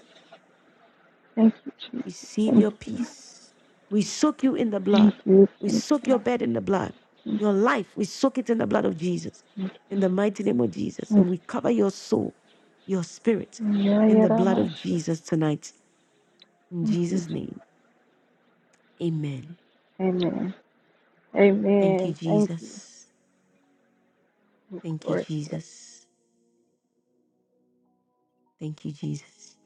[SPEAKER 30] Thank you, Jesus. Thank you.
[SPEAKER 1] Receive
[SPEAKER 30] Thank
[SPEAKER 1] your
[SPEAKER 30] you.
[SPEAKER 1] peace. We soak you in the
[SPEAKER 30] Thank you.
[SPEAKER 1] blood.
[SPEAKER 30] Thank you. Thank you.
[SPEAKER 1] We soak your bed in the blood. Your life, we soak it in the blood of Jesus,
[SPEAKER 30] Thank
[SPEAKER 1] in the mighty name of Jesus. And we cover your soul, your spirit, in the blood
[SPEAKER 30] you.
[SPEAKER 1] of
[SPEAKER 30] Thank
[SPEAKER 1] Jesus tonight. In
[SPEAKER 30] you.
[SPEAKER 1] Jesus' name, amen.
[SPEAKER 30] Amen.
[SPEAKER 1] Thank you,
[SPEAKER 30] Amen. Thank you.
[SPEAKER 1] Jesus.
[SPEAKER 30] Of
[SPEAKER 1] Thank you,
[SPEAKER 30] course. yeah.
[SPEAKER 1] Jesus. Thank you, Jesus.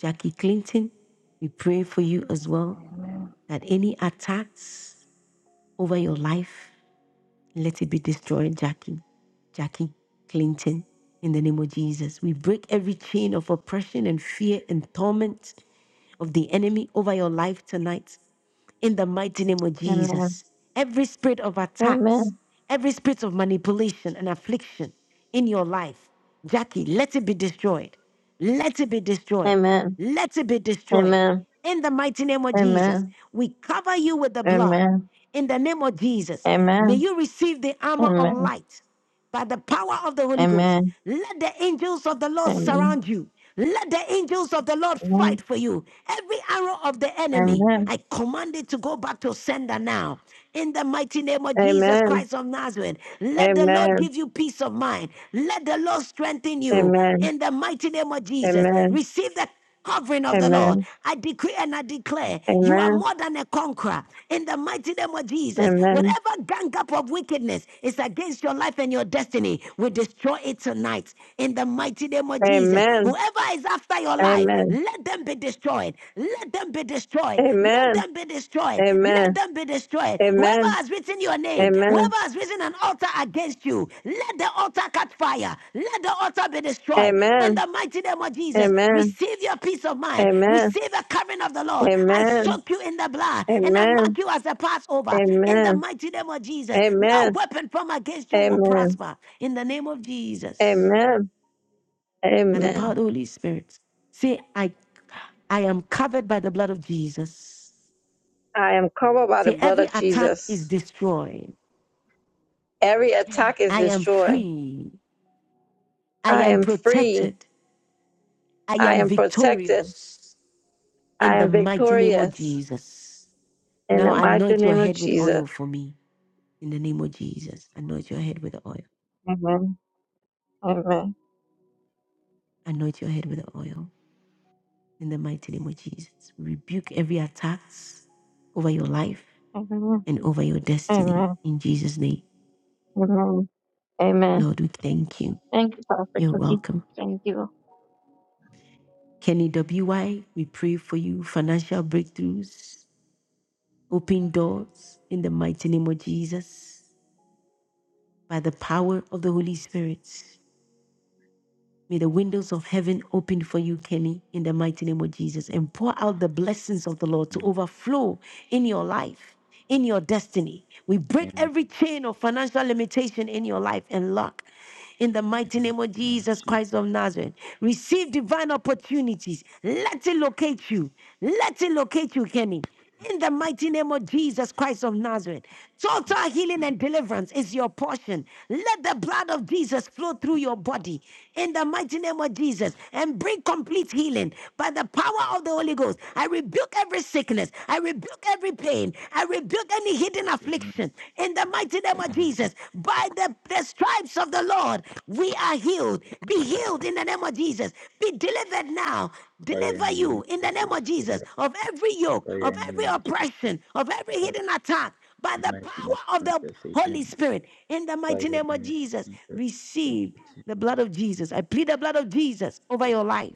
[SPEAKER 1] Jackie Clinton, we pray for you as well
[SPEAKER 23] Amen.
[SPEAKER 1] that any attacks over your life, Let it be destroyed, Jackie. Jackie Clinton, in the name of Jesus. We break every chain of oppression and fear and torment of the enemy over your life tonight. In the mighty name of Jesus. Every spirit of
[SPEAKER 4] Amen.
[SPEAKER 1] attacks, every spirit of manipulation and affliction in your life, Jackie, let it be destroyed. Let it be destroyed.
[SPEAKER 4] Amen.
[SPEAKER 1] Let it be destroyed. In the mighty name
[SPEAKER 4] Amen.
[SPEAKER 1] of Jesus,
[SPEAKER 4] Amen.
[SPEAKER 1] we cover you with the blood.
[SPEAKER 4] Amen.
[SPEAKER 1] In the name of Jesus, May
[SPEAKER 4] Amen.
[SPEAKER 1] you receive the armor of light by the power of the Holy Ghost.
[SPEAKER 4] Amen. Amen.
[SPEAKER 1] Let the angels of the Lord
[SPEAKER 4] Amen.
[SPEAKER 1] surround you. Let the angels of the Lord fight for you. Every arrow of the enemy,
[SPEAKER 4] Amen.
[SPEAKER 1] I command it to go back to sender now. In the mighty name of Jesus
[SPEAKER 4] Amen. Amen.
[SPEAKER 1] Christ of Nazareth, let the Lord
[SPEAKER 4] Amen.
[SPEAKER 1] give you peace of mind. Let the Lord strengthen you.
[SPEAKER 4] Amen.
[SPEAKER 1] In the mighty name of Jesus,
[SPEAKER 4] Amen.
[SPEAKER 1] receive the covering of the Lord.
[SPEAKER 4] Amen.
[SPEAKER 1] I decree and I declare you are more than a conqueror in the mighty name of Jesus.
[SPEAKER 4] Amen.
[SPEAKER 1] Whatever gang up of wickedness is against your life and your destiny, we destroy it tonight in the mighty name of Jesus.
[SPEAKER 4] Amen.
[SPEAKER 1] Whoever is after your
[SPEAKER 4] Amen. Amen. Amen.
[SPEAKER 1] life, let them be destroyed. Let them be destroyed. Let
[SPEAKER 4] Amen.
[SPEAKER 1] them be destroyed. Let them be destroyed. Whoever has written your name, whoever has risen an altar against you, let the altar catch fire. Let the altar be destroyed. In the mighty name of Jesus,
[SPEAKER 4] Amen. Amen. Amen.
[SPEAKER 1] receive your peace of mind.
[SPEAKER 4] Amen.
[SPEAKER 1] Receive a covering of the Lord. I
[SPEAKER 4] Amen.
[SPEAKER 1] soak you in the blood and I
[SPEAKER 4] Amen.
[SPEAKER 1] mark you as the Passover. In the
[SPEAKER 4] Amen.
[SPEAKER 1] mighty name of Jesus, no
[SPEAKER 4] Amen.
[SPEAKER 1] weapon from against you will
[SPEAKER 4] Amen.
[SPEAKER 1] prosper. In the name of Jesus
[SPEAKER 4] Amen.
[SPEAKER 1] by the power
[SPEAKER 4] Amen.
[SPEAKER 1] of the Holy Spirit. Say, I, I am covered by the blood of Jesus.
[SPEAKER 4] I am covered by the
[SPEAKER 1] Say,
[SPEAKER 4] blood
[SPEAKER 1] every
[SPEAKER 4] of
[SPEAKER 1] attack is
[SPEAKER 4] Jesus.
[SPEAKER 1] destroyed.
[SPEAKER 4] Every attack is
[SPEAKER 1] I am
[SPEAKER 4] destroyed.
[SPEAKER 1] free. I
[SPEAKER 4] I
[SPEAKER 1] am
[SPEAKER 4] am free.
[SPEAKER 1] protected. I
[SPEAKER 4] I
[SPEAKER 1] am
[SPEAKER 4] am protected.
[SPEAKER 1] victorious in
[SPEAKER 4] I
[SPEAKER 1] the
[SPEAKER 4] am
[SPEAKER 1] mighty name of
[SPEAKER 4] victorious.
[SPEAKER 1] Jesus.
[SPEAKER 4] In
[SPEAKER 1] Now
[SPEAKER 4] the mighty
[SPEAKER 1] anoint your
[SPEAKER 4] name of
[SPEAKER 1] head with
[SPEAKER 4] Jesus.
[SPEAKER 1] oil for me in the name of Jesus. Anoint your head with oil.
[SPEAKER 4] Amen. Amen.
[SPEAKER 1] Anoint your head with oil in the mighty name of Jesus. Rebuke every attack over your life
[SPEAKER 4] Amen.
[SPEAKER 1] and over your destiny
[SPEAKER 4] Amen.
[SPEAKER 1] in Jesus' name.
[SPEAKER 4] Amen. Amen.
[SPEAKER 1] Lord, we thank you.
[SPEAKER 4] Thank you, Pastor
[SPEAKER 1] You're
[SPEAKER 4] Cookie.
[SPEAKER 1] welcome.
[SPEAKER 4] Thank you.
[SPEAKER 1] Kenny WY, we pray for you financial breakthroughs, open doors in the mighty name of Jesus. By the power of the Holy Spirit, may the windows of heaven open for you, Kenny, in the mighty name of Jesus, and pour out the blessings of the Lord to
[SPEAKER 32] Amen.
[SPEAKER 1] overflow in your life in your destiny. We break
[SPEAKER 32] Amen.
[SPEAKER 1] every chain of financial limitation in your life and luck. In the mighty name of
[SPEAKER 32] Amen.
[SPEAKER 1] Jesus
[SPEAKER 32] Jesus.
[SPEAKER 1] Christ of Nazareth, receive divine opportunities. Let it locate you. Let it locate you, Kenny. In the mighty name of Jesus Christ of Nazareth, total healing and deliverance is your portion. Let the blood of Jesus flow through your body in the mighty name of Jesus and bring complete healing by the the power of the Holy Ghost. I rebuke every sickness. I rebuke every pain. I rebuke any hidden
[SPEAKER 32] Amen.
[SPEAKER 1] affliction. In the mighty name of
[SPEAKER 32] Amen.
[SPEAKER 1] Jesus, by the, the stripes of the Lord, we are healed. Be healed in the name of Jesus. Be delivered now.
[SPEAKER 32] Fire in
[SPEAKER 1] Deliver
[SPEAKER 32] the name
[SPEAKER 1] you in
[SPEAKER 32] of
[SPEAKER 1] the name
[SPEAKER 32] Jesus.
[SPEAKER 1] of Jesus
[SPEAKER 32] Fire.
[SPEAKER 1] of every yoke,
[SPEAKER 32] Fire
[SPEAKER 1] of
[SPEAKER 32] in the
[SPEAKER 1] every
[SPEAKER 32] name of Jesus.
[SPEAKER 1] oppression, of every
[SPEAKER 32] Fire
[SPEAKER 1] hidden attack by
[SPEAKER 32] in the
[SPEAKER 1] the
[SPEAKER 32] mighty name
[SPEAKER 1] power of
[SPEAKER 32] of
[SPEAKER 1] the
[SPEAKER 32] Jesus.
[SPEAKER 1] Holy
[SPEAKER 32] Amen.
[SPEAKER 1] Spirit. In the
[SPEAKER 32] Fire
[SPEAKER 1] mighty
[SPEAKER 32] in
[SPEAKER 1] name
[SPEAKER 32] the
[SPEAKER 1] of
[SPEAKER 32] name of
[SPEAKER 1] Jesus,
[SPEAKER 32] Jesus. Thank
[SPEAKER 1] receive
[SPEAKER 32] you,
[SPEAKER 1] the blood
[SPEAKER 32] Jesus.
[SPEAKER 1] of Jesus. I plead the blood of Jesus over
[SPEAKER 32] Yes.
[SPEAKER 1] your life,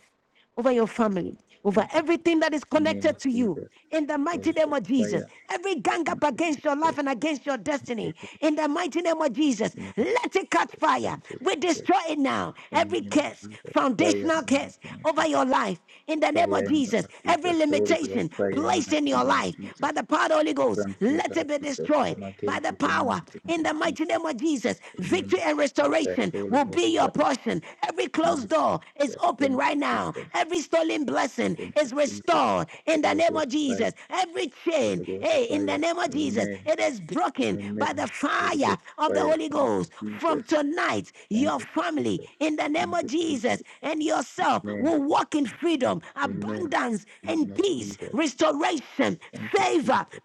[SPEAKER 1] over your family over
[SPEAKER 32] Thank you.
[SPEAKER 1] everything that is
[SPEAKER 32] In the name of
[SPEAKER 1] connected to you.
[SPEAKER 32] Jesus.
[SPEAKER 1] In the
[SPEAKER 32] All of
[SPEAKER 1] mighty name
[SPEAKER 32] us.
[SPEAKER 1] of Jesus,
[SPEAKER 32] Fire.
[SPEAKER 1] every gang
[SPEAKER 32] Thank
[SPEAKER 1] up
[SPEAKER 32] you,
[SPEAKER 1] against your
[SPEAKER 32] Jesus.
[SPEAKER 1] life and against your
[SPEAKER 32] Thank
[SPEAKER 1] destiny,
[SPEAKER 32] you,
[SPEAKER 1] in the mighty name of
[SPEAKER 32] Jesus.
[SPEAKER 1] Jesus,
[SPEAKER 32] In the name of
[SPEAKER 1] let it catch
[SPEAKER 32] Jesus.
[SPEAKER 1] fire.
[SPEAKER 32] Thank you,
[SPEAKER 1] We
[SPEAKER 32] Jesus.
[SPEAKER 1] destroy it now.
[SPEAKER 32] In
[SPEAKER 1] Every
[SPEAKER 32] the name of
[SPEAKER 1] curse,
[SPEAKER 32] Jesus. Fire in
[SPEAKER 1] foundational
[SPEAKER 32] the mighty
[SPEAKER 1] curse
[SPEAKER 32] name of
[SPEAKER 1] over
[SPEAKER 32] Jesus.
[SPEAKER 1] your life, in the
[SPEAKER 32] Fire
[SPEAKER 1] name
[SPEAKER 32] in
[SPEAKER 1] of
[SPEAKER 32] the name
[SPEAKER 1] Jesus,
[SPEAKER 32] of
[SPEAKER 1] every
[SPEAKER 32] Jesus. All of us.
[SPEAKER 1] limitation
[SPEAKER 32] Fire in the
[SPEAKER 1] placed in your
[SPEAKER 32] mighty name of
[SPEAKER 1] life
[SPEAKER 32] Jesus.
[SPEAKER 1] by the power of the Holy Ghost,
[SPEAKER 32] Thank you,
[SPEAKER 1] let it
[SPEAKER 32] Lord
[SPEAKER 1] be
[SPEAKER 32] Jesus.
[SPEAKER 1] destroyed
[SPEAKER 32] Come
[SPEAKER 1] by
[SPEAKER 32] again,
[SPEAKER 1] the
[SPEAKER 32] it in the
[SPEAKER 1] power
[SPEAKER 32] mighty
[SPEAKER 1] in the
[SPEAKER 32] Jesus.
[SPEAKER 1] mighty name name of Jesus,
[SPEAKER 32] In the name
[SPEAKER 1] victory
[SPEAKER 32] of
[SPEAKER 1] and
[SPEAKER 32] Jesus Christ,
[SPEAKER 1] restoration
[SPEAKER 32] Holy
[SPEAKER 1] will
[SPEAKER 32] Ghost,
[SPEAKER 1] be your
[SPEAKER 32] Father.
[SPEAKER 1] portion. Every
[SPEAKER 32] In the
[SPEAKER 1] closed
[SPEAKER 32] name of
[SPEAKER 1] door is
[SPEAKER 32] Jesus.
[SPEAKER 1] open
[SPEAKER 32] Thank
[SPEAKER 1] right
[SPEAKER 32] you,
[SPEAKER 1] now.
[SPEAKER 32] Jesus.
[SPEAKER 1] Every stolen blessing
[SPEAKER 32] Thank you,
[SPEAKER 1] is
[SPEAKER 32] Jesus.
[SPEAKER 1] restored in the
[SPEAKER 32] Holy
[SPEAKER 1] name
[SPEAKER 32] Ghost,
[SPEAKER 1] of
[SPEAKER 32] fire.
[SPEAKER 1] Jesus. Every chain,
[SPEAKER 32] Holy Ghost,
[SPEAKER 1] hey, in the
[SPEAKER 32] fire.
[SPEAKER 1] name of Jesus,
[SPEAKER 32] Amen.
[SPEAKER 1] it is broken by the
[SPEAKER 32] Amen. Holy
[SPEAKER 1] fire
[SPEAKER 32] Ghost,
[SPEAKER 1] of the
[SPEAKER 32] fire.
[SPEAKER 1] Holy
[SPEAKER 32] Thank
[SPEAKER 1] Ghost.
[SPEAKER 32] you,
[SPEAKER 1] From
[SPEAKER 32] Jesus.
[SPEAKER 1] tonight,
[SPEAKER 32] Thank
[SPEAKER 1] your
[SPEAKER 32] you,
[SPEAKER 1] family,
[SPEAKER 32] Jesus.
[SPEAKER 1] in the name
[SPEAKER 32] Thank
[SPEAKER 1] of
[SPEAKER 32] you, Jesus.
[SPEAKER 1] Jesus, and yourself
[SPEAKER 32] Amen.
[SPEAKER 1] will walk in freedom,
[SPEAKER 32] Amen.
[SPEAKER 1] abundance,
[SPEAKER 32] In the name
[SPEAKER 1] and
[SPEAKER 32] of
[SPEAKER 1] peace,
[SPEAKER 32] Jesus.
[SPEAKER 1] restoration,
[SPEAKER 32] Thank you,
[SPEAKER 1] favor,
[SPEAKER 32] Jesus.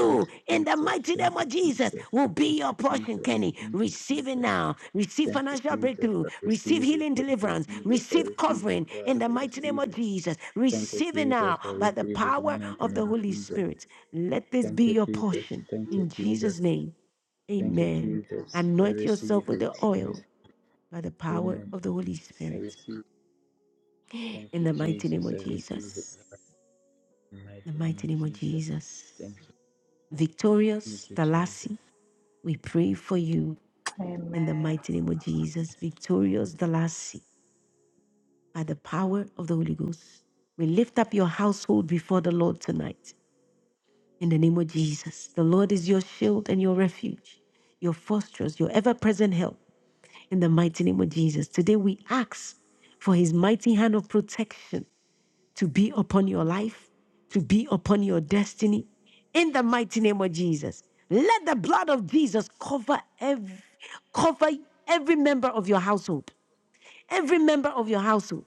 [SPEAKER 32] Thank
[SPEAKER 1] in
[SPEAKER 32] you,
[SPEAKER 1] the
[SPEAKER 32] Jesus.
[SPEAKER 1] mighty
[SPEAKER 32] Thank
[SPEAKER 1] name of
[SPEAKER 32] you,
[SPEAKER 1] Jesus,
[SPEAKER 32] Jesus.
[SPEAKER 1] will
[SPEAKER 32] Thank
[SPEAKER 1] be your
[SPEAKER 32] you,
[SPEAKER 1] portion,
[SPEAKER 32] Jesus.
[SPEAKER 1] Kenny.
[SPEAKER 32] Thank you,
[SPEAKER 1] Receive it
[SPEAKER 32] Jesus.
[SPEAKER 1] now. Receive
[SPEAKER 32] Thank you,
[SPEAKER 1] financial
[SPEAKER 32] Jesus.
[SPEAKER 1] breakthrough.
[SPEAKER 32] I
[SPEAKER 1] Receive
[SPEAKER 32] receive it.
[SPEAKER 1] healing
[SPEAKER 32] Thank
[SPEAKER 1] deliverance.
[SPEAKER 32] you, Jesus. I
[SPEAKER 1] Receive
[SPEAKER 32] receive
[SPEAKER 1] covering,
[SPEAKER 32] it, God.
[SPEAKER 1] in the
[SPEAKER 32] I
[SPEAKER 1] mighty name
[SPEAKER 32] receive
[SPEAKER 1] of
[SPEAKER 32] it.
[SPEAKER 1] Jesus.
[SPEAKER 32] Thank you,
[SPEAKER 1] Receive it
[SPEAKER 32] Jesus.
[SPEAKER 1] now
[SPEAKER 32] I
[SPEAKER 1] by the
[SPEAKER 32] receive it in
[SPEAKER 1] power
[SPEAKER 32] the mighty
[SPEAKER 1] of the
[SPEAKER 32] name of
[SPEAKER 1] Holy
[SPEAKER 32] Jesus.
[SPEAKER 1] Spirit. Let this
[SPEAKER 32] Thank
[SPEAKER 1] be
[SPEAKER 32] you,
[SPEAKER 1] your
[SPEAKER 32] Jesus.
[SPEAKER 1] portion.
[SPEAKER 32] Thank you,
[SPEAKER 1] In
[SPEAKER 32] Jesus.
[SPEAKER 1] Jesus' name.
[SPEAKER 32] Thank you,
[SPEAKER 1] Amen.
[SPEAKER 32] Jesus. I
[SPEAKER 1] Anoint
[SPEAKER 32] receive
[SPEAKER 1] yourself with the
[SPEAKER 32] it. I receive
[SPEAKER 1] oil by the
[SPEAKER 32] it.
[SPEAKER 1] power
[SPEAKER 32] Amen.
[SPEAKER 1] of the Holy
[SPEAKER 32] I
[SPEAKER 1] Spirit.
[SPEAKER 32] receive it. Thank
[SPEAKER 1] In
[SPEAKER 32] you,
[SPEAKER 1] the mighty name
[SPEAKER 32] Jesus. I
[SPEAKER 1] of
[SPEAKER 32] receive it,
[SPEAKER 1] Jesus.
[SPEAKER 32] Lord. In the
[SPEAKER 1] In
[SPEAKER 32] mighty
[SPEAKER 1] the
[SPEAKER 32] name
[SPEAKER 1] mighty
[SPEAKER 32] of
[SPEAKER 1] name of
[SPEAKER 32] Jesus.
[SPEAKER 1] Jesus.
[SPEAKER 32] Thank you. Thank
[SPEAKER 1] Victorious
[SPEAKER 32] you, Jesus.
[SPEAKER 1] Dalasi, we pray for you in the
[SPEAKER 23] Amen.
[SPEAKER 1] mighty name of Jesus. Victorious Dalasi, by the power of the Holy Ghost. We lift up your household before the Lord tonight. In the name of Jesus. The Lord is your shield and your refuge, your fortress, your ever present help in the mighty name of Jesus. Today we ask for his mighty hand of protection to be upon your life, to be upon your destiny, in the mighty name of Jesus. Let the blood of Jesus cover every, cover every member of your household, every member of your household,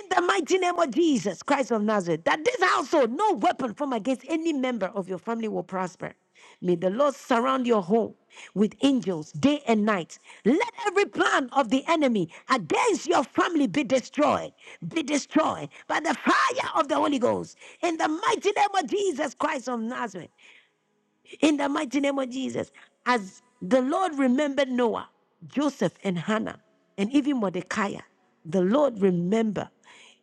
[SPEAKER 1] in the mighty name of Jesus Christ of Nazareth, that this household, no weapon formed against any member of your family will prosper. May the Lord surround your home with angels day and night. Let every plan of the enemy against your family be destroyed, be destroyed by the fire of the Holy Ghost. In the mighty name of Jesus Christ of Nazareth, in the mighty name of Jesus, as the Lord remembered Noah, Joseph, and Hannah, and even Mordecai, the Lord remember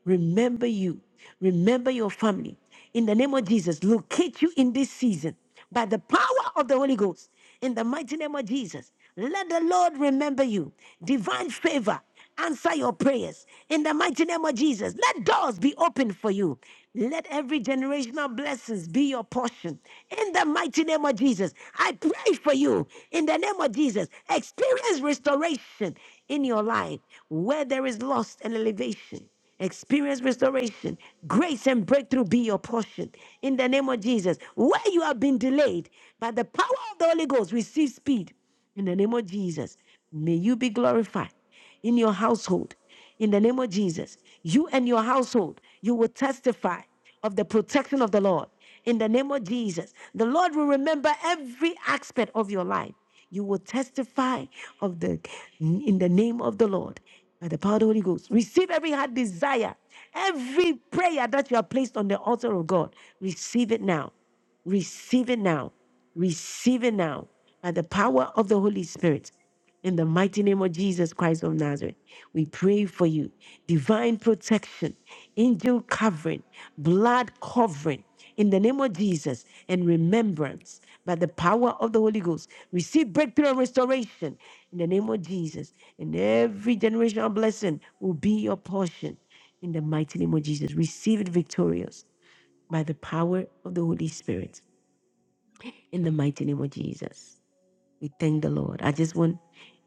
[SPEAKER 1] Remember you. Remember your family. In the name of Jesus, locate you in this season by the power of the Holy Ghost. In the mighty name of Jesus, let the Lord remember you. Divine favor, answer your prayers. In the mighty name of Jesus, let doors be opened for you. Let every generational blessings be your portion. In the mighty name of Jesus, I pray for you. In the name of Jesus, experience restoration in your life where there is loss and elevation. Experience restoration, grace and breakthrough be your portion in the name of Jesus. Where you have been delayed by the power of the Holy Ghost, receive speed in the name of Jesus. May you be glorified in your household in the name of Jesus. You and your household, you will testify of the protection of the Lord in the name of Jesus. The Lord will remember every aspect of your life you will testify of the in the name of the Lord by the power of the Holy Ghost. Receive every heart desire, every prayer that you have placed on the altar of God. Receive it now. Receive it now. Receive it now by the power of the Holy Spirit. In the mighty name of Jesus Christ of Nazareth, we pray for you. Divine protection, angel covering, blood covering. In the name of Jesus and remembrance by the power of the Holy Ghost, receive breakthrough and restoration. In the name of Jesus, and every generational blessing will be your portion in the mighty name of Jesus. Receive it victorious by the power of the Holy Spirit in the mighty name of Jesus. We thank the Lord. I just want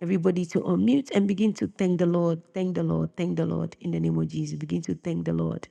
[SPEAKER 1] everybody to unmute and begin to thank the Lord, thank the Lord, thank the Lord in the name of Jesus. Begin to thank the Lord,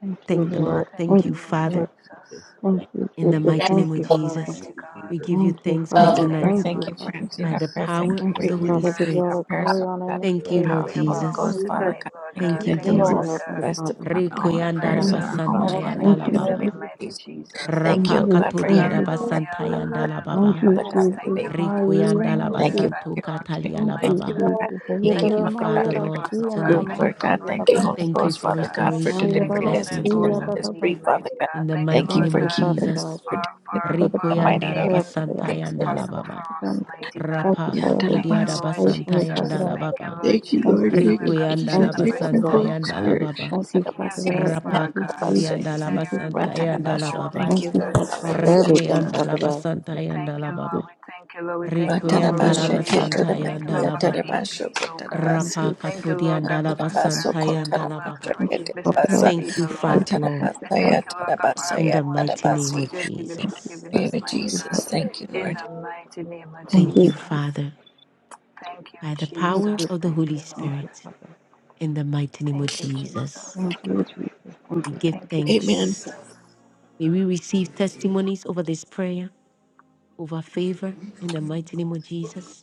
[SPEAKER 30] Thank you,
[SPEAKER 1] thank the
[SPEAKER 30] Lord.
[SPEAKER 1] Lord.
[SPEAKER 23] Thank
[SPEAKER 1] Thank
[SPEAKER 30] Thank
[SPEAKER 1] you,
[SPEAKER 23] you,
[SPEAKER 30] you,
[SPEAKER 23] Lord
[SPEAKER 32] Thank you,
[SPEAKER 30] Lord.
[SPEAKER 1] Father,
[SPEAKER 23] Jesus.
[SPEAKER 32] Jesus.
[SPEAKER 30] Thank
[SPEAKER 32] Thank you,
[SPEAKER 30] you,
[SPEAKER 1] in the
[SPEAKER 30] Jesus.
[SPEAKER 32] Jesus.
[SPEAKER 1] mighty
[SPEAKER 30] Thank
[SPEAKER 1] name
[SPEAKER 23] Thank
[SPEAKER 1] of
[SPEAKER 23] you,
[SPEAKER 30] you, Father.
[SPEAKER 32] Thank
[SPEAKER 1] Jesus.
[SPEAKER 23] Almighty
[SPEAKER 32] you,
[SPEAKER 23] God.
[SPEAKER 1] We
[SPEAKER 32] Jesus.
[SPEAKER 1] give you
[SPEAKER 30] Thank you,
[SPEAKER 1] thanks for
[SPEAKER 28] Thank you,
[SPEAKER 32] Thank
[SPEAKER 30] Father.
[SPEAKER 33] national
[SPEAKER 32] you,
[SPEAKER 23] Thank
[SPEAKER 28] Lord.
[SPEAKER 23] you,
[SPEAKER 1] tonight
[SPEAKER 30] Thank
[SPEAKER 28] Thank
[SPEAKER 30] you,
[SPEAKER 32] Jesus.
[SPEAKER 23] Lord
[SPEAKER 28] you for
[SPEAKER 30] Father.
[SPEAKER 28] answering
[SPEAKER 1] by
[SPEAKER 28] our
[SPEAKER 23] Jesus,
[SPEAKER 1] the
[SPEAKER 28] prayers.
[SPEAKER 23] for your
[SPEAKER 32] Thank
[SPEAKER 28] Thank
[SPEAKER 1] power
[SPEAKER 28] you
[SPEAKER 30] Thank
[SPEAKER 28] for
[SPEAKER 1] of
[SPEAKER 23] grace
[SPEAKER 30] you,
[SPEAKER 32] you,
[SPEAKER 1] the
[SPEAKER 23] and your
[SPEAKER 28] hearing
[SPEAKER 32] Jesus.
[SPEAKER 1] Holy
[SPEAKER 30] Father. Give you
[SPEAKER 23] mercy,
[SPEAKER 30] all
[SPEAKER 28] our
[SPEAKER 1] Spirit.
[SPEAKER 23] O
[SPEAKER 30] the
[SPEAKER 28] prayers,
[SPEAKER 30] glory,
[SPEAKER 23] God.
[SPEAKER 28] Father
[SPEAKER 30] honor, and
[SPEAKER 28] God.
[SPEAKER 30] the
[SPEAKER 1] Thank you,
[SPEAKER 32] Lord,
[SPEAKER 23] Thank
[SPEAKER 30] praise,
[SPEAKER 32] we
[SPEAKER 23] you
[SPEAKER 28] Power
[SPEAKER 1] Lord
[SPEAKER 28] of
[SPEAKER 23] for
[SPEAKER 28] the
[SPEAKER 30] Father
[SPEAKER 23] your
[SPEAKER 4] Thank
[SPEAKER 28] Holy
[SPEAKER 30] God.
[SPEAKER 23] power
[SPEAKER 4] you,
[SPEAKER 23] on
[SPEAKER 32] worship
[SPEAKER 1] Jesus.
[SPEAKER 30] Thank
[SPEAKER 28] Ghost,
[SPEAKER 30] you.
[SPEAKER 28] Father
[SPEAKER 4] Jesus.
[SPEAKER 23] tonight,
[SPEAKER 28] God.
[SPEAKER 23] Lord
[SPEAKER 28] Thank you
[SPEAKER 23] God.
[SPEAKER 1] Thank
[SPEAKER 4] Thank
[SPEAKER 1] you,
[SPEAKER 32] you,
[SPEAKER 28] that the
[SPEAKER 4] you,
[SPEAKER 23] Thank you,
[SPEAKER 30] Thank
[SPEAKER 28] Lord
[SPEAKER 30] you,
[SPEAKER 4] Lord.
[SPEAKER 23] Lord
[SPEAKER 1] Jesus.
[SPEAKER 23] God,
[SPEAKER 30] Heavenly
[SPEAKER 28] rest
[SPEAKER 30] Father.
[SPEAKER 28] upon all
[SPEAKER 23] that you
[SPEAKER 28] our
[SPEAKER 32] Lord.
[SPEAKER 23] have
[SPEAKER 1] Rikuyanda
[SPEAKER 28] prayers
[SPEAKER 23] answered
[SPEAKER 30] Thank
[SPEAKER 4] Thank
[SPEAKER 28] in
[SPEAKER 23] us
[SPEAKER 28] our
[SPEAKER 4] you,
[SPEAKER 30] you,
[SPEAKER 32] Thank
[SPEAKER 28] homes,
[SPEAKER 4] Father.
[SPEAKER 23] speedily
[SPEAKER 30] Father.
[SPEAKER 23] and
[SPEAKER 28] Father
[SPEAKER 4] Thank
[SPEAKER 28] God,
[SPEAKER 1] rabasantayanda
[SPEAKER 30] Thank
[SPEAKER 1] la
[SPEAKER 4] you,
[SPEAKER 30] you,
[SPEAKER 28] in the name
[SPEAKER 23] hastily,
[SPEAKER 1] baba.
[SPEAKER 30] Jesus.
[SPEAKER 28] of
[SPEAKER 4] Lord.
[SPEAKER 28] Jesus.
[SPEAKER 23] mighty Jesus.
[SPEAKER 28] Thank
[SPEAKER 30] Thank
[SPEAKER 28] you,
[SPEAKER 1] Rapa
[SPEAKER 28] oh
[SPEAKER 30] you.
[SPEAKER 28] God, for
[SPEAKER 30] Thank
[SPEAKER 1] katodia
[SPEAKER 28] hearing.
[SPEAKER 30] you,
[SPEAKER 4] Thank
[SPEAKER 30] Father.
[SPEAKER 4] you,
[SPEAKER 23] Hallelujah,
[SPEAKER 28] our prayer.
[SPEAKER 1] rabasantayanda
[SPEAKER 4] Lord,
[SPEAKER 1] la
[SPEAKER 4] thank
[SPEAKER 32] you.
[SPEAKER 30] Thank
[SPEAKER 1] baba.
[SPEAKER 4] you,
[SPEAKER 23] hallelujah.
[SPEAKER 30] you,
[SPEAKER 28] Father God,
[SPEAKER 23] Just
[SPEAKER 4] Father.
[SPEAKER 28] in the
[SPEAKER 23] thank
[SPEAKER 30] Jesus.
[SPEAKER 28] name
[SPEAKER 23] you,
[SPEAKER 28] of
[SPEAKER 23] Lord. We're
[SPEAKER 28] Jesus,
[SPEAKER 4] Thank
[SPEAKER 1] Rikuyanda
[SPEAKER 23] grateful,
[SPEAKER 4] you,
[SPEAKER 23] we're
[SPEAKER 28] thank you
[SPEAKER 30] Ayamashi.
[SPEAKER 4] Lord,
[SPEAKER 28] for
[SPEAKER 1] labasantu
[SPEAKER 28] your
[SPEAKER 23] thankful unto
[SPEAKER 28] protection.
[SPEAKER 23] you,
[SPEAKER 1] katalia
[SPEAKER 30] Thank
[SPEAKER 1] la
[SPEAKER 28] Thank
[SPEAKER 4] thank
[SPEAKER 30] you,
[SPEAKER 23] mighty
[SPEAKER 28] you
[SPEAKER 4] you,
[SPEAKER 1] baba.
[SPEAKER 28] for
[SPEAKER 23] God.
[SPEAKER 4] Lord,
[SPEAKER 30] Jesus.
[SPEAKER 28] Pastor
[SPEAKER 4] thank you,
[SPEAKER 23] Thank
[SPEAKER 28] Kiki,
[SPEAKER 23] you
[SPEAKER 1] Thank you,
[SPEAKER 4] Lord.
[SPEAKER 23] for
[SPEAKER 28] Father
[SPEAKER 23] coming
[SPEAKER 28] God,
[SPEAKER 1] Father
[SPEAKER 28] in
[SPEAKER 23] through
[SPEAKER 30] Ayararamayarashi
[SPEAKER 28] her
[SPEAKER 1] Lord,
[SPEAKER 23] us,
[SPEAKER 1] for
[SPEAKER 23] oh God.
[SPEAKER 28] group,
[SPEAKER 1] tonight.
[SPEAKER 23] Thank you
[SPEAKER 28] Lord
[SPEAKER 23] for
[SPEAKER 28] God.
[SPEAKER 30] ananamasu
[SPEAKER 28] Thank you, Holy
[SPEAKER 4] Thank
[SPEAKER 23] breakthroughs,
[SPEAKER 30] yarabasu.
[SPEAKER 1] Thank you
[SPEAKER 28] Ghost,
[SPEAKER 4] you,
[SPEAKER 23] mighty
[SPEAKER 1] for
[SPEAKER 28] Father
[SPEAKER 23] God.
[SPEAKER 28] God,
[SPEAKER 4] Lord,
[SPEAKER 28] for
[SPEAKER 1] restoration
[SPEAKER 23] Thank
[SPEAKER 1] and
[SPEAKER 23] you
[SPEAKER 28] delivering
[SPEAKER 23] for
[SPEAKER 28] us
[SPEAKER 23] opening
[SPEAKER 28] and
[SPEAKER 1] blessings, O
[SPEAKER 30] Ayararashi
[SPEAKER 23] doors that
[SPEAKER 28] setting
[SPEAKER 1] Lord.
[SPEAKER 23] we
[SPEAKER 28] us free,
[SPEAKER 23] need,
[SPEAKER 30] yararabasu.
[SPEAKER 28] Father
[SPEAKER 23] mighty
[SPEAKER 28] God.
[SPEAKER 1] In
[SPEAKER 23] God.
[SPEAKER 1] the
[SPEAKER 23] Thank you,
[SPEAKER 28] Thank
[SPEAKER 1] mighty
[SPEAKER 28] you
[SPEAKER 30] Thank
[SPEAKER 4] thank
[SPEAKER 23] Lord
[SPEAKER 1] name
[SPEAKER 28] for
[SPEAKER 1] of
[SPEAKER 30] you,
[SPEAKER 23] God
[SPEAKER 30] Father
[SPEAKER 28] keeping us
[SPEAKER 30] God.
[SPEAKER 1] Jesus.
[SPEAKER 23] for,
[SPEAKER 28] protected in
[SPEAKER 23] for,
[SPEAKER 30] Thank you for the
[SPEAKER 23] for
[SPEAKER 28] the
[SPEAKER 30] power
[SPEAKER 28] mighty
[SPEAKER 1] Rikuyanda
[SPEAKER 30] of
[SPEAKER 28] name of
[SPEAKER 30] prayer,
[SPEAKER 23] making
[SPEAKER 30] Father God.
[SPEAKER 23] things
[SPEAKER 28] Jesus.
[SPEAKER 1] rabasantayanda
[SPEAKER 28] Amen.
[SPEAKER 1] la
[SPEAKER 23] possible
[SPEAKER 1] baba.
[SPEAKER 23] for us,
[SPEAKER 30] Lord,
[SPEAKER 4] you, Lord,
[SPEAKER 23] mighty God.
[SPEAKER 30] thank you,
[SPEAKER 1] Rapa
[SPEAKER 30] Father, for
[SPEAKER 23] Thank
[SPEAKER 30] the
[SPEAKER 1] katodia
[SPEAKER 23] you,
[SPEAKER 28] Yatalabasi.
[SPEAKER 23] Lord
[SPEAKER 30] praise from
[SPEAKER 4] thank you, Lord, thank you,
[SPEAKER 30] you,
[SPEAKER 23] Jesus.
[SPEAKER 4] Lord,
[SPEAKER 30] Father
[SPEAKER 1] rabasantayanda la
[SPEAKER 4] thank you,
[SPEAKER 30] God.
[SPEAKER 23] Thank you,
[SPEAKER 1] baba.
[SPEAKER 23] Lord
[SPEAKER 28] Thank you,
[SPEAKER 30] Thank
[SPEAKER 23] Jesus,
[SPEAKER 28] Lord.
[SPEAKER 30] you,
[SPEAKER 23] that we
[SPEAKER 28] Thank
[SPEAKER 23] are
[SPEAKER 28] you,
[SPEAKER 30] Jesus.
[SPEAKER 1] Rikuyanda
[SPEAKER 28] Jesus.
[SPEAKER 30] Thank
[SPEAKER 23] consistent and
[SPEAKER 30] you,
[SPEAKER 28] Thank
[SPEAKER 4] Lord.
[SPEAKER 30] Father
[SPEAKER 28] you,
[SPEAKER 23] persistent,
[SPEAKER 4] thank you,
[SPEAKER 30] God.
[SPEAKER 28] Holy
[SPEAKER 23] oh
[SPEAKER 1] labasantayanda
[SPEAKER 23] God.
[SPEAKER 1] la
[SPEAKER 28] Spirit.
[SPEAKER 1] baba.
[SPEAKER 30] Thank you,
[SPEAKER 23] Seeking your
[SPEAKER 30] Father
[SPEAKER 28] Shatalabasi.
[SPEAKER 30] God.
[SPEAKER 23] face,
[SPEAKER 30] Thank
[SPEAKER 23] Father
[SPEAKER 30] you,
[SPEAKER 23] God.
[SPEAKER 1] Rapakatudi and
[SPEAKER 30] Jesus.
[SPEAKER 23] You
[SPEAKER 28] Yatalabasi.
[SPEAKER 23] said
[SPEAKER 30] Thank
[SPEAKER 4] Lord.
[SPEAKER 23] you
[SPEAKER 30] you, Father.
[SPEAKER 1] Alabasanta
[SPEAKER 23] rebuke the
[SPEAKER 1] and
[SPEAKER 28] Ratalabasho.
[SPEAKER 23] devourer,
[SPEAKER 1] Alababa.
[SPEAKER 28] Thank
[SPEAKER 30] Thank
[SPEAKER 28] you,
[SPEAKER 23] mighty
[SPEAKER 30] you,
[SPEAKER 23] God,
[SPEAKER 28] Lord.
[SPEAKER 23] in the
[SPEAKER 30] Father God,
[SPEAKER 23] name of
[SPEAKER 30] for
[SPEAKER 28] Hallelujah.
[SPEAKER 1] Rikui
[SPEAKER 30] everything,
[SPEAKER 1] and
[SPEAKER 23] Jesus.
[SPEAKER 30] Father God.
[SPEAKER 1] Alabasanta
[SPEAKER 23] We
[SPEAKER 1] and
[SPEAKER 23] thank you,
[SPEAKER 30] Thank you,
[SPEAKER 23] Lord.
[SPEAKER 1] Alababa.
[SPEAKER 30] Je-
[SPEAKER 23] We thank you, Lord. We thank you,
[SPEAKER 1] Rikui
[SPEAKER 23] Lord,
[SPEAKER 30] thank
[SPEAKER 23] for
[SPEAKER 1] and
[SPEAKER 30] you,
[SPEAKER 28] Ratarabashe
[SPEAKER 30] Heavenly Father.
[SPEAKER 23] revelation.
[SPEAKER 1] Alabasanta
[SPEAKER 23] We
[SPEAKER 30] Thank
[SPEAKER 23] thank
[SPEAKER 1] and
[SPEAKER 28] keturabandi
[SPEAKER 23] you, Lord God, for
[SPEAKER 1] Alababa.
[SPEAKER 28] yatarabashe
[SPEAKER 23] increase, oh God.
[SPEAKER 30] you, thank
[SPEAKER 28] kotarabasi.
[SPEAKER 30] you,
[SPEAKER 23] Thank
[SPEAKER 30] Jesus.
[SPEAKER 23] you,
[SPEAKER 1] Rapakatudi
[SPEAKER 23] Lord
[SPEAKER 1] and
[SPEAKER 30] Thank
[SPEAKER 23] God,
[SPEAKER 30] you,
[SPEAKER 23] for
[SPEAKER 30] Father.
[SPEAKER 28] Rabaso
[SPEAKER 1] Alabasanta
[SPEAKER 23] prosperity and
[SPEAKER 1] and
[SPEAKER 23] for wealth,
[SPEAKER 1] Alababa.
[SPEAKER 28] kotarabashe
[SPEAKER 23] for
[SPEAKER 30] Thank you,
[SPEAKER 23] riches,
[SPEAKER 30] Father
[SPEAKER 23] blessings, and
[SPEAKER 28] ketarabasa.
[SPEAKER 30] God.
[SPEAKER 1] Thank
[SPEAKER 23] favor,
[SPEAKER 1] you,
[SPEAKER 30] Thank
[SPEAKER 1] Father,
[SPEAKER 23] Lord.
[SPEAKER 30] you, Jesus.
[SPEAKER 1] Lord,
[SPEAKER 30] Thank
[SPEAKER 23] We
[SPEAKER 30] you,
[SPEAKER 28] Ratarabasa
[SPEAKER 30] Father.
[SPEAKER 23] thank you, Lord God, for
[SPEAKER 28] yatarabasa
[SPEAKER 1] in the
[SPEAKER 23] having ownership
[SPEAKER 1] mighty
[SPEAKER 23] of
[SPEAKER 1] name
[SPEAKER 23] what
[SPEAKER 28] yatarabasi.
[SPEAKER 1] of
[SPEAKER 23] you have given,
[SPEAKER 30] Thank you,
[SPEAKER 1] Jesus.
[SPEAKER 23] given
[SPEAKER 28] Name
[SPEAKER 23] us,
[SPEAKER 28] of
[SPEAKER 30] thank
[SPEAKER 23] mighty
[SPEAKER 30] you,
[SPEAKER 23] God.
[SPEAKER 28] Jesus.
[SPEAKER 30] Father.
[SPEAKER 28] Thank you,
[SPEAKER 23] In
[SPEAKER 28] Lord.
[SPEAKER 23] the mighty name of
[SPEAKER 30] Thank
[SPEAKER 1] Thank you,
[SPEAKER 30] you,
[SPEAKER 23] Jesus.
[SPEAKER 30] Jesus.
[SPEAKER 1] Father,
[SPEAKER 23] Thank you,
[SPEAKER 1] by the
[SPEAKER 30] Thank
[SPEAKER 1] power
[SPEAKER 23] Jesus.
[SPEAKER 30] you,
[SPEAKER 1] of the
[SPEAKER 23] Thank
[SPEAKER 1] Holy
[SPEAKER 30] Jesus.
[SPEAKER 23] you,
[SPEAKER 30] Thank
[SPEAKER 23] Lord.
[SPEAKER 30] you,
[SPEAKER 1] Spirit,
[SPEAKER 30] Father.
[SPEAKER 1] in the mighty name of
[SPEAKER 23] Thank you,
[SPEAKER 1] Jesus.
[SPEAKER 23] Jesus.
[SPEAKER 30] Thank you, Jesus. Thank
[SPEAKER 1] We
[SPEAKER 30] you,
[SPEAKER 1] give
[SPEAKER 23] Thank you,
[SPEAKER 28] Amen.
[SPEAKER 23] Jesus.
[SPEAKER 1] thanks. May we receive testimonies over this prayer, over favor, in the mighty name of
[SPEAKER 23] Yes.
[SPEAKER 1] Jesus.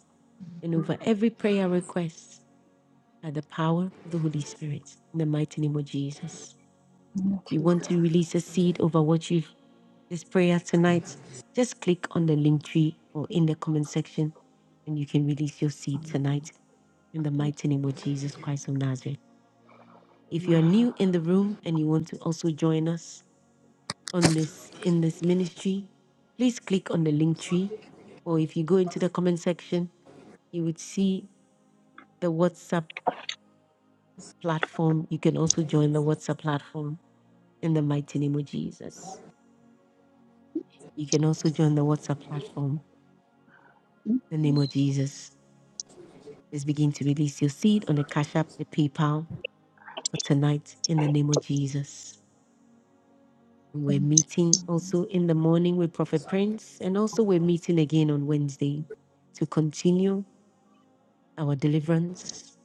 [SPEAKER 1] and over every prayer request by the power of the Holy Spirit. In the mighty name of Jesus.
[SPEAKER 23] Mm,
[SPEAKER 1] If you want to
[SPEAKER 23] Jesus.
[SPEAKER 1] release a seed over what you this prayer tonight, just click on the link tree or in the comment section and you can release your seed
[SPEAKER 23] Mm.
[SPEAKER 1] tonight in the
[SPEAKER 23] excuse-
[SPEAKER 1] mighty name of Jesus Christ of Nazareth. If you are new in the room and you want to also join us on this in this ministry, please click on the link tree or if you go into the comment section, you would see the WhatsApp platform. You can also join the WhatsApp platform in the mighty name of Jesus. You can also join the WhatsApp platform in the name of Jesus. Let's begin to release your seed on the Cash App, the PayPal for tonight in the name of Jesus. We're meeting
[SPEAKER 23] mhm.
[SPEAKER 1] also in the morning with Prophet Prince, and also we're meeting again on Wednesday to continue our deliverance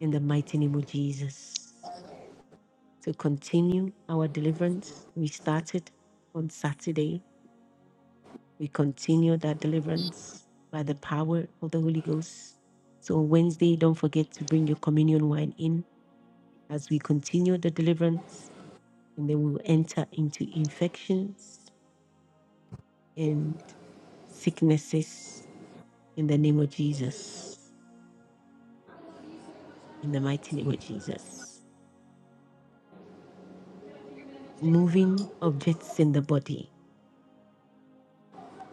[SPEAKER 1] in the mighty name of Jesus. To continue our deliverance, we started on Saturday We continue that deliverance by the power of the Holy Ghost. So on Wednesday, don't forget to bring your communion wine in as we continue the deliverance, and then we will enter into infections and sicknesses in the name of Jesus. In the mighty name of Jesus. Moving objects in the body.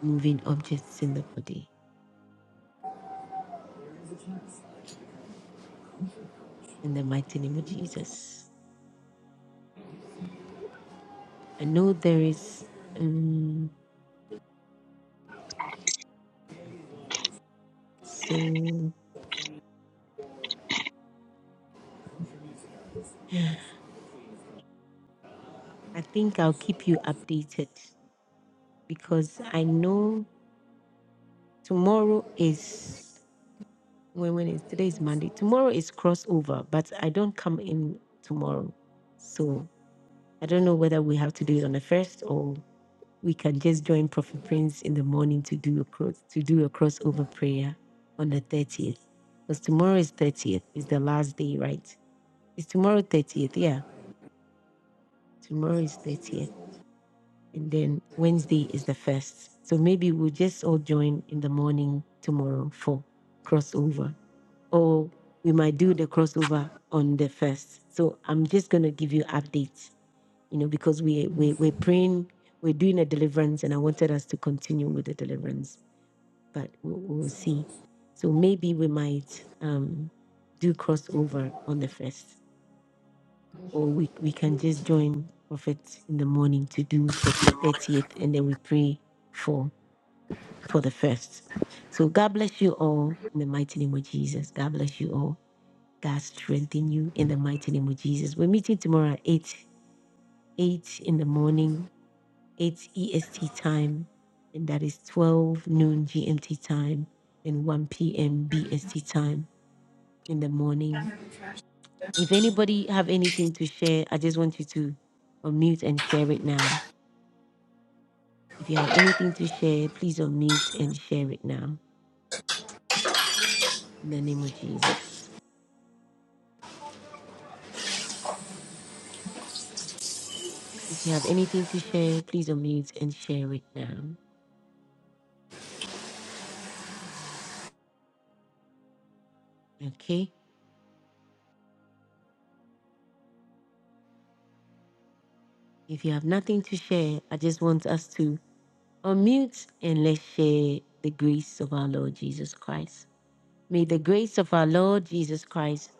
[SPEAKER 1] Moving objects in the body. In the mighty name of Jesus. I know there is um so Yeah. I think I'll keep you updated because I know tomorrow is when when is today is Monday. Tomorrow is crossover, but I don't come in tomorrow. So I don't know whether we have to do it on the first or we can just join Prophet Prince in the morning to do a cross to do a crossover prayer on the 30th. Because tomorrow is 30th, is the last day, right? It's tomorrow 30th, yeah. Tomorrow is 30th. and then Wednesday is the first. So maybe we'll just all join in the morning tomorrow for crossover, or we might do the crossover on the first. So I'm just gonna give you updates, you know, because we we we're praying, we're doing a deliverance, and I wanted us to continue with the deliverance, but we'll, we'll see. So maybe we might um, do crossover on the first or we, we can just join Prophet in the morning to do 30, 30th and then we pray for for the first. So God bless you all in the mighty name of Jesus. God bless you all. God strengthen you in the mighty name of Jesus. We're meeting tomorrow at 8, 8 in the morning, 8 EST time, and that is 12 noon GMT time and 1 p.m. BST time in the morning. If anybody have anything to share, I just want you to unmute and share it now. If you have anything to share, please unmute and share it now in the name of Jesus. If you have anything to share, please unmute and share it now. Okay? If you have nothing to share, I just want us to unmute and let's share the grace of our Lord Jesus Christ. May the grace of our Lord Jesus Christ,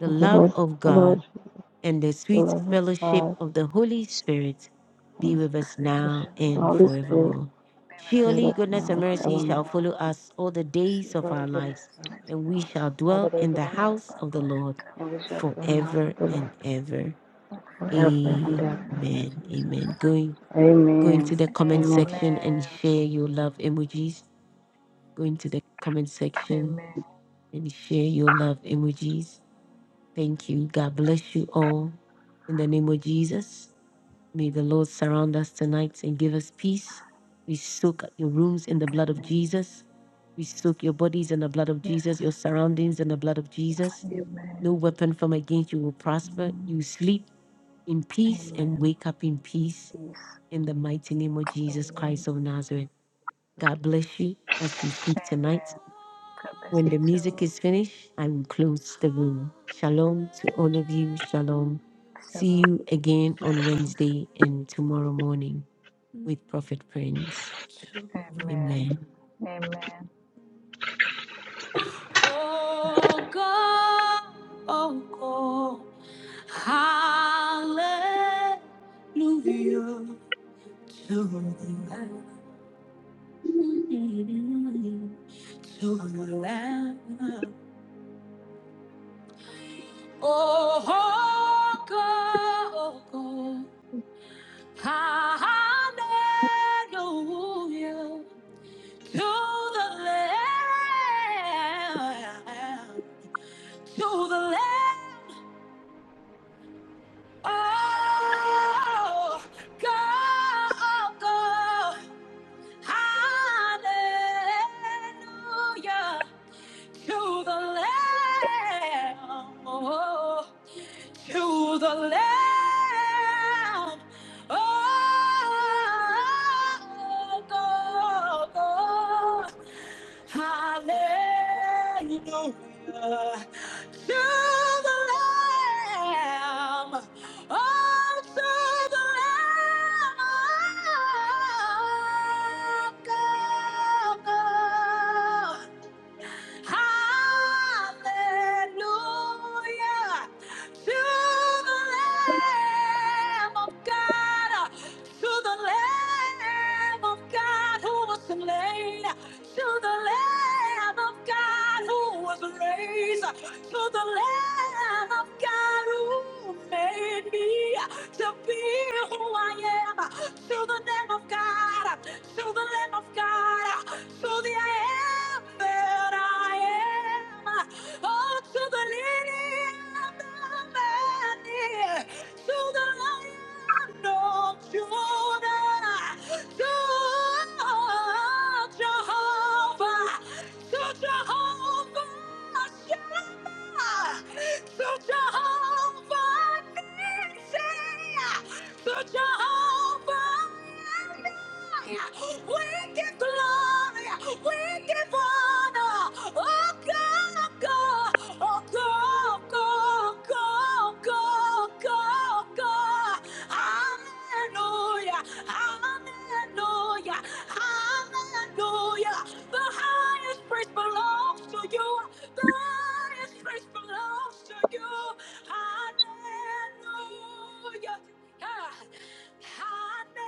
[SPEAKER 1] the
[SPEAKER 30] Father.
[SPEAKER 1] love
[SPEAKER 30] Lord,
[SPEAKER 1] of
[SPEAKER 30] Lord,
[SPEAKER 1] God,
[SPEAKER 30] Jesus.
[SPEAKER 1] and the sweet
[SPEAKER 30] Lord,
[SPEAKER 1] fellowship
[SPEAKER 30] God.
[SPEAKER 1] of the Holy Spirit be
[SPEAKER 30] His,
[SPEAKER 1] with us
[SPEAKER 23] through
[SPEAKER 30] the sh-
[SPEAKER 1] now
[SPEAKER 23] and of
[SPEAKER 30] the
[SPEAKER 1] and
[SPEAKER 23] Holy
[SPEAKER 30] Holy
[SPEAKER 23] Spirit,
[SPEAKER 1] forevermore.
[SPEAKER 23] be with us
[SPEAKER 30] with
[SPEAKER 1] Surely
[SPEAKER 30] us
[SPEAKER 23] now
[SPEAKER 1] goodness
[SPEAKER 30] now
[SPEAKER 23] and
[SPEAKER 1] and
[SPEAKER 30] and
[SPEAKER 1] mercy shall
[SPEAKER 30] forevermore.
[SPEAKER 23] forevermore.
[SPEAKER 1] follow us all the days
[SPEAKER 23] Receive
[SPEAKER 1] of
[SPEAKER 23] our
[SPEAKER 30] Surely
[SPEAKER 1] our
[SPEAKER 30] goodness
[SPEAKER 1] lives,
[SPEAKER 23] prayers,
[SPEAKER 30] and mercy
[SPEAKER 23] mighty
[SPEAKER 1] and
[SPEAKER 30] shall
[SPEAKER 1] we
[SPEAKER 30] follow
[SPEAKER 23] God.
[SPEAKER 1] shall
[SPEAKER 30] us all the
[SPEAKER 1] dwell
[SPEAKER 30] days
[SPEAKER 1] in
[SPEAKER 30] of
[SPEAKER 1] the
[SPEAKER 30] our
[SPEAKER 23] Bend up
[SPEAKER 30] life,
[SPEAKER 1] house of the
[SPEAKER 23] backlash,
[SPEAKER 1] Lord
[SPEAKER 30] and we shall
[SPEAKER 23] retaliation,
[SPEAKER 30] dwell in the house
[SPEAKER 1] forever
[SPEAKER 30] of the
[SPEAKER 1] and
[SPEAKER 30] Lord
[SPEAKER 1] ever.
[SPEAKER 23] backfire.
[SPEAKER 30] forever and
[SPEAKER 23] In the
[SPEAKER 30] ever.
[SPEAKER 23] name of
[SPEAKER 1] Amen.
[SPEAKER 23] Jesus.
[SPEAKER 1] Amen. Going go into
[SPEAKER 30] Amen.
[SPEAKER 1] the comment
[SPEAKER 30] Amen.
[SPEAKER 1] section and
[SPEAKER 23] Amen.
[SPEAKER 1] share your love emojis. Go into the comment section
[SPEAKER 23] Amen.
[SPEAKER 1] and share your love emojis. Thank you. God bless you all. In the name of Jesus. May the Lord surround us tonight and give us peace. We soak your rooms in the blood of
[SPEAKER 23] Amen.
[SPEAKER 1] Jesus. We soak your bodies in the blood of
[SPEAKER 23] Yes.
[SPEAKER 1] Jesus, your surroundings in the blood of Jesus. No
[SPEAKER 23] Amen.
[SPEAKER 1] weapon from against you will prosper.
[SPEAKER 23] Mhm.
[SPEAKER 1] You sleep in peace and
[SPEAKER 23] Amen.
[SPEAKER 1] wake up in peace
[SPEAKER 23] Peace.
[SPEAKER 1] in the mighty name of Jesus Christ
[SPEAKER 23] Amen.
[SPEAKER 1] of Nazareth. God bless you as you sleep tonight.
[SPEAKER 23] Amen. God bless
[SPEAKER 1] When
[SPEAKER 23] you
[SPEAKER 1] the music
[SPEAKER 23] too.
[SPEAKER 1] is finished, I will close the room. Shalom to all of you. Shalom. See
[SPEAKER 23] Several
[SPEAKER 1] you again on
[SPEAKER 23] blessings.
[SPEAKER 1] Wednesday and tomorrow morning with Prophet Prince.
[SPEAKER 23] Amen.
[SPEAKER 1] Amen.
[SPEAKER 23] Amen. Bye bye.
[SPEAKER 1] Oh God, oh God, hallelujah to the Lamb, Oh God, oh God, hallelujah to the Lamb, to the Lamb. Oh, go, go, hallelujah to the Lamb. Oh, to the Lamb. Oh, God. Hallelujah to the Lamb. Oh, to the Lamb. Oh, God. Hallelujah to the Lamb of God, to the Lamb of God who was slain, to the Lamb of God who was raised, to the Lamb of God who made me to be who I am, to the Lamb of God, to the Lamb of God to the I am that I am. Oh, to the lily of the valley, to the lion of Judah, to Jehovah, to Jehovah so Jehovah Nissi, so Jehovah Jireh, we give glory, we give honor. Oh God, oh, God, oh God, God, God, oh, God, oh, God, oh, God. Hallelujah, hallelujah, hallelujah. The highest praise belongs to you. The highest praise belongs to you. Hallelujah. Ah, Hallelujah.